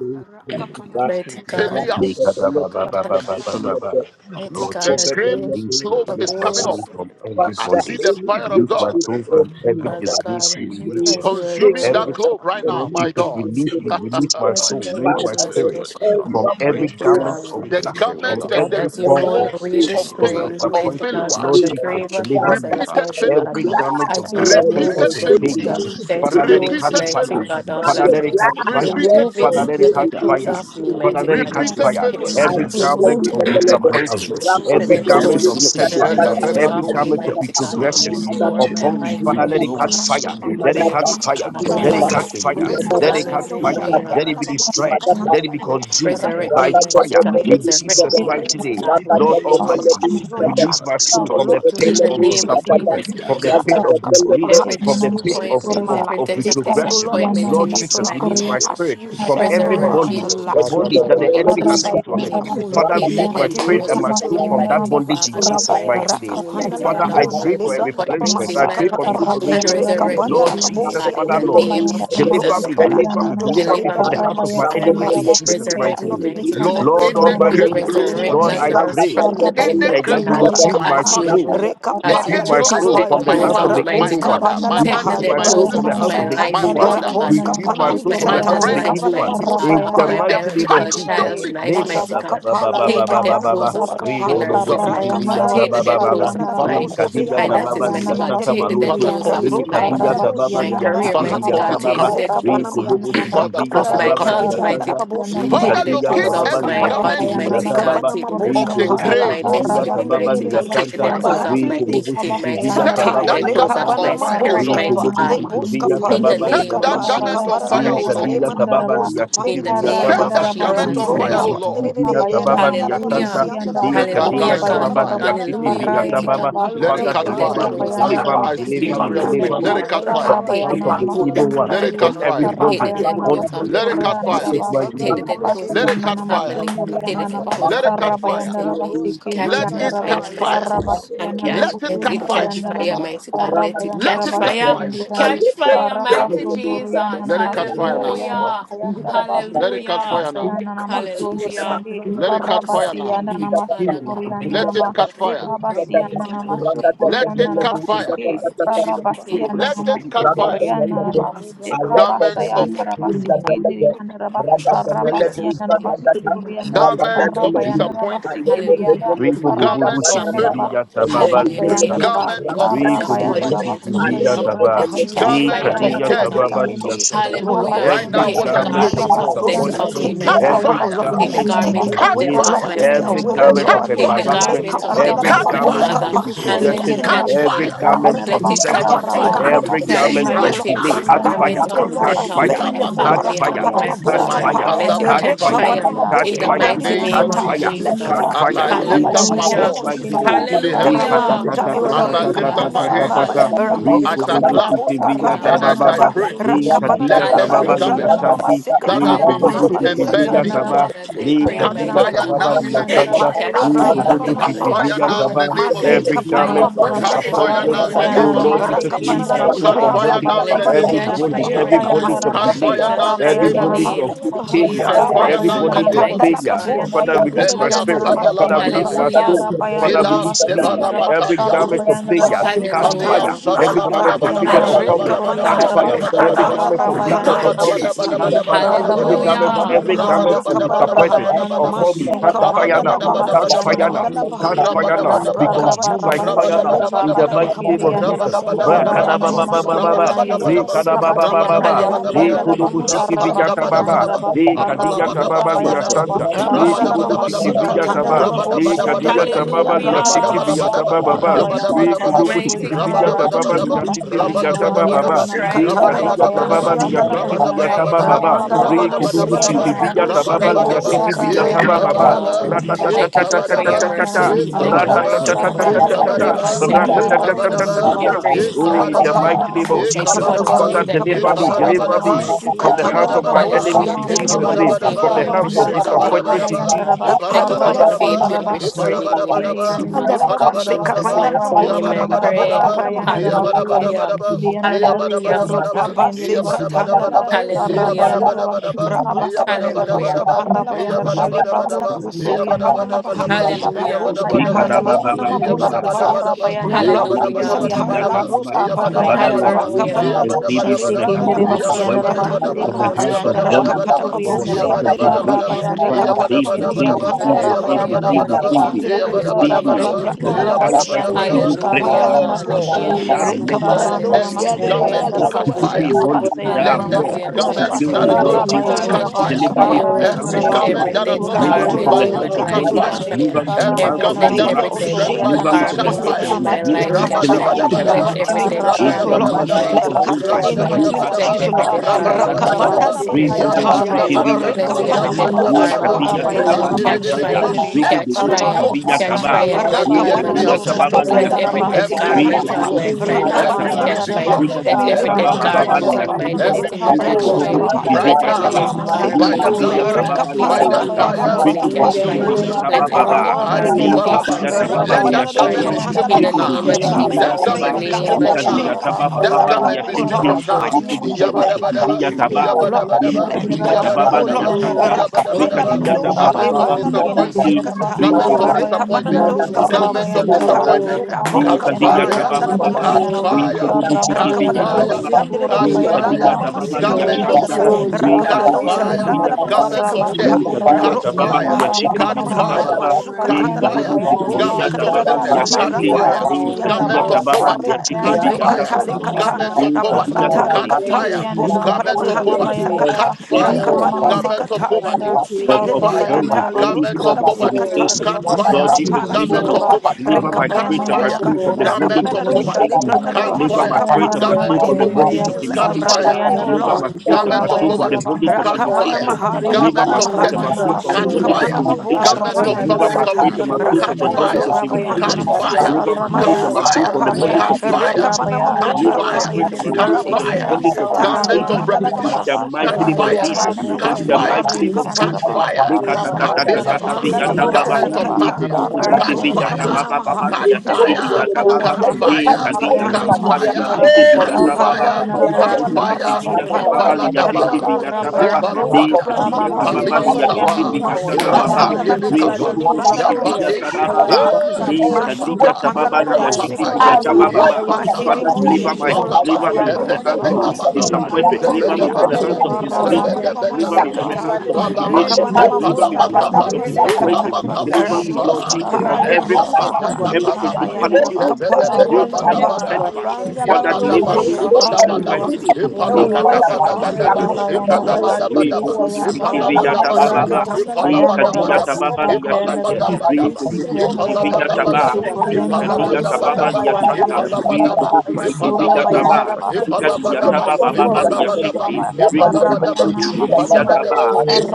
Speaker 7: You
Speaker 9: Rakapana
Speaker 7: more
Speaker 5: Mighty
Speaker 7: time to
Speaker 5: God.
Speaker 7: do it.
Speaker 9: Mabuskata,
Speaker 1: Elias,
Speaker 7: Like, like,
Speaker 5: Father God.
Speaker 9: Ibrakatanda
Speaker 7: when I
Speaker 9: Labaha,
Speaker 7: go out,
Speaker 8: Yekadababababababa.
Speaker 7: I
Speaker 5: Mighty
Speaker 8: Lord
Speaker 9: Mighty
Speaker 5: God,
Speaker 1: the
Speaker 7: you
Speaker 9: name
Speaker 5: as
Speaker 8: Jesus,
Speaker 7: get
Speaker 9: of
Speaker 1: grave
Speaker 7: me
Speaker 5: you
Speaker 8: release
Speaker 9: Jesus,
Speaker 8: me,
Speaker 7: joy.
Speaker 1: cloth
Speaker 8: release
Speaker 1: is
Speaker 8: my
Speaker 1: coming
Speaker 9: Labrosi
Speaker 7: You
Speaker 1: off.
Speaker 8: soul
Speaker 9: and
Speaker 5: arose,
Speaker 9: the
Speaker 7: know,
Speaker 8: from
Speaker 7: throughout my
Speaker 8: every
Speaker 9: Briata
Speaker 1: I
Speaker 7: soul
Speaker 1: see
Speaker 8: bondage,
Speaker 7: has
Speaker 1: the
Speaker 7: been
Speaker 9: Labas,
Speaker 1: fire of
Speaker 8: release my
Speaker 7: captured.
Speaker 1: God
Speaker 6: gift
Speaker 8: soul
Speaker 6: for
Speaker 7: Whatever
Speaker 8: from every
Speaker 6: me,
Speaker 7: I've
Speaker 5: Father
Speaker 6: what
Speaker 7: been in
Speaker 8: disgrace
Speaker 5: God,
Speaker 8: and
Speaker 7: praise,
Speaker 6: may
Speaker 9: Nebo
Speaker 8: humiliation,
Speaker 7: whatever
Speaker 5: as
Speaker 6: you
Speaker 5: you
Speaker 7: my
Speaker 6: take
Speaker 1: consuming
Speaker 7: soul
Speaker 6: it
Speaker 1: that
Speaker 8: every
Speaker 9: Sekapanda
Speaker 7: has
Speaker 5: arose,
Speaker 6: off
Speaker 1: cloth
Speaker 7: been
Speaker 9: Labaha,
Speaker 1: right
Speaker 6: for
Speaker 7: praising.
Speaker 1: now,
Speaker 8: Lord
Speaker 1: my
Speaker 6: me
Speaker 8: Jesus,
Speaker 6: in
Speaker 1: God.
Speaker 6: the name
Speaker 8: release
Speaker 7: Come
Speaker 8: me,
Speaker 6: of
Speaker 9: Basukata,
Speaker 7: against
Speaker 8: release
Speaker 7: the
Speaker 6: Jesus.
Speaker 8: my
Speaker 5: as you
Speaker 8: soul,
Speaker 7: mighty name of
Speaker 8: release
Speaker 5: arose,
Speaker 8: my
Speaker 7: Jesus,
Speaker 6: Father,
Speaker 7: Father
Speaker 8: spirit
Speaker 7: God.
Speaker 5: Lazarus, from the
Speaker 6: wherever
Speaker 7: We
Speaker 8: from
Speaker 5: dead,
Speaker 9: Nabana
Speaker 6: my
Speaker 8: every
Speaker 7: break
Speaker 5: mighty
Speaker 9: Mahanda
Speaker 6: soul
Speaker 8: garment
Speaker 6: has
Speaker 5: God.
Speaker 8: of
Speaker 7: every,
Speaker 1: The
Speaker 6: been
Speaker 9: Labamuska,
Speaker 8: darkness, from
Speaker 5: Mighty
Speaker 6: and
Speaker 1: garment
Speaker 7: every,
Speaker 9: Bondi
Speaker 1: and
Speaker 5: God,
Speaker 1: the
Speaker 8: every
Speaker 5: as you
Speaker 6: wherever
Speaker 8: form
Speaker 7: every,
Speaker 9: Briskata,
Speaker 5: roll
Speaker 8: of
Speaker 6: it
Speaker 7: every
Speaker 1: clothes
Speaker 5: away
Speaker 6: is,
Speaker 5: the
Speaker 1: of
Speaker 7: chain,
Speaker 8: of
Speaker 6: that
Speaker 9: Labrosi
Speaker 7: Father
Speaker 1: pain,
Speaker 5: stone,
Speaker 6: is
Speaker 7: God.
Speaker 1: of
Speaker 6: in
Speaker 5: mighty
Speaker 9: Sakanam,
Speaker 8: disappointment.
Speaker 5: God,
Speaker 7: Every
Speaker 1: failure,
Speaker 5: from
Speaker 8: Lord
Speaker 5: the
Speaker 6: Jesus.
Speaker 7: chain,
Speaker 8: Jesus,
Speaker 5: grave of
Speaker 8: deliver me.
Speaker 7: Father
Speaker 6: Father,
Speaker 5: Lazarus,
Speaker 7: God.
Speaker 1: repeated
Speaker 6: by
Speaker 5: mighty
Speaker 6: your
Speaker 5: God,
Speaker 8: Every
Speaker 7: Come
Speaker 1: failures,
Speaker 10: Thank
Speaker 7: against
Speaker 8: garment of
Speaker 5: as you
Speaker 6: blood, let
Speaker 7: the
Speaker 6: my
Speaker 8: disappointment
Speaker 1: repeated
Speaker 5: remove
Speaker 8: and
Speaker 7: mighty
Speaker 6: soul
Speaker 5: the,
Speaker 7: name
Speaker 6: be
Speaker 7: of
Speaker 8: failure,
Speaker 1: failures,
Speaker 5: the
Speaker 6: in
Speaker 7: Jesus, Father
Speaker 5: dead
Speaker 6: the
Speaker 8: Father,
Speaker 7: God.
Speaker 8: let
Speaker 6: name of
Speaker 8: it
Speaker 5: clothes,
Speaker 8: catch
Speaker 1: repeated
Speaker 6: Jesus.
Speaker 7: Every
Speaker 5: mighty
Speaker 8: fire.
Speaker 7: prison,
Speaker 5: God,
Speaker 1: failures,
Speaker 7: my
Speaker 5: of
Speaker 6: God,
Speaker 8: Father,
Speaker 6: your
Speaker 7: soul,
Speaker 8: let
Speaker 7: as
Speaker 8: it
Speaker 5: Lazarus,
Speaker 8: catch
Speaker 6: blind
Speaker 7: prison
Speaker 8: fire.
Speaker 7: too.
Speaker 9: Ukanda
Speaker 1: repeated
Speaker 5: remove it,
Speaker 8: Father,
Speaker 6: blessings
Speaker 7: We
Speaker 8: let
Speaker 5: the
Speaker 8: it
Speaker 6: will
Speaker 1: failures,
Speaker 7: break
Speaker 5: dead
Speaker 8: catch
Speaker 6: be
Speaker 9: We
Speaker 7: that
Speaker 5: clothes
Speaker 8: fire.
Speaker 9: will
Speaker 6: released
Speaker 7: prison
Speaker 5: off
Speaker 6: to
Speaker 5: me,
Speaker 9: speak up
Speaker 6: the
Speaker 7: door.
Speaker 9: at the
Speaker 8: Father,
Speaker 5: mighty
Speaker 8: let it
Speaker 7: We
Speaker 5: God,
Speaker 9: Bible,
Speaker 6: ministry.
Speaker 8: catch
Speaker 5: in the
Speaker 9: say
Speaker 1: repeated
Speaker 7: break it.
Speaker 9: that
Speaker 8: fire.
Speaker 7: We
Speaker 9: uh,
Speaker 5: spirit.
Speaker 1: failures.
Speaker 7: set
Speaker 6: I
Speaker 8: Every
Speaker 7: ourselves
Speaker 6: declare
Speaker 9: this
Speaker 8: garment
Speaker 7: free.
Speaker 6: you
Speaker 5: Remove,
Speaker 7: in
Speaker 6: the
Speaker 8: of
Speaker 9: upon
Speaker 7: the
Speaker 6: beloved.
Speaker 9: repeat
Speaker 7: Mighty
Speaker 9: that
Speaker 8: disappointment,
Speaker 7: name of
Speaker 9: thing,
Speaker 5: remove
Speaker 9: Lord,
Speaker 6: Rapo
Speaker 5: the
Speaker 7: Jesus.
Speaker 6: the
Speaker 8: every
Speaker 9: so
Speaker 5: dead
Speaker 9: Ramat,
Speaker 7: Every
Speaker 5: stone
Speaker 8: garment
Speaker 6: beloved.
Speaker 8: of
Speaker 4: Prophecy
Speaker 5: off
Speaker 4: of the
Speaker 5: the
Speaker 4: show
Speaker 7: chain.
Speaker 9: she's
Speaker 8: setback,
Speaker 9: a
Speaker 5: dead
Speaker 9: lot.
Speaker 6: Sadabada.
Speaker 5: clothes
Speaker 7: Every
Speaker 8: every
Speaker 5: off
Speaker 9: The
Speaker 5: me,
Speaker 1: Elevekadosh.
Speaker 7: tomb
Speaker 8: garment
Speaker 9: thing
Speaker 7: that
Speaker 8: of
Speaker 7: my
Speaker 9: that
Speaker 5: mighty
Speaker 6: Adimadaba.
Speaker 9: in my
Speaker 5: God,
Speaker 7: soul
Speaker 9: life,
Speaker 7: has
Speaker 5: and
Speaker 8: retrogression
Speaker 7: been
Speaker 9: all of me,
Speaker 5: restore
Speaker 6: Adimadaba.
Speaker 7: captured in,
Speaker 5: my
Speaker 8: upon
Speaker 9: runs,
Speaker 8: me,
Speaker 5: life,
Speaker 7: we
Speaker 8: Father,
Speaker 9: Father.
Speaker 8: let it
Speaker 5: mighty
Speaker 6: Adimadaba.
Speaker 7: roll
Speaker 8: catch
Speaker 7: the
Speaker 5: God,
Speaker 9: Ramada
Speaker 8: fire.
Speaker 7: stone
Speaker 8: Let it
Speaker 9: babuska
Speaker 7: for
Speaker 5: mighty
Speaker 6: Adimadaba.
Speaker 8: catch
Speaker 7: the
Speaker 9: panda la
Speaker 8: fire.
Speaker 7: tomb
Speaker 4: from
Speaker 7: for the
Speaker 8: Let it
Speaker 6: Adimadaba.
Speaker 9: babuska
Speaker 5: God.
Speaker 7: God.
Speaker 9: pa,
Speaker 8: catch
Speaker 4: prophecy will
Speaker 7: We
Speaker 8: fire.
Speaker 4: be
Speaker 7: set us
Speaker 9: reka
Speaker 6: Adimadaba.
Speaker 8: Let it
Speaker 9: pana la
Speaker 8: catch
Speaker 7: free
Speaker 9: dosha,
Speaker 7: in
Speaker 8: fire.
Speaker 7: the
Speaker 6: Adimadaba.
Speaker 8: Let
Speaker 9: libranda
Speaker 8: it
Speaker 5: Hallelujah,
Speaker 9: la
Speaker 8: be
Speaker 7: mighty name
Speaker 9: bama
Speaker 5: mighty
Speaker 7: of
Speaker 8: destroyed.
Speaker 9: seka
Speaker 5: God.
Speaker 6: Adimadaba.
Speaker 7: Jesus
Speaker 9: tanda
Speaker 8: Let
Speaker 7: for
Speaker 9: la
Speaker 8: it
Speaker 7: the
Speaker 8: be
Speaker 7: God.
Speaker 9: baha,
Speaker 8: consumed
Speaker 7: Wherever
Speaker 5: Resurrect
Speaker 8: by
Speaker 5: me,
Speaker 6: Raka
Speaker 9: rabosia,
Speaker 7: my
Speaker 6: the
Speaker 9: let
Speaker 5: mighty
Speaker 8: fire
Speaker 9: it
Speaker 5: God.
Speaker 7: my
Speaker 9: be,
Speaker 7: my
Speaker 8: in
Speaker 6: beloved.
Speaker 9: repeat
Speaker 5: Resurrect
Speaker 9: that
Speaker 8: Jesus'
Speaker 5: me,
Speaker 6: Sadabada.
Speaker 9: prayer
Speaker 8: mighty
Speaker 9: with
Speaker 5: mighty
Speaker 7: soul,
Speaker 9: his
Speaker 8: name.
Speaker 5: God,
Speaker 6: Raka
Speaker 9: Father.
Speaker 5: in
Speaker 7: my
Speaker 5: the
Speaker 6: the
Speaker 8: Lord
Speaker 9: I
Speaker 5: name
Speaker 9: can
Speaker 5: of
Speaker 7: destiny,
Speaker 9: imagine
Speaker 8: Almighty,
Speaker 9: Jesus,
Speaker 6: beloved.
Speaker 9: oh
Speaker 5: Jesus.
Speaker 9: Lord,
Speaker 6: Sadabada.
Speaker 9: I
Speaker 7: ritual
Speaker 8: release
Speaker 9: ask,
Speaker 7: has
Speaker 8: my
Speaker 7: been
Speaker 8: soul
Speaker 9: oh
Speaker 7: locked
Speaker 6: Because
Speaker 8: from
Speaker 6: of
Speaker 7: in,
Speaker 8: the
Speaker 9: Lord,
Speaker 6: the
Speaker 9: to
Speaker 8: pit
Speaker 5: In the
Speaker 9: die
Speaker 7: Father
Speaker 8: of
Speaker 6: beloved.
Speaker 9: in
Speaker 7: God,
Speaker 9: the
Speaker 5: name of
Speaker 7: we
Speaker 6: Sadabada.
Speaker 10: you.
Speaker 8: disappointment,
Speaker 9: wickedness.
Speaker 5: Jesus,
Speaker 7: break
Speaker 8: from
Speaker 7: that
Speaker 8: the
Speaker 5: mighty
Speaker 6: Raka
Speaker 8: pit
Speaker 7: captive
Speaker 5: God.
Speaker 6: the
Speaker 8: of
Speaker 7: for
Speaker 9: Raboska
Speaker 7: the
Speaker 9: pada
Speaker 7: God.
Speaker 8: disgrace,
Speaker 6: beloved.
Speaker 9: baha.
Speaker 5: Every
Speaker 7: We
Speaker 8: from the
Speaker 7: set
Speaker 9: If
Speaker 7: us
Speaker 8: pit
Speaker 10: Namastu
Speaker 8: of,
Speaker 9: anything in
Speaker 7: free
Speaker 5: disappointment,
Speaker 7: for
Speaker 9: my
Speaker 10: Korea,
Speaker 8: of,
Speaker 5: every
Speaker 8: of
Speaker 9: life
Speaker 7: the
Speaker 5: death
Speaker 7: God.
Speaker 9: is
Speaker 5: of
Speaker 9: dead, oh
Speaker 7: Father God,
Speaker 8: retrogression.
Speaker 9: Lord,
Speaker 7: we
Speaker 9: mighty
Speaker 10: Ekabasiana
Speaker 9: name
Speaker 5: disappointment
Speaker 9: of
Speaker 7: set
Speaker 8: Lord
Speaker 5: in
Speaker 7: us
Speaker 5: my
Speaker 9: Jesus,
Speaker 7: set
Speaker 9: oh
Speaker 10: Namastu
Speaker 8: Jesus,
Speaker 9: Lord.
Speaker 7: free
Speaker 5: life,
Speaker 8: release
Speaker 7: for
Speaker 10: Korea,
Speaker 5: mighty
Speaker 8: my
Speaker 7: the
Speaker 9: Have
Speaker 5: God.
Speaker 8: spirit
Speaker 9: you
Speaker 7: God. In
Speaker 8: from
Speaker 9: said,
Speaker 7: the
Speaker 4: so
Speaker 9: oh
Speaker 7: mighty
Speaker 8: every
Speaker 10: Arabayana
Speaker 1: Oh,
Speaker 5: Resurrect
Speaker 7: name
Speaker 9: Lord,
Speaker 5: me,
Speaker 9: unto
Speaker 5: mighty
Speaker 8: bondage,
Speaker 1: Jesus.
Speaker 10: Namastu
Speaker 4: Thank
Speaker 1: Da,
Speaker 6: and
Speaker 5: God,
Speaker 1: da,
Speaker 9: Lazarus,
Speaker 6: Because
Speaker 5: in
Speaker 8: bondage
Speaker 10: Korea,
Speaker 1: da,
Speaker 6: of
Speaker 9: oh
Speaker 6: the
Speaker 8: that the
Speaker 1: da,
Speaker 9: Lord,
Speaker 1: da.
Speaker 6: beloved.
Speaker 9: to
Speaker 8: enemy
Speaker 7: of
Speaker 5: Jesus,
Speaker 8: has
Speaker 7: Jesus,
Speaker 8: put
Speaker 5: mighty
Speaker 8: on
Speaker 10: Arabayana
Speaker 9: rise
Speaker 8: it.
Speaker 6: Sadabada.
Speaker 9: up,
Speaker 5: name.
Speaker 9: oh
Speaker 10: Namastu
Speaker 9: Lord.
Speaker 8: Father,
Speaker 6: Raka
Speaker 5: Take the
Speaker 10: Korea,
Speaker 8: release
Speaker 6: the
Speaker 8: my
Speaker 5: dead
Speaker 9: Mighty name
Speaker 8: spirit
Speaker 9: of
Speaker 5: close
Speaker 8: and
Speaker 5: of
Speaker 6: beloved.
Speaker 8: my
Speaker 9: Jesus, oh
Speaker 8: soul
Speaker 6: Sadabada.
Speaker 5: me,
Speaker 9: Lord, may
Speaker 8: from
Speaker 10: Ekamasayana
Speaker 8: that
Speaker 9: it
Speaker 5: mighty
Speaker 10: Namastu
Speaker 5: God,
Speaker 8: bondage in
Speaker 9: rise, oh
Speaker 6: Thank
Speaker 9: Lord.
Speaker 5: of
Speaker 8: Jesus'
Speaker 5: my
Speaker 10: Rabaya,
Speaker 8: mighty
Speaker 5: destiny,
Speaker 8: name.
Speaker 9: Rakapanda
Speaker 5: mighty
Speaker 9: la
Speaker 5: God,
Speaker 8: Father,
Speaker 5: of
Speaker 10: Arabayana
Speaker 8: I
Speaker 5: all
Speaker 9: babosha,
Speaker 5: the
Speaker 8: pray
Speaker 10: Namastu
Speaker 8: for a
Speaker 9: lebranda la
Speaker 5: disappointments
Speaker 8: replacement.
Speaker 5: in
Speaker 8: I
Speaker 10: Korea,
Speaker 9: bamaseka
Speaker 5: my
Speaker 8: pray for
Speaker 5: life,
Speaker 9: padabaha,
Speaker 5: and
Speaker 10: Arabayana
Speaker 8: restoration.
Speaker 5: resurrect
Speaker 10: Namastu
Speaker 9: rekabanda
Speaker 5: me,
Speaker 8: Lord
Speaker 9: la
Speaker 5: mighty
Speaker 10: Korea,
Speaker 8: Jesus,
Speaker 5: God,
Speaker 9: babosia,
Speaker 5: in
Speaker 8: Father,
Speaker 5: the
Speaker 8: Lord,
Speaker 9: dedebe,
Speaker 5: name of
Speaker 10: Ekamayana
Speaker 8: deliver
Speaker 10: Namastu
Speaker 5: Jesus
Speaker 9: rabrose
Speaker 8: me,
Speaker 5: Christ.
Speaker 10: Korea,
Speaker 9: kadada
Speaker 8: deliver
Speaker 9: la
Speaker 8: me,
Speaker 10: Nama,
Speaker 9: dosha,
Speaker 8: deliver me
Speaker 5: Deliver
Speaker 8: from
Speaker 5: me,
Speaker 9: lebranda
Speaker 8: the
Speaker 9: la
Speaker 8: hands of
Speaker 5: mighty
Speaker 10: Arabaya
Speaker 8: my
Speaker 9: bamasuka
Speaker 5: God, and
Speaker 10: Kayana
Speaker 8: enemies
Speaker 9: padabaha.
Speaker 8: in
Speaker 5: res-
Speaker 10: Namastu
Speaker 9: Any
Speaker 8: Jesus' mighty
Speaker 5: resurrect
Speaker 10: Kaya,
Speaker 9: pattern
Speaker 5: me,
Speaker 9: of
Speaker 8: name.
Speaker 5: mighty
Speaker 9: repeated
Speaker 1: Lord,
Speaker 5: God.
Speaker 9: failures
Speaker 8: Lord
Speaker 9: in my
Speaker 5: As
Speaker 1: any
Speaker 10: Ekamasayana
Speaker 9: life,
Speaker 5: you
Speaker 1: grave
Speaker 8: Almighty,
Speaker 10: Namastu
Speaker 9: Father, mighty
Speaker 1: clothes
Speaker 9: name
Speaker 5: resurrect
Speaker 10: Korea,
Speaker 9: of
Speaker 1: on
Speaker 8: Lord,
Speaker 1: me
Speaker 9: Jesus,
Speaker 8: I
Speaker 10: Naraba,
Speaker 9: Lord,
Speaker 5: Lazarus
Speaker 8: pray
Speaker 9: it
Speaker 5: from the
Speaker 9: ends
Speaker 5: dead,
Speaker 1: Any
Speaker 9: now,
Speaker 8: and
Speaker 9: oh
Speaker 5: mighty
Speaker 8: that
Speaker 10: Arabasike,
Speaker 1: grave
Speaker 8: you
Speaker 5: God.
Speaker 9: Lord,
Speaker 1: clothes of
Speaker 8: retrieve
Speaker 1: my
Speaker 8: my
Speaker 10: Nerebasu
Speaker 5: As
Speaker 9: rakapa,
Speaker 5: you
Speaker 1: family,
Speaker 10: Doria,
Speaker 8: soul.
Speaker 5: rem- as you
Speaker 9: rekapaya,
Speaker 8: Retrieve
Speaker 1: any
Speaker 8: my
Speaker 5: took
Speaker 10: Arabayana
Speaker 1: grave
Speaker 5: his
Speaker 1: clothes
Speaker 8: soul
Speaker 10: Namastu
Speaker 5: dead
Speaker 1: of
Speaker 8: from
Speaker 9: lekapaya,
Speaker 8: the
Speaker 1: my
Speaker 8: house
Speaker 5: clothes
Speaker 10: Father,
Speaker 8: of
Speaker 5: off,
Speaker 8: the
Speaker 1: father, my
Speaker 10: it
Speaker 5: mighty
Speaker 9: rabos
Speaker 8: evil
Speaker 10: can
Speaker 5: God.
Speaker 8: one.
Speaker 1: mother,
Speaker 9: kapanda la
Speaker 1: my
Speaker 10: mama
Speaker 5: Take the
Speaker 10: basu
Speaker 8: Retrieve
Speaker 1: auntie,
Speaker 9: bahale,
Speaker 5: dead
Speaker 8: my
Speaker 1: my
Speaker 8: soul
Speaker 5: clothes
Speaker 8: from
Speaker 9: brandi
Speaker 10: koryanda
Speaker 8: the
Speaker 5: off
Speaker 1: sister,
Speaker 10: na
Speaker 8: house
Speaker 5: my
Speaker 8: of the
Speaker 9: bisata,
Speaker 5: life,
Speaker 1: my
Speaker 8: evil one.
Speaker 5: mighty
Speaker 10: rabba
Speaker 1: brother,
Speaker 5: God.
Speaker 10: yanda
Speaker 9: Raboska
Speaker 10: na
Speaker 8: Retrieve my
Speaker 10: basu
Speaker 9: pandili
Speaker 5: Off
Speaker 8: soul
Speaker 5: my
Speaker 8: from
Speaker 1: my
Speaker 8: the
Speaker 9: bisata
Speaker 8: house
Speaker 10: koryanda
Speaker 5: mother's
Speaker 8: of
Speaker 9: le
Speaker 10: na
Speaker 8: the
Speaker 10: ba
Speaker 5: life,
Speaker 8: evil
Speaker 9: kavana
Speaker 8: one.
Speaker 1: friends,
Speaker 5: mighty
Speaker 10: rabba
Speaker 5: God.
Speaker 9: maboska
Speaker 8: In
Speaker 5: Off
Speaker 8: the
Speaker 10: yanda
Speaker 1: by
Speaker 5: my
Speaker 9: paya.
Speaker 10: na
Speaker 1: the
Speaker 8: mighty
Speaker 10: basu
Speaker 8: name of
Speaker 5: biological
Speaker 10: kedi
Speaker 1: fire of the
Speaker 8: Jesus.
Speaker 10: yandi
Speaker 5: child's
Speaker 1: Holy
Speaker 5: life,
Speaker 1: Ghost,
Speaker 5: mighty
Speaker 10: rabba
Speaker 8: Lekada ba
Speaker 9: Masuka
Speaker 5: God.
Speaker 8: ba ba
Speaker 10: rabba
Speaker 9: pala
Speaker 8: ba
Speaker 9: le
Speaker 8: ba
Speaker 5: Take
Speaker 10: yanda
Speaker 5: the
Speaker 8: ba
Speaker 10: na
Speaker 5: dead
Speaker 9: kavana
Speaker 10: basu
Speaker 5: clothes off
Speaker 1: by
Speaker 9: maboska
Speaker 1: the
Speaker 5: my
Speaker 10: karya
Speaker 9: paya.
Speaker 1: sword of
Speaker 5: finances,
Speaker 8: si
Speaker 10: rabba
Speaker 1: God.
Speaker 5: mighty
Speaker 10: yanda
Speaker 5: God.
Speaker 10: na
Speaker 9: Rakavara
Speaker 5: Take
Speaker 10: basu
Speaker 5: the
Speaker 9: rosha
Speaker 5: dead
Speaker 9: le
Speaker 5: clothes off
Speaker 9: branda
Speaker 10: karyanda
Speaker 9: da
Speaker 10: ba
Speaker 1: Father,
Speaker 5: my
Speaker 9: baboska
Speaker 1: cause it to
Speaker 10: deka
Speaker 9: beyanda
Speaker 1: come
Speaker 9: da
Speaker 10: basu
Speaker 5: finances,
Speaker 1: off.
Speaker 10: yanda
Speaker 5: mighty
Speaker 9: bamasi
Speaker 10: na
Speaker 5: God.
Speaker 8: santa
Speaker 10: basu
Speaker 5: Take the
Speaker 9: andere.
Speaker 5: dead
Speaker 10: nduri
Speaker 8: malunto.
Speaker 1: Father,
Speaker 5: clothes
Speaker 10: yandi
Speaker 1: cause it
Speaker 5: off
Speaker 1: to
Speaker 9: Ravro
Speaker 1: come
Speaker 5: my
Speaker 1: off.
Speaker 9: kapada
Speaker 8: Rekadiya
Speaker 9: da
Speaker 10: rabba
Speaker 8: ta
Speaker 5: my
Speaker 9: roshi
Speaker 10: yanda
Speaker 9: anda
Speaker 8: si
Speaker 9: da
Speaker 5: career,
Speaker 1: Father,
Speaker 5: mighty
Speaker 9: bahanda
Speaker 10: kaba
Speaker 9: da
Speaker 1: cause
Speaker 5: God.
Speaker 1: it to
Speaker 5: Take the
Speaker 1: come
Speaker 9: bamase
Speaker 5: dead
Speaker 1: off.
Speaker 10: rabba
Speaker 9: kapana
Speaker 5: clothes.
Speaker 9: maha.
Speaker 10: yanda na
Speaker 8: si
Speaker 6: you.
Speaker 1: Father, cause
Speaker 5: Off
Speaker 10: kaba
Speaker 9: Rakavara
Speaker 1: it to
Speaker 5: my
Speaker 1: come
Speaker 9: roski
Speaker 5: health,
Speaker 9: di
Speaker 1: off.
Speaker 9: anda
Speaker 10: rabba
Speaker 5: mighty
Speaker 8: santa.
Speaker 9: da
Speaker 5: God.
Speaker 10: yanda
Speaker 9: baboska
Speaker 10: na
Speaker 5: Take
Speaker 9: bada
Speaker 1: Father,
Speaker 5: the
Speaker 9: anda da
Speaker 5: dead
Speaker 8: Kadiya
Speaker 5: clothes
Speaker 10: kaba
Speaker 1: locate
Speaker 9: bamase
Speaker 5: off
Speaker 8: Tababa
Speaker 1: every
Speaker 5: my
Speaker 9: kapaya.
Speaker 10: rabba
Speaker 8: Liyashiti
Speaker 5: body,
Speaker 1: garment
Speaker 10: yanda
Speaker 8: Villa
Speaker 5: mighty
Speaker 10: na
Speaker 5: God.
Speaker 8: Tababa,
Speaker 9: Rekavana
Speaker 5: Take the dead
Speaker 8: Ri
Speaker 1: of
Speaker 9: maboska
Speaker 1: the
Speaker 5: clothes
Speaker 10: Koryananaba,
Speaker 8: Kububu
Speaker 9: paya
Speaker 5: off
Speaker 9: la
Speaker 8: City
Speaker 5: my
Speaker 1: grave
Speaker 8: Villa
Speaker 9: brosi
Speaker 5: destiny,
Speaker 9: andere
Speaker 10: Arabasi
Speaker 8: Tababa
Speaker 10: and
Speaker 5: mighty
Speaker 1: to
Speaker 5: God. Take
Speaker 1: catch
Speaker 5: the
Speaker 10: Rivasi
Speaker 8: Liyashanta,
Speaker 5: dead
Speaker 1: fire.
Speaker 10: and
Speaker 5: clothes
Speaker 10: Araba,
Speaker 5: off
Speaker 8: Ri
Speaker 5: my
Speaker 9: debe.
Speaker 8: Kububu
Speaker 6: Thank
Speaker 5: gifting,
Speaker 8: City
Speaker 10: Sikabasi
Speaker 5: mighty
Speaker 8: Villa
Speaker 10: and
Speaker 5: God.
Speaker 1: Set
Speaker 5: Take the
Speaker 9: Sataya
Speaker 8: Tababa
Speaker 1: that
Speaker 5: dead
Speaker 10: Rabasi
Speaker 9: le
Speaker 5: clothes
Speaker 10: Kaba,
Speaker 5: off
Speaker 1: garment on
Speaker 9: kavana
Speaker 5: my
Speaker 8: Liyashanta,
Speaker 9: ma
Speaker 1: fire, oh
Speaker 5: spirit,
Speaker 8: Ri
Speaker 9: boska
Speaker 1: Lord.
Speaker 9: pa
Speaker 5: mighty
Speaker 8: Kububu
Speaker 9: le
Speaker 10: Arabayananama
Speaker 5: God.
Speaker 8: City
Speaker 9: boska
Speaker 8: Villa
Speaker 9: pa
Speaker 4: you.
Speaker 5: In
Speaker 9: le
Speaker 10: Sindriandi,
Speaker 5: the
Speaker 8: Tababa
Speaker 1: Set
Speaker 9: boska
Speaker 5: name
Speaker 9: pa
Speaker 5: of
Speaker 1: that
Speaker 8: Liyashiti,
Speaker 1: garment
Speaker 10: Arabaya
Speaker 1: on
Speaker 9: rakavara
Speaker 5: Jesus
Speaker 9: la
Speaker 1: fire,
Speaker 10: and
Speaker 8: Ri
Speaker 1: O
Speaker 9: rosha
Speaker 5: Christ,
Speaker 9: le
Speaker 1: Lord.
Speaker 8: Kadiya
Speaker 5: mighty
Speaker 9: mana ma
Speaker 5: God.
Speaker 8: Tababa
Speaker 10: Rabasundaraba,
Speaker 4: It's
Speaker 9: boska
Speaker 8: Liyashiti
Speaker 5: In the
Speaker 9: pandili
Speaker 8: Villa
Speaker 5: name
Speaker 1: Set
Speaker 9: bisata
Speaker 10: Ikarayanda
Speaker 5: of
Speaker 8: Tababa,
Speaker 1: that
Speaker 9: ra
Speaker 1: garment
Speaker 8: Ri
Speaker 5: Jesus,
Speaker 1: on
Speaker 9: bro
Speaker 1: fire,
Speaker 10: Rabasukuria,
Speaker 1: O
Speaker 8: Kububu
Speaker 5: mighty
Speaker 8: City
Speaker 9: kavandere
Speaker 1: Lord.
Speaker 9: re
Speaker 8: Villa
Speaker 9: re re ra
Speaker 8: Tababa
Speaker 10: Ikabayananama
Speaker 9: ba
Speaker 5: Hallelujah.
Speaker 8: Liyashanta,
Speaker 9: masi andala
Speaker 10: Sundurianda,
Speaker 9: ba
Speaker 8: Ri
Speaker 1: Set
Speaker 9: handala
Speaker 1: that
Speaker 9: ba
Speaker 8: Kadiya
Speaker 5: Hallelujah,
Speaker 1: garment on
Speaker 9: masuka
Speaker 5: God.
Speaker 8: Tababa
Speaker 10: Arabayanda
Speaker 1: fire.
Speaker 10: Raba,
Speaker 9: pandala
Speaker 8: Liyashiti
Speaker 9: ba
Speaker 5: Hallelujah,
Speaker 8: Villa
Speaker 5: mighty
Speaker 10: Arayanda
Speaker 9: hari
Speaker 5: God.
Speaker 8: Tababa,
Speaker 10: Raba,
Speaker 1: Let
Speaker 9: palwala
Speaker 1: it
Speaker 8: Father
Speaker 5: Take
Speaker 9: ba
Speaker 5: the
Speaker 1: catch
Speaker 9: la
Speaker 5: dead
Speaker 8: deliver
Speaker 1: fire.
Speaker 8: me,
Speaker 9: roska
Speaker 5: clothes
Speaker 10: Sukurabayanda
Speaker 1: Oy,
Speaker 5: off my
Speaker 8: deliver me,
Speaker 9: palwala
Speaker 1: I
Speaker 9: ba
Speaker 10: Rabasi
Speaker 1: see
Speaker 8: deliver
Speaker 1: this
Speaker 5: destiny,
Speaker 8: me,
Speaker 10: Kendi
Speaker 1: prayer
Speaker 9: le
Speaker 5: off
Speaker 10: and the
Speaker 5: my
Speaker 1: working.
Speaker 8: deliver
Speaker 10: Raba,
Speaker 1: Let
Speaker 9: boska
Speaker 8: me
Speaker 1: it
Speaker 6: you.
Speaker 1: catch
Speaker 5: calling.
Speaker 9: palwala
Speaker 1: fire.
Speaker 8: from
Speaker 9: ba
Speaker 8: the
Speaker 5: Take
Speaker 9: le
Speaker 5: the
Speaker 8: house
Speaker 5: dead
Speaker 8: of the
Speaker 10: Arabayananama
Speaker 9: bandala ba
Speaker 5: clothes
Speaker 8: evil
Speaker 5: off
Speaker 8: one,
Speaker 1: Let
Speaker 5: my
Speaker 9: masi
Speaker 1: it
Speaker 10: Sunduriandi,
Speaker 1: catch
Speaker 8: from
Speaker 5: health.
Speaker 9: kapa
Speaker 8: every
Speaker 1: fire.
Speaker 5: Take the
Speaker 8: bondage,
Speaker 5: dead
Speaker 10: Arabayananaba
Speaker 5: clothes
Speaker 8: bondage,
Speaker 5: off my
Speaker 1: Let it catch
Speaker 10: Sukuranda
Speaker 1: fire.
Speaker 8: Jesus
Speaker 9: ra
Speaker 5: finances.
Speaker 10: Raba,
Speaker 8: mighty
Speaker 5: Take
Speaker 9: bandala
Speaker 5: the
Speaker 8: name.
Speaker 9: ba
Speaker 5: dead
Speaker 9: masi
Speaker 10: Kabasi
Speaker 5: clothes off
Speaker 1: Let it
Speaker 9: kata
Speaker 5: my
Speaker 1: catch
Speaker 10: yandana
Speaker 1: fire.
Speaker 5: family.
Speaker 10: masunduri
Speaker 9: kata
Speaker 5: Take the
Speaker 10: yandana
Speaker 5: dead
Speaker 10: ba
Speaker 9: andala ba
Speaker 5: clothes
Speaker 1: Let
Speaker 9: ha.
Speaker 5: off
Speaker 1: it catch
Speaker 5: my
Speaker 10: paraba
Speaker 1: fire.
Speaker 10: yandara
Speaker 9: ra
Speaker 10: ba
Speaker 5: destiny.
Speaker 9: broska
Speaker 10: sekende
Speaker 1: Let
Speaker 5: Catch it
Speaker 9: pandala
Speaker 5: on
Speaker 10: yandara
Speaker 1: it
Speaker 9: ba
Speaker 10: ba
Speaker 1: catch
Speaker 5: fire,
Speaker 9: le
Speaker 1: fire.
Speaker 5: mighty.
Speaker 10: paraba
Speaker 9: bosi
Speaker 5: And
Speaker 10: yandana
Speaker 9: andere
Speaker 5: catch
Speaker 9: re
Speaker 1: Let
Speaker 9: re
Speaker 1: it
Speaker 5: let
Speaker 1: catch
Speaker 5: it
Speaker 9: ra
Speaker 10: masunduri
Speaker 1: fire.
Speaker 5: catch
Speaker 10: yandana
Speaker 9: bandala
Speaker 5: fire,
Speaker 10: ba
Speaker 9: ba
Speaker 5: mighty God.
Speaker 10: paraba
Speaker 5: Let it
Speaker 1: Let
Speaker 10: yandara
Speaker 5: catch
Speaker 1: it
Speaker 10: ba
Speaker 1: catch
Speaker 5: fire.
Speaker 1: fire.
Speaker 10: sekende
Speaker 9: ha.
Speaker 10: yande
Speaker 5: Catch fire,
Speaker 10: paraka
Speaker 5: mighty
Speaker 10: sunduri
Speaker 5: Jesus.
Speaker 10: yandana
Speaker 1: Let it catch fire
Speaker 10: masundari
Speaker 1: now.
Speaker 10: yanda
Speaker 5: Hallelujah.
Speaker 10: kayandara ba
Speaker 1: Let it catch
Speaker 5: Hallelujah.
Speaker 1: fire
Speaker 10: ekabasa
Speaker 1: now.
Speaker 10: yandana masunduri
Speaker 5: Hallelujah.
Speaker 10: yande
Speaker 1: Let it catch fire
Speaker 10: parabasi
Speaker 1: now.
Speaker 10: yandana
Speaker 5: Father
Speaker 10: masukuri
Speaker 5: God, mighty
Speaker 10: yandana
Speaker 1: Let
Speaker 10: ma
Speaker 1: it
Speaker 5: Jesus,
Speaker 1: catch
Speaker 5: I
Speaker 1: fire.
Speaker 5: pray,
Speaker 10: ekabasi
Speaker 9: Recovering my
Speaker 5: mighty
Speaker 10: yandana
Speaker 5: God,
Speaker 9: boots,
Speaker 5: take the
Speaker 10: masukuri
Speaker 5: big
Speaker 1: Let
Speaker 9: kapar,
Speaker 1: it
Speaker 10: yandana
Speaker 5: clothes of
Speaker 10: ba
Speaker 1: catch
Speaker 9: boots,
Speaker 1: fire.
Speaker 5: my
Speaker 10: seke
Speaker 6: Thank
Speaker 9: kapar,
Speaker 5: destiny,
Speaker 6: you.
Speaker 9: boots, kapar,
Speaker 10: parabasi
Speaker 5: take the head
Speaker 10: yandana
Speaker 1: Let
Speaker 5: clothes
Speaker 1: it
Speaker 5: of
Speaker 1: catch
Speaker 10: masukuri
Speaker 1: fire.
Speaker 5: my
Speaker 9: boots,
Speaker 10: yandana
Speaker 6: Ragadelebe,
Speaker 9: kapar,
Speaker 10: ba
Speaker 5: finances, take the big
Speaker 1: garment of
Speaker 5: clothes
Speaker 6: Alepodelebe,
Speaker 10: Dekrabasayanda
Speaker 5: of my
Speaker 10: rabasi kendiri
Speaker 6: Izabelebe,
Speaker 10: yanda raba
Speaker 5: immigration, mighty
Speaker 6: Ragadelebe,
Speaker 10: barabasi
Speaker 1: sickness,
Speaker 10: yanda
Speaker 5: God, take the
Speaker 10: rabasi
Speaker 5: big
Speaker 6: Uzakadada,
Speaker 5: clothes,
Speaker 10: kuriyanda
Speaker 5: mighty God,
Speaker 1: garment of
Speaker 10: baraba
Speaker 5: of
Speaker 6: Ragadelebe,
Speaker 10: yanda
Speaker 5: me,
Speaker 10: rabasi
Speaker 1: disappointment,
Speaker 10: kendi yanda
Speaker 5: hallelujah,
Speaker 6: Alepodelebe,
Speaker 5: of
Speaker 8: Rico
Speaker 5: my
Speaker 8: Bubu
Speaker 1: garment
Speaker 10: barabasi
Speaker 1: of
Speaker 10: yanda
Speaker 8: City
Speaker 6: Izabadaba,
Speaker 10: raba
Speaker 5: family,
Speaker 4: Oh, this
Speaker 1: failure,
Speaker 4: is
Speaker 8: villa Tababa
Speaker 5: hallelujah,
Speaker 10: dekrabasayanda
Speaker 5: take
Speaker 6: Elepodelebe,
Speaker 5: the
Speaker 9: libra,
Speaker 10: raba
Speaker 8: Liyasanti.
Speaker 1: garment
Speaker 5: garment
Speaker 1: of
Speaker 5: of
Speaker 8: Rico
Speaker 10: baraba
Speaker 1: is,
Speaker 10: yanda
Speaker 8: Bubu
Speaker 6: Ragadelebe,
Speaker 10: raba
Speaker 8: City
Speaker 5: disappointment of
Speaker 10: sunda
Speaker 9: Yea,
Speaker 8: villa
Speaker 5: me,
Speaker 10: yanda
Speaker 5: and
Speaker 9: Kabana
Speaker 7: come
Speaker 10: raba
Speaker 8: Taba.
Speaker 5: let
Speaker 6: Alepodelebe,
Speaker 9: Mahai,
Speaker 5: it
Speaker 7: against
Speaker 9: me
Speaker 7: them.
Speaker 5: catch
Speaker 8: Li
Speaker 10: barika
Speaker 1: garment
Speaker 5: fire,
Speaker 9: comment of
Speaker 1: of
Speaker 6: Izabada,
Speaker 10: yanda
Speaker 8: Kadia
Speaker 5: mighty
Speaker 9: failure,
Speaker 5: God.
Speaker 10: rabasi
Speaker 1: curses.
Speaker 8: Tababa
Speaker 6: Izabada,
Speaker 9: comment
Speaker 10: kendi
Speaker 9: of shame,
Speaker 8: Liyasanta.
Speaker 9: O Lord.
Speaker 6: Izabada,
Speaker 5: Hallelujah.
Speaker 1: Right
Speaker 8: Every
Speaker 10: dekrabasunda
Speaker 1: now,
Speaker 5: Take
Speaker 9: Mighty
Speaker 10: ye
Speaker 5: the
Speaker 1: what
Speaker 6: Izabada,
Speaker 1: are
Speaker 9: name
Speaker 1: you
Speaker 9: of
Speaker 8: garment of
Speaker 1: waiting
Speaker 9: Jesus,
Speaker 5: garments
Speaker 7: Come
Speaker 9: like
Speaker 5: of
Speaker 10: barabasi
Speaker 1: for?
Speaker 7: against
Speaker 5: death
Speaker 10: yanda
Speaker 7: them.
Speaker 9: Rosica,
Speaker 5: off
Speaker 6: Ragadelebe,
Speaker 7: Come
Speaker 10: rebe
Speaker 5: me,
Speaker 8: disappointment,
Speaker 9: take it
Speaker 7: against
Speaker 1: Catch
Speaker 6: Izabada,
Speaker 7: them.
Speaker 5: mentally.
Speaker 9: away,
Speaker 8: every
Speaker 9: O Lord.
Speaker 10: barabasi
Speaker 1: fire!
Speaker 5: Take the
Speaker 8: garment
Speaker 10: kayanda
Speaker 8: of
Speaker 10: raba
Speaker 9: Take it
Speaker 5: garments of
Speaker 1: Catch
Speaker 9: away,
Speaker 5: death
Speaker 9: O
Speaker 8: disgrace,
Speaker 5: off
Speaker 1: fire!
Speaker 9: Lord.
Speaker 5: my
Speaker 9: Take
Speaker 6: Ragadelebe,
Speaker 9: it
Speaker 10: dekrabasayanda
Speaker 8: every
Speaker 9: away, O
Speaker 5: biological
Speaker 10: namasi
Speaker 8: garment
Speaker 5: child.
Speaker 8: of
Speaker 1: Catch
Speaker 9: Lord.
Speaker 5: Take
Speaker 10: kuriyanda
Speaker 5: the
Speaker 6: Elepodelebe,
Speaker 1: fire!
Speaker 10: raba
Speaker 9: Let
Speaker 8: embarrassment,
Speaker 5: garments
Speaker 6: Izabelebe,
Speaker 5: of death
Speaker 8: every
Speaker 5: off
Speaker 1: Catch
Speaker 10: barabasi
Speaker 9: Kapangalaba
Speaker 5: my
Speaker 10: yanda
Speaker 8: garment
Speaker 1: fire!
Speaker 8: of
Speaker 5: mother
Speaker 9: Boskapa.
Speaker 6: Ragadelebe,
Speaker 5: and let
Speaker 9: Let
Speaker 8: retrogression,
Speaker 5: it
Speaker 7: What
Speaker 1: Catch
Speaker 9: any
Speaker 5: catch
Speaker 8: every
Speaker 5: fire.
Speaker 1: fire!
Speaker 8: garment
Speaker 9: garment
Speaker 8: of
Speaker 9: of
Speaker 5: Let
Speaker 10: raba
Speaker 5: it
Speaker 1: Catch
Speaker 5: catch
Speaker 8: setback,
Speaker 10: barra
Speaker 9: disappointment,
Speaker 1: fire!
Speaker 5: fire.
Speaker 10: barra
Speaker 9: garment
Speaker 8: every
Speaker 9: of
Speaker 5: Catch
Speaker 10: basiana
Speaker 8: garment
Speaker 9: failure,
Speaker 10: na
Speaker 9: O
Speaker 5: fire.
Speaker 1: Right
Speaker 9: Lord.
Speaker 8: of
Speaker 5: Take
Speaker 10: basu
Speaker 5: the
Speaker 1: now!
Speaker 8: delay, catch
Speaker 10: korianda
Speaker 5: garments
Speaker 8: fire,
Speaker 9: garment, O
Speaker 5: of
Speaker 10: eka
Speaker 9: Lord,
Speaker 8: catch
Speaker 5: death
Speaker 9: of
Speaker 5: off
Speaker 8: fire,
Speaker 5: my
Speaker 10: basayanda
Speaker 9: failure,
Speaker 10: na
Speaker 9: O
Speaker 8: catch
Speaker 9: Lord,
Speaker 10: masu
Speaker 5: family and
Speaker 8: fire,
Speaker 5: off
Speaker 1: Shilabakapalaba.
Speaker 10: koria
Speaker 5: my
Speaker 8: catch
Speaker 4: so good.
Speaker 1: My
Speaker 10: barra
Speaker 5: bloodline
Speaker 9: Akaparababoskapa,
Speaker 8: fire,
Speaker 5: and let
Speaker 1: Father,
Speaker 10: bayana
Speaker 5: it
Speaker 4: You
Speaker 1: my
Speaker 8: catch
Speaker 10: raba
Speaker 4: want to do
Speaker 5: catch
Speaker 4: this
Speaker 8: fire,
Speaker 4: in the
Speaker 1: Father,
Speaker 5: fire
Speaker 10: sukendia
Speaker 4: morning,
Speaker 8: catch
Speaker 5: in
Speaker 4: check.
Speaker 5: the
Speaker 1: in the
Speaker 10: barra
Speaker 8: fire,
Speaker 4: This
Speaker 5: mighty
Speaker 4: is the
Speaker 1: name
Speaker 10: bayana
Speaker 8: catch
Speaker 5: name
Speaker 1: of
Speaker 10: na
Speaker 5: of
Speaker 9: Erekavanamoboskapandilibisata.
Speaker 4: beginning
Speaker 8: fire,
Speaker 10: masu
Speaker 4: of the
Speaker 1: Jesus,
Speaker 9: let
Speaker 4: section.
Speaker 9: it
Speaker 8: Catch
Speaker 5: Jesus.
Speaker 10: kendia
Speaker 1: as
Speaker 9: catch
Speaker 8: fire
Speaker 1: I
Speaker 9: fire
Speaker 10: eka
Speaker 9: in
Speaker 8: in
Speaker 1: lift
Speaker 9: the
Speaker 1: up
Speaker 10: bayanda
Speaker 1: my
Speaker 9: mighty
Speaker 8: Jesus'
Speaker 10: raba
Speaker 5: Hallelujah.
Speaker 9: name of
Speaker 8: mighty
Speaker 1: voice
Speaker 9: Jesus, O Lord.
Speaker 10: sukendia
Speaker 8: name.
Speaker 1: to the
Speaker 9: Die,
Speaker 8: Re
Speaker 10: barra
Speaker 9: O
Speaker 8: Re Re Re Re ka
Speaker 1: heavens,
Speaker 8: ta
Speaker 9: Lord,
Speaker 5: Hallelujah.
Speaker 10: bayanda
Speaker 8: ta
Speaker 9: die,
Speaker 8: ta
Speaker 4: Jesus,
Speaker 10: raba
Speaker 9: O
Speaker 8: ta
Speaker 4: you're
Speaker 9: Lord,
Speaker 1: as
Speaker 8: ta
Speaker 1: I
Speaker 8: ta
Speaker 1: lift
Speaker 10: sukendia
Speaker 8: ta ta
Speaker 1: up
Speaker 5: Jesus.
Speaker 8: ta
Speaker 1: my
Speaker 8: ta
Speaker 10: barra
Speaker 9: Rekapandalabaha,
Speaker 8: ta. ta
Speaker 1: hands,
Speaker 10: bayana na
Speaker 5: Hallelujah.
Speaker 10: masu
Speaker 1: as I
Speaker 10: kendia
Speaker 5: Jesus,
Speaker 1: clap
Speaker 5: mighty
Speaker 10: barra
Speaker 8: ta
Speaker 1: and
Speaker 5: God.
Speaker 8: ba
Speaker 10: bayana
Speaker 1: as
Speaker 8: ba
Speaker 10: na
Speaker 1: I
Speaker 8: ba. ba ba ba. ba ba
Speaker 9: Rabroskabadababoskapandilibisata,
Speaker 1: pray,
Speaker 10: masu
Speaker 8: Rikatatatatatatatatatata. Rikububutikiviyakabababa.
Speaker 10: ndiandi
Speaker 1: let
Speaker 9: Rakavananado,
Speaker 10: barra
Speaker 1: every comment
Speaker 5: Hallelujah.
Speaker 10: basiana raba
Speaker 8: Likadiyakababaliyashanti.
Speaker 1: that
Speaker 5: As
Speaker 10: eka
Speaker 1: has
Speaker 5: I
Speaker 1: been
Speaker 10: mama
Speaker 5: lift
Speaker 1: used
Speaker 5: up
Speaker 1: to
Speaker 10: mama
Speaker 5: my voice,
Speaker 10: suku
Speaker 1: embed
Speaker 9: Shalebrandalabamasekapandalabahandilibisata.
Speaker 8: Rikububutikiviyakaba.
Speaker 1: me
Speaker 5: mighty
Speaker 10: yanda
Speaker 5: God,
Speaker 10: raba
Speaker 5: and as I
Speaker 10: eka
Speaker 5: pray,
Speaker 1: catch
Speaker 10: yanda raba
Speaker 5: mighty
Speaker 1: fire
Speaker 5: God,
Speaker 1: now in
Speaker 10: sukendia
Speaker 1: the
Speaker 9: Masuka
Speaker 10: yanda
Speaker 1: name
Speaker 6: Rabba
Speaker 5: let
Speaker 1: of
Speaker 9: pa
Speaker 5: it
Speaker 10: raba
Speaker 1: Jesus.
Speaker 9: ele
Speaker 5: catch
Speaker 10: barra
Speaker 9: branda
Speaker 5: fire,
Speaker 9: lava
Speaker 5: let
Speaker 1: Catch
Speaker 5: it
Speaker 9: masuka
Speaker 5: catch
Speaker 1: fire
Speaker 9: pa
Speaker 1: now
Speaker 8: ta
Speaker 5: fire
Speaker 1: in
Speaker 8: ba.
Speaker 1: the name of
Speaker 5: by the
Speaker 8: Every
Speaker 1: Jesus.
Speaker 9: maseka
Speaker 10: Nisi
Speaker 9: pana
Speaker 5: fire
Speaker 8: garment
Speaker 5: of the
Speaker 8: of
Speaker 9: maboska
Speaker 10: Kamayandaraba,
Speaker 1: Catch
Speaker 5: Lord and
Speaker 9: pa
Speaker 5: by
Speaker 1: fire
Speaker 5: the
Speaker 9: ndiri
Speaker 10: Sari
Speaker 8: disappointment,
Speaker 1: now in the
Speaker 5: blood
Speaker 9: bisata
Speaker 1: name
Speaker 8: oh
Speaker 5: of
Speaker 1: of
Speaker 10: Kayandaraba,
Speaker 8: Lord
Speaker 5: Jesus.
Speaker 1: Jesus.
Speaker 8: Jesus,
Speaker 9: raka
Speaker 5: Let it
Speaker 9: pana
Speaker 8: release
Speaker 9: na
Speaker 10: Sikiyandara,
Speaker 8: my
Speaker 5: catch
Speaker 4: the
Speaker 8: soul
Speaker 9: dosha
Speaker 1: Catch
Speaker 9: la
Speaker 8: from
Speaker 4: Lord.
Speaker 5: fire,
Speaker 1: fire
Speaker 9: branda
Speaker 8: bondage,
Speaker 10: Saraba
Speaker 1: now in
Speaker 9: lava
Speaker 5: let
Speaker 1: the
Speaker 5: it
Speaker 1: name
Speaker 8: every
Speaker 1: of
Speaker 9: maseka
Speaker 4: And
Speaker 10: Sikindia,
Speaker 4: I
Speaker 5: catch
Speaker 9: pana
Speaker 1: Jesus.
Speaker 4: think
Speaker 8: bondage,
Speaker 5: fire
Speaker 4: I'm
Speaker 8: every
Speaker 4: going
Speaker 5: right
Speaker 9: maboska
Speaker 4: to
Speaker 9: pa
Speaker 4: be
Speaker 5: now
Speaker 8: bondage
Speaker 4: sorry
Speaker 9: ndiri
Speaker 8: of
Speaker 5: in
Speaker 10: Sikayandaraba,
Speaker 1: Catch
Speaker 8: delay,
Speaker 9: bisata
Speaker 1: fire
Speaker 4: for
Speaker 5: Jesus'
Speaker 1: now in the
Speaker 8: every
Speaker 4: spend
Speaker 1: name
Speaker 5: mighty
Speaker 9: reka
Speaker 1: of
Speaker 4: my
Speaker 8: bondage
Speaker 10: Sarabayandanama,
Speaker 1: Jesus.
Speaker 5: name,
Speaker 9: panda
Speaker 8: of
Speaker 4: sucking to it.
Speaker 9: lava
Speaker 10: Sindaraba,
Speaker 4: And if
Speaker 8: failure,
Speaker 4: it's
Speaker 1: Catch
Speaker 4: a
Speaker 5: Jesus'
Speaker 4: little
Speaker 9: raba
Speaker 1: fire
Speaker 8: every
Speaker 4: dear,
Speaker 5: mighty
Speaker 1: now in
Speaker 9: suka
Speaker 1: the
Speaker 4: and
Speaker 8: bondage
Speaker 5: name,
Speaker 10: Sarabayandanama,
Speaker 1: name
Speaker 8: of
Speaker 1: of
Speaker 4: if
Speaker 9: tanda
Speaker 5: mighty
Speaker 4: it's a
Speaker 9: lava
Speaker 8: failure,
Speaker 1: Jesus.
Speaker 5: God.
Speaker 4: chill,
Speaker 10: Sikindianda,
Speaker 9: boshi
Speaker 8: Father,
Speaker 4: and if it's
Speaker 9: andele
Speaker 8: release
Speaker 4: a
Speaker 8: my
Speaker 4: little
Speaker 1: Belia
Speaker 4: of the
Speaker 9: debe
Speaker 8: spirit.
Speaker 10: Sikayandanama,
Speaker 4: world,
Speaker 8: Father,
Speaker 4: it can be
Speaker 8: release
Speaker 10: Sindaraba,
Speaker 1: Savalamatai.
Speaker 8: my
Speaker 4: seen that
Speaker 5: Hallelujah,
Speaker 4: is.
Speaker 8: soul. Father,
Speaker 4: And
Speaker 1: Vela
Speaker 10: Sarabayandaraba,
Speaker 4: it's a
Speaker 8: release
Speaker 7: My
Speaker 8: me.
Speaker 7: blood
Speaker 10: Siandaraba,
Speaker 4: little
Speaker 8: Every
Speaker 1: Sevalamatadias.
Speaker 8: garment of
Speaker 10: Sarabayandaraba,
Speaker 8: failure, catch
Speaker 9: Masuka
Speaker 1: Ipalea
Speaker 10: Sikayandaraba,
Speaker 8: fire.
Speaker 5: hallelujah,
Speaker 9: tandili
Speaker 8: Every
Speaker 9: bisata.
Speaker 8: garment of
Speaker 6: Thank
Speaker 8: failure
Speaker 10: Sikabasiandanama,
Speaker 6: you.
Speaker 8: upon
Speaker 9: Reka
Speaker 8: me,
Speaker 5: hallelujah,
Speaker 8: catch
Speaker 9: vanama
Speaker 10: Sukuriandaraba,
Speaker 8: fire.
Speaker 9: boska
Speaker 8: Every
Speaker 1: Savalabadabadabadabadabadabadabadabadabadabadabadaba.
Speaker 8: garment
Speaker 9: pandala
Speaker 8: of darkness
Speaker 9: bahandili
Speaker 10: Barabarabayandaraba,
Speaker 8: upon me,
Speaker 9: bisata.
Speaker 8: catch
Speaker 10: Sikindiri,
Speaker 8: fire. Every
Speaker 10: Sarabayandaraba,
Speaker 1: Rabadabadabadabadabadabadabadaba.
Speaker 10: Bayana
Speaker 9: Rabroska
Speaker 8: garment,
Speaker 9: bada
Speaker 5: hallelujah.
Speaker 8: every
Speaker 10: Namasunda
Speaker 9: baha.
Speaker 8: garment
Speaker 10: Nama,
Speaker 9: Reka
Speaker 8: of
Speaker 9: bada
Speaker 10: Barra
Speaker 9: baha.
Speaker 8: disappointment
Speaker 10: Bayana Nabasi
Speaker 8: upon
Speaker 1: Rabadabadabadabadabadabadaba.
Speaker 8: me, catch
Speaker 9: Masuka
Speaker 10: Naraba,
Speaker 8: fire
Speaker 5: Hmm.
Speaker 8: now.
Speaker 9: pandala
Speaker 8: Catch
Speaker 10: Tabasi and
Speaker 9: bamosi
Speaker 8: fire
Speaker 1: Rabadabadabadabadabadaba.
Speaker 8: now.
Speaker 9: andala
Speaker 10: Namasu
Speaker 9: baha.
Speaker 8: Catch
Speaker 10: Korea
Speaker 8: fire now.
Speaker 10: Naraba,
Speaker 8: Be
Speaker 9: Rabra
Speaker 10: Barra
Speaker 1: Rabadabadabadaba.
Speaker 9: kapada
Speaker 8: consumed
Speaker 10: Barra
Speaker 8: by
Speaker 10: Basi
Speaker 8: fire
Speaker 9: babosha.
Speaker 10: and
Speaker 8: now.
Speaker 10: Raba
Speaker 8: In the
Speaker 9: Librandala
Speaker 1: Rabadabadabadabadaba.
Speaker 10: Basi
Speaker 8: mighty name
Speaker 9: bakapada
Speaker 10: Kendi
Speaker 8: of
Speaker 10: and
Speaker 8: Jesus.
Speaker 10: Raba,
Speaker 9: babosha.
Speaker 5: In
Speaker 10: Barra
Speaker 5: the
Speaker 10: and
Speaker 1: Rabadabadabadabadaba.
Speaker 5: mighty
Speaker 9: Rabroski
Speaker 5: name
Speaker 9: di
Speaker 10: Namasunda
Speaker 5: of
Speaker 8: Rakadabababababa.
Speaker 9: andala
Speaker 10: Yandi,
Speaker 1: Rabadabadabadaba.
Speaker 5: Jesus,
Speaker 9: bamasikata.
Speaker 10: Ekabasi and
Speaker 8: Rekadababababa.
Speaker 10: Namasi
Speaker 8: Re
Speaker 10: and
Speaker 5: hallelujah.
Speaker 1: Rabadabadabadabadaba,
Speaker 9: Rabrandala
Speaker 10: Raba,
Speaker 8: kodobushiki
Speaker 10: Barra
Speaker 9: bamosuka
Speaker 10: Basi and
Speaker 9: panamaha.
Speaker 8: vijatababa.
Speaker 1: Rapandabadabadaba,
Speaker 10: Raba,
Speaker 8: Re
Speaker 10: Barra
Speaker 8: kadiyata
Speaker 10: Basi
Speaker 8: baba
Speaker 10: Kabayanda
Speaker 1: Apalabadabadabadaba,
Speaker 10: Raba,
Speaker 8: tababa Ve
Speaker 10: Barra
Speaker 9: Rabrandala
Speaker 8: kububu shiti
Speaker 10: Manabasunda
Speaker 1: Rabadabadabadabadaba,
Speaker 8: viya
Speaker 9: bamasikata
Speaker 10: Rianda,
Speaker 9: andala
Speaker 8: saba. Le
Speaker 9: babosi andiri
Speaker 8: kadiya
Speaker 1: Rabadabadabadabadaba,
Speaker 9: debi.
Speaker 8: sababa liya
Speaker 9: Labrandala
Speaker 8: shiti
Speaker 5: Hallelujah.
Speaker 8: viya
Speaker 9: bamasika
Speaker 1: Rabadabadabadaba,
Speaker 9: bada
Speaker 8: sababa
Speaker 9: baha.
Speaker 8: ba.
Speaker 7: through
Speaker 8: Ve
Speaker 7: every
Speaker 1: Yabadabadabadaba,
Speaker 8: kububu
Speaker 6: Thank
Speaker 5: Mighty
Speaker 7: crevice,
Speaker 8: shiti viya
Speaker 6: you.
Speaker 7: every
Speaker 5: God.
Speaker 8: sababa
Speaker 1: Rabadabadabadaba,
Speaker 8: liya shiti
Speaker 7: Myself, the truth,
Speaker 8: viya
Speaker 6: Thank
Speaker 5: Jesus,
Speaker 8: sababa
Speaker 5: you're
Speaker 1: Rabadabadabadaba,
Speaker 5: a
Speaker 8: ba.
Speaker 9: Nebosi
Speaker 8: Le
Speaker 5: praise,
Speaker 9: katanda
Speaker 8: kadiya
Speaker 9: laba
Speaker 5: mighty God.
Speaker 9: bosi
Speaker 8: sababa
Speaker 9: yanda
Speaker 8: liya shiti
Speaker 5: You're
Speaker 9: laba.
Speaker 5: a
Speaker 8: viya
Speaker 5: praise,
Speaker 1: Rabadabadabadaba,
Speaker 8: sababa ba.
Speaker 1: Rabadabadabadaba,
Speaker 5: mighty
Speaker 9: Rabanda laba
Speaker 8: Re
Speaker 5: God.
Speaker 10: Thank
Speaker 9: masi
Speaker 8: kububu
Speaker 5: Yes,
Speaker 9: yanda
Speaker 1: Rabadabadabadaba,
Speaker 8: shiti
Speaker 5: Lord.
Speaker 9: laba
Speaker 8: viya
Speaker 9: bosa
Speaker 8: sababa
Speaker 5: Thank you,
Speaker 8: liya
Speaker 1: Rabadabadaba,
Speaker 9: lebosi
Speaker 5: Holy
Speaker 8: shiti viya
Speaker 9: kata.
Speaker 5: Spirit. Thank
Speaker 8: sababa
Speaker 5: you,
Speaker 8: ba.
Speaker 9: Rabanda
Speaker 1: Ekabadaba,
Speaker 5: Lord.
Speaker 8: Rata ta
Speaker 6: you.
Speaker 8: ta
Speaker 5: Thank you,
Speaker 8: ta ta
Speaker 5: God,
Speaker 8: ta
Speaker 5: for
Speaker 8: ta
Speaker 1: Ekabadaba,
Speaker 5: your
Speaker 8: ta
Speaker 4: Jesus,
Speaker 8: ta
Speaker 6: Thank you. like that, if you like that, if you like that, if you like
Speaker 8: ta.
Speaker 4: Jesus,
Speaker 5: mercies.
Speaker 7: and
Speaker 5: Thank you
Speaker 8: Rata
Speaker 5: for your
Speaker 8: ta ta
Speaker 9: Rabrosi
Speaker 1: Ekabadaba,
Speaker 8: ta ta ta
Speaker 9: katanda
Speaker 5: deliverance,
Speaker 8: ta ta
Speaker 9: laba
Speaker 5: mighty
Speaker 7: I'm
Speaker 8: ta.
Speaker 1: Ekabadaba,
Speaker 9: bosa
Speaker 5: God. Thank you
Speaker 8: Rata
Speaker 9: lebanda
Speaker 8: ta ta
Speaker 5: for
Speaker 7: this
Speaker 9: laba
Speaker 8: ta ta
Speaker 7: thing
Speaker 9: masi
Speaker 8: ta ta
Speaker 7: through.
Speaker 1: Ekabadaba,
Speaker 5: your
Speaker 9: yande.
Speaker 8: ta.
Speaker 5: grace,
Speaker 8: Oh, in
Speaker 9: Rabba
Speaker 5: mighty
Speaker 8: the
Speaker 7: Ten
Speaker 1: Ekabadaba,
Speaker 5: God.
Speaker 8: mighty
Speaker 9: kapada ba
Speaker 8: name of
Speaker 9: bos
Speaker 5: Thank you
Speaker 8: Jesus.
Speaker 9: kapada
Speaker 5: for
Speaker 9: ba
Speaker 5: the
Speaker 7: months
Speaker 9: ha
Speaker 7: ago,
Speaker 5: hope
Speaker 8: Father,
Speaker 1: Ekabadaba,
Speaker 9: le
Speaker 5: that you have
Speaker 9: kapada
Speaker 8: deliver
Speaker 9: ba
Speaker 8: me,
Speaker 9: ha.
Speaker 5: restored in
Speaker 8: deliver
Speaker 5: us,
Speaker 8: me
Speaker 1: Ekabadabadaba,
Speaker 5: mighty
Speaker 9: Masu
Speaker 8: from the
Speaker 5: God.
Speaker 9: katanda
Speaker 8: hands of
Speaker 9: laba
Speaker 8: my
Speaker 1: Ekabadabadaba,
Speaker 9: bosi
Speaker 8: enemies
Speaker 5: Hallelujah.
Speaker 10: you
Speaker 8: in
Speaker 9: yande de
Speaker 5: Thank you
Speaker 10: mama
Speaker 9: de
Speaker 8: Jesus'
Speaker 5: for
Speaker 9: be
Speaker 5: the
Speaker 8: name
Speaker 10: mama,
Speaker 1: Ekabadabadaba,
Speaker 9: lebanda
Speaker 5: favor
Speaker 8: from the
Speaker 5: you
Speaker 9: laba
Speaker 5: have
Speaker 8: house of
Speaker 10: parianda
Speaker 9: masi
Speaker 5: restored in
Speaker 10: le
Speaker 9: kata.
Speaker 5: me,
Speaker 8: disappointment in
Speaker 5: mighty
Speaker 10: kabayanda
Speaker 1: Epadabadabadaba,
Speaker 8: Jesus.
Speaker 5: God.
Speaker 10: raba
Speaker 9: La
Speaker 5: Thank you
Speaker 9: palua
Speaker 5: for the
Speaker 9: laba
Speaker 1: Epadabadabadaba,
Speaker 10: rabasunda
Speaker 5: faith you have
Speaker 10: raba le
Speaker 5: restored in me,
Speaker 10: sikindi
Speaker 5: mighty
Speaker 9: bosi
Speaker 10: yanda
Speaker 5: God.
Speaker 9: yanda
Speaker 10: raba
Speaker 9: laba
Speaker 10: yanda
Speaker 9: masi
Speaker 10: raba
Speaker 5: Jesus,
Speaker 9: kapanda
Speaker 1: Epadabadabadaba,
Speaker 9: laba
Speaker 5: mighty
Speaker 1: Epadabadabadaba,
Speaker 9: bos
Speaker 5: name,
Speaker 10: rabayanda
Speaker 5: I
Speaker 9: kapada
Speaker 10: nama
Speaker 9: ba bos
Speaker 5: pray.
Speaker 1: Eabadabadabadaba,
Speaker 9: kapada ba ha
Speaker 10: parayanda raba le
Speaker 5: Hallelujah.
Speaker 1: Eabadabadabadaba,
Speaker 10: sikindi yanda
Speaker 1: Iya
Speaker 10: raba
Speaker 1: bada
Speaker 5: Hallelujah.
Speaker 1: bada bada ba.
Speaker 10: barokusi yanda
Speaker 1: Iya
Speaker 9: Rabase
Speaker 10: raba
Speaker 1: bada bada
Speaker 10: yanda
Speaker 9: katanda
Speaker 1: bada
Speaker 10: raba
Speaker 9: la
Speaker 1: ba.
Speaker 9: dos,
Speaker 1: Iya
Speaker 9: yanda la
Speaker 5: Hallelujah.
Speaker 1: bada
Speaker 10: rabayanda
Speaker 1: bada
Speaker 9: do,
Speaker 10: raba
Speaker 1: bada ba. Iya
Speaker 9: Rabraka
Speaker 10: kabasi
Speaker 1: bada
Speaker 10: yanda
Speaker 1: bada
Speaker 10: raba
Speaker 1: bada
Speaker 9: patababoska
Speaker 5: Hallelujah.
Speaker 1: ba.
Speaker 9: pandala
Speaker 1: Iya
Speaker 10: rabayanda raba
Speaker 1: bada
Speaker 9: babosa,
Speaker 1: bada
Speaker 9: lebranda
Speaker 1: bada
Speaker 9: la
Speaker 1: ba.
Speaker 10: barusu
Speaker 1: Iya
Speaker 9: babaseka
Speaker 1: bada
Speaker 6: that,
Speaker 10: koriyanda
Speaker 9: pandala
Speaker 10: nama
Speaker 1: bada
Speaker 9: baha,
Speaker 6: if
Speaker 1: bada
Speaker 6: you
Speaker 10: sunda
Speaker 1: ba.
Speaker 6: like
Speaker 10: raba
Speaker 6: that,
Speaker 1: Iya
Speaker 10: le
Speaker 5: Hallelujah.
Speaker 1: bada
Speaker 9: Raboska
Speaker 1: bada
Speaker 10: kayanda
Speaker 6: Thank
Speaker 9: paya,
Speaker 1: bada
Speaker 10: nama
Speaker 1: ba.
Speaker 9: lemana
Speaker 10: sindi
Speaker 1: Iya
Speaker 10: raba
Speaker 9: maboska
Speaker 1: bada
Speaker 8: Ikadabababababa.
Speaker 1: bada
Speaker 9: paya,
Speaker 1: bada ba.
Speaker 10: rabayanda
Speaker 1: Iya
Speaker 10: raba
Speaker 9: Rabrandi
Speaker 1: bada bada
Speaker 5: Hallelujah.
Speaker 1: bada
Speaker 10: koriyanda
Speaker 9: bisataya,
Speaker 1: bada
Speaker 10: raba
Speaker 1: ba.
Speaker 8: Utubututubiyatababa.
Speaker 9: labroska
Speaker 1: Iya bada
Speaker 9: paya,
Speaker 1: bada
Speaker 8: Father
Speaker 10: rabayanda
Speaker 1: bada
Speaker 8: Lord,
Speaker 10: raba
Speaker 1: ba.
Speaker 9: Raka
Speaker 8: deliver me
Speaker 5: Hallelujah.
Speaker 1: Iya
Speaker 9: vadada
Speaker 8: and
Speaker 1: bada
Speaker 8: save
Speaker 9: dosa,
Speaker 1: bada
Speaker 8: me from
Speaker 1: bada
Speaker 8: the
Speaker 1: ba.
Speaker 9: lebranda
Speaker 8: house
Speaker 7: every
Speaker 9: la
Speaker 8: of
Speaker 10: Esekendereba
Speaker 1: Iya
Speaker 2: Anɔpa
Speaker 1: bada
Speaker 9: bamosu
Speaker 2: yi
Speaker 1: bada
Speaker 10: siyandaraba
Speaker 8: disappointment,
Speaker 2: ara
Speaker 1: bada
Speaker 9: katanda la
Speaker 1: ba.
Speaker 8: from
Speaker 2: anwummerɛ
Speaker 8: the
Speaker 9: baha,
Speaker 1: Iya
Speaker 8: house of
Speaker 2: Awurade
Speaker 1: bada
Speaker 2: na ma me nsa
Speaker 10: sekabayandaraba
Speaker 1: bada
Speaker 9: Raka
Speaker 8: bondage,
Speaker 1: bada ba.
Speaker 8: from
Speaker 2: nsi
Speaker 8: the
Speaker 2: fa
Speaker 1: Iya
Speaker 9: patababosi
Speaker 10: sukuriyandaraba
Speaker 8: house
Speaker 1: bada bada bada ba. Iya bada
Speaker 9: yanda
Speaker 8: of
Speaker 2: w'ase.
Speaker 9: de
Speaker 1: bada
Speaker 9: debe,
Speaker 8: disgrace.
Speaker 1: bada ba.
Speaker 2: Awurade
Speaker 9: Reka
Speaker 8: Father,
Speaker 1: Iya
Speaker 10: barrabayandaraba
Speaker 2: mɛde
Speaker 1: bada
Speaker 8: save
Speaker 2: w'akyi
Speaker 8: me,
Speaker 1: bada
Speaker 10: sekendiya
Speaker 9: panamaboska
Speaker 2: akye
Speaker 8: save
Speaker 1: ba.
Speaker 8: me,
Speaker 2: Awurade
Speaker 9: pandala
Speaker 8: save me,
Speaker 1: Iya
Speaker 2: pepa
Speaker 9: bahandi
Speaker 1: bada bada bada ba.
Speaker 8: save
Speaker 2: aba
Speaker 5: Hallelujah,
Speaker 8: me,
Speaker 2: a
Speaker 10: barrabayandaraba
Speaker 8: save
Speaker 2: w'ani
Speaker 9: yanda
Speaker 8: me,
Speaker 5: mighty
Speaker 9: la
Speaker 2: wɔ
Speaker 8: save
Speaker 2: me
Speaker 5: God.
Speaker 8: me,
Speaker 9: bahandi
Speaker 10: sekendiya
Speaker 9: de
Speaker 1: Iya
Speaker 2: nsuo
Speaker 9: debe,
Speaker 2: wɔ.
Speaker 8: save
Speaker 5: Hallelujah,
Speaker 8: me
Speaker 10: bababa
Speaker 2: Awurade
Speaker 9: Rebranda
Speaker 8: from
Speaker 9: la
Speaker 8: the
Speaker 10: sukuraba
Speaker 5: Jesus.
Speaker 1: bada
Speaker 2: hu me
Speaker 8: eyesight
Speaker 9: babosa,
Speaker 1: bada
Speaker 8: of
Speaker 10: siyande
Speaker 1: bada
Speaker 2: mmɔbɔ
Speaker 1: ba.
Speaker 8: evil
Speaker 9: labroska
Speaker 2: in the
Speaker 8: friends
Speaker 5: Hallelujah,
Speaker 8: that
Speaker 9: pandala
Speaker 7: I
Speaker 1: Oh
Speaker 10: barrama
Speaker 7: set my soul, I set
Speaker 8: have
Speaker 5: Father
Speaker 7: my
Speaker 1: Lord,
Speaker 8: made,
Speaker 7: goal
Speaker 5: God.
Speaker 8: that
Speaker 10: sikeyendereba
Speaker 7: free.
Speaker 2: name
Speaker 7: I
Speaker 8: have
Speaker 2: of
Speaker 7: set
Speaker 1: cause
Speaker 7: my
Speaker 2: Jesus.
Speaker 9: Rekabanados,
Speaker 10: barrananama
Speaker 1: every
Speaker 7: destiny
Speaker 5: Hallelujah,
Speaker 9: Yadele,
Speaker 7: ever
Speaker 2: Awurade
Speaker 1: garment
Speaker 7: free.
Speaker 9: Yadela,
Speaker 10: sukayandaraba
Speaker 2: wɔ
Speaker 8: to
Speaker 7: From
Speaker 8: put me in
Speaker 5: Jesus.
Speaker 2: w'adwuma
Speaker 9: Babasikapa,
Speaker 8: bondage
Speaker 7: you
Speaker 1: to
Speaker 8: that I have
Speaker 7: and the
Speaker 10: dekabasayananama
Speaker 2: w'ase
Speaker 8: meant
Speaker 5: Hallelujah.
Speaker 7: stuff to
Speaker 8: to
Speaker 7: that,
Speaker 5: Let
Speaker 10: sundaraba
Speaker 8: kill
Speaker 7: from
Speaker 8: me,
Speaker 5: every
Speaker 9: Proskapa,
Speaker 7: the
Speaker 8: Lord
Speaker 5: death
Speaker 8: Jesus.
Speaker 1: to
Speaker 9: Lebandala,
Speaker 7: mountain,
Speaker 1: catch
Speaker 5: garment
Speaker 10: barrabayandaraba
Speaker 1: fire.
Speaker 5: catch
Speaker 8: Deliver me
Speaker 9: Masukapa,
Speaker 5: fire.
Speaker 8: from the
Speaker 9: Mighty
Speaker 7: my
Speaker 9: name
Speaker 8: hands
Speaker 9: of
Speaker 1: Every
Speaker 7: soul
Speaker 8: of
Speaker 5: Let
Speaker 10: barrayandaraba
Speaker 8: my
Speaker 9: Jesus,
Speaker 1: garment
Speaker 7: free.
Speaker 9: Lord,
Speaker 5: every
Speaker 8: enemies.
Speaker 9: any
Speaker 5: death
Speaker 8: Deliver
Speaker 9: garment,
Speaker 8: me
Speaker 9: oh
Speaker 1: put
Speaker 8: from
Speaker 1: by
Speaker 5: garment
Speaker 9: Lord,
Speaker 8: the
Speaker 10: sekuramayandanama
Speaker 5: in
Speaker 1: you
Speaker 9: any
Speaker 5: my
Speaker 8: hands
Speaker 1: to
Speaker 8: of
Speaker 1: catch
Speaker 9: garment,
Speaker 5: life
Speaker 9: O
Speaker 8: bondage.
Speaker 6: you.
Speaker 9: Lord
Speaker 1: fire.
Speaker 5: catch
Speaker 10: sekendiyande
Speaker 5: fire.
Speaker 8: Deliver me
Speaker 6: Thank
Speaker 8: from the
Speaker 1: Every
Speaker 8: hands
Speaker 5: Every
Speaker 9: of
Speaker 8: of
Speaker 10: Baramayana
Speaker 1: garment
Speaker 5: let
Speaker 1: that has
Speaker 9: failure,
Speaker 5: every
Speaker 1: not
Speaker 10: Namasi
Speaker 9: of
Speaker 1: been
Speaker 8: embarrassment.
Speaker 5: dead
Speaker 1: dressed
Speaker 9: shame,
Speaker 1: by
Speaker 10: Kuriana
Speaker 9: of
Speaker 1: you
Speaker 8: Deliver
Speaker 1: to
Speaker 8: me
Speaker 10: Nava
Speaker 8: from the
Speaker 1: catch
Speaker 5: garment
Speaker 8: hands
Speaker 9: disappointment.
Speaker 8: of
Speaker 1: fire.
Speaker 10: Eka
Speaker 5: on my
Speaker 9: Let
Speaker 8: disgrace.
Speaker 9: it
Speaker 5: life
Speaker 10: Masayana
Speaker 9: catch
Speaker 5: catch
Speaker 8: Deliver
Speaker 5: fire.
Speaker 10: Namasi
Speaker 9: fire
Speaker 8: me,
Speaker 9: in the
Speaker 10: Kaya
Speaker 8: Heavenly
Speaker 1: Rabadabadabadaba,
Speaker 5: Let
Speaker 9: mighty
Speaker 5: every
Speaker 8: Father.
Speaker 9: name of
Speaker 5: dead
Speaker 8: In
Speaker 9: Jesus, O
Speaker 10: Barabayana
Speaker 8: the
Speaker 9: Lord.
Speaker 5: garment on
Speaker 8: mighty
Speaker 1: rabadabadabadaba,
Speaker 10: Namasi
Speaker 5: my
Speaker 8: name
Speaker 9: Let
Speaker 8: of
Speaker 9: it
Speaker 5: earth
Speaker 9: catch
Speaker 8: Jesus.
Speaker 10: Darabasi
Speaker 9: fire
Speaker 5: catch
Speaker 9: in the
Speaker 5: fire.
Speaker 8: Li
Speaker 9: mighty
Speaker 10: Kiyana
Speaker 9: name
Speaker 8: ka
Speaker 9: of
Speaker 8: ta
Speaker 10: Raba
Speaker 5: Let
Speaker 9: Jesus,
Speaker 1: rabadabadabadaba,
Speaker 8: ta
Speaker 9: O
Speaker 5: every
Speaker 8: ta
Speaker 9: Lord.
Speaker 8: ta
Speaker 5: dead
Speaker 8: ta ta ta
Speaker 10: Barabayana
Speaker 8: ta
Speaker 5: garment
Speaker 8: ta.
Speaker 5: in
Speaker 10: Raba
Speaker 5: my
Speaker 9: Rakavanda
Speaker 1: rabadabadabadaba,
Speaker 9: la babu
Speaker 8: Ri
Speaker 5: spirit
Speaker 8: ko do
Speaker 10: Ekayana
Speaker 8: bu
Speaker 5: catch
Speaker 9: sataya,
Speaker 8: si
Speaker 5: fire.
Speaker 10: Raba
Speaker 8: ti vi ya
Speaker 1: yapandabadaba,
Speaker 10: Basu
Speaker 8: ta
Speaker 9: reka
Speaker 5: Let
Speaker 8: ba ba.
Speaker 5: every
Speaker 10: Kuriana
Speaker 9: panama
Speaker 5: dead
Speaker 10: Nama
Speaker 8: Li
Speaker 9: boska
Speaker 8: ka
Speaker 1: yapandabadaba,
Speaker 9: pa,
Speaker 8: ti
Speaker 5: garment
Speaker 8: ya
Speaker 9: le
Speaker 5: on
Speaker 8: ta ba
Speaker 10: Barabayana
Speaker 9: broska
Speaker 5: me
Speaker 8: ba li ya
Speaker 9: pa,
Speaker 5: catch
Speaker 10: Rabasi
Speaker 8: santa.
Speaker 5: fire,
Speaker 1: ipandibidibidibid.
Speaker 8: Ri
Speaker 10: Kindiri
Speaker 8: ko
Speaker 9: masuka
Speaker 8: do
Speaker 5: catch
Speaker 8: bu
Speaker 1: Every
Speaker 8: si
Speaker 9: panama
Speaker 5: fire,
Speaker 8: ti vi
Speaker 1: cloth
Speaker 10: Barabasi
Speaker 8: ya
Speaker 9: boska pa,
Speaker 8: ta
Speaker 5: catch
Speaker 10: Kayana
Speaker 8: ba.
Speaker 5: fire
Speaker 10: Raba
Speaker 6: you.
Speaker 5: in the
Speaker 1: that
Speaker 8: Li
Speaker 1: the
Speaker 5: name
Speaker 8: ka
Speaker 9: rakavada
Speaker 5: of
Speaker 1: enemy
Speaker 8: ti
Speaker 9: da
Speaker 8: ya
Speaker 1: has
Speaker 8: ta
Speaker 10: Basunduru
Speaker 9: dosha,
Speaker 5: Jesus.
Speaker 8: ba
Speaker 1: put
Speaker 9: le
Speaker 1: on
Speaker 8: ba li
Speaker 1: me.
Speaker 8: ya
Speaker 5: Let
Speaker 9: branda
Speaker 10: Kuyana
Speaker 9: la
Speaker 5: every
Speaker 6: Thank
Speaker 9: bama
Speaker 8: santa.
Speaker 5: dead
Speaker 10: Rabasi
Speaker 1: Every
Speaker 9: seka
Speaker 8: Ri ko
Speaker 5: garment
Speaker 9: panama
Speaker 1: prison
Speaker 8: bu
Speaker 10: Kindiriya
Speaker 9: ha,
Speaker 5: on
Speaker 8: bu
Speaker 1: club,
Speaker 5: my
Speaker 8: si ti vi
Speaker 10: Eka
Speaker 8: ya ta
Speaker 9: rakavada
Speaker 1: every
Speaker 9: da
Speaker 5: finances
Speaker 8: ba.
Speaker 10: Mayana
Speaker 5: catch
Speaker 1: prison
Speaker 9: doski
Speaker 5: fire.
Speaker 10: Raba
Speaker 1: club,
Speaker 9: yandere
Speaker 8: Lika
Speaker 5: Let
Speaker 9: debe,
Speaker 8: diya
Speaker 9: le
Speaker 5: every
Speaker 1: every
Speaker 5: dead
Speaker 8: saba
Speaker 9: branda la
Speaker 8: baba
Speaker 10: Barabasi
Speaker 1: prison
Speaker 9: bama
Speaker 8: bali
Speaker 10: Yanda
Speaker 5: garment
Speaker 1: club,
Speaker 8: ya
Speaker 9: seka
Speaker 5: on
Speaker 10: Raba
Speaker 5: my
Speaker 9: panama
Speaker 8: sente.
Speaker 1: every
Speaker 5: destiny
Speaker 10: Eka
Speaker 8: Lika
Speaker 1: prison
Speaker 5: catch
Speaker 10: Bayana
Speaker 1: club,
Speaker 8: bobobo
Speaker 9: raboska
Speaker 5: fire.
Speaker 10: Raba
Speaker 9: pa, ya
Speaker 8: titi
Speaker 9: le
Speaker 1: right
Speaker 5: Let
Speaker 8: vinya
Speaker 5: every
Speaker 9: branda la
Speaker 5: dead
Speaker 1: now,
Speaker 8: saba.
Speaker 9: bama
Speaker 10: Barabayana
Speaker 7: The
Speaker 9: seka
Speaker 10: Namasi
Speaker 1: by
Speaker 7: truth
Speaker 8: Lika
Speaker 1: the
Speaker 9: pa,
Speaker 5: garment,
Speaker 8: diya
Speaker 10: Kindiriya
Speaker 5: mighty
Speaker 1: blood,
Speaker 8: saba
Speaker 10: Ba
Speaker 9: reka
Speaker 5: God,
Speaker 8: bali
Speaker 9: pa,
Speaker 8: ya
Speaker 5: placed
Speaker 1: by
Speaker 9: le
Speaker 1: the
Speaker 5: upon
Speaker 8: santa.
Speaker 9: kapa,
Speaker 5: my
Speaker 10: Barabayana
Speaker 1: fire
Speaker 5: family
Speaker 8: Lika
Speaker 9: rabroska
Speaker 8: do
Speaker 10: Rabasi
Speaker 1: of
Speaker 5: catch
Speaker 1: the
Speaker 8: titi
Speaker 5: fire.
Speaker 1: Holy
Speaker 8: vinya
Speaker 10: Kindiriya
Speaker 9: Masuka
Speaker 8: saba
Speaker 5: Let
Speaker 1: Spirit.
Speaker 5: every
Speaker 8: baba.
Speaker 5: dead
Speaker 9: parabondi di
Speaker 5: garment
Speaker 10: Barrabayandaraba
Speaker 8: Lika
Speaker 9: bisata.
Speaker 5: placed on
Speaker 1: Adibalaba.
Speaker 8: diya
Speaker 5: my
Speaker 2: in
Speaker 8: saba
Speaker 5: mother
Speaker 1: Let
Speaker 10: Sukuraba
Speaker 2: the
Speaker 8: bali ya
Speaker 1: that
Speaker 5: catch
Speaker 9: Rakavarados
Speaker 2: name
Speaker 1: garment
Speaker 5: fire.
Speaker 1: be
Speaker 8: sente.
Speaker 2: of
Speaker 1: stripped
Speaker 5: In
Speaker 10: Payanama
Speaker 5: the
Speaker 1: off
Speaker 8: Lika
Speaker 9: kapandalabaha.
Speaker 2: Jesus.
Speaker 8: do
Speaker 5: name
Speaker 1: now.
Speaker 5: of
Speaker 8: bushi di
Speaker 10: Sundaraba
Speaker 2: Awurade
Speaker 9: Garment
Speaker 2: ma
Speaker 8: vinya
Speaker 1: That
Speaker 9: of
Speaker 2: wo
Speaker 5: Jesus. In the
Speaker 8: saba.
Speaker 2: nsa
Speaker 1: garment
Speaker 9: failure,
Speaker 1: be
Speaker 2: fa
Speaker 5: name
Speaker 9: garment
Speaker 1: stripped
Speaker 5: of
Speaker 9: of
Speaker 8: Lika
Speaker 1: off
Speaker 2: w'ase.
Speaker 9: shame,
Speaker 1: now.
Speaker 5: Jesus.
Speaker 8: diya
Speaker 10: Sukurrabayandaraba
Speaker 9: garment
Speaker 8: saba
Speaker 9: of
Speaker 1: That
Speaker 8: baba
Speaker 2: Awurade hu
Speaker 8: bali ya
Speaker 1: garment
Speaker 2: me
Speaker 1: be
Speaker 9: disappointment, oh
Speaker 1: stripped
Speaker 8: sente.
Speaker 10: Sarayanaraba
Speaker 9: Lord.
Speaker 1: off
Speaker 2: mmɔbɔ.
Speaker 1: now.
Speaker 9: Mighty
Speaker 8: Lika
Speaker 9: name of Jesus,
Speaker 8: bobobo
Speaker 10: Sikiyandaraba
Speaker 9: let
Speaker 2: Awurade
Speaker 9: it
Speaker 8: titi
Speaker 2: hu
Speaker 1: Yabadabadaba,
Speaker 9: catch
Speaker 8: vinya
Speaker 2: me
Speaker 9: fire,
Speaker 8: saba.
Speaker 9: oh
Speaker 2: tumi.
Speaker 9: Lord.
Speaker 1: yabadabadaba,
Speaker 2: Papa
Speaker 9: Let
Speaker 8: Lika
Speaker 9: it
Speaker 2: hu
Speaker 8: diya
Speaker 10: Nisikiyandaraba
Speaker 9: catch
Speaker 2: me
Speaker 8: saba
Speaker 9: fire, oh
Speaker 8: bali ya
Speaker 9: Lord.
Speaker 1: yabadabadaba,
Speaker 2: mpaebɔ.
Speaker 8: santa.
Speaker 10: Sukayandaraba
Speaker 8: Lika
Speaker 1: yabadabadaba.
Speaker 10: Sikiyandaraba
Speaker 8: diya
Speaker 9: Rakapandalados,
Speaker 8: saba
Speaker 1: Garment
Speaker 8: baba
Speaker 10: Saraba
Speaker 1: of
Speaker 8: bali ya
Speaker 6: you.
Speaker 8: sente.
Speaker 1: disappointment.
Speaker 10: Sikiyandaraba
Speaker 6: Thank
Speaker 9: lebandalabamasekata.
Speaker 8: Lika
Speaker 1: Garment of
Speaker 8: bobobo titi
Speaker 10: Sarabayanama
Speaker 1: disappointment
Speaker 8: vinya
Speaker 9: Rekavanados
Speaker 8: saba bali ya
Speaker 1: garment of
Speaker 8: santa.
Speaker 10: Sarabayandaraba
Speaker 9: kapanamasekata.
Speaker 1: disappointment.
Speaker 10: Sukaba
Speaker 9: Rabros
Speaker 1: Catch
Speaker 8: Lika diya
Speaker 9: kapare
Speaker 10: Siyandaraba
Speaker 1: fire,
Speaker 8: saba baba.
Speaker 1: catch
Speaker 9: brandalabamasuka
Speaker 10: Sukuriyanama
Speaker 1: fire,
Speaker 9: padabaha.
Speaker 1: catch
Speaker 10: Sarabayandaraba
Speaker 1: fire,
Speaker 9: Rakavarados,
Speaker 8: Rikububushikibiyakababa,
Speaker 4: Thank
Speaker 9: yandelebe,
Speaker 1: catch fire,
Speaker 10: Sikurabayanama
Speaker 8: Rikadiyakababa
Speaker 1: garments of
Speaker 8: liyashanta,
Speaker 9: lebrandalabamasekabarados.
Speaker 2: ẹ
Speaker 10: Sikiyandaraba
Speaker 2: wo
Speaker 1: evil, catch
Speaker 9: Rakavarados,
Speaker 2: christ
Speaker 1: fire,
Speaker 10: Sarabayanama
Speaker 8: Rikububushikibiyakaba,
Speaker 1: garment of
Speaker 10: Saraba
Speaker 1: death,
Speaker 9: lebrandalabamasekabarabaha.
Speaker 10: Sukuraba
Speaker 1: catch
Speaker 9: Rabros
Speaker 8: Rikadiyakababa
Speaker 1: fire,
Speaker 9: Kabadabaha,
Speaker 10: Sikaba
Speaker 9: Le
Speaker 10: Mama
Speaker 1: catch
Speaker 10: Mama
Speaker 9: Kabadabaha,
Speaker 2: in
Speaker 1: fire,
Speaker 10: Mama
Speaker 8: liyashikibiyakababa,
Speaker 2: the
Speaker 9: Masuka
Speaker 2: mighty
Speaker 1: catch
Speaker 10: Kariando
Speaker 9: Tandalabaha,
Speaker 1: fire,
Speaker 2: name
Speaker 10: Kayana
Speaker 2: of
Speaker 9: Bose
Speaker 10: Raba,
Speaker 1: garment of
Speaker 2: Jesus.
Speaker 8: Rikububushikibiyakababa
Speaker 1: sickness,
Speaker 9: Kataradosa, Le
Speaker 2: In
Speaker 1: catch
Speaker 10: Ekarabasi
Speaker 8: liyashante,
Speaker 9: Branda
Speaker 2: the
Speaker 1: fire,
Speaker 9: Brandaradoski,
Speaker 2: Mount
Speaker 10: Kabasuna
Speaker 1: garment
Speaker 9: Andalabama
Speaker 10: Raba,
Speaker 1: of
Speaker 8: Rikadiyakababa
Speaker 2: Saturday.
Speaker 1: poverty,
Speaker 9: Sekata,
Speaker 10: Arikayana
Speaker 1: catch
Speaker 2: That
Speaker 9: re
Speaker 1: fire,
Speaker 9: kata
Speaker 10: Namasu
Speaker 8: liyashikibiyakababa,
Speaker 9: le
Speaker 2: Mount
Speaker 9: Lekata,
Speaker 1: garment
Speaker 10: Kuriana,
Speaker 1: of
Speaker 2: Saturday.
Speaker 9: Rabros
Speaker 1: poverty,
Speaker 2: Only
Speaker 9: Kata,
Speaker 10: Karabasi
Speaker 1: catch
Speaker 8: Rikadiyakababa
Speaker 2: be a
Speaker 9: Lekata,
Speaker 1: fire,
Speaker 2: day.
Speaker 10: Kimbiriandara,
Speaker 9: Boska
Speaker 1: garment
Speaker 2: Only
Speaker 1: of
Speaker 8: liyashikibiyakababa.
Speaker 2: be
Speaker 9: Padabahan,
Speaker 2: a
Speaker 1: poverty,
Speaker 2: day.
Speaker 10: Dekabayandara,
Speaker 1: catch
Speaker 9: Ribesakata,
Speaker 8: Every
Speaker 1: fire,
Speaker 2: There
Speaker 8: form
Speaker 9: Rakavana
Speaker 4: you.
Speaker 10: Dekamama
Speaker 2: day.
Speaker 1: garment
Speaker 7: ever
Speaker 1: of
Speaker 10: Basu
Speaker 2: And
Speaker 7: my
Speaker 9: Masekata,
Speaker 7: soul
Speaker 1: poverty,
Speaker 2: Bible
Speaker 10: Kuranda,
Speaker 7: as we
Speaker 9: Mosi
Speaker 2: take
Speaker 8: of,
Speaker 1: cut
Speaker 7: care.
Speaker 2: for
Speaker 8: of
Speaker 9: Andere
Speaker 2: you.
Speaker 1: fire,
Speaker 8: bondage,
Speaker 10: Rabayandara,
Speaker 9: Sekata,
Speaker 2: And
Speaker 8: any
Speaker 9: Lebros
Speaker 1: garment of
Speaker 8: form of
Speaker 10: Basu
Speaker 6: you.
Speaker 2: you
Speaker 1: poverty,
Speaker 2: know,
Speaker 9: Kabadabasekata,
Speaker 6: Thank
Speaker 8: limitation.
Speaker 1: cut
Speaker 10: Kuriandara,
Speaker 2: Papa,
Speaker 8: Lord
Speaker 9: Masuka
Speaker 1: fire,
Speaker 8: Jesus,
Speaker 9: Pala,
Speaker 8: deliver
Speaker 1: garment
Speaker 8: me.
Speaker 1: of
Speaker 10: Basikindiraba,
Speaker 9: Sukapa,
Speaker 1: poverty,
Speaker 2: Papa,
Speaker 7: My
Speaker 8: Deliver my
Speaker 1: cut
Speaker 8: spirit
Speaker 9: Rekapanama
Speaker 8: and my
Speaker 1: fire,
Speaker 9: Boska,
Speaker 8: soul
Speaker 2: Papa,
Speaker 8: from the
Speaker 10: Barrabayanamasindaraba,
Speaker 8: bondage
Speaker 1: garment
Speaker 8: of
Speaker 1: of
Speaker 2: the
Speaker 9: Rakapadadosa,
Speaker 1: poverty,
Speaker 9: Le
Speaker 8: limitation.
Speaker 2: mighty
Speaker 9: Branda Brandalaba
Speaker 1: cut
Speaker 10: Yusekanamaraba,
Speaker 2: name
Speaker 8: Deliver
Speaker 2: of
Speaker 8: my
Speaker 1: fire,
Speaker 9: Masuka
Speaker 8: spirit
Speaker 9: Pa.
Speaker 8: and my soul
Speaker 1: garment
Speaker 9: Mighty
Speaker 8: from
Speaker 1: of
Speaker 8: the
Speaker 9: name of
Speaker 1: poverty,
Speaker 8: bondage
Speaker 10: Dayandanamasikindiria,
Speaker 8: of
Speaker 9: Jesus,
Speaker 2: Jesus.
Speaker 9: let
Speaker 1: cut
Speaker 9: it catch
Speaker 8: limitation.
Speaker 1: fire,
Speaker 9: fire,
Speaker 2: Ẹ̀rọ̀dẹ̀
Speaker 9: O
Speaker 10: Barrabayandaraba,
Speaker 8: Deliver
Speaker 2: mọ̀
Speaker 9: Lord.
Speaker 8: my spirit and my
Speaker 2: ìtàkùn
Speaker 1: garment
Speaker 2: wá
Speaker 1: of
Speaker 8: soul
Speaker 2: sí
Speaker 8: from the
Speaker 2: i.
Speaker 1: poverty,
Speaker 10: Barrabayandaraba,
Speaker 8: bondage of
Speaker 1: cut
Speaker 2: Ẹ̀rọ̀dẹ̀
Speaker 9: Rakavana
Speaker 1: fire,
Speaker 2: ṣe
Speaker 8: limitation.
Speaker 2: bí
Speaker 10: Sikasiyandaraba,
Speaker 9: mahare
Speaker 8: Deliver
Speaker 2: ènìyàn
Speaker 9: kavana
Speaker 1: garment
Speaker 8: my
Speaker 7: business
Speaker 2: náà
Speaker 1: of
Speaker 2: wọ̀
Speaker 8: spirit
Speaker 9: maha
Speaker 8: and
Speaker 2: máa
Speaker 8: my
Speaker 7: free.
Speaker 1: curses,
Speaker 2: fún
Speaker 8: soul
Speaker 2: àgbo
Speaker 8: from the
Speaker 2: ọmọ
Speaker 1: catch
Speaker 2: ẹ̀rọ
Speaker 9: masuka
Speaker 8: bondage of
Speaker 10: Barramanabasindaraba,
Speaker 1: fire,
Speaker 2: àti
Speaker 9: panama
Speaker 2: ẹ̀.
Speaker 9: boska
Speaker 8: limitation.
Speaker 1: garment of
Speaker 9: pandiri
Speaker 2: Ẹ̀rọ̀dẹ̀
Speaker 8: Deliver
Speaker 1: family
Speaker 8: my
Speaker 2: láàjọ
Speaker 9: bisata
Speaker 8: spirit
Speaker 2: sí
Speaker 8: and
Speaker 1: covenant,
Speaker 8: my
Speaker 10: Barrabayandarabasindaraba,
Speaker 8: soul
Speaker 2: ìyẹn
Speaker 8: from
Speaker 1: catch
Speaker 8: the
Speaker 9: rakavana
Speaker 2: pàpà
Speaker 9: na
Speaker 8: bondage
Speaker 1: fire,
Speaker 8: of
Speaker 2: wúlò
Speaker 9: roska
Speaker 2: ní ìnà
Speaker 9: pandiri
Speaker 1: catch
Speaker 8: limitation.
Speaker 2: ọ̀gá
Speaker 10: Sekurabayananaba,
Speaker 2: bí
Speaker 9: bisata
Speaker 1: fire,
Speaker 2: adé
Speaker 8: Deliver
Speaker 2: bí
Speaker 8: my spirit
Speaker 10: Barrabaya,
Speaker 1: catch
Speaker 2: ẹ̀wọ̀
Speaker 8: and
Speaker 2: wọ̀
Speaker 8: my
Speaker 2: máa
Speaker 9: masuka
Speaker 8: soul
Speaker 2: fún
Speaker 1: fire,
Speaker 8: from the
Speaker 2: àgbo ọmọ.
Speaker 9: paya
Speaker 10: Barrabaya,
Speaker 8: bondage
Speaker 1: catch
Speaker 8: of
Speaker 1: fire,
Speaker 2: Ẹ̀rọ̀dẹ̀
Speaker 8: limitation.
Speaker 9: rekavana
Speaker 2: kí
Speaker 10: Barrabaya,
Speaker 2: mi
Speaker 1: catch
Speaker 2: bí
Speaker 9: maboska
Speaker 8: Deliver
Speaker 2: ọ̀rọ̀
Speaker 8: my
Speaker 1: fire,
Speaker 2: ayé
Speaker 8: spirit
Speaker 9: paya
Speaker 8: and
Speaker 2: ti
Speaker 8: my
Speaker 2: wọ
Speaker 10: Basikindiriba
Speaker 8: soul
Speaker 1: catch
Speaker 8: from the
Speaker 2: ẹ̀rọ̀dẹ̀
Speaker 1: fire,
Speaker 10: Sikaya,
Speaker 2: ẹ̀kú
Speaker 9: ravandiri
Speaker 6: you.
Speaker 2: sí
Speaker 8: bondage of
Speaker 2: àwọn
Speaker 9: bisata
Speaker 2: àbá
Speaker 9: le
Speaker 2: àwa
Speaker 1: garment
Speaker 2: ni.
Speaker 1: of
Speaker 8: limitation.
Speaker 9: branda
Speaker 6: Thank
Speaker 9: laba
Speaker 8: In
Speaker 1: repetition,
Speaker 8: the
Speaker 10: Barranamasindaraba,
Speaker 9: masuka
Speaker 1: catch
Speaker 8: mighty
Speaker 9: pa
Speaker 8: name
Speaker 2: Ẹ̀rọ̀dẹ̀
Speaker 8: of
Speaker 2: wọ̀ bá
Speaker 8: Jesus.
Speaker 1: fire,
Speaker 2: àbọ̀ ń
Speaker 10: Barrikayandaraba,
Speaker 9: masuka
Speaker 8: In
Speaker 1: Catch
Speaker 2: sẹ́ń
Speaker 8: the
Speaker 2: bí
Speaker 9: para
Speaker 2: ara.
Speaker 1: fire.
Speaker 8: mighty name of
Speaker 2: Ẹ̀mí
Speaker 1: Catch
Speaker 8: Jesus.
Speaker 10: Barrikayandaraba,
Speaker 1: fire.
Speaker 2: ìdílé pàpà. Kò
Speaker 8: Likatatatatatata
Speaker 10: Barrabasindaraba,
Speaker 2: sí
Speaker 1: Kabelasa.
Speaker 9: Mandalabama
Speaker 2: ọ̀bọ̀fọ̀
Speaker 8: viyatababa.
Speaker 1: Garment
Speaker 2: òkú mi
Speaker 10: Rekayandaraba,
Speaker 1: of
Speaker 9: sekata,
Speaker 2: nípa. Ó
Speaker 1: patterns.
Speaker 2: ń kó
Speaker 8: Likutubushiti
Speaker 1: Catch
Speaker 10: Sarayandaraba,
Speaker 9: Rabroska
Speaker 8: viyatababa
Speaker 1: fire.
Speaker 8: baba baba
Speaker 9: Panamaha,
Speaker 1: Catch
Speaker 8: liyashiti
Speaker 2: Awurade
Speaker 7: Thank
Speaker 9: Rabroska
Speaker 1: fire.
Speaker 2: wɔnhyɛ
Speaker 8: viyatababa.
Speaker 2: nsɛm
Speaker 1: Catch
Speaker 9: Panamaha,
Speaker 10: Mistikayandaraba,
Speaker 2: nka
Speaker 1: fire.
Speaker 9: Masuka
Speaker 2: ne ho,
Speaker 1: Catch
Speaker 10: Rekabayananama,
Speaker 2: nsɛnkyerɛnne
Speaker 8: Likaviyatababa
Speaker 2: biara,
Speaker 1: fire.
Speaker 9: Tandilibisata,
Speaker 10: Daraba,
Speaker 8: liyashiti
Speaker 2: ɔba
Speaker 1: Catch
Speaker 2: ho
Speaker 8: viyatababa.
Speaker 1: fire.
Speaker 2: nsɛm
Speaker 9: Rapalualaba
Speaker 10: Sarabayandaraba,
Speaker 2: biara,
Speaker 1: Catch
Speaker 9: Palualaba,
Speaker 8: Likutubushiti
Speaker 1: fire.
Speaker 2: wɔada
Speaker 10: Saraba
Speaker 2: ne no ho, ɔbaa
Speaker 8: viyatababa
Speaker 9: Ipalualaba
Speaker 10: Sikindiba,
Speaker 2: besi ada
Speaker 6: you.
Speaker 8: liyashiti
Speaker 2: ne
Speaker 1: Ibaladabaha.
Speaker 2: ne
Speaker 9: Palualaba,
Speaker 2: ho bɛrima.
Speaker 8: viyatababa.
Speaker 10: Sarabayandaraba,
Speaker 6: Thank
Speaker 9: Rabroska
Speaker 2: Ɛduru
Speaker 1: Sevaluata.
Speaker 9: Panama
Speaker 10: Baba
Speaker 2: anadwo a
Speaker 9: Boska
Speaker 2: ɔyɛ
Speaker 8: Likaviyatababa
Speaker 1: Bali
Speaker 2: bɛrima, ɛduru
Speaker 9: Palualaba,
Speaker 8: liyashiti
Speaker 1: Sava.
Speaker 2: anɔpa
Speaker 10: Basukuryananama,
Speaker 2: a ɔyɛ
Speaker 9: Masuka
Speaker 2: ɔbaa.
Speaker 8: viyatababa.
Speaker 9: Tandalaba
Speaker 1: Rapandebe
Speaker 4: Thank
Speaker 10: Saramayanaba,
Speaker 9: Bosha,
Speaker 2: Awurade
Speaker 1: Kappa.
Speaker 2: to ne
Speaker 10: Sukuraba,
Speaker 2: so
Speaker 8: Likutubushiti
Speaker 9: Lebrandalaba
Speaker 2: werɛ,
Speaker 9: Maseka
Speaker 1: Yapadesh.
Speaker 2: Awurade
Speaker 8: viyatababa.
Speaker 9: Panamaha,
Speaker 2: wɔsoro
Speaker 1: Eh,
Speaker 9: Masuka
Speaker 1: Sapata,
Speaker 8: Likaviyatababa
Speaker 9: Pandalaba
Speaker 8: liyashiti
Speaker 9: Maseka
Speaker 10: Arrabayanaraba,
Speaker 1: Rapapaya,
Speaker 9: Panamaha,
Speaker 2: so,
Speaker 8: viyatababa.
Speaker 4: you.
Speaker 9: Masi
Speaker 1: Yapataba,
Speaker 8: Father,
Speaker 9: name of
Speaker 4: Cooler,
Speaker 8: deliver my
Speaker 9: Jesus, O
Speaker 1: Sibalaba,
Speaker 9: Lord,
Speaker 8: deliver me from
Speaker 9: Masi
Speaker 8: the
Speaker 2: ma
Speaker 9: name
Speaker 8: hands
Speaker 9: of
Speaker 8: of
Speaker 9: Jesus, O Lord,
Speaker 1: Epelebegabalaba,
Speaker 2: no,
Speaker 8: disappointment.
Speaker 9: Lebo
Speaker 8: Deliver me from the
Speaker 1: Sebelebedaba,
Speaker 8: hands of
Speaker 9: Siandelebe,
Speaker 8: disgrace.
Speaker 9: Labrandalaba
Speaker 2: no,
Speaker 8: Deliver
Speaker 1: sebelebedaba,
Speaker 8: me from the house
Speaker 9: Masekata.
Speaker 8: of
Speaker 2: ne nya
Speaker 1: sibalaba,
Speaker 8: humiliation.
Speaker 9: Rekavana
Speaker 8: Deliver me
Speaker 9: Maboska
Speaker 8: from
Speaker 2: na
Speaker 8: the house
Speaker 1: epalabakaba,
Speaker 9: Pandala
Speaker 2: ɔsɔre
Speaker 8: of
Speaker 2: afiri
Speaker 9: Basekata,
Speaker 8: disappointment.
Speaker 2: ateasefoɔ
Speaker 1: ekabakaba,
Speaker 2: asase.
Speaker 8: Deliver me, Lord
Speaker 1: sa,
Speaker 9: Rabroska Pa,
Speaker 8: Jesus, from
Speaker 2: Awurade ma
Speaker 8: every
Speaker 9: Lebroska
Speaker 8: power,
Speaker 9: Pa,
Speaker 2: animguaseɛ.
Speaker 8: every
Speaker 1: mentabadabadaba,
Speaker 8: principality
Speaker 9: Eboska
Speaker 8: of
Speaker 9: Pa,
Speaker 2: Awurade ma
Speaker 8: disgrace
Speaker 9: Lebroska
Speaker 2: menyɛ
Speaker 8: and
Speaker 9: Pa,
Speaker 1: sebelebedabadabadaba,
Speaker 8: setback.
Speaker 2: animguaseɛ
Speaker 9: Rabranda Lava
Speaker 8: Father,
Speaker 10: Isikendi
Speaker 1: iyabadaba,
Speaker 10: and
Speaker 8: deliver
Speaker 10: the
Speaker 8: me
Speaker 9: Maseka
Speaker 8: in
Speaker 9: Pa,
Speaker 10: Wasi and
Speaker 8: Jesus'
Speaker 1: sibadabadaba,
Speaker 10: the
Speaker 8: mighty name.
Speaker 10: Ayanaraba
Speaker 9: Rabroska
Speaker 10: Sia,
Speaker 9: Pa,
Speaker 1: epalabadabadabadaba,
Speaker 9: Lebroska Pa,
Speaker 8: Lekatatatatatatatata.
Speaker 10: Rayandaraba,
Speaker 6: you.
Speaker 1: epalabadabadaba,
Speaker 9: Rabranda
Speaker 10: Isayandaraba,
Speaker 9: Lava
Speaker 6: Rabada
Speaker 1: epalabadabadaba,
Speaker 9: Maseka
Speaker 10: Sikindiraba,
Speaker 8: Rekududukitiviyatabababa.
Speaker 9: Tanda Lava,
Speaker 10: Bayandaraba,
Speaker 1: epalabadabadaba,
Speaker 8: Likatiyatababaliyashanta.
Speaker 10: Kayandaraba,
Speaker 1: epalabadabadaba.
Speaker 10: Isi Kayandaraba,
Speaker 8: Rekududukitiviyataba.
Speaker 9: Rabrosianda Lava,
Speaker 10: Sukuriandaraba,
Speaker 9: Lebranda
Speaker 8: Likatiyatababa
Speaker 9: Lava
Speaker 10: Kabayandarama
Speaker 8: liyashanta.
Speaker 10: Sundaraba, Ekura
Speaker 8: Rekududukitiviyataba.
Speaker 10: Bayandaraba, Ekura
Speaker 8: Likatiyatabababa
Speaker 10: Basiandiba,
Speaker 8: liyashinte.
Speaker 10: Sikaba,
Speaker 8: Riku bububu
Speaker 10: Rabayanama
Speaker 8: shikivija
Speaker 10: Sundaraba,
Speaker 8: kaba.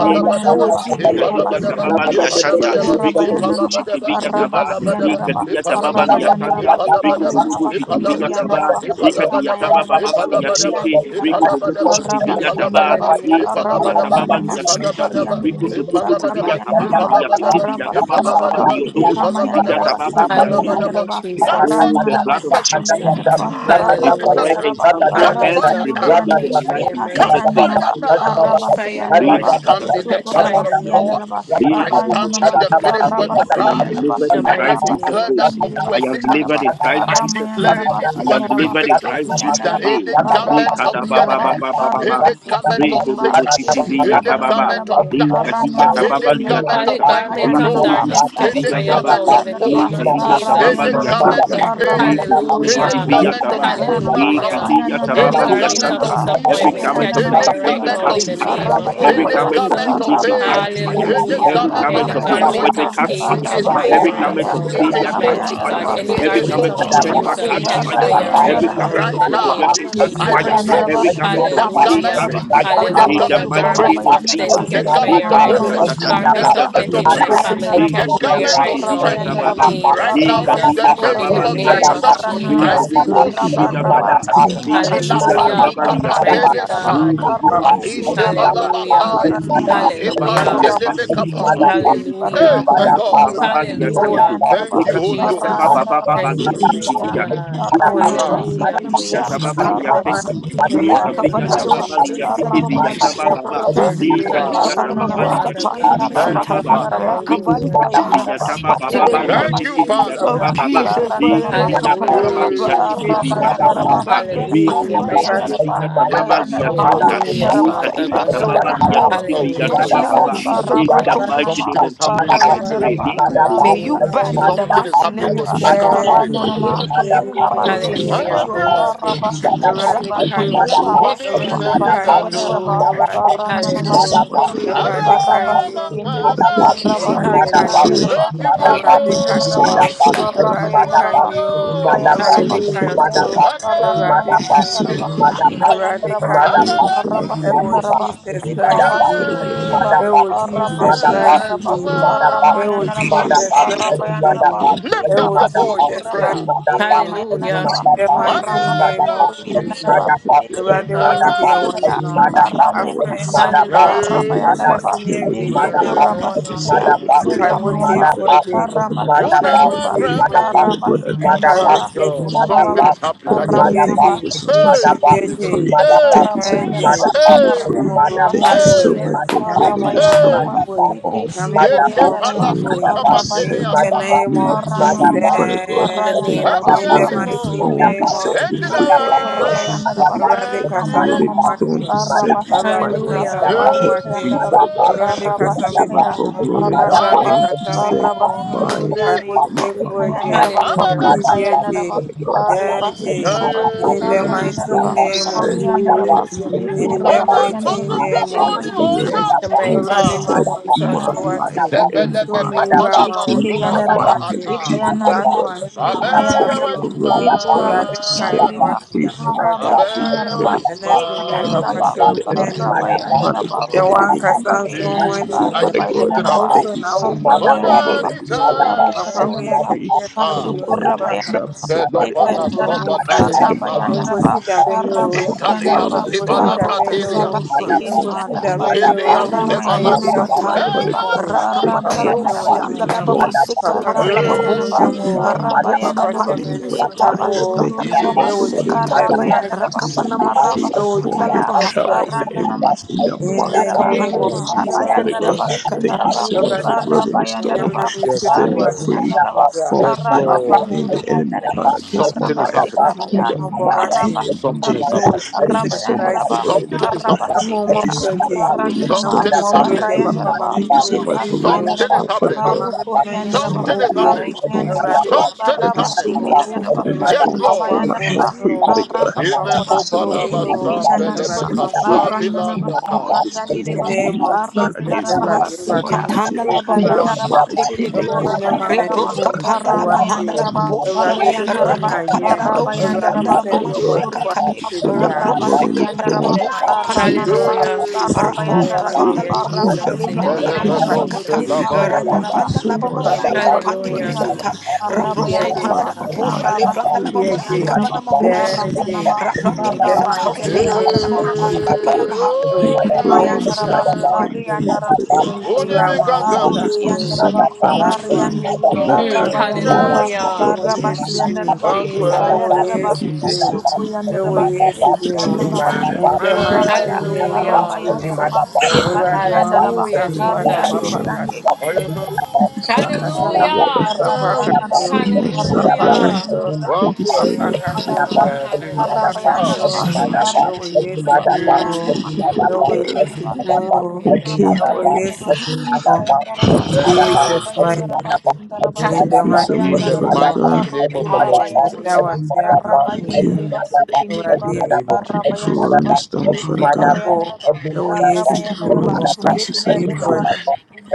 Speaker 8: Ni kadija kababa
Speaker 10: Ekabasiandaraba,
Speaker 8: liya shanta.
Speaker 6: de
Speaker 10: Ekura
Speaker 8: Riku
Speaker 6: Bella
Speaker 8: bububu
Speaker 10: Bayanama,
Speaker 8: shikivija kaba. Ni
Speaker 10: Rabasiandaraba,
Speaker 8: kadija kababa liya
Speaker 6: Thank
Speaker 8: shanta.
Speaker 10: Rabayandaraba,
Speaker 8: Riku bububu shikivija kaba.
Speaker 10: Rekabasunduriandaraba,
Speaker 8: Ni kadija kababa
Speaker 10: Ekabayanama
Speaker 8: baba liya shiki.
Speaker 10: Sundariandi
Speaker 9: Maseka.
Speaker 8: Riku
Speaker 10: Yaraba,
Speaker 8: bububu shikivija taba
Speaker 10: Arabasianaraba,
Speaker 8: Ni
Speaker 5: Hallelujah.
Speaker 8: kadija kababa
Speaker 10: Arabayanana
Speaker 8: liya shanta. Riku
Speaker 10: Masukariandinibi,
Speaker 8: tututu tuvija kababa
Speaker 10: Arabayanama,
Speaker 8: liya shiki. Vija kababa baba
Speaker 10: Arabasunaraba,
Speaker 8: liya tubu
Speaker 1: Ipalaba,
Speaker 8: shikivija
Speaker 10: Ekamayanaraba,
Speaker 8: kababa liya
Speaker 10: Sikindi
Speaker 8: shiki.
Speaker 5: Hallelujah,
Speaker 10: Yandaraba,
Speaker 5: Jesus.
Speaker 8: Oh,
Speaker 1: Garment
Speaker 8: the
Speaker 1: of
Speaker 10: Arananaba,
Speaker 8: blood of
Speaker 1: deception,
Speaker 8: Jesus
Speaker 10: Sikindi Yandaraba,
Speaker 1: cloth of
Speaker 8: destroy
Speaker 5: Hallelujah.
Speaker 1: deception,
Speaker 8: and
Speaker 10: Arabayanaraba,
Speaker 8: cancel
Speaker 1: catch
Speaker 5: Garments
Speaker 1: fire
Speaker 5: of
Speaker 8: every
Speaker 5: the
Speaker 1: now.
Speaker 8: bondage in
Speaker 10: Arasunduriandi,
Speaker 8: my
Speaker 5: catch
Speaker 8: life
Speaker 5: fire,
Speaker 8: in
Speaker 1: Catch
Speaker 8: Jesus'
Speaker 5: mighty God.
Speaker 8: name.
Speaker 1: fire
Speaker 10: Ekasayananaba,
Speaker 1: now.
Speaker 5: Catch fire
Speaker 1: I
Speaker 5: now.
Speaker 10: Arabasiandaraba,
Speaker 8: Rika da, da,
Speaker 1: stand
Speaker 8: da,
Speaker 1: in
Speaker 8: da,
Speaker 1: the
Speaker 5: Catch
Speaker 8: da.
Speaker 1: power
Speaker 5: fire
Speaker 1: of
Speaker 5: now.
Speaker 1: God.
Speaker 10: Esukurabasiandaraba,
Speaker 1: I stand in
Speaker 10: Arananaba,
Speaker 1: the finished work of
Speaker 8: I am
Speaker 1: Christ.
Speaker 10: Arabasiandaraba,
Speaker 8: delivered
Speaker 5: The
Speaker 8: in
Speaker 1: And I
Speaker 8: Christ
Speaker 5: mighty
Speaker 6: you.
Speaker 8: Jesus'
Speaker 5: name
Speaker 1: declare
Speaker 5: of
Speaker 8: name.
Speaker 6: Thank
Speaker 1: that
Speaker 10: Arabasikindi
Speaker 1: into
Speaker 8: I am
Speaker 5: Jesus.
Speaker 1: existence.
Speaker 8: delivered
Speaker 10: Basundaraba,
Speaker 8: in Christ
Speaker 1: I
Speaker 8: Jesus'
Speaker 1: declare
Speaker 8: name.
Speaker 1: it
Speaker 10: Aramayanaraba,
Speaker 8: I
Speaker 1: into
Speaker 8: am
Speaker 10: Sundaraba,
Speaker 8: delivered in
Speaker 1: manifestation.
Speaker 8: Christ Jesus'
Speaker 1: That
Speaker 10: Ekiandaraba,
Speaker 1: any
Speaker 8: name.
Speaker 1: garment of the
Speaker 10: Arabasundaraba,
Speaker 1: enemy,
Speaker 9: Might
Speaker 8: Lekadabababababa.
Speaker 1: any
Speaker 9: must be
Speaker 1: garment of
Speaker 9: some
Speaker 10: Aribasikindiriba,
Speaker 9: of
Speaker 1: Satan,
Speaker 9: shame,
Speaker 1: any
Speaker 8: Lekobobositibiyakababa.
Speaker 1: garment of
Speaker 10: Isikabayandaraba,
Speaker 5: Hallelujah.
Speaker 1: darkness,
Speaker 9: of
Speaker 4: faster,
Speaker 1: any
Speaker 10: Aranonamasundaraba,
Speaker 1: garment
Speaker 5: Holy
Speaker 1: of
Speaker 8: Lekadiyakababaliyasanta.
Speaker 1: mind
Speaker 5: garments of
Speaker 4: faster,
Speaker 1: control,
Speaker 10: Ikayandanama,
Speaker 5: darkness,
Speaker 4: faster.
Speaker 5: catch
Speaker 1: any
Speaker 5: fire
Speaker 8: Lekobobositibiyakaba.
Speaker 9: shame.
Speaker 5: now
Speaker 1: garment
Speaker 5: in
Speaker 1: of
Speaker 5: the
Speaker 10: Asikindiyandaraba,
Speaker 4: But
Speaker 5: name
Speaker 4: we
Speaker 5: of
Speaker 1: poverty,
Speaker 4: are
Speaker 9: God,
Speaker 5: Jesus.
Speaker 1: any
Speaker 4: not the
Speaker 10: Arabayandaraba,
Speaker 1: garment of
Speaker 8: Lekadiyakababaliyasante.
Speaker 9: shame
Speaker 1: pain,
Speaker 9: burn now.
Speaker 4: only
Speaker 10: Arabasukuria,
Speaker 1: any
Speaker 4: ones
Speaker 9: Garment
Speaker 5: Hallelujah.
Speaker 4: who have
Speaker 9: of
Speaker 4: been
Speaker 1: garment of
Speaker 9: shame
Speaker 8: Lekobobositibiyakaba.
Speaker 9: burn.
Speaker 1: emotional
Speaker 10: Ikayandanaba,
Speaker 5: Hallelujah.
Speaker 9: Burn
Speaker 1: trauma,
Speaker 9: now.
Speaker 5: Any
Speaker 1: any
Speaker 9: Garment of
Speaker 5: garment
Speaker 1: garment
Speaker 5: of
Speaker 1: of
Speaker 9: failure.
Speaker 8: Lekadiyakababaliyasanta.
Speaker 10: Ayananamasundaraba,
Speaker 9: Garment of
Speaker 8: Every
Speaker 1: evil,
Speaker 9: failure.
Speaker 5: disappointment
Speaker 9: I
Speaker 8: garment
Speaker 5: catch
Speaker 8: of
Speaker 9: Burn
Speaker 1: any
Speaker 5: fire
Speaker 9: you
Speaker 5: right
Speaker 8: disappointment
Speaker 9: now.
Speaker 1: garment
Speaker 5: now
Speaker 10: Ikayandanamasundaraba,
Speaker 1: of
Speaker 8: catch
Speaker 5: in the
Speaker 8: fire.
Speaker 1: sickness,
Speaker 5: name of
Speaker 8: Every
Speaker 7: you.
Speaker 1: any
Speaker 10: Arabayandaraba,
Speaker 9: So
Speaker 8: garment
Speaker 5: Jesus.
Speaker 8: of
Speaker 9: for
Speaker 5: Uh,
Speaker 9: me
Speaker 1: garment
Speaker 9: to
Speaker 1: of
Speaker 8: humiliation
Speaker 9: fail,
Speaker 8: catch
Speaker 9: God
Speaker 1: pain,
Speaker 9: has to
Speaker 8: fire.
Speaker 9: fail
Speaker 1: any
Speaker 10: Arabasikindibi,
Speaker 9: because
Speaker 5: hallelujah.
Speaker 9: my
Speaker 8: Every
Speaker 9: God
Speaker 1: garment
Speaker 8: garment
Speaker 1: of
Speaker 5: Any
Speaker 9: never
Speaker 8: of
Speaker 9: fails. I
Speaker 5: garment
Speaker 9: will
Speaker 8: disappointment
Speaker 5: of
Speaker 10: Arabayandanama,
Speaker 1: disappointment.
Speaker 9: not
Speaker 8: catch
Speaker 5: pain
Speaker 1: It
Speaker 8: fire.
Speaker 9: fail.
Speaker 1: is
Speaker 5: catch fire
Speaker 9: So
Speaker 8: Every
Speaker 9: I
Speaker 1: over.
Speaker 5: right
Speaker 8: garment
Speaker 10: Arabasikindia,
Speaker 8: of
Speaker 9: burn
Speaker 5: now.
Speaker 1: It
Speaker 9: any
Speaker 8: failure
Speaker 1: is
Speaker 6: you.
Speaker 9: garment
Speaker 8: catch
Speaker 9: of
Speaker 5: Mighty
Speaker 1: over.
Speaker 8: fire.
Speaker 5: God.
Speaker 9: failure,
Speaker 10: Ikabayandaraba,
Speaker 5: Any
Speaker 1: It
Speaker 9: Father.
Speaker 8: Every
Speaker 1: is
Speaker 9: Any
Speaker 5: garment
Speaker 6: Every
Speaker 8: garment
Speaker 5: of
Speaker 9: garment
Speaker 8: of
Speaker 6: mother,
Speaker 9: of
Speaker 1: over.
Speaker 10: Isikindiba,
Speaker 8: setback
Speaker 9: failure,
Speaker 5: refusal
Speaker 8: catch
Speaker 1: It
Speaker 6: every
Speaker 5: catch
Speaker 1: is
Speaker 9: Father.
Speaker 8: fire.
Speaker 6: mother,
Speaker 5: fire
Speaker 1: over.
Speaker 5: right
Speaker 8: Every
Speaker 10: Arabayandaraba,
Speaker 8: garment
Speaker 5: now
Speaker 6: every
Speaker 5: in
Speaker 9: Rabu
Speaker 1: Right
Speaker 8: of
Speaker 5: the
Speaker 1: now,
Speaker 5: name of
Speaker 8: retrogression
Speaker 9: stopanda la
Speaker 8: catch
Speaker 1: I
Speaker 8: fire.
Speaker 9: bahali
Speaker 5: Jesus. Uh,
Speaker 9: banda
Speaker 10: Yesikayandaraba,
Speaker 8: Every
Speaker 9: la
Speaker 1: replace
Speaker 8: garment of
Speaker 1: that
Speaker 9: bamatika
Speaker 8: delay
Speaker 9: pa.
Speaker 5: hallelujah.
Speaker 8: catch
Speaker 1: garment
Speaker 10: Dekabayandaraba,
Speaker 8: fire.
Speaker 1: with the
Speaker 8: In
Speaker 10: Baraba
Speaker 8: the
Speaker 5: Hallelujah.
Speaker 1: garment of
Speaker 8: mighty name
Speaker 5: Garments
Speaker 8: of
Speaker 5: of
Speaker 1: grace
Speaker 10: Sukurabayandaraba,
Speaker 5: death
Speaker 8: Jesus.
Speaker 9: The
Speaker 1: the
Speaker 5: catch
Speaker 9: Garment
Speaker 5: fire
Speaker 1: garment of
Speaker 9: of
Speaker 5: right
Speaker 9: failure.
Speaker 10: Dekamama
Speaker 5: now.
Speaker 1: holiness,
Speaker 9: Garment of
Speaker 1: the
Speaker 5: Garments
Speaker 10: Sundaraba,
Speaker 5: of
Speaker 9: shame.
Speaker 1: garment
Speaker 5: death
Speaker 1: of
Speaker 5: in my
Speaker 8: Lekatatatatatatatatatata.
Speaker 1: purity,
Speaker 4: affected.
Speaker 5: family
Speaker 10: Dekayandaraba,
Speaker 1: the
Speaker 5: catch fire
Speaker 1: garment of
Speaker 5: right now
Speaker 1: strength.
Speaker 5: in the
Speaker 7: Thank
Speaker 10: Dekurabayandaraba,
Speaker 8: Rekodogoshitivinyataba.
Speaker 5: name
Speaker 7: you.
Speaker 1: Right
Speaker 5: of
Speaker 9: Garment of
Speaker 1: now,
Speaker 10: Baraba
Speaker 1: in
Speaker 5: Jesus
Speaker 1: the
Speaker 9: disappointment,
Speaker 5: in
Speaker 1: name
Speaker 10: Sukuraba,
Speaker 5: the
Speaker 8: Lekadinyataba
Speaker 4: When
Speaker 1: of
Speaker 4: it
Speaker 9: Father.
Speaker 5: name
Speaker 4: comes
Speaker 9: It's
Speaker 5: of
Speaker 8: liyasanta.
Speaker 1: Jesus,
Speaker 9: upon the
Speaker 2: na
Speaker 10: Dekarananaba,
Speaker 1: I
Speaker 7: That's
Speaker 5: Jesus.
Speaker 9: level.
Speaker 7: in the in
Speaker 10: Baraba
Speaker 1: limos
Speaker 7: the
Speaker 10: Raba,
Speaker 8: Rekodogoshitivinyataba.
Speaker 7: mighty name of
Speaker 1: in la
Speaker 7: Jesus.
Speaker 10: Dekarananaba,
Speaker 4: to
Speaker 7: In
Speaker 5: Hallelujah.
Speaker 7: the
Speaker 8: Lekadinyataba
Speaker 1: pandika
Speaker 9: burn,
Speaker 7: mighty name of
Speaker 8: liyasanta.
Speaker 5: Mighty
Speaker 7: Jesus.
Speaker 10: Barayandaraba,
Speaker 1: patelesa,
Speaker 5: God.
Speaker 7: I thank
Speaker 2: paparɛ
Speaker 7: you so much,
Speaker 1: aliste
Speaker 7: Father
Speaker 9: burn,
Speaker 10: Barikukuraba,
Speaker 8: Rekodogoshitivinyataba.
Speaker 7: God,
Speaker 5: Hallelujah.
Speaker 7: for
Speaker 1: balabakaya,
Speaker 7: within me
Speaker 10: Dekaranaba,
Speaker 7: from
Speaker 8: Lekadinyataba
Speaker 7: all of
Speaker 5: Hallelujah.
Speaker 7: us.
Speaker 8: liyasanta.
Speaker 10: Ekorabasi
Speaker 7: Thank you,
Speaker 8: Thank
Speaker 7: Father
Speaker 1: epantelebekapa.
Speaker 10: kendere
Speaker 9: burn.
Speaker 7: God, for within
Speaker 5: Hallelujah.
Speaker 1: Hey, my
Speaker 10: barabasi
Speaker 7: me
Speaker 2: kasa
Speaker 6: mother,
Speaker 2: bio
Speaker 1: God,
Speaker 10: kendere ba
Speaker 7: from
Speaker 6: every
Speaker 7: this
Speaker 2: ɛwɔ
Speaker 7: thing.
Speaker 2: yi
Speaker 5: Hallelujah.
Speaker 7: Father
Speaker 10: ekayanaraba
Speaker 1: thank
Speaker 7: God,
Speaker 1: you,
Speaker 7: I
Speaker 1: Holy
Speaker 7: thank
Speaker 6: mother,
Speaker 7: you, Father
Speaker 5: Jesus.
Speaker 7: God,
Speaker 1: Ghost.
Speaker 6: Thank
Speaker 7: for
Speaker 10: barayanarabasi
Speaker 5: Thank you,
Speaker 7: Lord, in
Speaker 10: kende
Speaker 7: this
Speaker 2: mu
Speaker 10: ya
Speaker 5: mighty
Speaker 7: time,
Speaker 5: God.
Speaker 2: ɛwɔ yi
Speaker 7: to
Speaker 1: Ah,
Speaker 10: baranarabasi
Speaker 7: you,
Speaker 5: Hallelujah.
Speaker 7: to
Speaker 10: kende
Speaker 9: Rakavanama
Speaker 10: ya
Speaker 7: set me
Speaker 9: Boska
Speaker 2: mu
Speaker 7: free, to
Speaker 2: ɛma
Speaker 9: Tandalabaha.
Speaker 10: barabasi
Speaker 7: set my
Speaker 2: ne
Speaker 7: father
Speaker 10: kendere
Speaker 2: mu
Speaker 7: free, to
Speaker 5: Hallelujah,
Speaker 7: set
Speaker 9: Rekavadaro
Speaker 10: basundaraba
Speaker 7: my
Speaker 2: Jesus
Speaker 9: Shalim
Speaker 7: destiny
Speaker 5: Jesus.
Speaker 7: free,
Speaker 10: baranana
Speaker 9: Tandalabamas.
Speaker 7: to set my
Speaker 2: ɛma
Speaker 10: basukoraba
Speaker 7: country
Speaker 1: thank
Speaker 2: ne
Speaker 1: you,
Speaker 7: free,
Speaker 2: mu
Speaker 7: to
Speaker 1: Father.
Speaker 7: set
Speaker 9: Rekavanama
Speaker 10: ekaranana
Speaker 5: Hallelujah,
Speaker 10: ba
Speaker 7: my
Speaker 2: Jesus
Speaker 9: Boska
Speaker 5: Father
Speaker 7: free, to
Speaker 5: God.
Speaker 10: Ikababa
Speaker 7: free
Speaker 1: Thank you,
Speaker 7: in
Speaker 9: Pandibisata.
Speaker 2: ɛma
Speaker 7: the
Speaker 1: Father.
Speaker 10: Sundaraba,
Speaker 2: ne mu
Speaker 5: Hallelujah.
Speaker 9: Rakavandalabaha.
Speaker 2: Jesus
Speaker 10: Ikayanaraba,
Speaker 9: Mighty
Speaker 7: all of
Speaker 9: name
Speaker 10: Ikuraba
Speaker 1: Thank
Speaker 5: Hallelujah,
Speaker 1: you,
Speaker 7: you,
Speaker 5: mighty
Speaker 1: Father.
Speaker 2: ɛmpabɔ
Speaker 7: Father
Speaker 10: Sikindiriba,
Speaker 9: of
Speaker 5: God.
Speaker 7: God.
Speaker 9: Jesus,
Speaker 7: I
Speaker 9: Father.
Speaker 10: Barananama Sundaraba,
Speaker 5: Hallelujah,
Speaker 9: Lekapanama burn,
Speaker 1: Eh,
Speaker 9: oh
Speaker 5: Jesus.
Speaker 2: awurade
Speaker 9: Lord.
Speaker 7: thank you,
Speaker 9: Let
Speaker 2: ɛmpabɔ
Speaker 7: Father.
Speaker 10: Barabayandaraba,
Speaker 9: burn,
Speaker 7: I
Speaker 9: burn,
Speaker 7: thank
Speaker 9: burn,
Speaker 7: you,
Speaker 9: burn,
Speaker 5: Hallelujah,
Speaker 10: Yesikindi
Speaker 9: burn,
Speaker 2: awurade ɛmpabɔ
Speaker 7: Father.
Speaker 5: mighty
Speaker 2: ɛwɔ Jesus mu ɛwurade
Speaker 9: burn.
Speaker 10: Yandaraba,
Speaker 2: ɛmpabɔ
Speaker 5: God.
Speaker 10: Kayandaraba
Speaker 9: Garment of
Speaker 6: you.
Speaker 5: Hallelujah,
Speaker 9: shame,
Speaker 10: Sundaraba,
Speaker 1: elasomborokobasak.
Speaker 5: Father
Speaker 9: failure,
Speaker 6: Thank
Speaker 5: God.
Speaker 9: disappointment.
Speaker 10: Barikayandaraba
Speaker 1: Oh,
Speaker 5: Hallelujah,
Speaker 9: Mighty
Speaker 10: Sikindiya,
Speaker 9: name
Speaker 1: Jesus.
Speaker 9: of
Speaker 8: you.
Speaker 7: so
Speaker 5: Jesus.
Speaker 7: much.
Speaker 9: Jesus, oh
Speaker 8: In
Speaker 9: Lord,
Speaker 8: the mighty
Speaker 10: Barabayananama,
Speaker 9: retrogression.
Speaker 8: name
Speaker 1: Something
Speaker 8: of
Speaker 1: is happening in
Speaker 8: Jesus,
Speaker 1: the
Speaker 8: I
Speaker 1: spirit.
Speaker 8: pray.
Speaker 10: Barayandaraba,
Speaker 5: Mighty
Speaker 9: May
Speaker 7: Thank
Speaker 9: you
Speaker 10: Barika
Speaker 5: name of
Speaker 9: burn
Speaker 2: Jesus
Speaker 9: in the
Speaker 10: Sunduruba
Speaker 1: Something
Speaker 5: Jesus.
Speaker 1: is
Speaker 9: mighty
Speaker 1: happening in
Speaker 9: name of
Speaker 10: Sindiriba,
Speaker 1: this. I
Speaker 7: you
Speaker 9: Jesus,
Speaker 1: can
Speaker 7: for
Speaker 9: oh
Speaker 1: feel
Speaker 9: Lord.
Speaker 2: Jesus,
Speaker 1: it.
Speaker 9: Burn.
Speaker 7: thank
Speaker 10: Barananama,
Speaker 9: Let the
Speaker 2: in the
Speaker 9: consuming
Speaker 2: name
Speaker 9: fire,
Speaker 10: Ikaba
Speaker 2: of
Speaker 9: oh Lord,
Speaker 7: you.
Speaker 1: My
Speaker 10: Sindiriba,
Speaker 2: Jesus,
Speaker 9: set
Speaker 5: Hallelujah.
Speaker 9: you
Speaker 1: Abra,
Speaker 9: ablaze, Father.
Speaker 2: Erade,
Speaker 7: Thank you
Speaker 10: Baraba
Speaker 7: so
Speaker 2: Erade
Speaker 10: Sikindiriba,
Speaker 5: Hmm.
Speaker 9: Rakapandala
Speaker 2: Kaimi,
Speaker 9: baboska
Speaker 1: Oni
Speaker 9: pan
Speaker 2: Erade
Speaker 1: mani
Speaker 10: Kurubasi and
Speaker 9: lekapada
Speaker 2: Kaimi,
Speaker 9: baha.
Speaker 10: Araba,
Speaker 1: dado.
Speaker 2: Erade
Speaker 5: Hallelujah.
Speaker 2: Kaimi,
Speaker 9: Rakanda
Speaker 7: much for the
Speaker 10: Baranamasikindi,
Speaker 9: baboska
Speaker 1: Abra,
Speaker 2: Erade
Speaker 7: God.
Speaker 9: shika pan
Speaker 1: ma
Speaker 2: Kaimi,
Speaker 10: Barabasikindi,
Speaker 9: lebosia.
Speaker 1: papa,
Speaker 7: thank you for
Speaker 2: Awurade
Speaker 10: Barabasiki
Speaker 7: breaking
Speaker 2: kan me
Speaker 10: and
Speaker 5: Hallelujah.
Speaker 7: free.
Speaker 2: o,
Speaker 10: Araba,
Speaker 1: eti
Speaker 2: Awurade
Speaker 7: Thank you
Speaker 2: kan
Speaker 7: so
Speaker 2: me
Speaker 7: much
Speaker 1: kwamyo,
Speaker 2: o,
Speaker 10: Baramayanaraba,
Speaker 7: for the God.
Speaker 2: Awurade kan
Speaker 10: Barabayandaraba,
Speaker 2: me o,
Speaker 7: Thank you so
Speaker 10: Bekayandaraba,
Speaker 2: Awurade
Speaker 7: much
Speaker 1: kwamyo.
Speaker 7: for
Speaker 2: kan
Speaker 5: Hallelujah.
Speaker 2: me
Speaker 10: Sikaya,
Speaker 7: the
Speaker 2: o,
Speaker 7: God.
Speaker 2: Awurade
Speaker 7: Thank you
Speaker 2: kan
Speaker 7: so
Speaker 1: Wagera
Speaker 2: me
Speaker 1: di,
Speaker 7: much
Speaker 10: Baranamasundaraba,
Speaker 7: for
Speaker 2: o,
Speaker 7: the God.
Speaker 2: Awurade
Speaker 10: Bekayandaraba,
Speaker 2: kan me
Speaker 7: Thank
Speaker 2: o,
Speaker 7: you
Speaker 1: ababa
Speaker 7: so
Speaker 1: tu,
Speaker 7: much for the
Speaker 2: ɛwɔ
Speaker 6: you.
Speaker 7: God.
Speaker 10: Bekarabasundaraba,
Speaker 2: Jesus
Speaker 6: Azimada
Speaker 2: Christ
Speaker 6: pa,
Speaker 1: yeye,
Speaker 2: din mu,
Speaker 10: Bekabasikindiba,
Speaker 6: Azimada pa,
Speaker 2: ɛwɔ
Speaker 1: we,
Speaker 7: Thank you
Speaker 2: Jesus
Speaker 6: Azimada
Speaker 7: so much.
Speaker 6: pa,
Speaker 2: Christ
Speaker 7: for the
Speaker 10: Barabasiyandaraba,
Speaker 2: din
Speaker 7: girl.
Speaker 2: mu,
Speaker 6: Azimada
Speaker 2: ɛwɔ
Speaker 7: Thank you
Speaker 10: Baramayanaraba,
Speaker 7: so much
Speaker 2: Jesus
Speaker 7: for the
Speaker 2: Christ
Speaker 7: God.
Speaker 2: bí
Speaker 7: Thank
Speaker 10: Barabayandaraba,
Speaker 2: wọn.
Speaker 7: you. Thank you
Speaker 2: Ẹ
Speaker 1: Lift up
Speaker 2: wọ
Speaker 1: your
Speaker 7: so
Speaker 1: voice in
Speaker 7: much
Speaker 2: Jesus
Speaker 7: for the
Speaker 1: prayer.
Speaker 2: Christ
Speaker 10: Bekabasukuraba,
Speaker 7: God.
Speaker 2: din
Speaker 10: Deka
Speaker 2: mu,
Speaker 7: Thank you
Speaker 5: Hallelujah.
Speaker 2: in
Speaker 10: mayanaraba
Speaker 7: so
Speaker 2: the
Speaker 7: much for the God.
Speaker 2: mighty name of
Speaker 10: barramasunduri
Speaker 7: Thank you,
Speaker 1: Wamyaraki,
Speaker 7: Jesus.
Speaker 10: yanaraba
Speaker 2: Jesus. Awurade wɔ
Speaker 10: dekelireba
Speaker 2: ne
Speaker 7: Thank you
Speaker 2: deɛ
Speaker 7: for
Speaker 2: wɔ
Speaker 1: Amamatsu,
Speaker 2: ne
Speaker 10: sikaya
Speaker 2: no,
Speaker 7: breaking me from all
Speaker 2: afa ne
Speaker 7: this
Speaker 10: barramayanaraba
Speaker 2: omega,
Speaker 5: Hallelujah.
Speaker 7: pain
Speaker 1: Nyaye,
Speaker 7: in the
Speaker 10: barrabayanaraba
Speaker 2: ahyɛse
Speaker 7: mighty
Speaker 2: ne
Speaker 7: name of
Speaker 2: awie
Speaker 7: Jesus. Father God,
Speaker 2: nyame
Speaker 10: desukuraba
Speaker 7: thank you for
Speaker 2: no
Speaker 10: sikaya
Speaker 7: setting me free.
Speaker 10: deka
Speaker 2: Empire
Speaker 5: Hallelujah.
Speaker 2: botier
Speaker 7: Father
Speaker 10: mamama
Speaker 7: God,
Speaker 2: for
Speaker 7: I
Speaker 2: a day.
Speaker 7: thank you so much for
Speaker 1: Who
Speaker 2: Empire
Speaker 7: setting
Speaker 1: now
Speaker 7: me
Speaker 1: are
Speaker 10: barramasikindiriba
Speaker 2: botier
Speaker 7: free.
Speaker 1: from
Speaker 2: for a
Speaker 1: me?
Speaker 2: day.
Speaker 7: Father God, I thank you
Speaker 2: Empire
Speaker 7: so
Speaker 10: barramasikindiriba
Speaker 1: My
Speaker 7: much
Speaker 2: botier
Speaker 7: for
Speaker 2: for
Speaker 1: God,
Speaker 7: setting me
Speaker 2: a day.
Speaker 1: something
Speaker 10: yababa
Speaker 7: free.
Speaker 1: is happening.
Speaker 7: Father
Speaker 1: I
Speaker 2: Only
Speaker 7: God,
Speaker 2: be
Speaker 7: I
Speaker 1: just,
Speaker 2: a
Speaker 7: thank
Speaker 10: barrananaba
Speaker 7: you for
Speaker 2: J.
Speaker 7: such
Speaker 1: hey,
Speaker 2: Only
Speaker 6: pa,
Speaker 2: be
Speaker 7: setting
Speaker 2: a
Speaker 7: me
Speaker 10: desikindiriba
Speaker 7: free.
Speaker 2: J.
Speaker 1: hey,
Speaker 7: Thank you so
Speaker 6: Thank
Speaker 2: Yeah,
Speaker 7: much for
Speaker 10: Parabayandaraba,
Speaker 2: J.
Speaker 6: you.
Speaker 7: setting me
Speaker 1: hey,
Speaker 6: Thank
Speaker 2: Nyame
Speaker 7: free.
Speaker 2: mo bro
Speaker 10: Parayandaraba,
Speaker 2: hum
Speaker 7: Thank you
Speaker 1: hey,
Speaker 7: so
Speaker 2: foi.
Speaker 10: Sundaria,
Speaker 7: much
Speaker 5: Hallelujah.
Speaker 7: for
Speaker 2: Nyame
Speaker 7: rolling
Speaker 2: mo
Speaker 7: the
Speaker 2: bro
Speaker 1: hey.
Speaker 10: Parabayandaraba,
Speaker 7: stone
Speaker 2: foi.
Speaker 7: off
Speaker 2: Nyame mo
Speaker 1: Yeke
Speaker 7: the
Speaker 2: bro hum
Speaker 10: Ikisindiryandaraba,
Speaker 1: fala
Speaker 7: tomb
Speaker 2: foi.
Speaker 1: suta
Speaker 7: to
Speaker 1: matene
Speaker 2: In
Speaker 7: set
Speaker 2: the
Speaker 10: Parabasiandaraba,
Speaker 1: asa.
Speaker 2: name
Speaker 7: me
Speaker 2: of
Speaker 7: free,
Speaker 6: you.
Speaker 10: Paranonoma,
Speaker 7: Father God.
Speaker 5: In
Speaker 2: Jesus.
Speaker 5: the
Speaker 6: Every
Speaker 7: Thank
Speaker 5: name
Speaker 7: you
Speaker 5: of
Speaker 10: Parayandaraba,
Speaker 1: Wabu
Speaker 6: mother,
Speaker 7: for
Speaker 2: In
Speaker 1: ya
Speaker 2: the
Speaker 7: rolling the
Speaker 5: Jesus.
Speaker 6: every
Speaker 2: mighty
Speaker 6: mother,
Speaker 1: bimo.
Speaker 7: stone to
Speaker 2: name
Speaker 7: set
Speaker 10: Basikindiandaraba,
Speaker 2: of
Speaker 7: me
Speaker 1: Eti na
Speaker 7: free, Father God.
Speaker 2: Jesus.
Speaker 1: wa
Speaker 7: Thank
Speaker 10: Nesukurabayandaraba,
Speaker 7: you for set-
Speaker 2: Eradicate
Speaker 1: friend.
Speaker 7: rolling the
Speaker 10: Nekamamama,
Speaker 7: stone
Speaker 2: some
Speaker 7: to set my
Speaker 2: Arade
Speaker 10: Parabasiandariba,
Speaker 7: finance
Speaker 2: kasami
Speaker 7: and
Speaker 5: Hallelujah.
Speaker 7: my health free,
Speaker 2: huate.
Speaker 10: Parikayandaraba,
Speaker 7: Father God.
Speaker 2: Arade
Speaker 1: Yeah.
Speaker 7: Thank you so
Speaker 2: kasami hu.
Speaker 10: Parabasikaya,
Speaker 7: much for rolling the
Speaker 1: Abiaradi,
Speaker 2: Arade
Speaker 10: Paranonaba,
Speaker 7: stone to
Speaker 2: kasami
Speaker 7: set
Speaker 10: Baraba
Speaker 2: hu.
Speaker 7: my
Speaker 10: Sunduruyandi,
Speaker 2: Bible
Speaker 7: my
Speaker 2: J
Speaker 7: my
Speaker 2: for
Speaker 7: my, my,
Speaker 2: J.
Speaker 10: Vikayanaraba,
Speaker 7: my
Speaker 5: Hallelujah.
Speaker 2: Only
Speaker 1: Amamatu,
Speaker 2: be
Speaker 7: blessings
Speaker 2: a
Speaker 7: free,
Speaker 10: Vikayanaraba,
Speaker 2: J.
Speaker 7: Father God.
Speaker 2: There
Speaker 7: I
Speaker 10: Bariba
Speaker 7: thank you
Speaker 2: J.
Speaker 7: so
Speaker 10: Sundaraba,
Speaker 7: much for
Speaker 2: In the
Speaker 7: rolling the
Speaker 1: Yaye,
Speaker 2: mighty
Speaker 10: Bakayanaraba,
Speaker 7: stone to
Speaker 2: name of
Speaker 7: set
Speaker 1: Oja
Speaker 7: my
Speaker 2: Jesus.
Speaker 10: Bariyanaraba,
Speaker 7: destiny free,
Speaker 2: In
Speaker 7: Father
Speaker 2: the
Speaker 7: God.
Speaker 2: mighty
Speaker 10: Vikurabasiyanaraba,
Speaker 1: Susu
Speaker 7: Thank you
Speaker 2: name
Speaker 7: so
Speaker 2: of
Speaker 7: much
Speaker 1: Kroni
Speaker 7: for your
Speaker 10: Vikayanaraba.
Speaker 2: Jesus.
Speaker 1: Oja,
Speaker 5: The
Speaker 7: wisdom.
Speaker 5: mighty
Speaker 2: Arade
Speaker 5: name
Speaker 1: Ah,
Speaker 2: ma
Speaker 7: Set
Speaker 5: of
Speaker 2: wansa
Speaker 7: my
Speaker 5: Jesus.
Speaker 7: life
Speaker 2: sowate.
Speaker 7: and
Speaker 1: Sevele
Speaker 7: my
Speaker 2: Tumi
Speaker 1: Meka
Speaker 2: ura
Speaker 7: future
Speaker 2: ma
Speaker 1: Palama
Speaker 10: Usikinde
Speaker 7: free in
Speaker 2: wansa
Speaker 7: the
Speaker 10: yandaraba,
Speaker 7: mighty
Speaker 1: Supalama
Speaker 7: name
Speaker 2: sowate.
Speaker 7: of
Speaker 6: every
Speaker 1: Hata,
Speaker 7: Jesus, Father
Speaker 6: mother,
Speaker 10: ikayananaba,
Speaker 7: God.
Speaker 2: Dwatwa
Speaker 6: Thank
Speaker 2: hima
Speaker 7: Thank you so
Speaker 2: wansa
Speaker 1: Abeya
Speaker 7: much
Speaker 10: ikayanaraba,
Speaker 7: for
Speaker 2: sowate.
Speaker 1: Wachuma,
Speaker 7: rolling the
Speaker 10: ikuraba
Speaker 7: stone
Speaker 2: Arade
Speaker 7: to
Speaker 2: kaime
Speaker 7: set
Speaker 10: yandaraba,
Speaker 7: me
Speaker 2: wate
Speaker 7: free
Speaker 2: nyame
Speaker 7: from
Speaker 10: baraba
Speaker 7: every
Speaker 2: batapa
Speaker 1: Abeya
Speaker 10: sundaraba,
Speaker 1: Wachuma,
Speaker 7: infirmity
Speaker 2: ananimere
Speaker 7: and
Speaker 10: ikayanaraba,
Speaker 7: and
Speaker 2: papahwɛ wo
Speaker 7: and
Speaker 1: Ujabu,
Speaker 2: din
Speaker 7: and and
Speaker 10: baraba
Speaker 7: the
Speaker 2: animuonyam
Speaker 7: plan of
Speaker 10: yanaraba,
Speaker 7: the
Speaker 2: hyɛ
Speaker 10: baba
Speaker 7: enemy in the
Speaker 2: w'ankasa
Speaker 10: sundari,
Speaker 2: nso
Speaker 7: mighty name
Speaker 2: ho
Speaker 7: of
Speaker 1: Uji.
Speaker 7: Jesus,
Speaker 1: I
Speaker 2: animuonyam
Speaker 7: Father
Speaker 10: baraba
Speaker 1: see
Speaker 7: God.
Speaker 1: something
Speaker 2: wo
Speaker 10: yanaraba,
Speaker 1: happening.
Speaker 2: so
Speaker 7: Thank you
Speaker 2: na
Speaker 7: so
Speaker 2: wokɔ
Speaker 7: much
Speaker 10: baraba
Speaker 2: na
Speaker 7: for
Speaker 2: woyɛ
Speaker 1: Oda
Speaker 10: yanaraba,
Speaker 7: rolling the
Speaker 1: Mita,
Speaker 2: kɛseɛ
Speaker 7: stone to
Speaker 10: barika
Speaker 2: papa
Speaker 7: set me
Speaker 2: woyɛ
Speaker 10: yandaraba,
Speaker 7: free
Speaker 2: kɛseɛ sen
Speaker 1: Ah,
Speaker 7: from
Speaker 2: deɛ
Speaker 7: all
Speaker 2: onipa
Speaker 10: basukuraba
Speaker 7: the
Speaker 2: ka
Speaker 7: traps
Speaker 10: yandaraba,
Speaker 7: set by the
Speaker 2: ame
Speaker 1: Belovana
Speaker 7: enemy
Speaker 2: mmɔborɔ
Speaker 7: in
Speaker 10: Ekayanara,
Speaker 2: ho
Speaker 7: the
Speaker 2: mfuoe
Speaker 7: mighty name of
Speaker 2: na
Speaker 1: Sabataleasa.
Speaker 10: Arabayanaraba,
Speaker 2: nkosi da
Speaker 7: Jesus.
Speaker 2: bɛnyɛ
Speaker 7: Thank you
Speaker 2: oo
Speaker 7: so much for
Speaker 1: Italia
Speaker 2: papa
Speaker 10: Arabasyanaraba,
Speaker 7: rolling the
Speaker 2: nkosi
Speaker 7: stone
Speaker 9: Fire
Speaker 1: Sivala
Speaker 2: da
Speaker 9: of
Speaker 7: to
Speaker 9: the
Speaker 2: bɛnyɛ
Speaker 7: set
Speaker 2: oo
Speaker 1: Catilias,
Speaker 7: me
Speaker 9: Holy
Speaker 7: free
Speaker 9: Ghost,
Speaker 10: Arukurabasikindi
Speaker 7: from
Speaker 2: nkosi
Speaker 9: Father,
Speaker 2: da
Speaker 7: all
Speaker 10: Yanaraba,
Speaker 7: these
Speaker 9: lick
Speaker 2: bɛnyɛ
Speaker 7: things the
Speaker 9: upon
Speaker 1: Ilia
Speaker 2: oo
Speaker 9: the
Speaker 7: enemy has planned
Speaker 1: Sivalak,
Speaker 10: Aramayana
Speaker 7: over my
Speaker 2: ayɛbiafo
Speaker 9: lababoskata.
Speaker 7: life, Father
Speaker 10: Masundereba,
Speaker 2: nyankopɔn
Speaker 7: God.
Speaker 2: wei
Speaker 1: Beachuba.
Speaker 7: Thank you
Speaker 2: papa
Speaker 7: so much
Speaker 2: hyɛ
Speaker 7: for
Speaker 10: Arabayanaraba
Speaker 9: Rakapadadadosi
Speaker 7: rolling
Speaker 9: and the
Speaker 7: the
Speaker 2: w'animuonyam
Speaker 10: Sikindi,
Speaker 7: stone
Speaker 6: you.
Speaker 7: to
Speaker 9: Labamasika
Speaker 7: set
Speaker 2: papa
Speaker 7: my
Speaker 2: hyɛ
Speaker 6: Every
Speaker 7: health
Speaker 6: mother,
Speaker 10: Arabayanaba,
Speaker 9: Pandalababosha
Speaker 2: m'animuonyam
Speaker 7: free in
Speaker 6: every
Speaker 7: the
Speaker 2: oo
Speaker 6: mother,
Speaker 7: mighty name
Speaker 2: papa
Speaker 7: of
Speaker 9: Raboska
Speaker 7: Jesus.
Speaker 2: hyɛ
Speaker 10: Arabayanaba,
Speaker 7: Jesus, Father
Speaker 9: Pandilibisata
Speaker 2: m'animuonyam
Speaker 7: God.
Speaker 2: oo
Speaker 7: Thank
Speaker 9: Libranda
Speaker 7: you so
Speaker 10: Ekabasunduriande,
Speaker 7: much for
Speaker 2: ɛwɔ
Speaker 7: rolling the
Speaker 9: Labamasikata
Speaker 2: jesus
Speaker 7: stone
Speaker 2: christ
Speaker 10: Arabayanaba.
Speaker 7: to
Speaker 2: din
Speaker 7: send me
Speaker 9: Rakapanama
Speaker 7: free
Speaker 9: Boska
Speaker 2: Oh,
Speaker 7: from
Speaker 10: Arabasukaya,
Speaker 7: the
Speaker 9: Pandalabaha
Speaker 2: Jesus
Speaker 7: trap of
Speaker 2: Christ,
Speaker 7: the
Speaker 2: you do.
Speaker 7: enemies in the
Speaker 10: Barananabasuku
Speaker 2: in the
Speaker 9: Rika
Speaker 7: mighty
Speaker 10: Yandaraba,
Speaker 7: name
Speaker 2: name
Speaker 7: of
Speaker 2: of
Speaker 1: Thank
Speaker 9: Panama
Speaker 1: you,
Speaker 9: and the
Speaker 7: Jesus, Father
Speaker 2: Jesus,
Speaker 1: Father.
Speaker 7: God.
Speaker 10: Ekabayandaraba
Speaker 2: everybody.
Speaker 7: Thank
Speaker 9: Labamasikata
Speaker 7: you
Speaker 10: Sundaraba,
Speaker 7: so much
Speaker 2: Everybody,
Speaker 7: for
Speaker 9: Ebosi and
Speaker 7: rolling the
Speaker 2: when
Speaker 7: stone
Speaker 2: I'm
Speaker 10: Barabayandaraba,
Speaker 2: not in
Speaker 7: to
Speaker 2: the
Speaker 1: Yes,
Speaker 7: send me
Speaker 2: world,
Speaker 1: Lord.
Speaker 7: free
Speaker 10: Barikayandaraba,
Speaker 7: from
Speaker 1: Yes,
Speaker 2: Papa,
Speaker 1: Lord.
Speaker 2: who
Speaker 7: everything the
Speaker 2: you
Speaker 7: enemy
Speaker 10: Barabasunduriandari,
Speaker 2: want
Speaker 7: planned against my
Speaker 1: Something is
Speaker 7: life
Speaker 1: happening.
Speaker 7: in
Speaker 10: Barabasikabaya,
Speaker 7: the
Speaker 2: abahummɔbɔ
Speaker 7: mighty
Speaker 2: wake
Speaker 7: name of
Speaker 1: Something
Speaker 10: Barabasundari,
Speaker 1: is
Speaker 7: Jesus.
Speaker 2: ɛwɔ
Speaker 1: happening.
Speaker 7: Thank you
Speaker 2: Jesus
Speaker 7: so much
Speaker 2: Christ
Speaker 7: for
Speaker 10: Barabayandaraba,
Speaker 2: din
Speaker 7: rolling the
Speaker 2: mu.
Speaker 1: Something is
Speaker 7: stone.
Speaker 1: happening.
Speaker 7: Thank you
Speaker 10: Barabasikaya,
Speaker 2: Ɛhummɔborɔ
Speaker 7: so much
Speaker 2: gye,
Speaker 9: the
Speaker 7: for rolling
Speaker 9: Rikapa
Speaker 7: the
Speaker 10: Baranaraba,
Speaker 7: stone.
Speaker 1: Something is
Speaker 7: Send
Speaker 2: ɛhummɔborɔ
Speaker 7: me
Speaker 1: happening.
Speaker 2: gye.
Speaker 7: free.
Speaker 2: Papa ma
Speaker 10: Barayanaraba,
Speaker 2: me
Speaker 7: Thank
Speaker 2: so
Speaker 7: you so much
Speaker 2: mfiri
Speaker 7: for
Speaker 6: every
Speaker 2: bio.
Speaker 7: rolling the
Speaker 1: Something
Speaker 10: Bekasianaraba,
Speaker 1: is
Speaker 7: stone, Father
Speaker 2: Papa
Speaker 1: happening.
Speaker 2: ma
Speaker 7: God.
Speaker 2: me
Speaker 6: mother,
Speaker 2: so
Speaker 7: Thank you
Speaker 2: m'ani
Speaker 6: I
Speaker 2: nnye
Speaker 7: so
Speaker 10: Barukurianaraba,
Speaker 2: me
Speaker 7: much
Speaker 2: ho
Speaker 1: Something
Speaker 7: for
Speaker 1: is
Speaker 2: bio.
Speaker 9: Raboska
Speaker 7: rolling
Speaker 1: happening.
Speaker 7: the stone, Father
Speaker 10: Barikayanaraba,
Speaker 2: Awurade
Speaker 7: God.
Speaker 2: ma wo
Speaker 1: Something is
Speaker 7: Thank
Speaker 2: nsa
Speaker 7: you
Speaker 9: Raboska
Speaker 2: so
Speaker 1: happening.
Speaker 7: so
Speaker 2: o.
Speaker 7: much for
Speaker 10: Barabasikayanaraba,
Speaker 7: rolling the
Speaker 2: Awurade
Speaker 1: Yes,
Speaker 7: stone to
Speaker 2: yɛ
Speaker 7: set
Speaker 1: Lord.
Speaker 7: my
Speaker 2: for bi
Speaker 10: Bekabayanaraba,
Speaker 7: health free,
Speaker 2: mmere o.
Speaker 7: Father God.
Speaker 2: Papa
Speaker 7: Thank
Speaker 10: Barabayanaraba,
Speaker 7: you
Speaker 1: Yemeko
Speaker 7: so
Speaker 2: mmɔdefoɔ
Speaker 7: much
Speaker 2: bi
Speaker 7: for
Speaker 1: balaba
Speaker 2: mmere
Speaker 7: rolling
Speaker 2: o.
Speaker 7: the stone to
Speaker 1: sambele
Speaker 10: Esikiyanaraba,
Speaker 9: Raboska
Speaker 7: set
Speaker 2: Awurade ma
Speaker 7: me
Speaker 1: beka
Speaker 7: free
Speaker 2: mmɔborɔ yi
Speaker 7: from
Speaker 10: Barananaba
Speaker 1: sabilanda
Speaker 7: all
Speaker 1: kaya.
Speaker 7: these
Speaker 2: in
Speaker 7: things the
Speaker 2: the
Speaker 10: Sukarianireba,
Speaker 2: name
Speaker 7: enemy
Speaker 2: of
Speaker 7: has planned
Speaker 2: Jesus,
Speaker 7: against
Speaker 10: Baranaraba
Speaker 7: my
Speaker 2: Ẹwurade,
Speaker 7: life and my
Speaker 2: Ẹwurade
Speaker 9: Masuka
Speaker 10: Sikinia,
Speaker 2: mo ti
Speaker 7: future.
Speaker 9: tanda
Speaker 2: kó
Speaker 9: la
Speaker 2: ogun
Speaker 7: In
Speaker 2: mìíràn
Speaker 7: the
Speaker 2: wá sí.
Speaker 10: Bekayanaraba,
Speaker 9: debe
Speaker 7: mighty
Speaker 9: debe.
Speaker 7: name
Speaker 2: Ẹwurade
Speaker 7: of
Speaker 2: mẹ́ma
Speaker 7: Jesus,
Speaker 2: mẹ́ni
Speaker 7: Father
Speaker 10: Bekurabayanaraba,
Speaker 2: mo
Speaker 9: Rebroska
Speaker 2: mú
Speaker 7: God.
Speaker 2: wá
Speaker 9: panda
Speaker 2: sí
Speaker 7: In
Speaker 9: la
Speaker 7: the
Speaker 2: wá sí.
Speaker 9: bahanda la
Speaker 7: mighty
Speaker 10: Baramayanaraba,
Speaker 7: name of Jesus,
Speaker 9: babosha.
Speaker 2: Ẹwurade wo
Speaker 7: Father God.
Speaker 2: bẹ́tìmí
Speaker 10: Barayanaraba,
Speaker 9: Raka
Speaker 7: In
Speaker 2: ayẹ.
Speaker 9: pata
Speaker 7: the
Speaker 9: la
Speaker 7: mighty name
Speaker 9: dosi
Speaker 7: of
Speaker 2: Ẹwurade
Speaker 9: anda
Speaker 10: Barabayanaraba,
Speaker 9: la
Speaker 7: Jesus,
Speaker 2: sẹ́
Speaker 7: Father
Speaker 2: ẹ̀dí ọgbọ́n
Speaker 7: God.
Speaker 2: nípa
Speaker 9: bamasekata.
Speaker 10: Basukuriande,
Speaker 7: Thank you
Speaker 2: ṣíṣe
Speaker 7: so
Speaker 2: bí i
Speaker 7: much for
Speaker 2: à.
Speaker 7: rolling
Speaker 10: Barabasi
Speaker 7: the
Speaker 9: Rabroseka
Speaker 10: and
Speaker 9: pata
Speaker 2: In
Speaker 10: Barabasiandaraba,
Speaker 7: stone.
Speaker 2: the
Speaker 9: baboska
Speaker 2: mighty
Speaker 7: to
Speaker 2: name
Speaker 10: Barananama,
Speaker 9: pandibizata.
Speaker 2: of
Speaker 5: Hallelujah.
Speaker 1: Hey,
Speaker 2: Jesus,
Speaker 7: set me
Speaker 9: Raboska
Speaker 2: Empire
Speaker 10: Barabayandaraba,
Speaker 2: go
Speaker 9: panda
Speaker 7: free
Speaker 2: to
Speaker 9: la
Speaker 5: Hallelujah,
Speaker 2: you for
Speaker 7: in
Speaker 9: babosha
Speaker 7: the
Speaker 2: again.
Speaker 5: Jesus, in the
Speaker 9: lebranda la
Speaker 5: name
Speaker 7: mighty
Speaker 5: of
Speaker 2: Empire
Speaker 10: Barakasunduriandaraba,
Speaker 7: name
Speaker 2: go
Speaker 7: of
Speaker 2: to
Speaker 1: Belebekoshe
Speaker 9: bamasekata.
Speaker 2: you
Speaker 5: Jesus.
Speaker 7: Jesus.
Speaker 6: do
Speaker 2: for
Speaker 6: my
Speaker 2: again.
Speaker 1: Labadaba.
Speaker 6: job.
Speaker 7: Thank you
Speaker 10: Bekabayandaraba,
Speaker 9: Rapafanda
Speaker 7: so
Speaker 9: la
Speaker 7: much
Speaker 2: Empire
Speaker 7: in
Speaker 2: go
Speaker 7: the
Speaker 9: bamaseka
Speaker 2: to
Speaker 7: mighty
Speaker 10: Bikiandaraba,
Speaker 2: you for
Speaker 7: name of
Speaker 5: Hallelujah,
Speaker 2: again.
Speaker 10: Sundari,
Speaker 9: pandilibizata.
Speaker 7: Jesus.
Speaker 2: Only
Speaker 7: Thank you
Speaker 2: be
Speaker 9: Rabroska
Speaker 7: so
Speaker 2: again.
Speaker 5: mighty
Speaker 9: panda
Speaker 10: Barabayandaraba,
Speaker 7: much
Speaker 9: la
Speaker 7: in the
Speaker 5: God.
Speaker 9: bosha,
Speaker 7: mighty name of
Speaker 9: lebranda
Speaker 2: Only
Speaker 9: la
Speaker 2: be
Speaker 7: Jesus.
Speaker 2: again.
Speaker 9: bamaseka
Speaker 7: Thank
Speaker 10: Barabasikindiandaraba,
Speaker 7: you so
Speaker 2: There
Speaker 9: vanamabosi
Speaker 7: much in
Speaker 9: ande.
Speaker 7: the
Speaker 2: again.
Speaker 10: Barananama,
Speaker 7: mighty name of
Speaker 2: In the
Speaker 9: Rabrandilibizata
Speaker 11: Shut
Speaker 10: Barabasi,
Speaker 9: ya
Speaker 7: Jesus.
Speaker 11: up,
Speaker 2: mighty
Speaker 1: Hey,
Speaker 10: Kaya.
Speaker 7: Thank you
Speaker 9: lebranda
Speaker 2: name
Speaker 9: la
Speaker 2: of
Speaker 7: so much for
Speaker 2: Jesus.
Speaker 9: masuka
Speaker 7: the God.
Speaker 9: panamaha.
Speaker 10: Kabayandaraba,
Speaker 7: Thank you
Speaker 1: oh,
Speaker 7: for your
Speaker 2: Mawan
Speaker 10: Bekubayandaraba,
Speaker 7: responses.
Speaker 1: Namiche,
Speaker 9: Um.
Speaker 7: Thank you
Speaker 2: Sasuwake,
Speaker 7: free for
Speaker 10: Bariyandaraba,
Speaker 7: the God.
Speaker 10: Sitiliya,
Speaker 7: Thank
Speaker 2: Tumira Mawan
Speaker 7: you for your response to
Speaker 2: Sasu,
Speaker 1: Unimikatabu,
Speaker 7: set
Speaker 10: Barusiyandaraba,
Speaker 7: my family free
Speaker 2: Ratwa
Speaker 10: Bariyandi,
Speaker 7: from
Speaker 2: Mawan
Speaker 7: that
Speaker 5: Hmm,
Speaker 7: type of
Speaker 2: Sasu,
Speaker 7: enemy
Speaker 10: Barabayandaraba,
Speaker 1: Aura,
Speaker 7: for
Speaker 5: hallelujah,
Speaker 7: God.
Speaker 2: Ewo
Speaker 7: Thank you
Speaker 2: Yesu
Speaker 7: so much
Speaker 10: Barabasiyandaraba,
Speaker 7: for
Speaker 2: Dreamu,
Speaker 7: the God.
Speaker 2: Ewo
Speaker 5: Jesus.
Speaker 1: Wapwe,
Speaker 10: Bayadaraba,
Speaker 7: Thank
Speaker 2: Yesu
Speaker 7: you for
Speaker 2: Dreamu,
Speaker 7: setting
Speaker 2: Ewo
Speaker 10: Besukuyandaraba,
Speaker 2: Yesu
Speaker 7: setting
Speaker 2: Dreamu,
Speaker 10: Bekayandaraba,
Speaker 7: everything
Speaker 1: Nami
Speaker 2: in
Speaker 1: Fre,
Speaker 2: the
Speaker 7: up.
Speaker 2: mighty
Speaker 10: Bekurabaya,
Speaker 2: name of
Speaker 5: Hallelujah,
Speaker 2: Jesus.
Speaker 10: Barabayandaraba,
Speaker 1: Obe,
Speaker 2: Everybody Mawan
Speaker 10: Bekasiyandaraba,
Speaker 5: hallelujah,
Speaker 7: Thank you,
Speaker 2: Sasuwake,
Speaker 5: Jesus.
Speaker 2: Papa
Speaker 7: Kenya.
Speaker 10: Bariyanduriyandi,
Speaker 2: Kato,
Speaker 1: Ayama,
Speaker 7: Thank you so
Speaker 2: Papa
Speaker 7: much
Speaker 6: Every
Speaker 7: for the
Speaker 10: Raba,
Speaker 2: Kato,
Speaker 6: mother,
Speaker 7: God.
Speaker 5: Hallelujah,
Speaker 6: every
Speaker 2: Papa
Speaker 1: Ura,
Speaker 7: Thank
Speaker 6: mother,
Speaker 10: Rabayana
Speaker 7: you
Speaker 10: Raba,
Speaker 7: so
Speaker 2: Kato,
Speaker 7: much
Speaker 6: every
Speaker 7: for the
Speaker 6: mother,
Speaker 2: Papa
Speaker 10: Barikaba
Speaker 7: God.
Speaker 5: hallelujah,
Speaker 2: Kato,
Speaker 10: Sundu Sandu,
Speaker 7: Thank you
Speaker 1: Wapwe,
Speaker 7: so much for
Speaker 2: Papakaso,
Speaker 7: the
Speaker 10: Rikabayana Raba,
Speaker 7: God.
Speaker 1: Rafi.
Speaker 10: Rabayana
Speaker 7: Thank
Speaker 5: hallelujah,
Speaker 1: Oh,
Speaker 2: papakaso,
Speaker 7: you
Speaker 10: Raba,
Speaker 7: so
Speaker 1: Jesus.
Speaker 7: much.
Speaker 2: ewe
Speaker 10: Barikayana
Speaker 2: yesu
Speaker 10: Raba,
Speaker 2: dirimo o,
Speaker 1: Hey,
Speaker 10: Barama
Speaker 7: Thank you for the
Speaker 2: ewe
Speaker 7: God.
Speaker 10: Sunduriana
Speaker 2: yesu
Speaker 10: Raba,
Speaker 2: dirimo o,
Speaker 5: hallelujah,
Speaker 7: Thank you.
Speaker 5: mighty
Speaker 2: ewe
Speaker 5: God.
Speaker 10: Rabasiana
Speaker 2: yesu
Speaker 10: Raba,
Speaker 2: dirimo o.
Speaker 10: Kayana
Speaker 2: In
Speaker 10: Raba,
Speaker 1: Thank you,
Speaker 5: Jesus,
Speaker 1: Holy
Speaker 2: Jesus'
Speaker 10: Rabayana
Speaker 1: Spirit.
Speaker 2: mighty
Speaker 10: Raba,
Speaker 2: name,
Speaker 10: Sundaraba,
Speaker 2: in
Speaker 7: Thank
Speaker 2: the
Speaker 7: you
Speaker 5: hallelujah,
Speaker 7: so
Speaker 2: mighty
Speaker 1: In
Speaker 10: Dikayana
Speaker 7: much
Speaker 1: the
Speaker 7: for
Speaker 10: Raba,
Speaker 2: name
Speaker 7: the
Speaker 2: of
Speaker 1: mighty
Speaker 7: God.
Speaker 1: name
Speaker 2: Jesus.
Speaker 1: of
Speaker 10: Ruku
Speaker 1: the Lord
Speaker 10: Rabayana
Speaker 2: Ẹ̀dá
Speaker 5: hallelujah,
Speaker 1: Jesus.
Speaker 2: wa
Speaker 10: Raba,
Speaker 2: tí a kàn fún
Speaker 7: Thank
Speaker 2: ìdí
Speaker 10: Rabayana
Speaker 7: you.
Speaker 10: Raba, Sikindi
Speaker 2: ọ̀rọ̀
Speaker 10: Raba,
Speaker 1: In the name of
Speaker 7: Thank you for
Speaker 10: Rabayana
Speaker 1: Jesus.
Speaker 7: rolling
Speaker 10: Raba,
Speaker 7: the stone for the
Speaker 10: Iku
Speaker 7: girl.
Speaker 2: Amemọ́pọ̀
Speaker 10: Rabayana Raba,
Speaker 2: lọ́wọ́ Yéésù
Speaker 7: Thank you
Speaker 2: di
Speaker 10: Rabayana
Speaker 7: for
Speaker 2: mímọ́
Speaker 10: Raba,
Speaker 7: rolling the
Speaker 6: every
Speaker 7: stones to
Speaker 6: mother,
Speaker 7: set
Speaker 9: Masika
Speaker 7: me
Speaker 10: Dikayana
Speaker 7: free.
Speaker 10: Raba,
Speaker 9: Panama.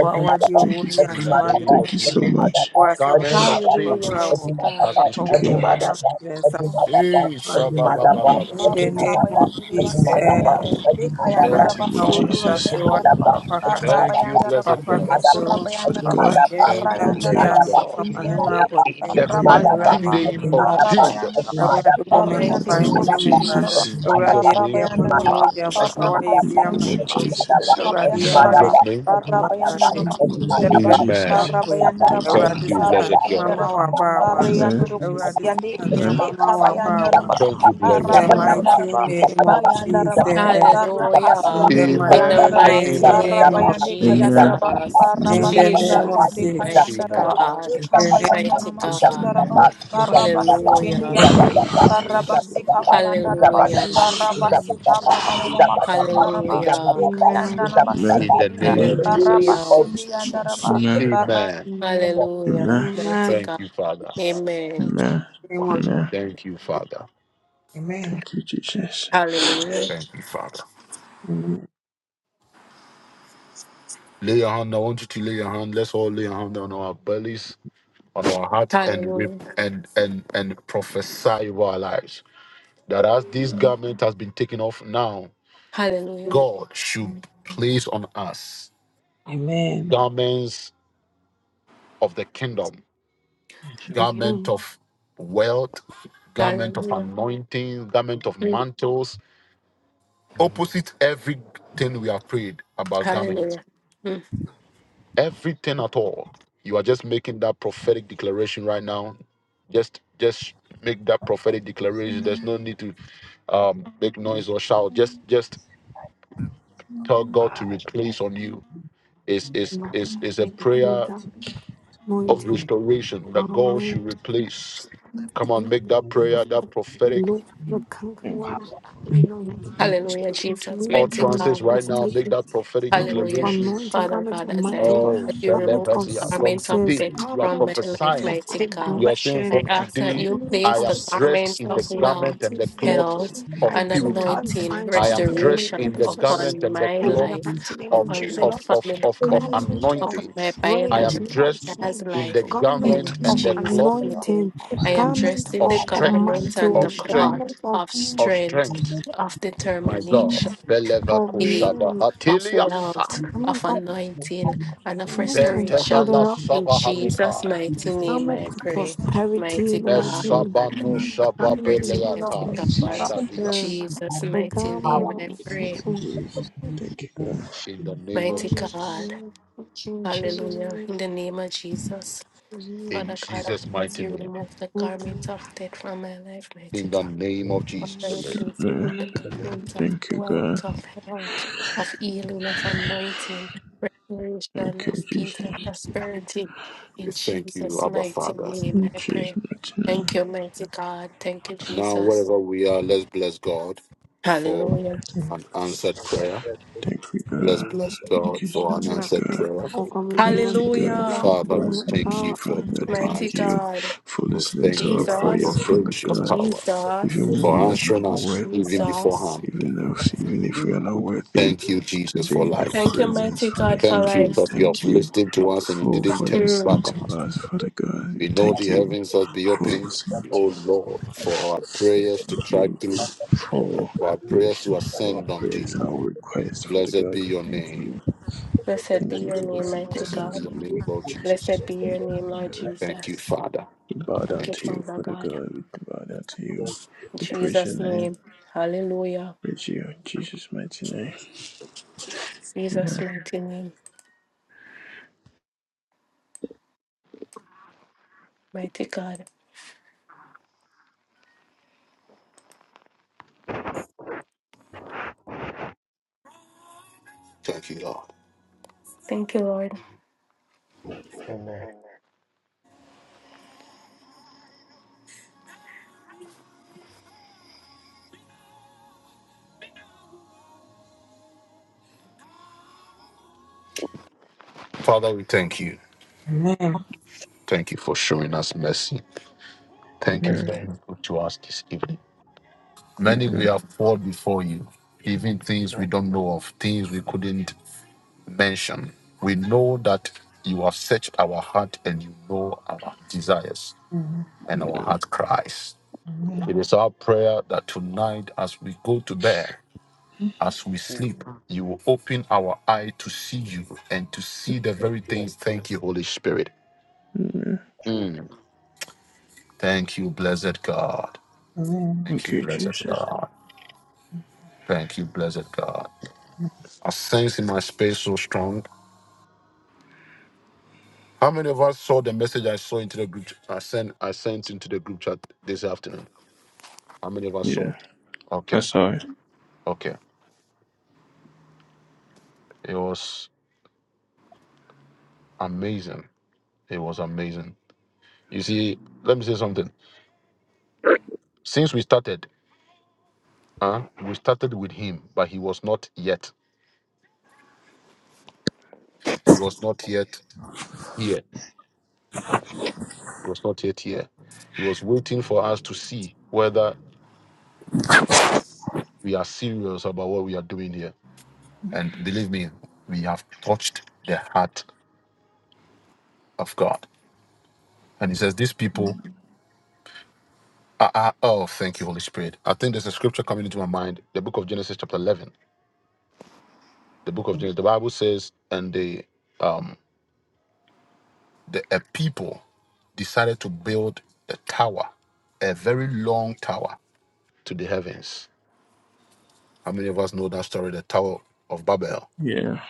Speaker 2: Wà á
Speaker 6: mother,
Speaker 2: wádìí owó
Speaker 7: Thank you.
Speaker 2: ní
Speaker 6: I
Speaker 1: In the name
Speaker 7: Thank
Speaker 1: of
Speaker 7: you so
Speaker 1: Jesus.
Speaker 7: much.
Speaker 2: Wà á sámádé
Speaker 1: Garments of
Speaker 5: hallelujah,
Speaker 1: sin
Speaker 2: wọ̀.
Speaker 5: mighty
Speaker 1: has
Speaker 5: God.
Speaker 1: been
Speaker 2: Pàpà
Speaker 7: Thank
Speaker 2: wọn
Speaker 1: stripped
Speaker 7: you.
Speaker 2: ní
Speaker 1: off.
Speaker 2: wọn
Speaker 1: Eh,
Speaker 2: Mantana. Ní
Speaker 1: shabba-ba-ba-ba-ba-ba.
Speaker 10: Barri
Speaker 2: dẹ́ni mọ̀
Speaker 10: Kabayan
Speaker 2: kí
Speaker 10: Diriba
Speaker 6: Every
Speaker 2: sẹ́.
Speaker 10: Sikaya,
Speaker 7: In the
Speaker 6: mother,
Speaker 7: mighty
Speaker 1: Thank
Speaker 2: Urare
Speaker 10: Bekayandaraba,
Speaker 1: you,
Speaker 7: name of
Speaker 1: Father.
Speaker 10: Surura
Speaker 2: mawansa
Speaker 6: Thank
Speaker 7: Jesus.
Speaker 2: suwa
Speaker 10: Kayandaraba,
Speaker 2: papa
Speaker 10: Barra
Speaker 2: kasa
Speaker 1: Thank you,
Speaker 10: Bayandaraba,
Speaker 1: blessed
Speaker 2: papa
Speaker 7: Thank you
Speaker 1: God.
Speaker 7: so
Speaker 10: Bekura
Speaker 2: kaso
Speaker 7: much for the
Speaker 10: Bayandaraba,
Speaker 2: papa
Speaker 7: God.
Speaker 2: deɛ
Speaker 1: Thank
Speaker 2: hinta
Speaker 1: you,
Speaker 2: me
Speaker 7: Thank you.
Speaker 1: blessed
Speaker 10: Barrayandaraba,
Speaker 2: biara no papa
Speaker 1: God.
Speaker 2: ma ne mmara
Speaker 10: Sikindiande,
Speaker 1: In
Speaker 2: abɔnten
Speaker 1: the
Speaker 7: Thank
Speaker 10: Barra
Speaker 7: you.
Speaker 1: mighty
Speaker 2: awurade
Speaker 10: Bayandanama,
Speaker 2: hu
Speaker 1: name
Speaker 2: me
Speaker 1: of
Speaker 10: Barra
Speaker 2: mmɔbɔ
Speaker 10: Bayandaraba,
Speaker 1: Jesus.
Speaker 2: awurade bɔ
Speaker 5: The
Speaker 2: me
Speaker 7: In
Speaker 2: ho
Speaker 7: the
Speaker 5: mighty
Speaker 7: mighty
Speaker 2: ban
Speaker 7: name
Speaker 2: me
Speaker 10: Barriandanama
Speaker 5: name
Speaker 7: of
Speaker 2: ne
Speaker 5: of
Speaker 2: me mma
Speaker 10: Sundaraba,
Speaker 7: Jesus.
Speaker 5: Jesus.
Speaker 1: In
Speaker 2: awurade
Speaker 1: Jesus'
Speaker 10: Barra
Speaker 2: ɛbi
Speaker 1: name.
Speaker 2: ɛho ne wo
Speaker 10: Bayandaraba,
Speaker 2: mogya a papa
Speaker 10: Barra
Speaker 2: woayɛ
Speaker 7: In
Speaker 2: bi
Speaker 7: the
Speaker 2: ama
Speaker 7: name
Speaker 2: me
Speaker 7: of
Speaker 2: so
Speaker 10: Kasiandiba,
Speaker 4: Thank
Speaker 7: Jesus.
Speaker 4: you.
Speaker 2: awurade
Speaker 1: In
Speaker 2: yɛma ne
Speaker 10: Bekabayandaraba,
Speaker 1: Jesus'
Speaker 2: nyɛ
Speaker 1: name.
Speaker 2: so
Speaker 10: Barra
Speaker 2: awurade
Speaker 10: Bayandanama
Speaker 7: In the mighty
Speaker 2: hyɛ
Speaker 7: name of
Speaker 10: Sundariba,
Speaker 2: berɛ sesa
Speaker 1: Amen.
Speaker 7: Jesus.
Speaker 10: Barra
Speaker 2: foe
Speaker 7: Thank
Speaker 10: Bayandaraba,
Speaker 7: you.
Speaker 2: awurade
Speaker 1: Thank you,
Speaker 2: sesa
Speaker 10: Barri
Speaker 1: blessed
Speaker 2: nneɛma ma
Speaker 1: God.
Speaker 10: Kayandaraba,
Speaker 9: Lord,
Speaker 2: wɔabaawa
Speaker 9: Thank
Speaker 10: Barian
Speaker 9: you,
Speaker 7: Amen.
Speaker 6: you.
Speaker 9: Jesus.
Speaker 10: urukus
Speaker 2: awurade
Speaker 9: Thank
Speaker 10: yandi
Speaker 2: sesa
Speaker 6: In the name
Speaker 7: Amen.
Speaker 2: nneɛma
Speaker 6: of the
Speaker 2: ma
Speaker 9: you for
Speaker 6: in
Speaker 10: ekhaya andra
Speaker 2: wɔabaawa
Speaker 9: burning the
Speaker 1: Thank you,
Speaker 9: common
Speaker 2: in
Speaker 1: blessed
Speaker 2: the
Speaker 10: baaramaya
Speaker 9: failure.
Speaker 1: God.
Speaker 10: andra
Speaker 2: mighty
Speaker 10: ba
Speaker 2: name of
Speaker 10: bayandra ba
Speaker 2: jesus
Speaker 10: barakasi
Speaker 2: in
Speaker 5: Hallelujah.
Speaker 10: yandi
Speaker 2: the mighty
Speaker 10: ekhaya
Speaker 5: In the
Speaker 1: Amen
Speaker 10: andra ba
Speaker 1: and
Speaker 9: You
Speaker 5: mighty
Speaker 9: know, God.
Speaker 1: amen.
Speaker 5: name
Speaker 2: name
Speaker 10: barabaya
Speaker 5: of
Speaker 2: of
Speaker 10: yandi
Speaker 9: Thank
Speaker 10: ekhaya
Speaker 2: Jesus.
Speaker 10: andra
Speaker 7: Amen.
Speaker 10: ba
Speaker 5: Jesus.
Speaker 7: Amen.
Speaker 2: In
Speaker 10: barabas
Speaker 2: the
Speaker 9: you
Speaker 2: name
Speaker 10: sundari
Speaker 9: for
Speaker 2: of
Speaker 9: God.
Speaker 10: yandi
Speaker 5: Jesus,
Speaker 2: Jesus.
Speaker 10: ekhaya
Speaker 5: mighty
Speaker 10: andra
Speaker 9: Sugar,
Speaker 10: ba
Speaker 1: Amen.
Speaker 9: God.
Speaker 5: God.
Speaker 2: In
Speaker 10: ekhamba
Speaker 2: the
Speaker 9: Sugar,
Speaker 10: yanda
Speaker 9: God.
Speaker 5: Mighty
Speaker 10: nama
Speaker 9: Thank
Speaker 10: sundara
Speaker 5: God.
Speaker 10: ba
Speaker 9: you for burning that common
Speaker 10: barabasikindi
Speaker 5: Hallelujah.
Speaker 10: yandi
Speaker 1: Thank you,
Speaker 9: failure for
Speaker 1: Jesus.
Speaker 9: me.
Speaker 10: barabasikhaya andra
Speaker 9: In
Speaker 10: ba
Speaker 5: Hallelujah.
Speaker 9: Jesus'
Speaker 1: Thank
Speaker 9: name,
Speaker 1: you,
Speaker 10: barabasikhapa
Speaker 9: in
Speaker 10: ba
Speaker 1: Jesus.
Speaker 10: mama
Speaker 9: Jesus' name.
Speaker 10: mama sundara ba
Speaker 5: Hallelujah.
Speaker 10: ekhaya
Speaker 9: Amen.
Speaker 10: andra ba
Speaker 7: Amen.
Speaker 1: In the
Speaker 10: sikindi ya
Speaker 1: name of
Speaker 7: Amen.
Speaker 1: Jesus.
Speaker 5: Hallelujah.
Speaker 10: barabasindi
Speaker 4: Amen.
Speaker 10: yandra ba
Speaker 6: the
Speaker 7: Amen.
Speaker 10: bar.
Speaker 1: Amen.
Speaker 5: Hallelujah.
Speaker 7: Amen.
Speaker 5: Mighty
Speaker 9: Amen.
Speaker 5: God.
Speaker 1: Thank you, Father.
Speaker 5: Amen.
Speaker 7: Amen.
Speaker 2: name of
Speaker 7: Amen.
Speaker 1: Thank you, Father.
Speaker 2: Amen.
Speaker 7: Thank you, Jesus.
Speaker 5: Hallelujah.
Speaker 1: Thank you, Father.
Speaker 2: Amen.
Speaker 1: Lay your hand. I want you to lay your hand. Let's all lay your hand on our bellies, on our heart, and rip
Speaker 5: Hallelujah.
Speaker 1: and and and prophesy over our lives. That as this garment has been taken off now,
Speaker 5: Hallelujah.
Speaker 1: God should place on us
Speaker 2: Amen.
Speaker 1: garments of the kingdom,
Speaker 9: Amen.
Speaker 1: garment of wealth, garment of
Speaker 5: Hallelujah.
Speaker 1: anointing, garment of
Speaker 5: Mm.
Speaker 1: mantles, opposite everything we have prayed about garments,
Speaker 5: Hallelujah. Mm.
Speaker 1: everything at all. You are just making that prophetic declaration right now. Just just make that prophetic declaration. There's no need to um, make noise or shout. Just just tell God to replace on you. It's is is is a
Speaker 9: Thank you of
Speaker 1: prayer
Speaker 9: the
Speaker 1: of
Speaker 9: anointed
Speaker 1: restoration that God should
Speaker 9: garment.
Speaker 1: replace. Come on,
Speaker 9: We
Speaker 1: make that
Speaker 6: community
Speaker 1: prayer,
Speaker 9: use the
Speaker 1: that prophetic
Speaker 9: Lord, the
Speaker 7: Thank you,
Speaker 6: of
Speaker 7: God,
Speaker 9: conquerors.
Speaker 7: for this
Speaker 9: You know that
Speaker 6: the
Speaker 9: we
Speaker 5: Hallelujah,
Speaker 9: should into
Speaker 6: Amen.
Speaker 5: Jesus,
Speaker 9: many
Speaker 5: mighty
Speaker 9: garment that
Speaker 1: utterances
Speaker 5: God.
Speaker 1: right
Speaker 9: was
Speaker 7: moment,
Speaker 1: now. Make
Speaker 7: Jesus.
Speaker 9: taken.
Speaker 1: that prophetic
Speaker 9: Garment of
Speaker 5: Hallelujah.
Speaker 1: declarations
Speaker 9: anointing,
Speaker 5: Father
Speaker 9: garment
Speaker 5: God,
Speaker 9: of
Speaker 5: as
Speaker 7: Before we
Speaker 5: I
Speaker 9: mantle,
Speaker 7: start,
Speaker 1: Oh,
Speaker 5: as you
Speaker 9: garment
Speaker 5: remove
Speaker 9: of
Speaker 5: the
Speaker 1: Shelevasia, from
Speaker 5: garment of
Speaker 9: success,
Speaker 1: today,
Speaker 5: death
Speaker 1: you are
Speaker 5: from my
Speaker 9: garment
Speaker 7: before we
Speaker 5: life,
Speaker 1: prophesying.
Speaker 9: of
Speaker 5: mighty
Speaker 7: start,
Speaker 5: God,
Speaker 1: You are saying,
Speaker 9: progression,
Speaker 5: I
Speaker 1: From
Speaker 7: my
Speaker 5: ask that
Speaker 7: God,
Speaker 1: today,
Speaker 5: you
Speaker 9: garment
Speaker 1: I
Speaker 5: place
Speaker 9: of
Speaker 5: the
Speaker 1: am dressed
Speaker 5: garment
Speaker 1: in
Speaker 5: of
Speaker 1: the
Speaker 9: success in
Speaker 1: garment
Speaker 5: wealth,
Speaker 1: and the
Speaker 9: everything.
Speaker 1: cloth
Speaker 5: health,
Speaker 1: of
Speaker 9: I
Speaker 5: and
Speaker 9: do
Speaker 1: purity.
Speaker 9: not
Speaker 5: anointing,
Speaker 9: find
Speaker 1: I
Speaker 9: to
Speaker 1: am
Speaker 7: I'm
Speaker 9: do
Speaker 1: dressed
Speaker 5: restoration
Speaker 1: in the
Speaker 9: malicious.
Speaker 1: garment
Speaker 5: upon
Speaker 1: and the
Speaker 5: my
Speaker 9: Oh, in
Speaker 1: cloth
Speaker 9: the
Speaker 5: life,
Speaker 9: mighty name
Speaker 1: of,
Speaker 9: of
Speaker 5: upon
Speaker 9: Jesus,
Speaker 5: my
Speaker 1: of,
Speaker 9: Lord.
Speaker 1: of,
Speaker 5: family
Speaker 1: of, of
Speaker 5: life,
Speaker 9: Government
Speaker 7: the
Speaker 9: of
Speaker 5: upon
Speaker 7: truth
Speaker 5: my
Speaker 1: anointings. I
Speaker 9: praise,
Speaker 1: am
Speaker 5: biological
Speaker 9: not
Speaker 1: dressed
Speaker 5: child's
Speaker 9: shame.
Speaker 1: in
Speaker 5: life.
Speaker 1: the
Speaker 7: of
Speaker 9: Government
Speaker 5: In
Speaker 1: garment
Speaker 9: of
Speaker 1: and the
Speaker 7: my life.
Speaker 5: Jesus'
Speaker 1: cloth
Speaker 7: God,
Speaker 5: name,
Speaker 9: anointing.
Speaker 7: my
Speaker 5: I am
Speaker 7: life is
Speaker 9: Government
Speaker 5: dressed in
Speaker 1: of
Speaker 5: the
Speaker 9: of, of
Speaker 5: garment
Speaker 1: strength,
Speaker 5: and the
Speaker 1: of
Speaker 9: mantles.
Speaker 5: cloth
Speaker 9: Government
Speaker 1: strength,
Speaker 9: of,
Speaker 5: of
Speaker 1: of
Speaker 5: strength,
Speaker 1: strength.
Speaker 5: of
Speaker 1: My
Speaker 7: lost.
Speaker 5: determination
Speaker 1: God,
Speaker 7: My
Speaker 1: Veleva
Speaker 9: of
Speaker 5: a
Speaker 1: Kushada
Speaker 9: you.
Speaker 5: of
Speaker 1: Hatiliasa,
Speaker 5: wealth,
Speaker 6: Amen.
Speaker 5: of
Speaker 9: Government of,
Speaker 5: anointing,
Speaker 7: life
Speaker 5: and of
Speaker 7: full.
Speaker 9: government
Speaker 7: We
Speaker 9: of
Speaker 7: have
Speaker 9: good
Speaker 5: restoration.
Speaker 9: health.
Speaker 5: In Jesus'
Speaker 1: Ventevala
Speaker 5: mighty
Speaker 7: to go
Speaker 5: name,
Speaker 9: Government
Speaker 5: I
Speaker 9: of
Speaker 5: pray.
Speaker 9: prosperity. In
Speaker 5: Mighty
Speaker 9: the
Speaker 5: God,
Speaker 9: mighty name
Speaker 1: Neshabano
Speaker 9: of government,
Speaker 5: prosperity,
Speaker 9: oh Lord.
Speaker 5: mighty
Speaker 1: shabapeliata
Speaker 7: Thank you,
Speaker 5: God.
Speaker 9: Stop
Speaker 7: Jesus.
Speaker 9: the,
Speaker 1: sandadias.
Speaker 5: Jesus'
Speaker 9: the
Speaker 5: mighty
Speaker 9: government
Speaker 5: name,
Speaker 9: of,
Speaker 5: I
Speaker 9: of,
Speaker 5: pray.
Speaker 9: of,
Speaker 7: Thank you, God.
Speaker 1: In the name of
Speaker 5: Mighty
Speaker 9: of,
Speaker 1: Jesus.
Speaker 5: God,
Speaker 9: of, of Jesus'
Speaker 5: hallelujah. In the name of Jesus,
Speaker 9: name.
Speaker 1: In
Speaker 5: Father God,
Speaker 1: Jesus'
Speaker 5: as
Speaker 1: mighty
Speaker 5: you
Speaker 1: name.
Speaker 5: remove the garment
Speaker 9: Nothing
Speaker 5: of death from my life, mighty
Speaker 1: In
Speaker 5: God.
Speaker 1: the name of
Speaker 5: Father,
Speaker 1: Jesus.
Speaker 5: replace it
Speaker 7: Yeah.
Speaker 5: with the complaints of
Speaker 7: Thank you, God.
Speaker 5: wealth, of health, of healing, of anointing, restoration,
Speaker 7: Thank you,
Speaker 5: of peace and
Speaker 7: Jesus.
Speaker 5: prosperity.
Speaker 1: We
Speaker 5: In
Speaker 1: thank you,
Speaker 5: Jesus'
Speaker 1: Abba
Speaker 5: mighty
Speaker 1: Father.
Speaker 5: name,
Speaker 7: In
Speaker 5: I
Speaker 7: Jesus'
Speaker 5: pray.
Speaker 7: mighty name.
Speaker 5: Thank you, mighty God. Thank you,
Speaker 1: Now,
Speaker 5: Jesus.
Speaker 1: wherever we are, let's bless God for
Speaker 5: Hallelujah.
Speaker 1: an answered prayer.
Speaker 7: Thank you,
Speaker 1: Let's
Speaker 7: God.
Speaker 1: bless
Speaker 7: Thank
Speaker 1: God
Speaker 7: you so
Speaker 1: for an
Speaker 7: much,
Speaker 1: answered
Speaker 7: God.
Speaker 1: prayer.
Speaker 9: will come into
Speaker 7: Thank
Speaker 9: what
Speaker 7: you,
Speaker 9: it is
Speaker 7: God,
Speaker 5: Hallelujah.
Speaker 9: about
Speaker 7: for
Speaker 1: Father, we
Speaker 9: to
Speaker 7: blessing
Speaker 1: thank
Speaker 7: me,
Speaker 1: you
Speaker 9: all
Speaker 7: Father
Speaker 1: for
Speaker 7: God.
Speaker 9: Amen.
Speaker 5: Mighty
Speaker 7: Thank
Speaker 1: tonight.
Speaker 7: you
Speaker 5: God.
Speaker 7: for
Speaker 1: We
Speaker 7: listening
Speaker 1: thank
Speaker 7: to our
Speaker 1: you for your
Speaker 7: prayer,
Speaker 5: Jesus.
Speaker 7: Father
Speaker 1: gracious
Speaker 7: God.
Speaker 1: power,
Speaker 7: Even
Speaker 5: Jesus.
Speaker 1: for
Speaker 7: when we are not
Speaker 1: answering us
Speaker 7: aware.
Speaker 1: even
Speaker 5: Jesus.
Speaker 1: beforehand.
Speaker 7: even if even if we are not worthy
Speaker 1: Thank you,
Speaker 7: to
Speaker 1: Jesus,
Speaker 7: be
Speaker 1: for
Speaker 7: in your
Speaker 1: life.
Speaker 5: Thank you,
Speaker 7: presence,
Speaker 5: mighty
Speaker 7: Father
Speaker 5: God, for
Speaker 7: God.
Speaker 1: Thank you
Speaker 7: We
Speaker 5: life.
Speaker 1: that you
Speaker 7: thank
Speaker 1: have
Speaker 7: you
Speaker 1: listened to us and you
Speaker 7: for
Speaker 1: didn't
Speaker 7: for
Speaker 1: turn it
Speaker 5: Mm.
Speaker 7: listening
Speaker 1: back on
Speaker 7: to
Speaker 1: us.
Speaker 7: us, Father God. We
Speaker 1: We know the
Speaker 7: thank you
Speaker 1: heavens has been
Speaker 7: for
Speaker 1: opened,
Speaker 7: listening
Speaker 1: O
Speaker 7: to us.
Speaker 1: Lord, for our prayers to
Speaker 7: Thank
Speaker 1: drive
Speaker 7: you
Speaker 1: through,
Speaker 7: for
Speaker 1: for our prayers to
Speaker 7: listening to our
Speaker 1: ascend unto
Speaker 7: prayers and
Speaker 1: you.
Speaker 7: our requests, Father
Speaker 1: Blessed
Speaker 7: God.
Speaker 1: be your
Speaker 7: Thank
Speaker 1: name.
Speaker 7: you.
Speaker 5: Blessed be
Speaker 7: Thank you
Speaker 5: your
Speaker 7: for
Speaker 5: name,
Speaker 7: listening
Speaker 5: mighty
Speaker 7: to
Speaker 1: Blessed be
Speaker 7: us.
Speaker 5: God.
Speaker 1: your
Speaker 7: We, we,
Speaker 1: name, Lord Jesus.
Speaker 5: Blessed be
Speaker 7: we
Speaker 5: your name, Lord
Speaker 1: Thank you,
Speaker 5: Jesus.
Speaker 1: Father.
Speaker 7: we bow
Speaker 5: Thank
Speaker 7: down
Speaker 5: you,
Speaker 7: to
Speaker 1: Thank you.
Speaker 7: you,
Speaker 5: Father
Speaker 7: Father
Speaker 5: God.
Speaker 7: God. We bow down to you.
Speaker 5: In
Speaker 7: We praise your
Speaker 5: Jesus'
Speaker 7: name.
Speaker 5: name. Hallelujah.
Speaker 7: Praise you in Jesus' mighty name.
Speaker 5: Jesus'
Speaker 7: Amen.
Speaker 5: mighty name. Mighty God.
Speaker 1: Thank you, Lord.
Speaker 5: Thank you, Lord.
Speaker 1: Father, we thank you.
Speaker 2: Amen.
Speaker 1: Thank you for showing us mercy. Thank you
Speaker 7: Amen.
Speaker 1: for being good to us this evening. Many we
Speaker 7: Amen.
Speaker 6: Mm.
Speaker 1: have fought before you, even things we
Speaker 6: Yeah,
Speaker 1: don't know of, things we couldn't mention. We know that you have searched our heart and you know our desires
Speaker 2: Amen.
Speaker 1: and our heart cries. It is our prayer that tonight, as we go to bed, as we
Speaker 6: true,
Speaker 1: sleep, you will open our eye to see you and to see the very things. Thank you, Holy Spirit.
Speaker 7: Amen.
Speaker 6: true.
Speaker 1: Mm. Thank you, blessed God.
Speaker 2: Amen.
Speaker 1: Thank
Speaker 7: Thank
Speaker 1: you,
Speaker 7: you,
Speaker 1: blessed
Speaker 7: Jesus.
Speaker 1: God. Thank you, blessed God. I sense in my space so strong. How many of us saw the message I saw into the group? I sent I sent into the group chat this afternoon. How many of us
Speaker 7: Yeah,
Speaker 1: saw? Okay,
Speaker 7: that's all right.
Speaker 1: okay. It was amazing. It was amazing. You see, let me say something. Since we started, uh, we started with him, but he was not yet. He was not yet here. He was not yet here. He was waiting for us to see whether we are serious about what we are doing here. And believe me, we have touched the heart of God. And he says, These people are, are- oh, thank you, Holy Spirit. I think there's a scripture coming into my mind, the book of Genesis, chapter 11 the book of James, the Bible says, and the um the a people decided to build a tower, a very long tower to the heavens. How many of us know that story, the Tower of Babel?
Speaker 7: Yeah,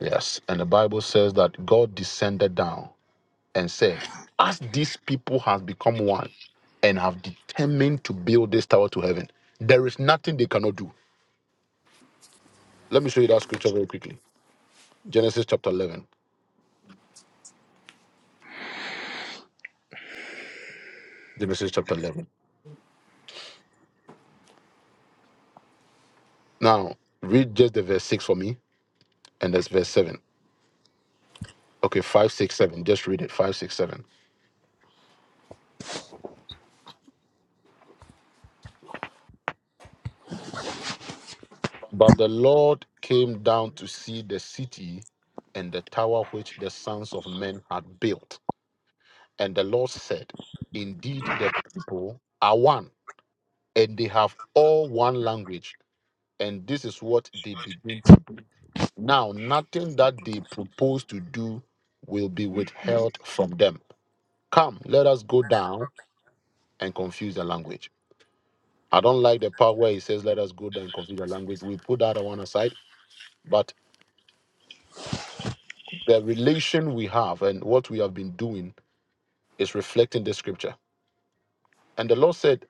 Speaker 1: Yes. And the Bible says that God descended down and said, As these people have become one and have determined to build this tower to heaven, there is nothing they cannot do. Let me show you that scripture very quickly. Genesis chapter 11. Genesis chapter 11. Now, read just the verse 6 for me and that's verse 7. Okay, 567. Just read it. 567. But the Lord came down to see the city and the tower which the sons of men had built. And the Lord said, Indeed, the people are one, and they have all one language, and this is what they begin to do. Now, nothing that they propose to do will be withheld from them. Come, let us go down and confuse the language. I don't like the part where he says, let us go there and confuse the language. We put that one aside. But the relation we have and what we have been doing is reflecting the scripture. And the Lord said,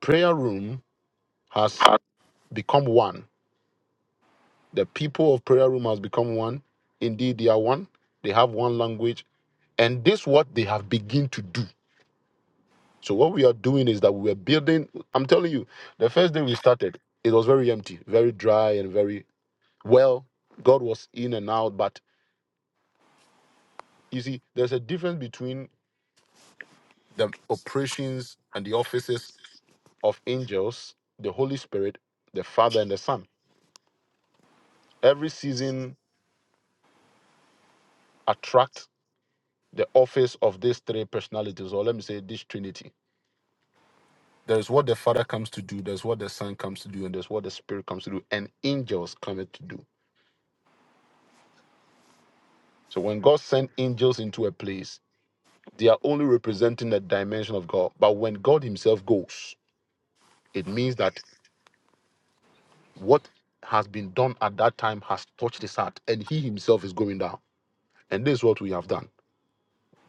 Speaker 1: prayer room has become one. The people of prayer room has become one. Indeed, they are one. They have one language. And this what they have begin to do. So what we are doing is that we are building. I'm telling you, the first day we started, it was very empty, very dry and very well. God was in and out, but You see, there's a difference between the operations and the offices of angels, the Holy Spirit, the Father, and the Son. Every season attract the office of these three personalities, or let me say this Trinity. There's what the Father comes to do, there's what the Son comes to do, and there's what the Spirit comes to do, and angels come to do. So when God sent angels into a place, they are only representing the dimension of God. But when God Himself goes, it means that What has been done at that time has touched his heart, and he himself is going down. And this is what we have done.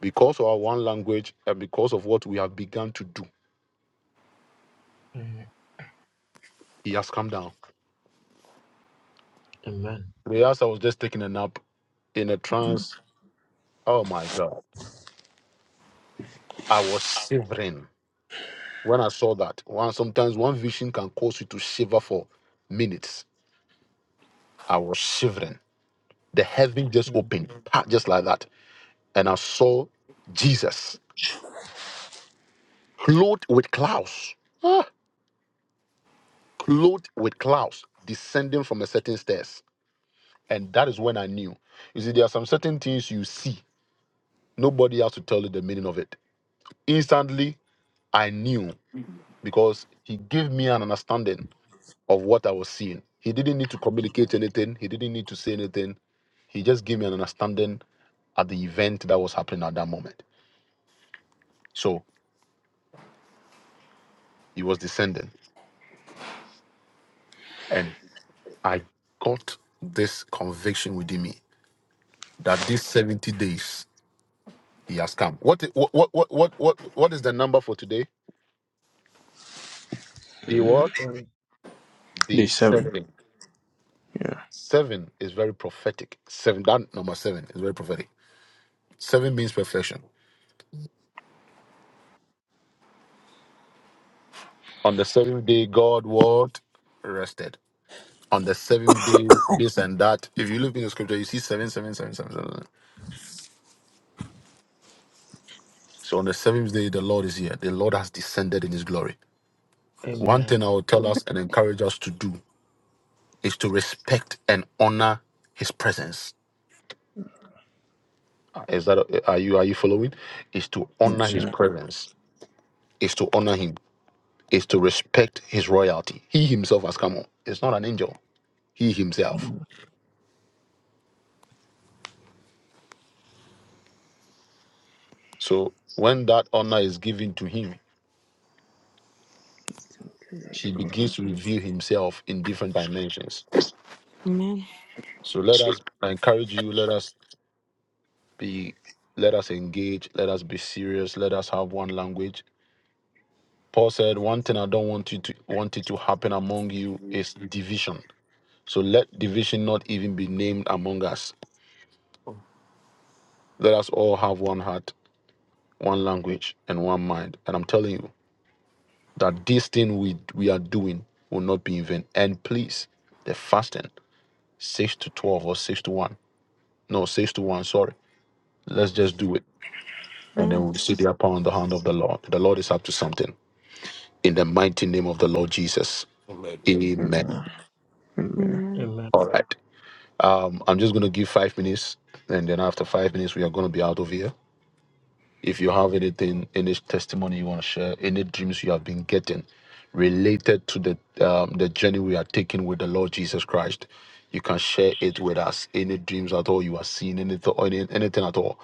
Speaker 1: Because of our one language and because of what we have begun to do,
Speaker 6: Mm.
Speaker 1: he has come down.
Speaker 6: Amen.
Speaker 1: Whereas I was just taking a nap in a trance. Oh my God. I was shivering when I saw that. One sometimes one vision can cause you to shiver for minutes. I was shivering. The heaven just
Speaker 6: Mm.
Speaker 1: opened, pa, just like that. And I saw Jesus clothed with clouds. Ah, clothed with clouds descending from a certain stairs. And that is when I knew. You see, there are some certain things you see. Nobody has to tell you the meaning of it. Instantly, I knew because he gave me an understanding of what I was seeing. He didn't need to communicate anything. He didn't need to say anything. He just gave me an understanding at the event that was happening at that moment. So he was descending. And I got this conviction within me that these 70 days He has come. What i- what what what what what what is the number for today? The what?
Speaker 6: Mm.
Speaker 1: The
Speaker 7: day seven.
Speaker 1: seven.
Speaker 7: Yeah,
Speaker 1: Seven is very prophetic. Seven that number seven is very prophetic. Seven means perfection. On the seventh day, God what rested. On the seventh day, this and that. If you look in the scripture, you see seven, seven, seven, seven, seven. seven. So on the seventh day, the Lord is here. The Lord has descended in His glory. One
Speaker 6: Amen.
Speaker 1: thing I will tell us and encourage us to do is to respect and honor His presence Ah, Is that eh, are you are you following? Is to
Speaker 7: yes,
Speaker 1: honor his
Speaker 7: sir.
Speaker 1: presence. Is to honor him. Is to respect his royalty. He himself has come on. It's not an angel. He himself. So when that honor is given to him, he begins to reveal himself in different dimensions.
Speaker 9: Amen.
Speaker 1: So let us I encourage you. Let us be. Let us engage. Let us be serious. Let us have one language. Paul said, "One thing I don't want you to want it to happen among you is division." So let division not even be named among us Let us all have one heart, one language, and one mind. And I'm telling you that this thing we we are doing will not be in vain. And please, the fasting, six to twelve or six to one. No, six to one, sorry. Let's just do it. And then
Speaker 9: Amen.
Speaker 1: we'll see the upon the hand of the Lord. The Lord is up to something. In the mighty name of the Lord Jesus. Amen.
Speaker 7: Amen. Amen.
Speaker 9: Amen.
Speaker 6: Amen.
Speaker 1: All right. Um, I'm just gonna give five minutes, and then after five minutes, we are gonna be out of here. If you have anything, any testimony you want to share, any dreams you have been getting related to the um, the journey we are taking with the Lord Jesus Christ, you can share it with us. Any dreams at all you are seeing, anything, any, anything at all,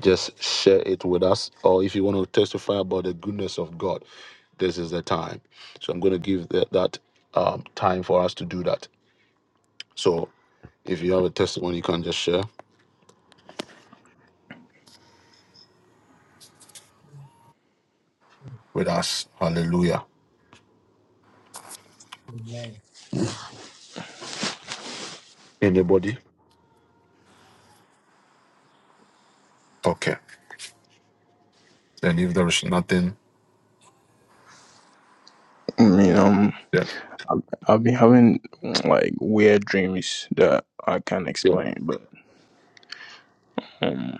Speaker 1: just share it with us. Or if you want to testify about the goodness of God, this is the time. So I'm going to give that, that um, time for us to do that. So if you have a testimony, you can just share with us. Hallelujah.
Speaker 6: Amen.
Speaker 1: Anybody? Okay. And if there is nothing,
Speaker 7: I mean, um,
Speaker 1: yeah,
Speaker 7: I've, I've been having like weird dreams that I can't
Speaker 1: yeah.
Speaker 7: explain, but um,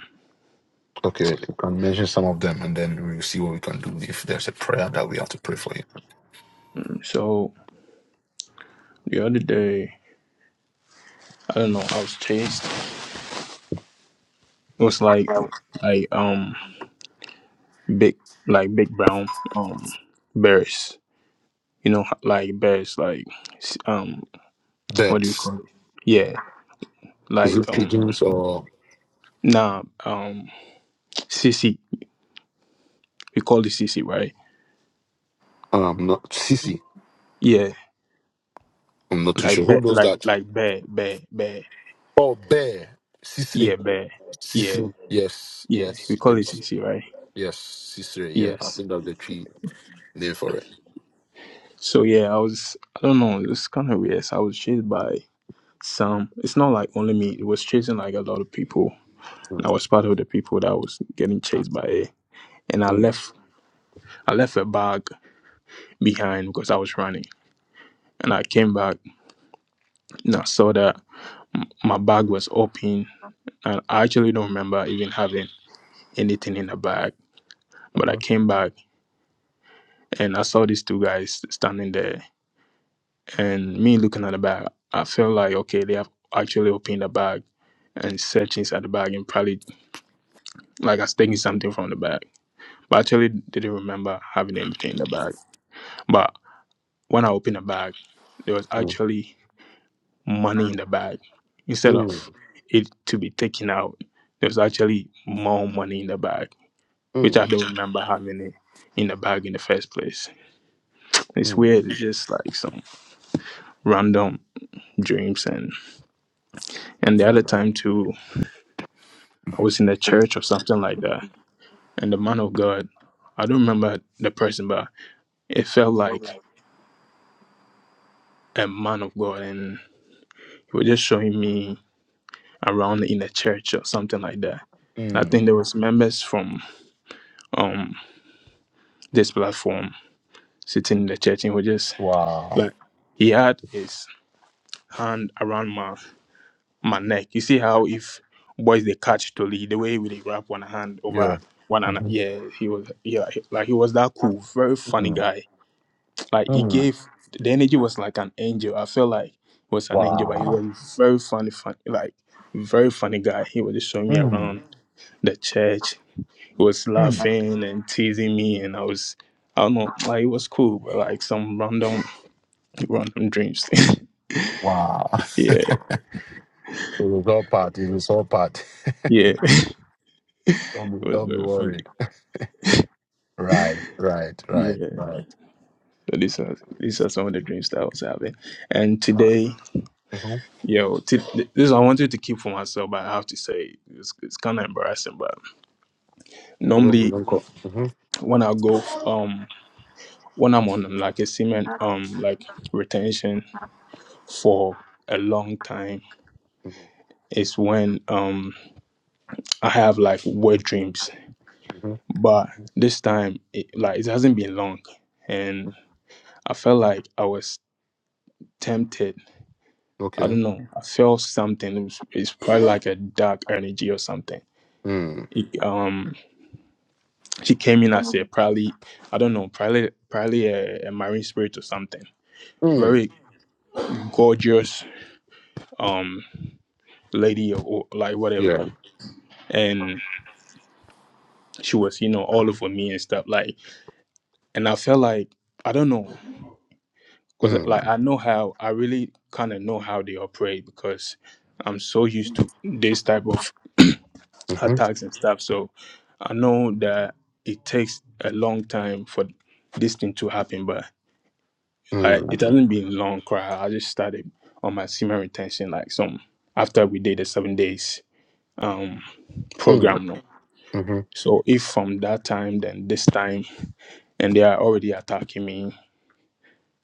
Speaker 1: Okay, you can mention some of them, and then we'll see what we can do. If there's a prayer that we have to pray for you.
Speaker 7: so the other day, I don't know, I was chased. It was like, like um, big, like big brown um bears. You know, like bears, like s- um, what do you
Speaker 1: Birds,
Speaker 7: call it? Yeah,
Speaker 1: is
Speaker 7: like
Speaker 1: it
Speaker 7: um,
Speaker 1: pigeons or
Speaker 7: Nah, um, CC. We call it CC, right?
Speaker 1: um not sissy?
Speaker 7: Yeah,
Speaker 1: I'm not too
Speaker 7: like
Speaker 1: sure. Who
Speaker 7: bear,
Speaker 1: knows
Speaker 7: like
Speaker 1: that?
Speaker 7: like bear, bear, bear.
Speaker 1: Oh, bear, sisri,
Speaker 7: Yeah, bear. Yeah,
Speaker 1: sisri. Yes,
Speaker 7: yeah. We
Speaker 1: yes,
Speaker 7: call it
Speaker 1: yes,
Speaker 7: CC, right?
Speaker 1: yes, sisri. Yeah, I
Speaker 7: Yes.
Speaker 1: think that's the tree name for it.
Speaker 7: So yeah, I was. I don't know. It was kind of weird. So I was chased by some. It's not like only me. It was chasing like a lot of people, and I was part of the people that was getting chased by it. And I left. I left a bag behind because I was running, and I came back and I saw that my bag was open, and I actually don't remember even having anything in the bag. But I
Speaker 1: Uh-huh.
Speaker 7: came back and I saw these two guys standing there. And me looking at the bag, I felt like, okay, they have actually opened the bag and searched inside the bag and probably like I was taking something from the bag. But actually didn't remember having anything in the bag. But when I opened the bag, there was actually money in the bag. Instead of
Speaker 1: Mm,
Speaker 7: it to be taken out, there was actually more money in the bag, which I
Speaker 1: mm,
Speaker 7: don't remember having it in the bag in the first place. It's
Speaker 1: mm,
Speaker 7: weird. It's just like some random dreams and and the other time too, I was in a church or something like that, and the man of God, I don't remember the person, but it felt like a man of God, and he was just showing me around in the church or something like that. And I
Speaker 1: mm.
Speaker 7: think there was members from um this platform sitting in the church, and he was just
Speaker 1: Wow.
Speaker 7: like he had his hand around my my neck. You see how if boys they catch to lead the way with they wrap one hand
Speaker 1: Yeah.
Speaker 7: over one another.
Speaker 1: Mm-hmm.
Speaker 7: Yeah, he was yeah, he- like he was that cool, very funny
Speaker 1: Mm,
Speaker 7: guy. Like he
Speaker 1: mm.
Speaker 7: gave the energy was like an angel. I felt like he was an angel, but he
Speaker 1: Wow.
Speaker 7: was very funny, funny like very funny guy. He was just showing me
Speaker 1: Mm,
Speaker 7: around the church. He was
Speaker 1: mm.
Speaker 7: laughing and teasing me and I was I don't know, like it was cool, but like some random random dreams.
Speaker 1: Wow.
Speaker 7: yeah.
Speaker 1: It was all part. It was all part.
Speaker 7: Yeah.
Speaker 1: Don't be,
Speaker 7: It was
Speaker 1: don't be
Speaker 7: very funny.
Speaker 1: worried. Right, right, right,
Speaker 7: yeah.
Speaker 1: right.
Speaker 7: So these are these are some of the dreams that I was having. And today, yo, t- this I wanted to keep for myself, but I have to say it's, it's kind of embarrassing. But
Speaker 1: Don't be-
Speaker 7: normally,
Speaker 1: don't go. Mhm,
Speaker 7: when I go, um, when I'm on like a cement, um, like retention for a long time,
Speaker 1: mhm,
Speaker 7: it's when um I have like wet dreams.
Speaker 1: mhm.
Speaker 7: But this time, it, like it hasn't been long, and I felt like I was tempted I
Speaker 1: Okay.
Speaker 7: don't know. I felt something. It was, it's probably like a dark energy or something.
Speaker 1: Mm.
Speaker 7: It, um, she came in as a probably I don't know, probably probably a, a marine spirit or something.
Speaker 1: Mm.
Speaker 7: Very gorgeous um lady or, or like whatever,
Speaker 1: Yeah.
Speaker 7: and she was you know all over me and stuff like. And I felt like I don't know because
Speaker 1: Mm.
Speaker 7: like I know how I really kind of know how they operate because I'm so used to this type of
Speaker 1: Mhm,
Speaker 7: attacks and stuff. So I know that it takes a long time for this thing to happen, but like it
Speaker 1: mm,
Speaker 7: hasn't been long. Cry. I just started on my semen retention like some after we did the seven days um
Speaker 1: mm,
Speaker 7: program. No,
Speaker 1: mhm,
Speaker 7: so if from that time then this time and they are already attacking me,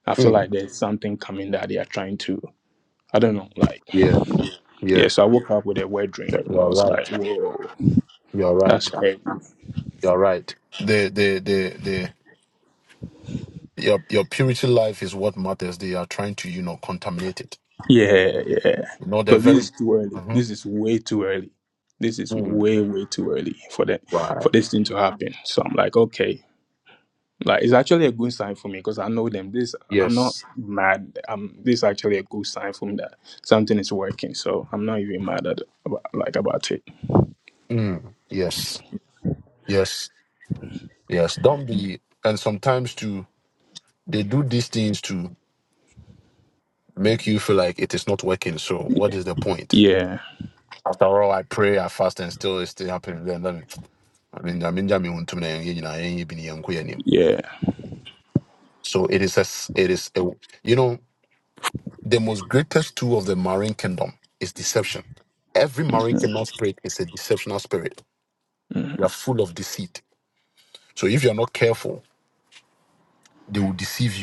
Speaker 7: I feel
Speaker 1: mm.
Speaker 7: like there's something coming that they are trying to. I don't know, like
Speaker 1: Yeah. Yeah.
Speaker 7: yeah. So I woke up with a weird dream. I
Speaker 1: You're
Speaker 7: was like,
Speaker 1: right.
Speaker 7: whoa,
Speaker 1: You're
Speaker 7: that's
Speaker 1: right.
Speaker 7: crazy.
Speaker 1: You're right. The the the the your your purity life is what matters. They are trying to you know contaminate it.
Speaker 7: Yeah, yeah.
Speaker 1: You know they're
Speaker 7: Because this
Speaker 1: very.
Speaker 7: is too early.
Speaker 1: hmm
Speaker 7: This is way too early. This is
Speaker 1: Mm.
Speaker 7: way, way too early for that
Speaker 1: Right.
Speaker 7: for this thing to happen. So I'm like, okay. Like it's actually a good sign for me because I know them. This I'm not
Speaker 1: Yes.
Speaker 7: mad. I'm this is actually a good sign for me that something is working. So I'm not even mad at about, like about it.
Speaker 1: Mm. Yes. Yes. Yes, don't be. And sometimes too, they do these things to make you feel like it is not working. So what is the point?
Speaker 7: Yeah,
Speaker 1: After all, I pray, I fast, and still it's still happening. Then, then I mean, I mean, I mean, to me, you know, I ain't been here, I'm queer anymore.
Speaker 7: yeah.
Speaker 1: so it is. A, s- it is. A, you know, the most greatest tool of the marine kingdom is deception. Every marine kingdom spirit is a deceptional spirit.
Speaker 7: Mm,
Speaker 1: They are full of deceit. So if you are not careful, they will deceive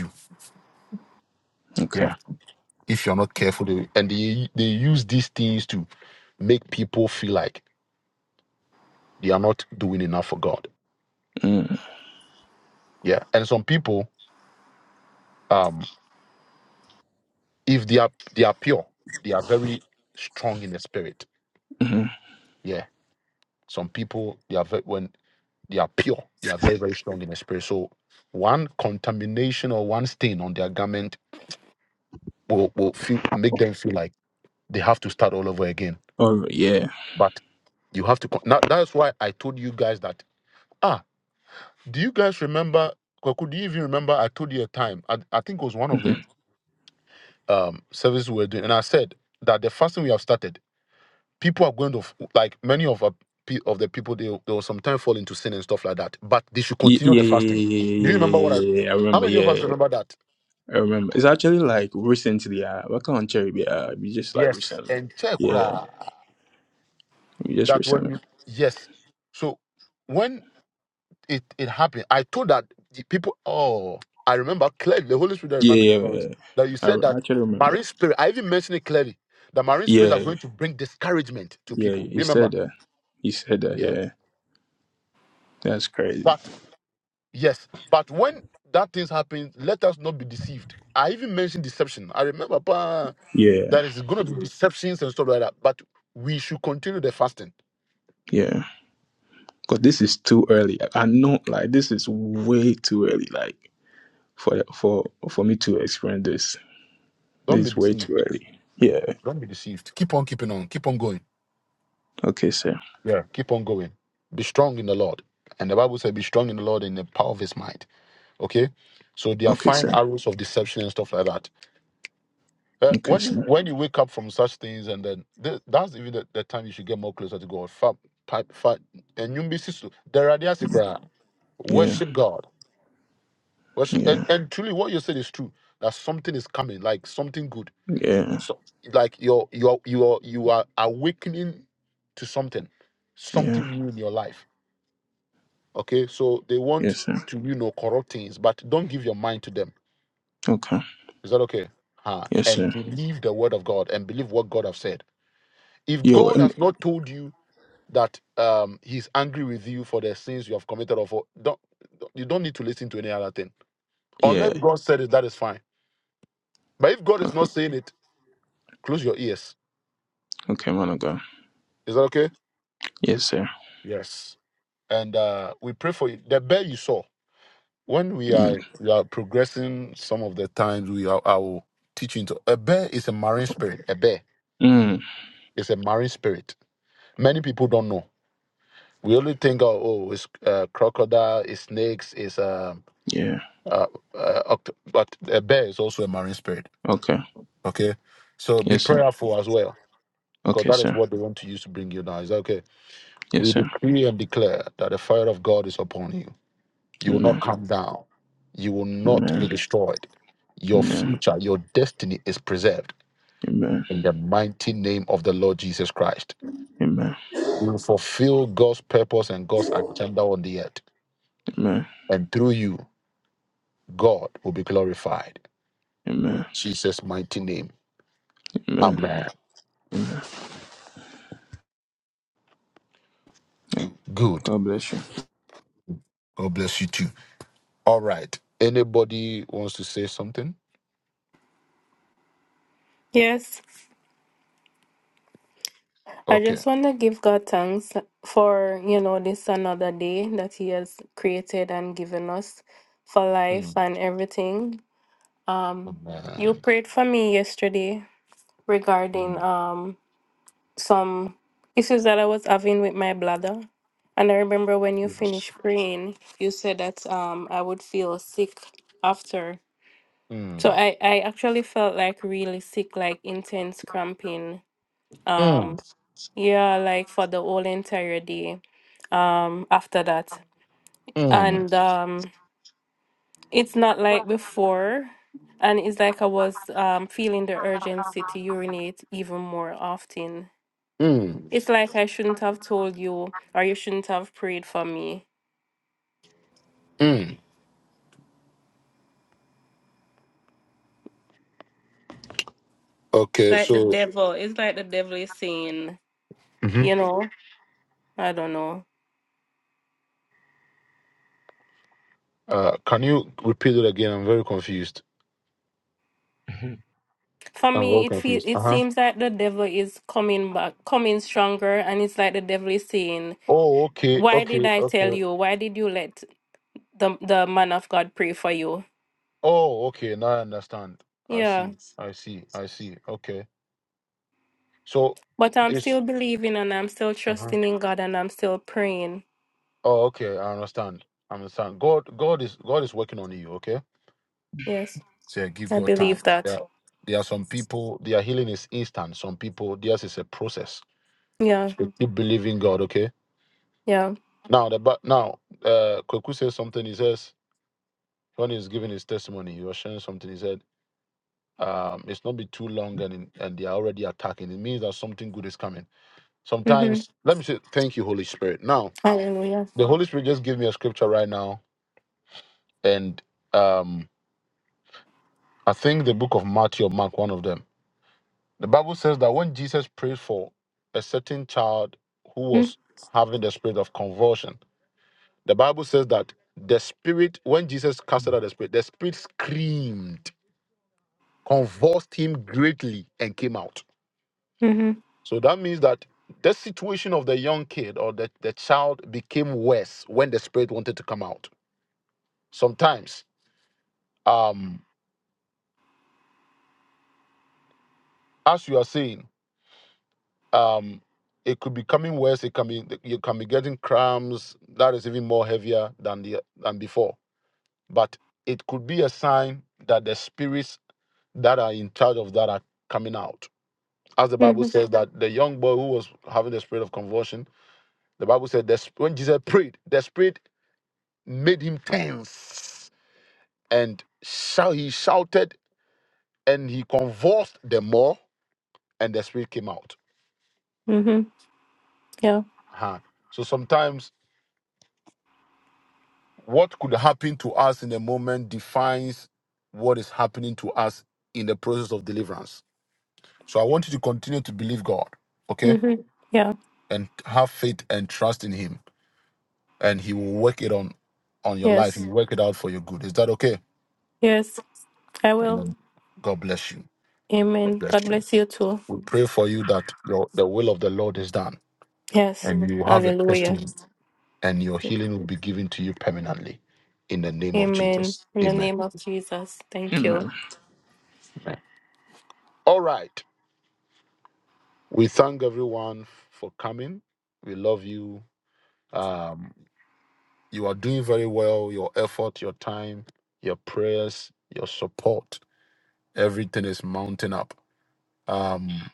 Speaker 7: okay.
Speaker 1: you. if you're not careful they, and they they use these things to make people feel like they are not doing enough for god
Speaker 7: Mm,
Speaker 1: yeah and some people um if they are they are pure they are very strong in the spirit
Speaker 7: mm.
Speaker 1: yeah some people they are very, when they are pure they are very very strong in the spirit so one contamination or one stain on their garment will, will feel make them feel like they have to start all over again
Speaker 7: Oh yeah.
Speaker 1: but you have to con- now, that's why i told you guys that ah. Do you guys remember? Kwaku, do you even remember? I told you a time. I, I think it was one of
Speaker 7: Mm-hmm.
Speaker 1: the um, services we were doing, and I said that the fasting we have started, people are going to f- like many of our, pe- of the people they they will sometimes fall into sin and stuff like that. But they should
Speaker 7: Yeah,
Speaker 1: continue
Speaker 7: yeah,
Speaker 1: the
Speaker 7: yeah, yeah,
Speaker 1: fasting. Do
Speaker 7: yeah, yeah, yeah,
Speaker 1: you remember
Speaker 7: yeah.
Speaker 1: what I?
Speaker 7: yeah, yeah. yeah, I
Speaker 1: How
Speaker 7: remember.
Speaker 1: many
Speaker 7: Yeah.
Speaker 1: of
Speaker 7: yeah,
Speaker 1: us
Speaker 7: yeah.
Speaker 1: remember that?
Speaker 7: I remember. It's actually like recently. Uh, working on Cherry be? Uh, we just like
Speaker 1: Yes,
Speaker 7: recently.
Speaker 1: and check
Speaker 7: Yeah,
Speaker 1: ra,
Speaker 7: we just
Speaker 1: that when you
Speaker 7: recently.
Speaker 1: yes. So when it it happened, I told that the people. Oh, I remember clearly. The Holy Spirit
Speaker 7: Yeah,
Speaker 1: reminded me.
Speaker 7: yeah. yeah.
Speaker 1: that you
Speaker 7: I
Speaker 1: said
Speaker 7: I
Speaker 1: that
Speaker 7: actually remember.
Speaker 1: marine spirit, I even mentioned it clearly, that marine spirits are
Speaker 7: Yeah,
Speaker 1: going to bring discouragement to
Speaker 7: yeah. yeah.
Speaker 1: people.
Speaker 7: He said
Speaker 1: Remember?
Speaker 7: that. He said that.
Speaker 1: Yeah.
Speaker 7: Yeah, that's crazy.
Speaker 1: But yes, but when that things happen, let us not be deceived. I even mentioned deception. I remember pa,
Speaker 7: Yeah,
Speaker 1: that it's going to be deceptions and stuff like that. But we should continue the fasting.
Speaker 7: yeah. Cause this is too early. I, I know. Like this is way too early. Like for for for me to experience this. This
Speaker 1: Don't be
Speaker 7: is way
Speaker 1: deceived.
Speaker 7: too early. Yeah.
Speaker 1: Don't be deceived. Keep on keeping on. Keep on going.
Speaker 7: Okay, sir.
Speaker 1: Yeah. Keep on going. Be strong in the Lord. And the Bible said, be strong in the Lord in the power of his might. Okay? So they are
Speaker 7: Okay,
Speaker 1: fine
Speaker 7: sir.
Speaker 1: arrows of deception and stuff like that Uh,
Speaker 7: Okay,
Speaker 1: when you
Speaker 7: sir.
Speaker 1: when you wake up from such things, and then th- that's even the, the time you should get more closer to God. Fa, pa, fa, and you miss it. There are the cry.
Speaker 7: Yeah.
Speaker 1: Worship God. Worship and,
Speaker 7: Yeah.
Speaker 1: and truly, what you said is true. That something is coming, like something good.
Speaker 7: Yeah.
Speaker 1: So, like you're you're you are you are awakening to something, something
Speaker 7: Yeah.
Speaker 1: new in your life. Okay, so they want
Speaker 7: Yes, sir.
Speaker 1: to you know corrupt things, but don't give your mind to them.
Speaker 7: Okay.
Speaker 1: Is that okay? Huh?
Speaker 7: Yes,
Speaker 1: And
Speaker 7: sir.
Speaker 1: believe the word of God and believe what God have said If
Speaker 7: Yo,
Speaker 1: God
Speaker 7: and
Speaker 1: has not told you that um, He's angry with you for the sins you have committed, or for don't you don't need to listen to any other thing.
Speaker 7: yeah.
Speaker 1: Unless God said it, that is fine. But if God is
Speaker 7: Okay,
Speaker 1: not saying it, close your ears.
Speaker 7: okay, man of God.
Speaker 1: Is that okay?
Speaker 7: Yes, sir.
Speaker 1: Yes. And uh, we pray for you. The bear you saw when we
Speaker 7: Yeah.
Speaker 1: are we are progressing. Some of the times we are I will teach you into a bear is a marine spirit. A bear
Speaker 7: Mm,
Speaker 1: is a marine spirit. Many people don't know. We only think, oh, oh it's uh, crocodile, it's snakes, it's um
Speaker 7: yeah.
Speaker 1: Uh, uh, oct- but a bear is also a marine spirit.
Speaker 7: Okay.
Speaker 1: Okay, so be
Speaker 7: Yes, sir.
Speaker 1: prayerful as well, because
Speaker 7: Okay,
Speaker 1: that is
Speaker 7: sir.
Speaker 1: what they want to use to bring you down. Is that okay?
Speaker 7: Yes,
Speaker 1: We
Speaker 7: sir.
Speaker 1: decree and declare that the fire of God is upon you. You will not
Speaker 7: Amen.
Speaker 1: come down. You will not
Speaker 7: Amen.
Speaker 1: be destroyed. Your
Speaker 7: Amen.
Speaker 1: future, your destiny is preserved
Speaker 7: Amen.
Speaker 1: in the mighty name of the Lord Jesus Christ.
Speaker 7: Amen.
Speaker 1: You will fulfill God's purpose and God's agenda on the earth,
Speaker 7: Amen.
Speaker 1: and through you, God will be glorified.
Speaker 7: Amen.
Speaker 1: In Jesus' mighty name,
Speaker 7: Amen.
Speaker 1: Amen. Good.
Speaker 7: God bless you.
Speaker 1: God bless you too. All right. Anybody wants to say something?
Speaker 5: Yes, I
Speaker 1: Okay.
Speaker 5: just want to give God thanks for, you know, this another day that He has created and given us for life
Speaker 1: Mm.
Speaker 5: and everything. Um, you
Speaker 1: Amen.
Speaker 5: prayed for me yesterday regarding
Speaker 1: Mm.
Speaker 5: um some issues that I was having with my bladder. And I remember when you finished
Speaker 1: Yes.
Speaker 5: praying, you said that um I would feel sick after. So
Speaker 1: Mm.
Speaker 5: I, I actually felt like really sick, like intense cramping. Um
Speaker 1: Mm.
Speaker 5: yeah, like for the whole entire day um after that.
Speaker 1: Mm.
Speaker 5: And um it's not like before and it's like I was um feeling the urgency to urinate even more often
Speaker 1: Mm.
Speaker 5: It's like I shouldn't have told you, or you shouldn't have prayed for me.
Speaker 1: Mm. Okay.
Speaker 5: Like the
Speaker 1: So,
Speaker 5: devil. It's like the devil is saying,
Speaker 1: Mhm.
Speaker 5: you know, I don't know.
Speaker 1: uh, can you repeat it again? I'm very confused.
Speaker 5: For
Speaker 1: I'm
Speaker 5: me,
Speaker 1: very
Speaker 5: it feel
Speaker 1: confused. Uh
Speaker 5: it
Speaker 1: huh.
Speaker 5: seems like the devil is coming back, coming stronger, and it's like the devil is saying,
Speaker 1: Oh, okay.
Speaker 5: "Why did
Speaker 1: Okay.
Speaker 5: I
Speaker 1: Okay.
Speaker 5: tell you? Why did you let the the man of God pray for you?"
Speaker 1: Oh, okay. Now I understand. I
Speaker 5: Yeah,
Speaker 1: see. I see. I see. Okay. So
Speaker 5: but I'm still
Speaker 1: it's.
Speaker 5: believing, and I'm still trusting in God, and I'm still praying.
Speaker 1: Oh, okay. I understand. I understand. God. God is. God is working on you. Okay
Speaker 5: Yes,
Speaker 1: So yeah, give
Speaker 5: I
Speaker 1: God time.
Speaker 5: believe that.
Speaker 1: Yeah. There are some people, their healing is instant. Some people, theirs is a process.
Speaker 5: Yeah,
Speaker 1: So keep believing God, okay?
Speaker 5: yeah.
Speaker 1: Now, the but now, uh, Kweku says something. He says, when he's giving his testimony, he was sharing something. He said, um, it's not be too long and in- and they are already attacking. It means that something good is coming.
Speaker 5: Mm-hmm.
Speaker 1: Sometimes, let me say, thank you, Holy Spirit. Now,
Speaker 5: Hallelujah.
Speaker 1: the Holy Spirit just gave me a scripture right now, and um, I think the book of Matthew or Mark, one of them The Bible says that when Jesus prayed for a certain child who
Speaker 5: Mm-hmm.
Speaker 1: was having the spirit of convulsion, the Bible says that the spirit, when Jesus casted out the spirit, the spirit screamed, convulsed him greatly, and came out. So that means that the situation of the young kid or the, the child became worse when the spirit wanted to come out. Sometimes, um, as you are saying. um it could be coming worse it can be you can be getting cramps that is even more heavier than the than before but it could be a sign that the spirits that are in charge of that are coming out as the bible
Speaker 5: Mm-hmm.
Speaker 1: says that the young boy who was having the spirit of convulsion the bible said that when jesus prayed the spirit made him tense and shout, he shouted and he convulsed the more and the spirit came out
Speaker 5: Mm-hmm. Yeah.
Speaker 1: uh-huh. so sometimes What could happen to us in a moment defines what is happening to us in the process of deliverance. So I want you to continue to believe God, okay?
Speaker 5: Mm-hmm. Yeah.
Speaker 1: And have faith and trust in Him. And He will work it on on your life. He
Speaker 5: Yes.
Speaker 1: will work it out for your good. Is that okay?
Speaker 5: Yes. I will.
Speaker 1: Amen. God bless you. God
Speaker 5: Amen.
Speaker 1: bless
Speaker 5: God
Speaker 1: you.
Speaker 5: bless you too.
Speaker 1: We pray for you that your, the will of the Lord is done
Speaker 5: Yes.
Speaker 1: and you will have a
Speaker 5: Hallelujah.
Speaker 1: testimony and your healing will be given to you permanently in the name of
Speaker 5: Amen.
Speaker 1: Jesus.
Speaker 5: In the
Speaker 1: Amen.
Speaker 5: name of Jesus. Thank you.
Speaker 7: Amen.
Speaker 1: Amen. All right. We thank everyone for coming. We love you. Um, you are doing very well. Your effort, your time, your prayers, your support, everything is mounting up. Um,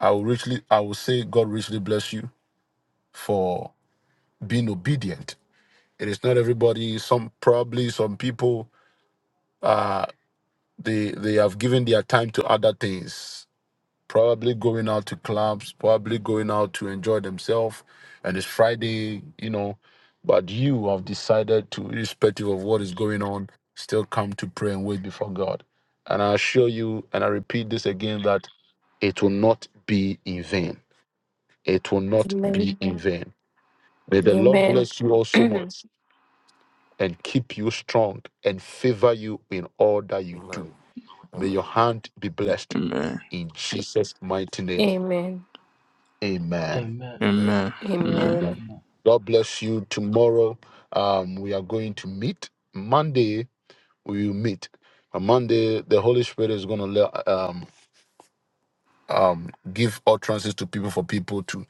Speaker 1: I will richly, I will say, God richly bless you for being obedient. It is not everybody. Some probably some people, uh, they they have given their time to other things probably going out to clubs, probably going out to enjoy themselves. And it's Friday, you know. But you have decided to, irrespective of what is going on, still come to pray and wait before God. And I assure you, and I repeat this again, that it will not be in vain. It will not
Speaker 5: Amen.
Speaker 1: be in vain. May the Lord
Speaker 5: Amen.
Speaker 1: bless you all so
Speaker 5: Amen.
Speaker 1: much and keep you strong and favor you in all that you do.
Speaker 4: Amen.
Speaker 1: May
Speaker 4: Amen.
Speaker 1: your hand be blessed
Speaker 7: Amen.
Speaker 1: in Jesus' mighty name.
Speaker 5: Amen.
Speaker 1: Amen.
Speaker 6: Amen.
Speaker 4: Amen.
Speaker 7: Amen. Amen.
Speaker 1: Amen.
Speaker 6: Amen.
Speaker 1: God bless you. Tomorrow, um, we are going to meet. Monday, we will meet. On Monday, the Holy Spirit is going to um, um, give utterances to people for people to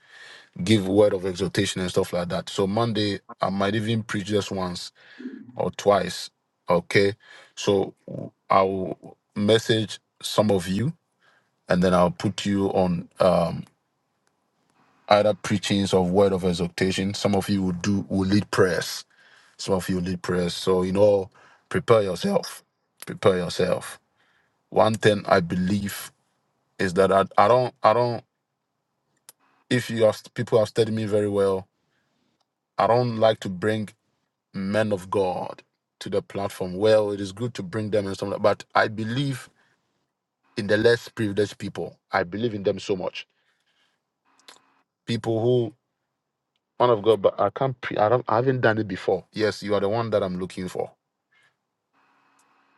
Speaker 1: give word of exhortation and stuff like that. So Monday, I might even preach just once or twice. Okay, so I'll message some of you, and then I'll put you on um, either preachings of word of exhortation. Some of you will do will lead prayers Some of you lead prayers. So, you know, prepare yourself. Prepare yourself. One thing I believe is that I, I don't, I don't, if you have, people have studied me very well, I don't like to bring men of God to the platform. Well, it is good to bring them and something, but I believe in the less privileged people. I believe in them so much. People who, man of God, but I can't, pre- I, don't, I haven't done it before. Yes, you are the one that I'm looking for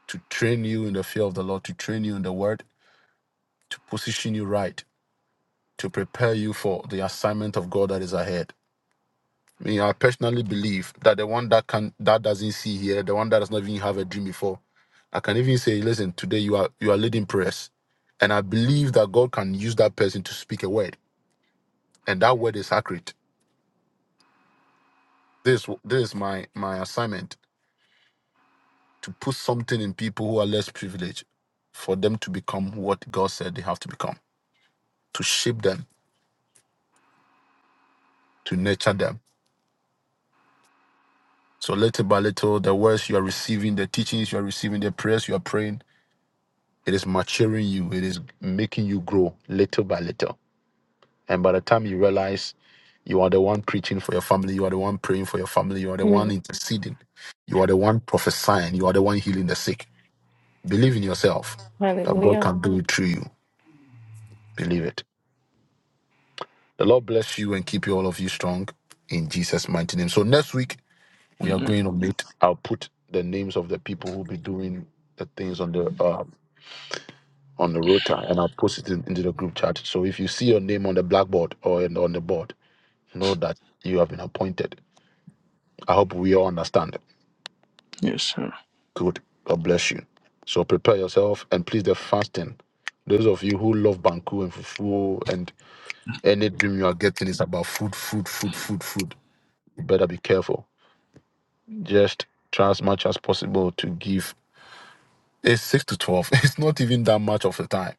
Speaker 1: to train you in the fear of the Lord, to train you in the word, to position you right to prepare you for the assignment of God that is ahead. I mean, I personally believe that the one that can that doesn't see here, the one that does not even have a dream before, I can even say, listen, today you are you are leading prayers, and I believe that God can use that person to speak a word, and that word is accurate. This this is my my assignment to put something in people who are less privileged, for them to become what God said they have to become, to shape them, to nurture them So little by little, the words you are receiving, the teachings you are receiving, the prayers you are praying, it is maturing you. It is making you grow little by little. And by the time you realize you are the one preaching for your family, you are the one praying for your family, you are the one
Speaker 5: Mm.
Speaker 1: interceding, you are the one prophesying, you are the one healing the sick. Believe in yourself that God
Speaker 5: Hallelujah.
Speaker 1: can do it through you. Believe it. The Lord bless you and keep you all of you strong in Jesus' mighty name. So next week, We are
Speaker 7: Amen.
Speaker 1: going on it. I'll put the names of the people who will be doing the things on the uh, on the rota, and I'll post it in, into the group chat. So if you see your name on the blackboard or in, on the board, know that you have been appointed. I hope we all understand.
Speaker 7: Yes, sir.
Speaker 1: Good. God bless you. So prepare yourself and please the fasting. Those of you who love Banku and Fufu and any dream you are getting is about food, food, food, food, food. You better be careful. Just try as much as possible to give It's six to twelve. It's not even that much of a time.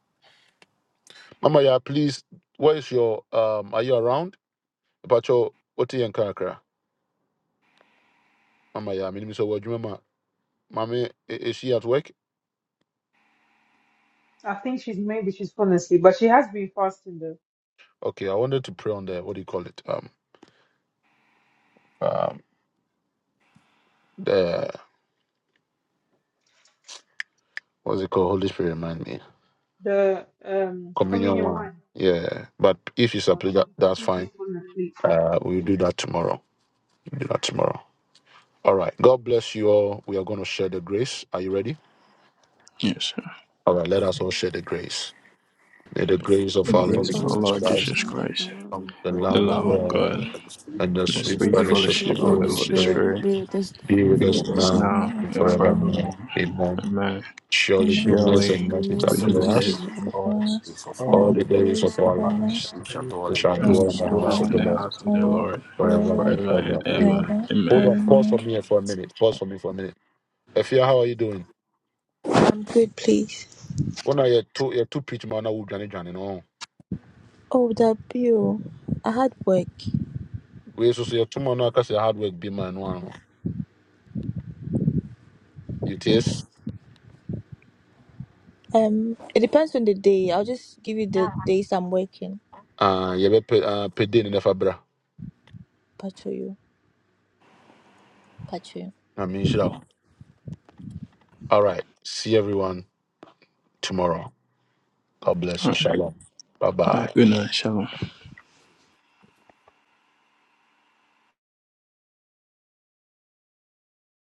Speaker 1: Mama, yeah, please. Where is your um? Are you around? Pacho, what you in kakra? Mama, yeah, me so what you mama? Mami, i- is she at work?
Speaker 3: I think she's maybe she's fallen asleep, but she has been fasting though.
Speaker 1: Okay, I wanted to pray on the what do you call it? Um, um, the what's it called? Holy Spirit, remind me.
Speaker 3: The um
Speaker 1: Communion
Speaker 3: communion
Speaker 1: one.
Speaker 3: wine.
Speaker 1: Yeah, but if it's a
Speaker 3: Oh,
Speaker 1: play,
Speaker 3: she,
Speaker 1: that,
Speaker 3: I
Speaker 1: that's
Speaker 3: think she's
Speaker 1: fine.
Speaker 3: fallen asleep.
Speaker 1: Uh, we'll do that tomorrow. We'll do that tomorrow. All right. God bless you all. We are going to share the grace. Are you ready?
Speaker 7: Yes, sir.
Speaker 1: All right. Let us all share the grace. May the grace of
Speaker 7: In the
Speaker 1: our
Speaker 9: Give
Speaker 4: For
Speaker 9: it to
Speaker 7: grace
Speaker 1: Lord
Speaker 4: this
Speaker 7: of
Speaker 9: God,
Speaker 7: our
Speaker 4: is
Speaker 9: Lord
Speaker 1: Jesus
Speaker 7: Lord
Speaker 4: Christ,
Speaker 1: Christ,
Speaker 7: Jesus
Speaker 9: Jesus, the
Speaker 7: Christ,
Speaker 9: love
Speaker 4: come
Speaker 9: of
Speaker 1: the
Speaker 9: God.
Speaker 4: forth
Speaker 7: the
Speaker 1: love
Speaker 10: The
Speaker 7: love
Speaker 1: of
Speaker 10: love
Speaker 7: of
Speaker 10: of
Speaker 1: God,
Speaker 7: God,
Speaker 10: God,
Speaker 4: at the same
Speaker 1: and the
Speaker 7: and the
Speaker 1: sweet
Speaker 4: moment.
Speaker 7: sweet
Speaker 9: We feel the
Speaker 1: fellowship
Speaker 10: righteousness,
Speaker 9: sure
Speaker 7: fellowship
Speaker 1: of the
Speaker 10: of
Speaker 7: of
Speaker 10: the
Speaker 7: the
Speaker 9: Holy
Speaker 1: Holy
Speaker 10: Holy
Speaker 7: Holy
Speaker 4: We
Speaker 1: Spirit
Speaker 9: Spirit,
Speaker 10: Spirit,
Speaker 7: Spirit
Speaker 9: Spirit that's not
Speaker 1: be
Speaker 9: and
Speaker 1: with
Speaker 7: be
Speaker 1: us
Speaker 4: will
Speaker 7: with
Speaker 10: to
Speaker 7: us
Speaker 9: forevermore.
Speaker 10: lives
Speaker 1: now
Speaker 10: now
Speaker 7: now
Speaker 10: and
Speaker 1: and
Speaker 7: and
Speaker 10: forevermore.
Speaker 7: forevermore.
Speaker 1: forevermore. Amen.
Speaker 7: Amen.
Speaker 1: Surely
Speaker 10: Amen.
Speaker 1: goodness
Speaker 4: face
Speaker 7: Surely,
Speaker 1: and
Speaker 9: In
Speaker 1: mercy shall
Speaker 9: this
Speaker 7: goodness
Speaker 1: follow
Speaker 7: and
Speaker 1: us
Speaker 10: Mercy
Speaker 9: message,
Speaker 7: mercy
Speaker 10: shall
Speaker 7: follow
Speaker 10: follow
Speaker 7: us
Speaker 10: us
Speaker 4: of our.
Speaker 7: all
Speaker 1: all
Speaker 10: all
Speaker 7: the
Speaker 1: the
Speaker 10: the
Speaker 1: days
Speaker 7: days of
Speaker 1: of
Speaker 10: days of
Speaker 1: our
Speaker 7: our
Speaker 10: our
Speaker 7: lives,
Speaker 10: lives,
Speaker 1: lives.
Speaker 4: We shall
Speaker 1: We
Speaker 4: dwell in the
Speaker 1: shall
Speaker 7: and we
Speaker 10: and
Speaker 4: house
Speaker 10: we
Speaker 1: dwell in the
Speaker 10: shall
Speaker 7: shall
Speaker 4: of
Speaker 1: house
Speaker 7: dwell
Speaker 10: dwell
Speaker 1: of
Speaker 4: the
Speaker 10: in
Speaker 7: in
Speaker 1: the
Speaker 10: the
Speaker 7: the
Speaker 10: house
Speaker 1: Lord
Speaker 10: of
Speaker 7: house
Speaker 10: the
Speaker 7: of the
Speaker 10: Lord
Speaker 7: Lord
Speaker 4: Lord
Speaker 1: forever
Speaker 10: forever
Speaker 1: and
Speaker 7: forever and
Speaker 1: ever.
Speaker 10: and
Speaker 7: ever.
Speaker 1: Amen.
Speaker 10: ever.
Speaker 1: Hold
Speaker 7: Amen.
Speaker 1: on, pause for
Speaker 10: Amen.
Speaker 1: me for a minute. Pause for me for a minute. Efia, how are you doing?
Speaker 10: I'm good, please.
Speaker 1: When are you two? You're two pitch man. I would join it. join it, No,
Speaker 10: Oh, that bill. I had work.
Speaker 1: we so you two man. I can say hard work. Be man. One. You taste.
Speaker 10: Um, it depends on the day. I'll just give you the days I'm working.
Speaker 1: Uh, you be uh, paid in the fabra.
Speaker 10: Patrol you. Patrol you.
Speaker 1: I mean, shut up. All right. See everyone tomorrow. God bless
Speaker 7: All
Speaker 1: you.
Speaker 7: right,
Speaker 1: Shalom. Bye
Speaker 7: all
Speaker 1: bye.
Speaker 7: right. Good night. Shalom.